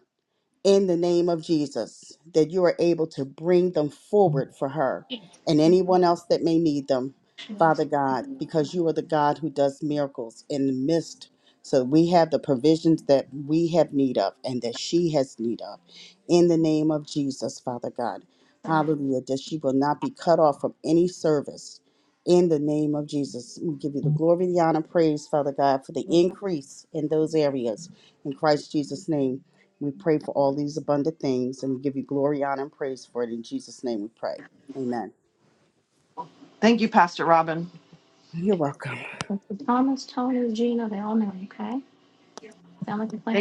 Speaker 7: in the name of Jesus, that you are able to bring them forward for her and anyone else that may need them, Father God, because you are the God who does miracles in the midst. So we have the provisions that we have need of and that she has need of in the name of Jesus, Father God. Hallelujah, that she will not be cut off from any service in the name of Jesus. We give you the glory, the honor, praise, Father God, for the increase in those areas in Christ Jesus' name. We pray for all these abundant things and we give you glory, honor, and praise for it. In Jesus' name we pray. Amen.
Speaker 2: Thank you, Pastor Robin.
Speaker 7: You're welcome.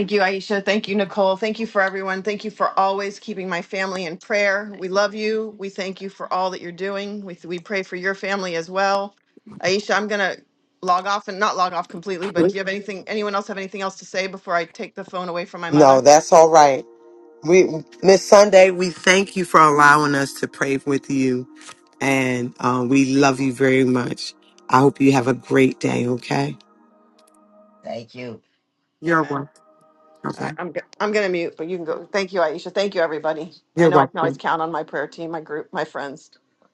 Speaker 2: Thank you, Aisha. Thank you, Nicole. Thank you for everyone. Thank you for always keeping my family in prayer. We love you. We thank you for all that you're doing. We, we pray for your family as well. Aisha, I'm going to log off and not log off completely, but do you have anything, anyone else have anything else to say before I take the phone away from my
Speaker 5: No,
Speaker 2: mother?
Speaker 5: that's all right. We Miss Sunday. We thank you for allowing us to pray with you and um, we love you very much. I hope you have a great day. Okay.
Speaker 2: Thank you.
Speaker 5: You're
Speaker 2: Amen.
Speaker 5: welcome.
Speaker 2: All
Speaker 5: Okay.
Speaker 2: right, I'm, go- I'm going to mute, but you can go. Thank you, Aisha. Thank you, everybody. I
Speaker 5: You're
Speaker 2: know I can always
Speaker 5: welcome.
Speaker 2: count on my prayer team, my group, my friends.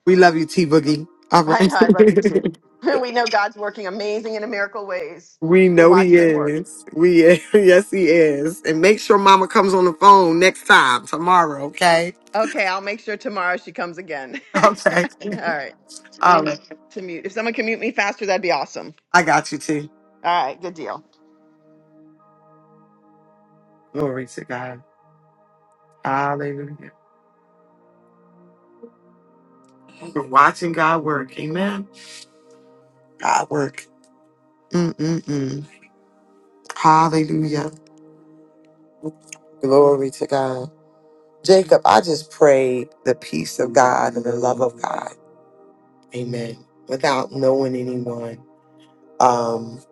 Speaker 5: We love you, T Boogie. All
Speaker 2: I know I love you too.
Speaker 5: right.
Speaker 2: we know God's working amazing and in miracle ways.
Speaker 5: we
Speaker 2: We'll
Speaker 5: know he
Speaker 2: watch him work.
Speaker 5: is. We is. yes, he is. And make sure Mama comes on the phone next time tomorrow. Okay.
Speaker 2: Okay, I'll make sure tomorrow she comes again.
Speaker 5: Okay.
Speaker 2: All right. You're
Speaker 5: All
Speaker 2: in-
Speaker 5: right.
Speaker 2: To mute. If someone can mute me faster, that'd be awesome.
Speaker 5: I got you, T.
Speaker 2: All right, good deal.
Speaker 5: Glory to God. Hallelujah. We're watching God work. Amen. God work. Mm-mm-mm. Hallelujah. Glory to God. Jacob, I just pray the peace of God and the love of God. Amen. Without knowing anyone, um,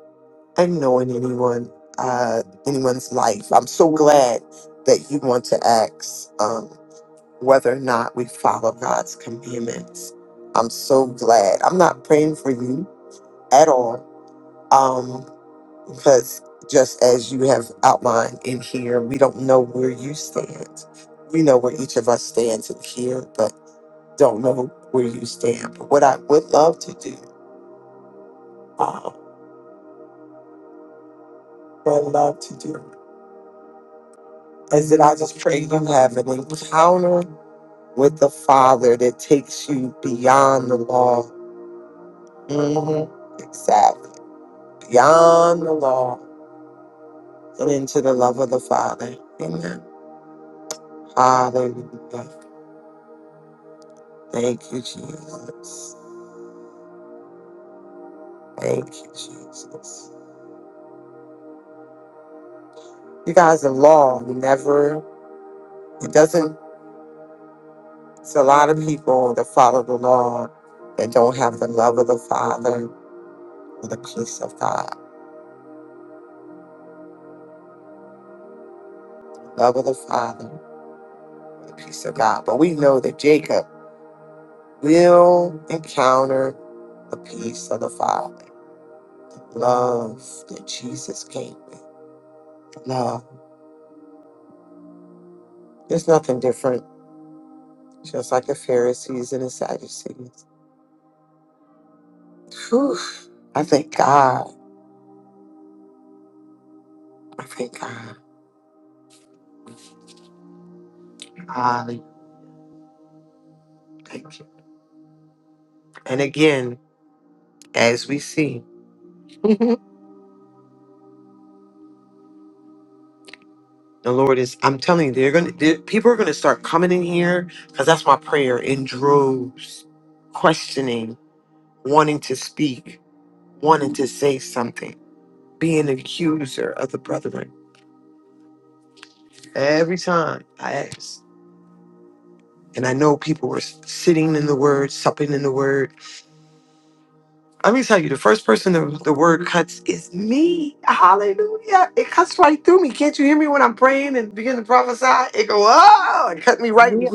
Speaker 5: and knowing anyone, uh, anyone's life. I'm so glad that you want to ask um, whether or not we follow God's commandments. I'm so glad. I'm not praying for you at all, um, because just as you have outlined in here, we don't know where you stand. We know where each of us stands in here, but don't know where you stand. But what I would love to do, uh, what I love to do, is that I just pray you have an encounter with the Father that takes you beyond the law. Mhm. Exactly. Beyond the law and into the love of the Father. Amen. Hallelujah. Thank you, Jesus. Thank you, Jesus. You guys, the law never, it doesn't It's a lot of people that follow the law that don't have the love of the Father or the peace of God. Love of the Father or the peace of God. But we know that Jacob will encounter the peace of the Father, love that Jesus came with. Love. There's nothing different, just like the Pharisees and the Sadducees. Whew. I thank God. I thank God. Hallelujah. Thank you. And again, as we see. The Lord is, I'm telling you, they're gonna they people are gonna start coming in here because that's my prayer in droves, questioning, wanting to speak, wanting to say something, being an accuser of the brethren. Every time I ask. And I know people were s- sitting in the word, supping in the word. Let me tell you, the first person the, the word cuts is me. Hallelujah. It cuts right through me. Can't you hear me when I'm praying and begin to prophesy? It go, oh, it cut me right.
Speaker 6: We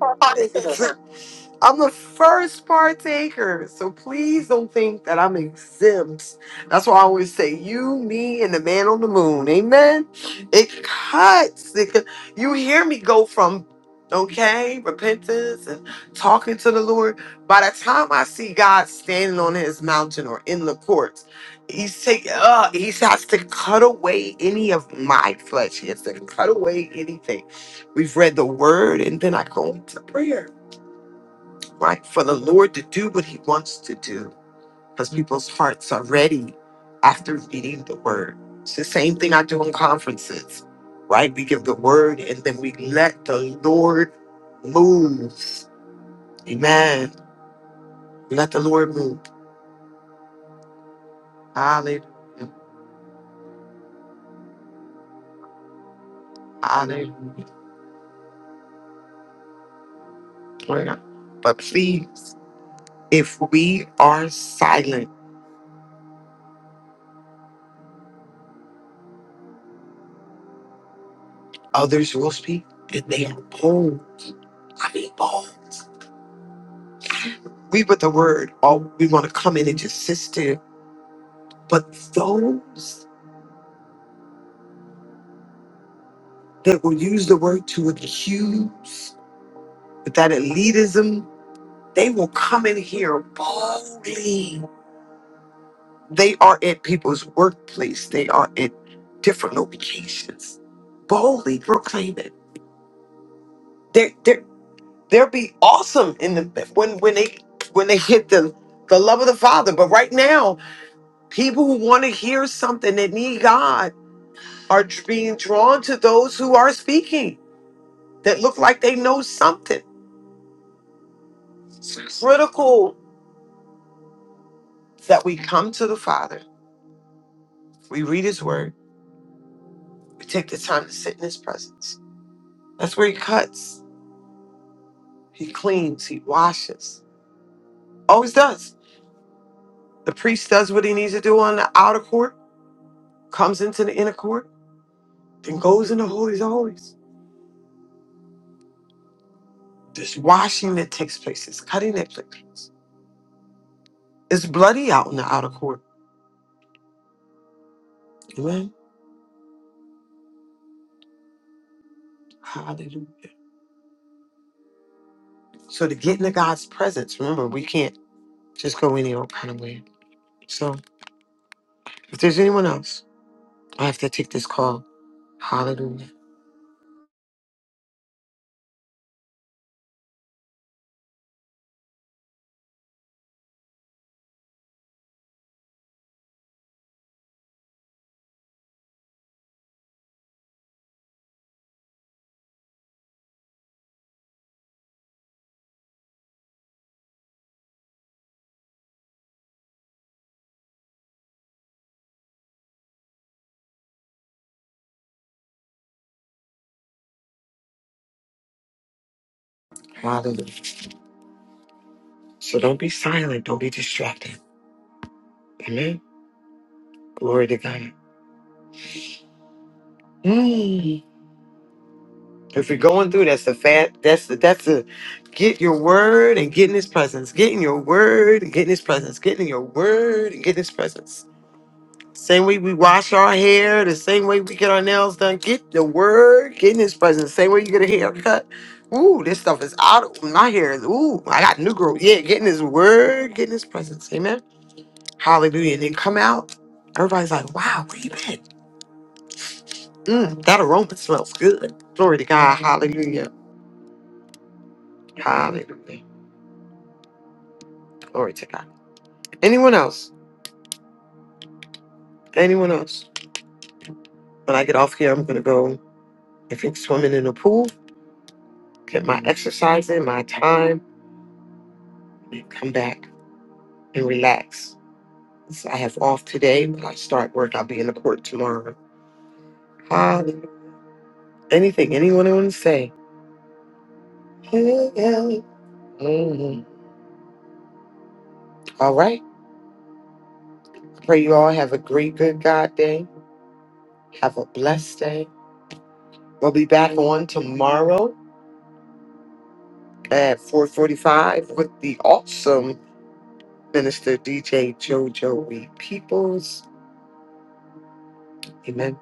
Speaker 6: are partakers.
Speaker 5: I'm the first partaker, so please don't think that I'm exempt. That's why I always say, you, me, and the man on the moon. Amen. It cuts. It cu- you hear me go from okay repentance and talking to the Lord. By the time I see God standing on His mountain or in the courts, He's taking. Uh, he has to cut away any of my flesh. He has to cut away anything. We've read the Word, and then I go to prayer right? For the Lord to do what he wants to do because people's hearts are ready after reading the word. It's the same thing I do in conferences, right? We give the word and then we let the Lord move. Amen. Let the Lord move. Hallelujah. Hallelujah. But please, if we are silent, others will speak and they are bold. I mean, bold. We with the word, all we want to come in and just sit there But those that will use the word to accuse, with that elitism, they will come in here boldly. They are at people's workplace. They are at different locations, boldly proclaiming. They're, they're, they'll be awesome in the when when they when they hit the the love of the Father. But right now, people who want to hear something that need God are being drawn to those who are speaking that look like they know something critical that we come to the Father, we read His Word, we take the time to sit in His presence. That's where He cuts, He cleans, He washes. Always does. The priest does what he needs to do on the outer court, comes into the inner court, then goes into holies of holies. This washing that takes place, this cutting that takes place. It's bloody out in the outer court. Amen. Hallelujah. So to get into God's presence, remember we can't just go any old kind of way. So if there's anyone else, I have to take this call. Hallelujah. Hallelujah. So don't be silent. Don't be distracted. Amen. Glory to God. Mm. If you're going through, that's the fat. That's the that's the get your word and get in his presence. Get in your word and get in his presence. Get in your word and get in his presence. Same way we wash our hair, the same way we get our nails done. Get the word, get in his presence. Same way you get a haircut. Ooh, this stuff is out. of- My hair is ooh, I got new growth. Yeah, get in his word, get in his presence. Amen. Hallelujah. And then come out. Everybody's like, wow, where you been? Mm, that aroma smells good. Glory to God. Hallelujah. Hallelujah. Glory to God. Anyone else? Anyone else? When I get off here, I'm going to go, I think, swimming in the pool, get my exercise in, my time, and come back and relax. So I have off today, but I start work. I'll be in the court tomorrow. Hallelujah. Anything anyone want to say? Hey, hey. Mhm. All right. Pray you all have a great, good God day. Have a blessed day. We'll be back on tomorrow at 4:45 with the awesome minister DJ JoJo Reed Peoples. Amen.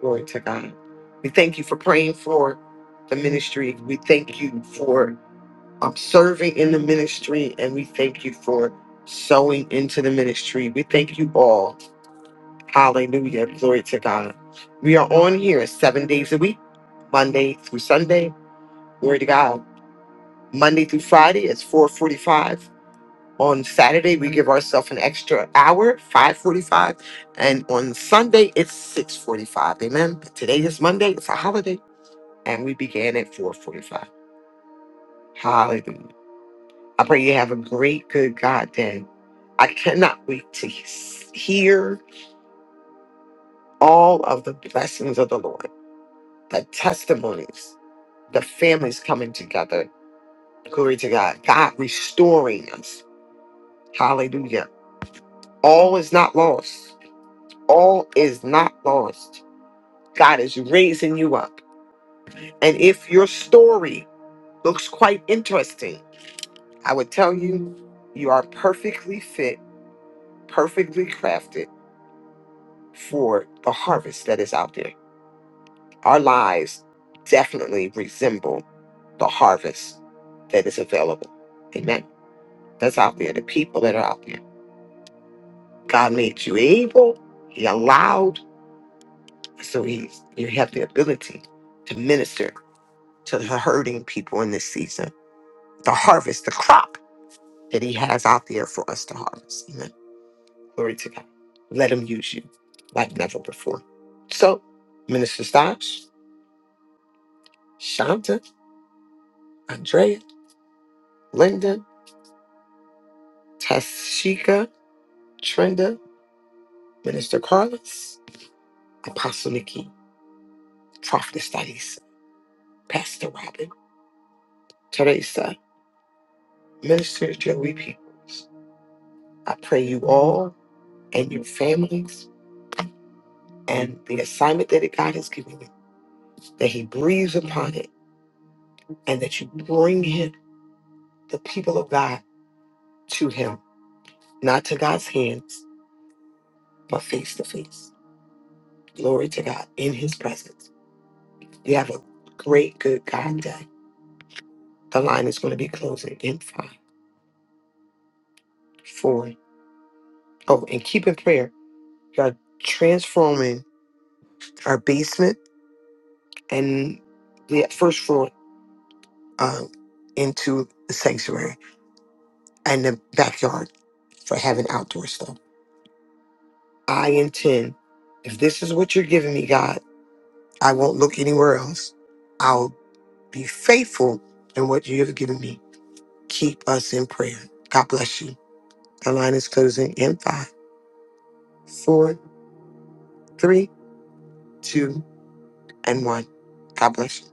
Speaker 5: Glory to God. We thank you for praying for the ministry. We thank you for um, serving in the ministry, and we thank you for sowing into the ministry. We thank you all. Hallelujah. Glory to God. We are on here seven days a week, Monday through Sunday. Glory to God. Monday through Friday it's 4:45. On Saturday we give ourselves an extra hour, 5:45, and on Sunday it's 6:45. Amen. But today is Monday, it's a holiday, and we began at 4:45. Hallelujah. I pray you have a great good God day. I cannot wait to hear all of the blessings of the Lord, the testimonies, the families coming together. Glory to God. God restoring us. Hallelujah All is not lost. All is not lost. God is raising you up. And if your story looks quite interesting, I would tell you, you are perfectly fit, perfectly crafted for the harvest that is out there. Our lives definitely resemble the harvest that is available. Amen. That's out there, the people that are out there. God made you able, He allowed, so He's, you have the ability to minister to the hurting people in this season, the harvest, the crop that He has out there for us to harvest. Amen. Glory to God. Let Him use you like never before. So, Minister Stosh, Shanta, Andrea, Linda, Tashika, Trenda, Minister Carlos, Apostle Nikki, Prophet Studies, Pastor Robin, Teresa, Minister Joey Peoples. I pray you all and your families and the assignment that God has given you that he breathes upon it, and that you bring him, the people of God, to him, not to God's hands, but face to face. Glory to God in his presence. You have a great, good God day. The line is going to be closing in five, four. Oh, and keep in prayer. You're transforming our basement and the first floor um, into the sanctuary and the backyard for having outdoor stuff. I intend, if this is what you're giving me, God. I won't look anywhere else. I'll be faithful in what you have given me. Keep us in prayer. God bless you. The line is closing in five, four, three, two, and one. God bless you.